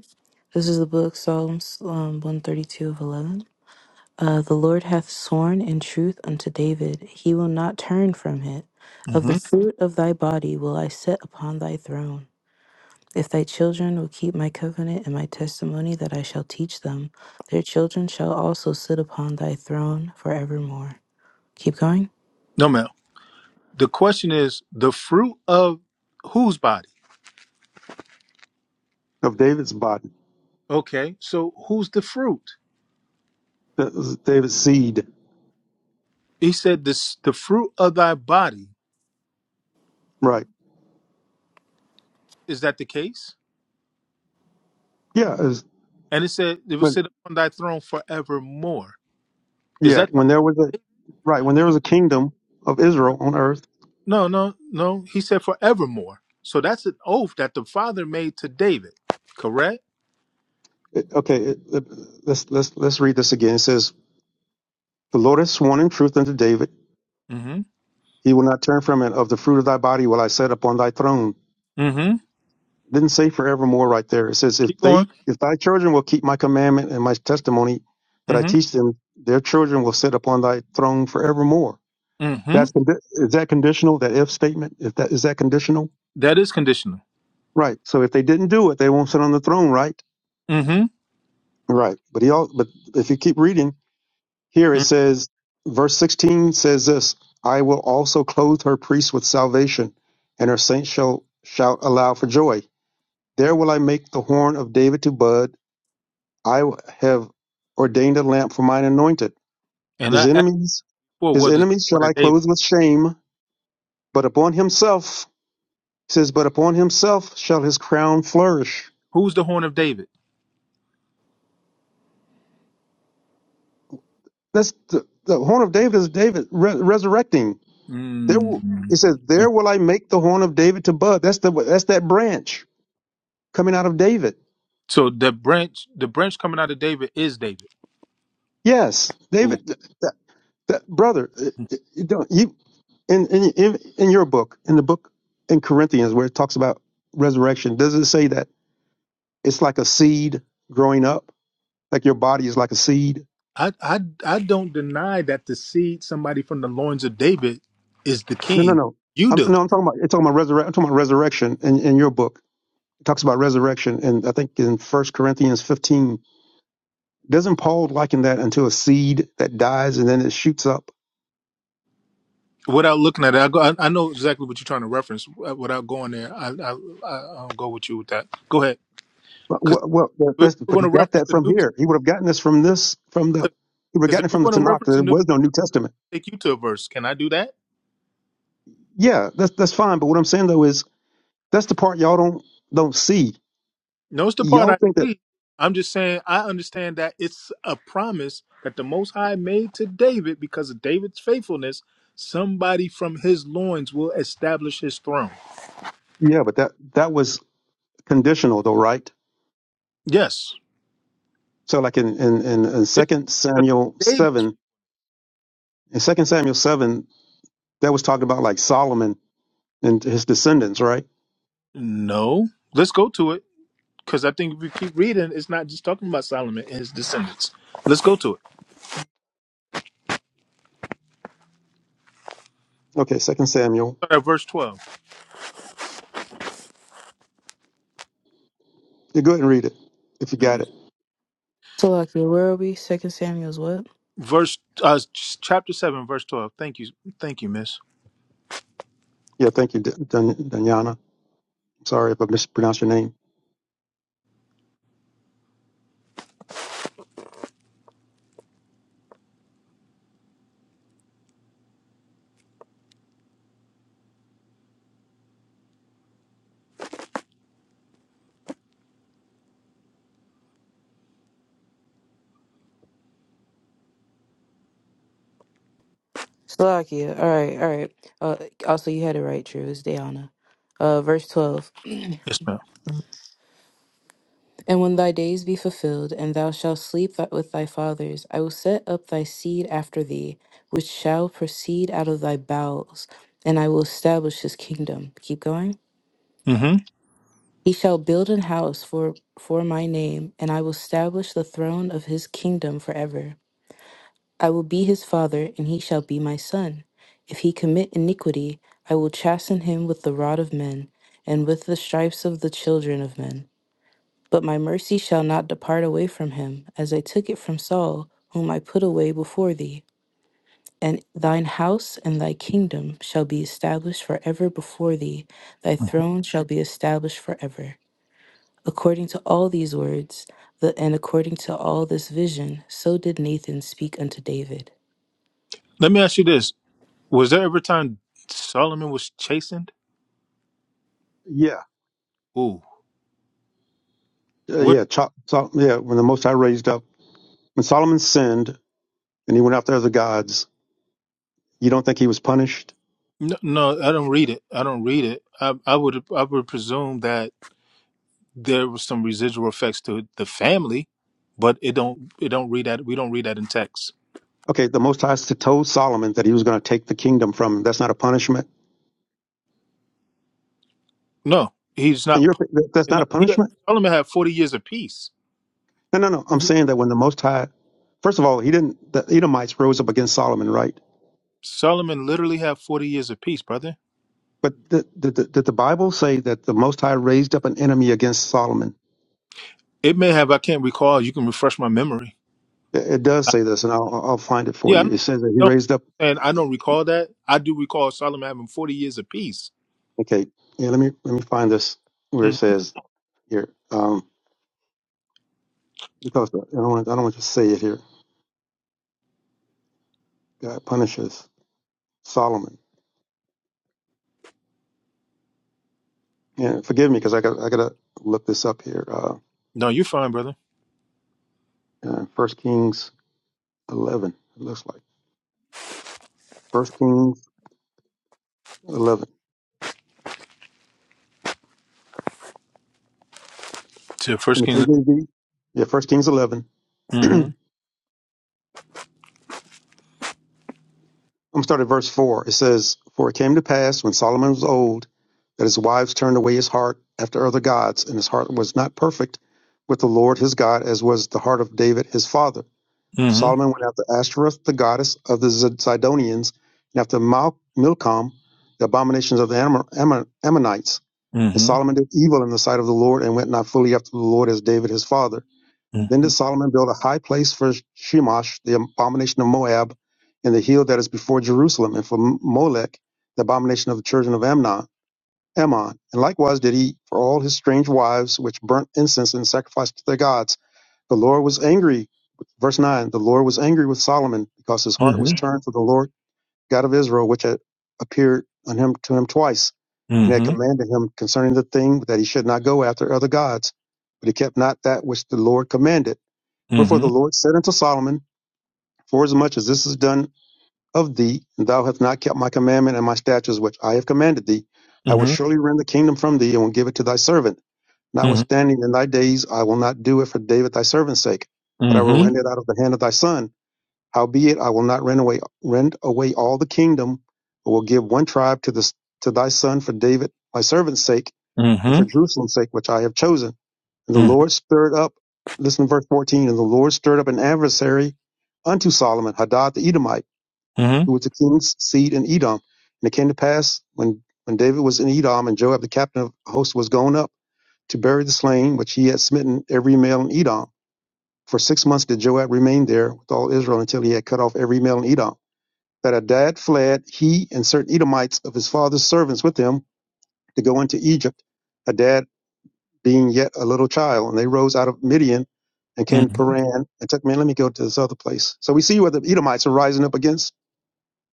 S2: This is the book, Psalms um, 132 of 11. Uh, the Lord hath sworn in truth unto David, he will not turn from it. Of the
S15: Mhm.
S2: fruit of thy body will I set upon thy throne. If thy children will keep my covenant and my testimony that I shall teach them, their children shall also sit upon thy throne forevermore. Keep going.
S15: No, ma'am. The question is the fruit of whose body?
S13: Of David's body,
S15: Okay, so who's the fruit?
S13: That was David's seed.
S15: He said, "This the fruit of thy body."
S13: Right.
S15: Is that the case?
S13: Yeah. it was-
S15: And it said, "It will
S13: when,
S15: sit upon thy throne forevermore." Is
S13: yeah.
S15: that
S13: When
S15: talking
S13: there
S15: about
S13: was a
S15: David?
S13: right when there was a kingdom of Israel on earth.
S15: no, no, no? He said, "Forevermore." So that's an oath that the Father made to David, correct?
S13: it- okay. It, it- let's let's let's read this again. It says, "The Lord has sworn in truth unto David."
S15: Mm-hmm.
S13: He will not turn from it. Of the fruit of thy body will I set upon thy throne.
S15: Mm-hmm.
S13: It Didn't say forevermore right there. It says, if
S15: Keep going.
S13: they, if thy children will keep my commandment and my testimony that I
S15: Mm-hmm.
S13: teach them, their children will sit upon thy throne forevermore.
S15: Mm-hmm.
S13: That's condi- is that conditional? That if statement? If that is that conditional?
S15: That is conditional.
S13: Right. So if they didn't do it, they won't sit on the throne, right?
S15: Mm-hmm.
S13: Right. But he all. But if you keep reading here, it
S15: hmm
S13: says, verse sixteen says this: I will also clothe her priests with salvation, and her saints shall shout aloud for joy. There will I make the horn of David to bud. I have ordained a lamp for mine anointed.
S15: And
S13: His
S15: I asked
S13: enemies,
S15: for
S13: his
S15: what is
S13: enemies
S15: the
S13: shall
S15: horn of
S13: I
S15: David?
S13: clothe with shame, but upon himself, he says, but upon himself shall his crown flourish.
S15: Who's the horn of David?
S13: That's the, the horn of David is David re- resurrecting. There, will,
S15: Mm-hmm.
S13: it says, there will I make the horn of David to bud. That's the that's that branch coming out of David.
S15: So the branch, the branch coming out of David is David.
S13: Yes,
S15: Ooh.
S13: David, that, that, brother, uh, uh, you don't- you- in in in, in your book, in the book in Corinthians where it talks about resurrection, does it say that it's like a seed growing up, like your body is like a seed?
S15: I, I I don't deny that the seed, somebody from the loins of David, is the
S13: No, no,
S15: king.
S13: no.
S15: You
S13: I'm
S15: do
S13: no, I'm talking about it's talking about resurrection. I'm talking about resurrection in, in your book. It talks about resurrection, and I think in First Corinthians 15, doesn't Paul liken that until a seed that dies and then it shoots up?
S15: without looking at it. I go. I, I know exactly what you're trying to reference uh, without going there. I I, I I'll go with you with that. Go ahead,
S13: Well,
S15: because
S13: well, well,
S15: we're
S13: that's, but
S15: going
S13: he
S15: to
S13: got
S15: reference
S13: that
S15: the
S13: from
S15: New
S13: here.
S15: Testament.
S13: He would have gotten this from this from the he would have
S15: Because
S13: gotten
S15: if
S13: it
S15: you
S13: from the
S15: want to
S13: Tanakh.
S15: reference
S13: There
S15: the New,
S13: was no New Testament.
S15: take you to a verse. Can I do that?
S13: Yeah, that's that's fine. But what I'm saying though is That's the part y'all don't don't see.
S15: No, it's the part
S13: Y'all
S15: I
S13: think that
S15: see. I'm just saying I understand that it's a promise that the Most High made to David because of David's faithfulness. Somebody from his loins will establish his throne.
S13: yeah, but that that was conditional though, right?
S15: Yes,
S13: So like in in in, in
S15: This
S13: Second Samuel
S15: David's.
S13: seven, in Second Samuel seven, that was talking about like Solomon and his descendants, right?
S15: No, let's go to it because I think if we keep reading, it's not just talking about Solomon and his descendants. Let's go to it.
S13: Okay, Second Samuel.
S15: Start at verse twelve.
S13: You go ahead and read it if you
S15: Let
S13: got it.
S15: me-
S2: So, like, where are we? Second Samuel's what?
S15: Verse uh, ch- chapter seven, verse twelve. Thank you, thank you, Miss
S13: Yeah, thank you, D- Dan- Danyana. Sorry if I mispronounced your name.
S2: Slovakia. All right, all right. Uh, also, you had it right, true. It's Diana. Uh, verse 12.
S15: Yes, madam
S2: and when thy days be fulfilled, and thou shalt sleep th- with thy fathers, I will set up thy seed after thee, which shall proceed out of thy bowels, and I will establish his kingdom. Keep going.
S15: Mm-hmm.
S2: He shall build an house for, for my name, and I will establish the throne of his kingdom forever. I will be his father, and he shall be my son. If he commit iniquity, I will chasten him with the rod of men, and with the stripes of the children of men. But my mercy shall not depart away from him, as I took it from Saul, whom I put away before thee. And thine house and thy kingdom shall be established forever before thee, thy
S15: Mm-hmm.
S2: throne shall be established forever. According to all these words, the, and according to all this vision, so did Nathan speak unto David.
S15: Let me ask you this: Was there ever a time Solomon was chastened?
S13: Yeah,
S15: Ooh,
S13: uh,
S15: what?
S13: yeah, Cho- Sol- yeah. When the Most High raised up, when Solomon sinned and he went after other gods, you don't think he was punished?
S15: No, no, I don't read it. I don't read it. I, I would, I would presume that there was some residual effects to the family, but it don't, it don't read that. We don't read that in text.
S13: Okay, the Most High told Solomon that he was going to take the kingdom from him. That's not a punishment.
S15: No, he's
S13: And
S15: not.
S13: you're
S15: pu-
S13: that's
S15: and,
S13: not
S15: uh,
S13: a
S15: Yeah,
S13: punishment.
S15: Solomon had forty years of peace.
S13: No, no, no. I'm
S15: When he-
S13: saying that when the Most High, first of all, he didn't. The Edomites rose up against Solomon, right?
S15: Solomon literally had forty years of peace, brother.
S13: But did, did, did did the Bible say that the Most High raised up an enemy against Solomon?
S15: It may have. I can't recall. You can refresh my memory.
S13: It, it does
S15: I,
S13: say this, and I'll, I'll I'll find it for
S15: yeah, I'm
S13: you.
S15: not.
S13: It says that he
S15: Don't.
S13: raised up.
S15: And I don't recall that. I do recall Solomon having forty years of peace.
S13: Okay, yeah. Let me let me find this where
S15: Mm-hmm.
S13: it says here, um, because I don't want I don't want to say it here. God punishes Solomon. Yeah, forgive me because I got I gotta look this up here. Uh,
S15: No, you're fine, brother.
S13: uh, First Kings eleven, it looks like First Kings eleven
S15: To
S13: in
S15: First
S13: the
S15: Kings.
S13: KJV. Yeah, First Kings eleven.
S15: Mm-hmm.
S13: I'm gonna start at verse four. It says, "For it came to pass when Solomon was old, that his wives turned away his heart after other gods, and his heart was not perfect with the Lord his God, as was the heart of David his father.
S15: Mm-hmm.
S13: Solomon went after Ashtoreth, the goddess of the Zid- Zidonians, and after Mal- Milcom, the abominations of the Ammon- Ammon- Ammonites." And
S15: Mm-hmm.
S13: Solomon did evil in the sight of the Lord and went not fully after the Lord as David his father. Then did
S15: Mm-hmm.
S13: Solomon build a high place for Shemash, the abomination of Moab, in the hill that is before Jerusalem, and for Molech, the abomination of the children of Amnon. Ammon. And likewise did he for all his strange wives, which burnt incense and sacrificed to their gods. The Lord was angry. Verse 9 The Lord was angry with Solomon because his heart was
S15: Mm-hmm.
S13: turned to the Lord God of Israel, which had appeared on him to him twice, and had
S15: Mm-hmm.
S13: commanded him concerning the thing that he should not go after other gods. But he kept not that which the Lord commanded. Wherefore the
S15: Mm-hmm.
S13: Lord said unto Solomon, Forasmuch as this is done of thee, and thou hast not kept my commandment and my statutes which I have commanded thee, I will
S15: Mm-hmm.
S13: surely rend the kingdom from thee and will give it to thy servant.
S15: Mm-hmm.
S13: Notwithstanding, in thy days I will not do it for David thy servant's sake, but I will
S15: Mm-hmm.
S13: rend it out of the hand of thy son. Howbeit I will not rend away rend away all the kingdom, but will give one tribe to this to thy son for David my servant's sake, and for
S15: Mm-hmm.
S13: Jerusalem's sake which I have chosen. And the Lord stirred up listen to verse fourteen, and the Lord stirred up an adversary unto Solomon, Hadad the Edomite,
S15: Mm-hmm.
S13: who was the king's seed in Edom. And it came to pass when when David was in Edom and Joab the captain of the host was gone up to bury the slain which he had smitten every male in Edom. For six months did Joab remain there with all Israel until he had cut off every male in Edom that Hadad fled, he and certain Edomites of his father's servants with him, to go into Egypt, Hadad being yet a little child. And they rose out of Midian and came to
S15: mm-hmm.
S13: Paran and took, man, let me go to this other place. So we see where the Edomites are rising up against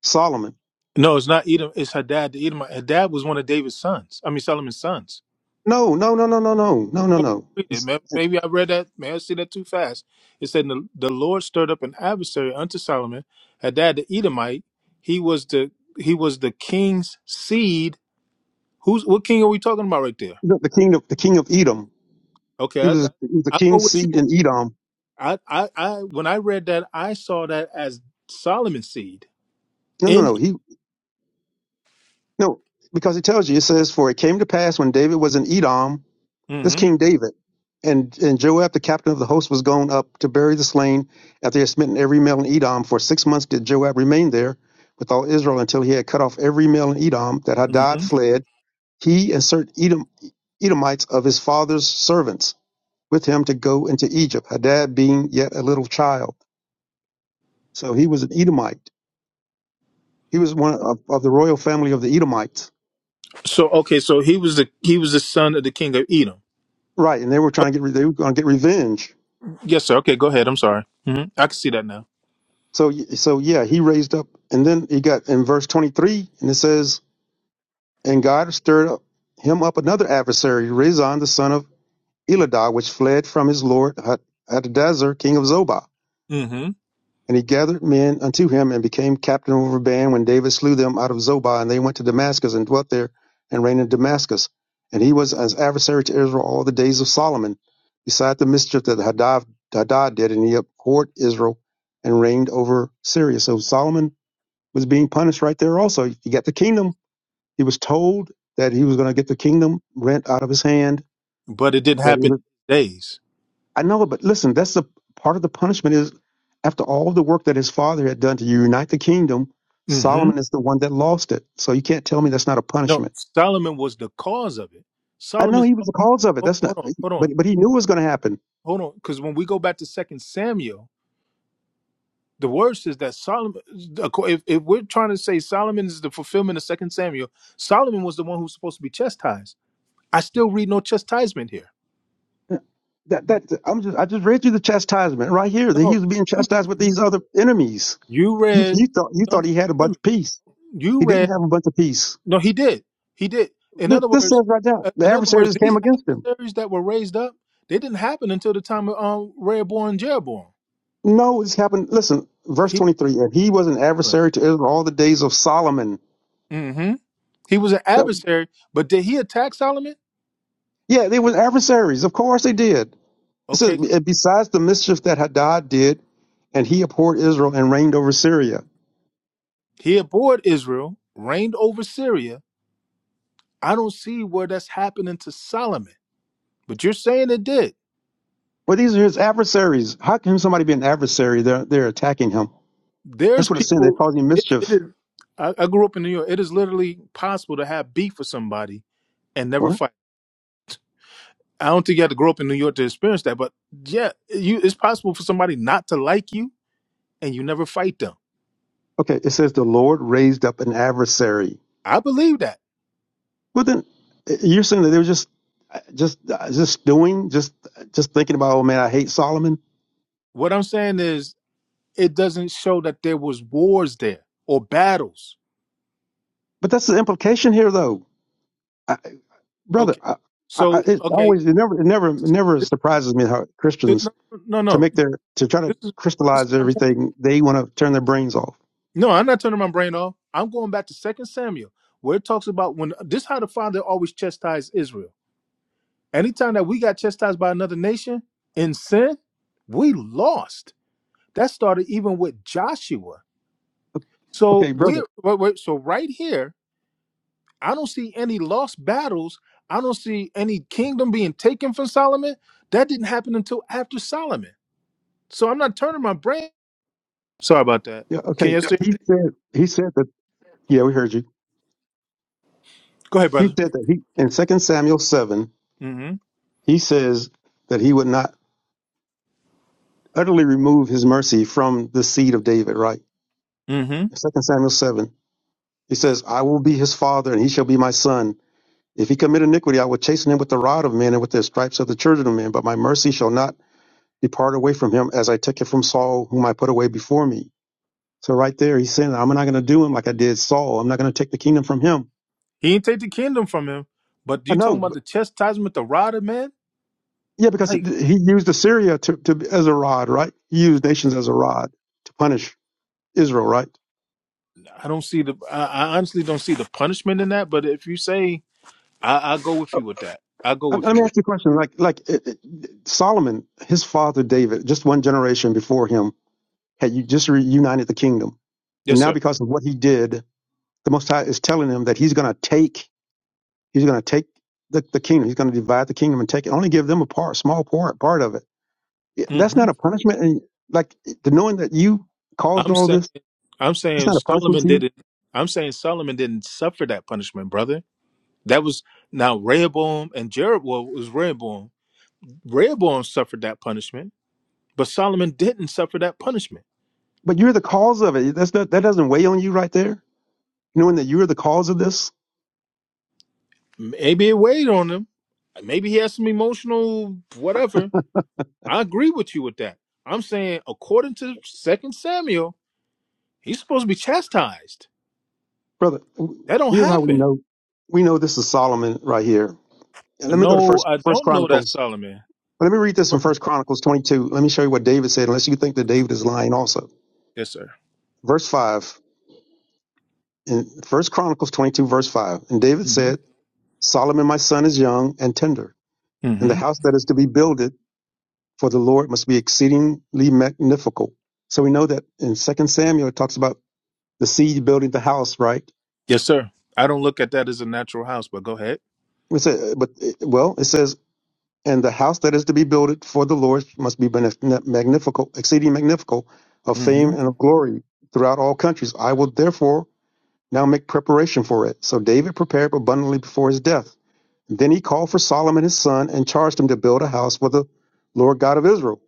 S13: Solomon.
S15: No, it's not Edom. It's Hadad. The Edomite. Hadad was one of David's sons. I mean Solomon's sons.
S13: No, no, no, no, no, no, no, no,
S15: Go back
S13: no.
S15: and read it.
S13: It's
S15: May- Maybe I read that. May I see that too fast? It said the, the Lord stirred up an adversary unto Solomon. Hadad the Edomite. He was the he was the king's seed. Who's what king are we talking about right there?
S13: The the king of the king of Edom.
S15: Okay,
S13: He
S15: I, I,
S13: was, he was the
S15: I'll go
S13: king's
S15: with you
S13: seed
S15: on
S13: in Edom.
S15: I, I, I when I read that, I saw that as Solomon's seed.
S13: No, no,
S15: In
S13: no. He no, because it tells you, it says, For it came to pass when David was in Edom This
S15: hmm
S13: King David. And and Joab, the captain of the host, was gone up to bury the slain after he had smitten every male in Edom. For six months did Joab remain there with all Israel until he had cut off every male in Edom that Hadad
S15: hmm
S13: fled, he and certain Edom, Edomites of his father's servants with him to go into Egypt, Hadad being yet a little child. So he was an Edomite. He was one of, of the royal family of the Edomites.
S15: so okay, so he was the he was the son of the king of Edom.
S13: Right, and they were
S15: Okay,
S13: trying to get re- they were going to get revenge
S15: yes, sir. Okay, go ahead. I'm sorry. hmm I can see that now.
S13: So so yeah, he raised up, and then he got in verse twenty three, and it says, "And God stirred up him up another adversary, Rezon the son of Eladah, which fled from his lord Had- Hadadezer, king of Zobah,
S15: hmm
S13: and he gathered men unto him and became captain over a band. When David slew them out of Zobah, and they went to Damascus and dwelt there and reigned in Damascus, and he was as adversary to Israel all the days of Solomon, beside the mischief that Hadad, Hadad did, and he abhorred Israel and reigned over Syria. So Solomon was being punished right there also. He got the kingdom. He was told that he was going to get the kingdom rent out of his hand.
S15: But it didn't
S13: That he
S15: happen
S13: was,
S15: in his days.
S13: I know but listen, that's the part of the punishment is after all the work that his father had done to unite the kingdom,
S15: hmm
S13: Solomon is the one that lost it. So you can't tell me that's not a
S15: No,
S13: punishment.
S15: Solomon was the cause of it.
S13: I know
S15: Solomon.
S13: he was the cause of it.
S15: Hold on,
S13: That's not,
S15: hold on, hold
S13: but
S15: on,
S13: but he knew it was going to happen.
S15: hold on. Because when we go back to Second Samuel, the word says that Solomon. acco- If, if we're trying to say Solomon is the fulfillment of Second Samuel, Solomon was the one who's supposed to be chastised. I still read no chastisement here.
S13: That that I'm just I just read you the chastisement right here that he
S15: No,
S13: was being chastised with
S15: you,
S13: these other enemies.
S15: you
S13: You
S15: read.
S13: you thought you thought
S15: Don't
S13: he had a
S15: hear
S13: bunch
S15: me.
S13: of peace.
S15: You
S13: He didn't
S15: read.
S13: have a bunch of peace.
S15: No, he did. He did. In
S13: This,
S15: other
S13: this
S15: words,
S13: says right
S15: uh,
S13: there, the
S15: in other words,
S13: adversaries came
S15: these
S13: against him.
S15: adversaries that were raised up, they didn't happen until the time of um, Rehoboam and Jeroboam.
S13: No, this happened. Listen, verse
S15: He,
S13: 23. And he was an adversary to Israel all the days of Solomon.
S15: hmm he was an
S13: That-
S15: adversary, but did he attack Solomon?
S13: yeah, they were adversaries. Of course they did. It says,
S15: Okay,
S13: "And besides the mischief that Hadad did, and he abhorred Israel and reigned over Syria.
S15: he abhorred Israel, reigned over Syria. I don't see where that's happening to Solomon, but you're saying it did.
S13: Well, these are his adversaries. How can somebody be an adversary? They're, they're attacking him. That's
S15: There's
S13: what it's saying. They're
S15: people.
S13: causing
S15: It, it
S13: mischief.
S15: is. I, I grew up in New York. It is literally possible to have beef with somebody and never
S13: What?
S15: fight. I don't think you had to grow up in New York to experience that, but yeah, you it's possible for somebody not to like you and you never fight them.
S13: Okay, it says the Lord raised up an adversary
S15: I believe that.
S13: Well, then uh, you're saying that they were just, uh, just, uh, just doing, just, just thinking about. Oh man, I hate Solomon.
S15: What I'm saying is it doesn't show that there was wars there or battles.
S13: But that's the implication here, though, I, brother.
S15: Okay.
S13: I, I, I-
S15: So
S13: it
S15: okay,
S13: always, it never, it never, it
S15: this,
S13: never
S15: this,
S13: surprises me how
S15: this-
S13: Christians
S15: no no no.
S13: to
S15: no.
S13: make their to try to
S15: This is this is
S13: crystallize
S15: my point.
S13: everything. They want to turn their brains off.
S15: No, I'm not turning my brain off. I'm going back to Second Samuel, where it talks about when this how the father always chastised Israel. Anytime that we got chastised by another nation in sin, we lost. That started even with Joshua. So
S13: Okay, brother.
S15: we wait, wait, so right here, I don't see any lost battles. I don't see any kingdom being taken from Solomon. That didn't happen until after Solomon. So I'm not turning my brain. Sorry about that.
S13: Yeah,
S15: Can
S13: okay.
S15: you see me?
S13: He said he said that yeah, we heard you.
S15: Go ahead,
S13: He
S15: brother.
S13: said that he in Second Samuel seven,
S15: Mm-hmm.
S13: he says that he would not utterly remove his mercy from the seed of David, right?
S15: Mm-hmm.
S13: In Second Samuel seven, he says, I will be his father and he shall be my son. If he commit iniquity, I will chasten him with the rod of men and with the stripes of the children of men, but my mercy shall not depart away from him as I took it from Saul, whom I put away before me. So right there he's saying, I'm not gonna do him like I did Saul. I'm not gonna take the kingdom from him.
S15: He ain't take the kingdom from him. But
S13: I
S15: you talking
S13: know.
S15: about the chastisement, the rod of man?
S13: Yeah, because
S15: Like,
S13: he used Assyria to, to as a rod, right? He used
S15: Okay.
S13: nations as a rod to punish Israel, right?
S15: I don't see the. I, I honestly don't see the punishment in that. But if you say, I, I go with
S13: Uh,
S15: you with that. I go
S13: Let
S15: with
S13: let
S15: you
S13: me
S15: with.
S13: ask you a question. Like, like it, it, Solomon, his father David, just one generation before him, had you just reunited the kingdom, and
S15: Yes,
S13: now
S15: sir.
S13: because of what he did, the Most High is telling him that he's going to take, he's going to take the, the kingdom, he's going to divide the kingdom and take it, only give them a part, small part, part of it. It- That's
S15: hmm
S13: not a punishment, and like the knowing that you caused
S15: I'm
S13: all
S15: saying.
S13: this,
S15: I'm
S13: it's
S15: saying
S13: not a punishment
S15: Solomon
S13: to you
S15: didn't. I'm saying Solomon didn't suffer that punishment, brother. That was now Rehoboam and Jeroboam well, it was Rehoboam. Rehoboam suffered that punishment, but Solomon didn't suffer that punishment.
S13: But you're the cause of it. That's not, that doesn't weigh on you right there, knowing that you're the cause of this,
S15: Maybe it weighed on him. Maybe he has some emotional whatever. I agree with you with that. I'm saying according to Second Samuel, he's supposed to be chastised.
S13: brother.
S15: That don't
S13: Here's how we
S15: happen.
S13: know. We know this is Solomon right here. And let me go to
S15: No,
S13: first
S15: I
S13: First
S15: don't know that
S13: Chronicles.
S15: Solomon.
S13: Let me read this in First Chronicles 22. Let me show you what David said, unless you think that David is lying also.
S15: yes, sir.
S13: Verse five in First Chronicles 22, verse five. And David
S15: hmm
S13: said, Solomon, my son, is young and tender, and the
S15: hmm
S13: house that is to be builded for the Lord must be exceedingly magnificent. So we know that in Second Samuel, it talks about the seed building the house, right?
S15: Yes, sir. I don't look at that as a natural house, but go ahead.
S13: We say, but well, it says, and the house that is to be built for the Lord must be magnif- magnifical, exceeding magnifical, of fame
S15: hmm
S13: and of glory throughout all countries. I will therefore now make preparation for it. So David prepared abundantly before his death. Then he called for Solomon his son and charged him to build a house for the Lord God of Israel.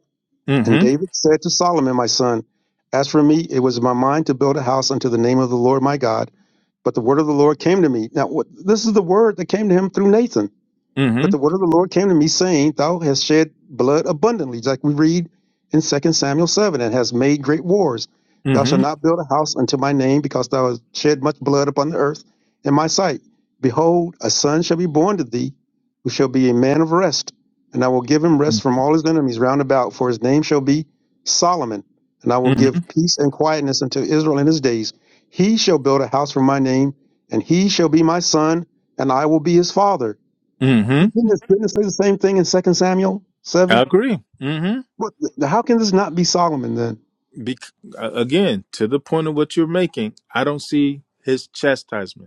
S13: And
S15: hmm
S13: David said to Solomon, my son, As for me, it was my mind to build a house unto the name of the Lord my God But the word of the Lord came to me. Now, what, this is the word that came to him through Nathan.
S15: hmm
S13: But the word of the Lord came to me, saying, Thou hast shed blood abundantly, just like we read in Second Samuel 7, and hast made great wars. Thou
S15: hmm
S13: shalt not build a house unto my name, because thou hast shed much blood upon the earth in my sight. Behold, a son shall be born to thee, who shall be a man of rest, and I will give him rest from all his enemies round about, for his name shall be Solomon, and I will
S15: Mm-hmm.
S13: give peace and quietness unto Israel in his days. He shall build a house for my name, and he shall be my son, and I will be his father
S15: hmm
S13: didn't this, didn't it say the same thing in Second Samuel
S15: I
S13: seven?
S15: agree. hmm
S13: What? How can this not be Solomon then?
S15: Bec- uh, again, to the point of what you're making, I don't see his chastisement.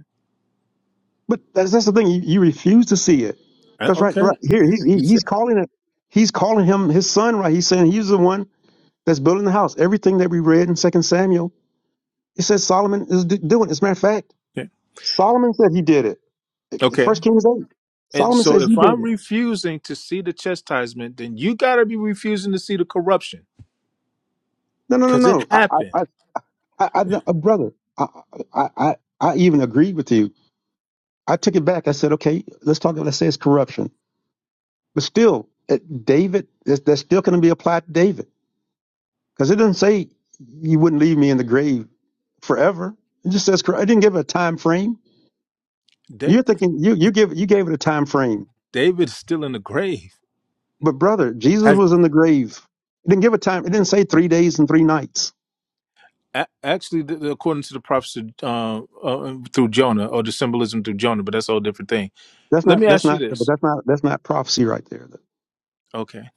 S13: But that's, that's the thing. You, you refuse to see it
S15: Uh,
S13: because right,
S15: Okay.
S13: right here he's
S15: You
S13: he, he's
S15: said
S13: calling it. He's calling him his son. Right? He's saying he's the one that's building the house. Everything that we read in Second Samuel, it says Solomon is d- doing. As a matter of fact,
S15: okay.
S13: Solomon said he did it.
S15: Okay.
S13: First Kings eight.
S15: And
S13: Solomon
S15: so
S13: says he
S15: if
S13: did
S15: I'm
S13: it.
S15: refusing to see the chastisement, then you got to be refusing to see the corruption
S13: No, no, no,
S15: because it
S13: no. I, I,
S15: happened.
S13: I, I, I no, uh, brother. I, I, I I even agreed with you. I took it back. I said, okay, let's talk. Let's say it's corruption. But still, it, David, that's, that's still going to be applied to David because it doesn't say you wouldn't leave me in the grave forever. It just says I didn't give it a time frame.
S15: Da-
S13: You're thinking you you give you gave it a time frame,
S15: David is still in the grave.
S13: but brother, Jesus
S15: Has
S13: was in the grave. It didn't give a time. It didn't say three days and three nights.
S15: a- actually, th- according to the prophecy uh, uh, um, through Jonah or the symbolism through Jonah, but that's a whole different thing.
S13: That's
S15: Let
S13: not
S15: me
S13: that's
S15: ask you
S13: not but
S15: this.
S13: that's not that's not prophecy right there.
S15: Okay.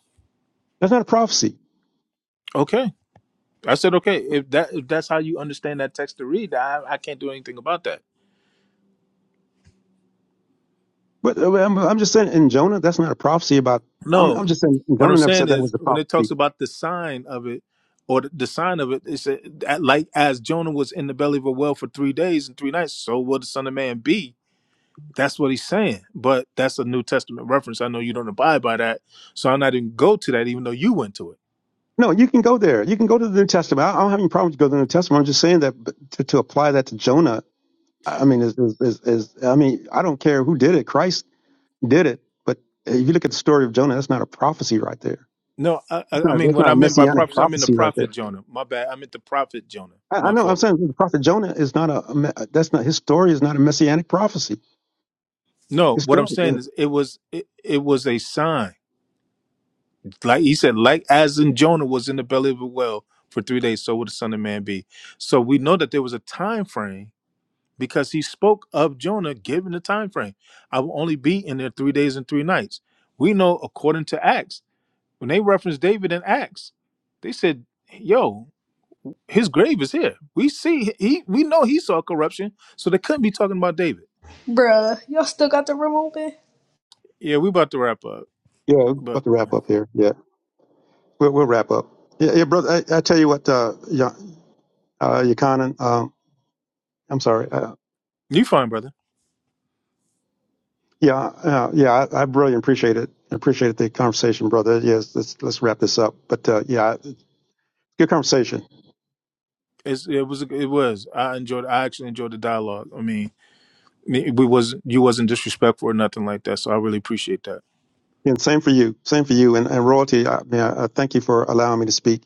S13: That's not a prophecy.
S15: Okay. I said okay. If that if that's how you understand that text to read, I, I can't do anything about that.
S13: But uh, I'm, I'm just saying in Jonah, that's not a prophecy about. I'm,
S15: No,
S13: I'm just saying
S15: what I'm
S13: Jonah never
S15: saying
S13: said that
S15: is
S13: was a
S15: when it
S13: prophecy.
S15: talks about the sign of it, or the the sign of it, it's a, that like as Jonah was in the belly of a whale for three days and three nights, so will the Son of Man be. That's what he's saying. But that's a New Testament reference. I know you don't abide by that, so I'm not even go to that, even though you went to it.
S13: No, you can go there. You can go to the New Testament. I I don't have any problem to go to the New Testament. I'm just saying that but to, to apply that to Jonah, I I mean, is, is, is, is I mean, I don't care who did it. Christ did it. But if you look at the story of Jonah, that's not a prophecy right there.
S15: No, I,
S13: It's
S15: I I
S13: not.
S15: mean
S13: That's
S15: what
S13: not a
S15: I meant by
S13: messianic
S15: prophets, I mean the
S13: prophecy right there.
S15: prophet Jonah. My bad. I meant the prophet Jonah.
S13: I, I
S15: My
S13: know. I'm
S15: fault.
S13: saying the prophet Jonah is not a. a me- That's not his story. Is not a messianic prophecy.
S15: No,
S13: His
S15: what I'm
S13: story. Yeah.
S15: saying is it was it, it was a sign Like he said, like as in Jonah was in the belly of a whale for three days, so would the Son of Man be. So we know that there was a time frame because he spoke of Jonah given the time frame. I will only be in there three days and three nights. We know according to Acts, when they reference David in Acts, they said, Yo, his grave is here. We see he we know he saw corruption, so they couldn't be talking about David.
S5: Bruh, y'all still got the room open?
S15: Yeah, we about to wrap up.
S13: yeah we're
S15: But
S13: about to wrap up here. Yeah. We'll, we'll wrap up. Yeah, yeah brother. I, I tell you what, uh, Ya- uh, Yakanan, um, I'm sorry. uh,
S15: you fine, brother.
S13: Yeah, uh, yeah, I, I really appreciate it. Appreciate the conversation, brother. Yes, let's let's wrap this up. But uh, yeah, good conversation.
S15: It's, it was it was. I enjoyed I actually enjoyed the dialogue. I mean we was you wasn't disrespectful or nothing like that. So I really appreciate that.
S13: And same for you. Same for you. And, and royalty. I, mean, I, I thank you for allowing me to speak.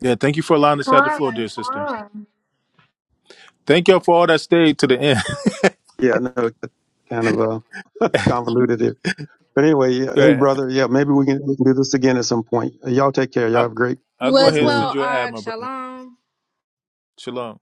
S15: Yeah, thank you for allowing us to have the
S5: Con,
S15: floor, dear sister.
S5: con.
S15: Thank y'all for all that stayed to the end.
S13: Yeah, I know it kind of uh, convoluted here. But anyway, yeah, hey,
S15: yeah,
S13: brother. Yeah, maybe we can we can do this again at some point. Y'all take care. Y'all
S15: I,
S13: have a great
S15: I'll
S5: You
S15: go
S5: as
S15: ahead and
S13: afternoon.
S15: send
S5: well,
S15: you an ad,
S5: Ak.
S15: my brother.
S5: Shalom.
S15: Shalom.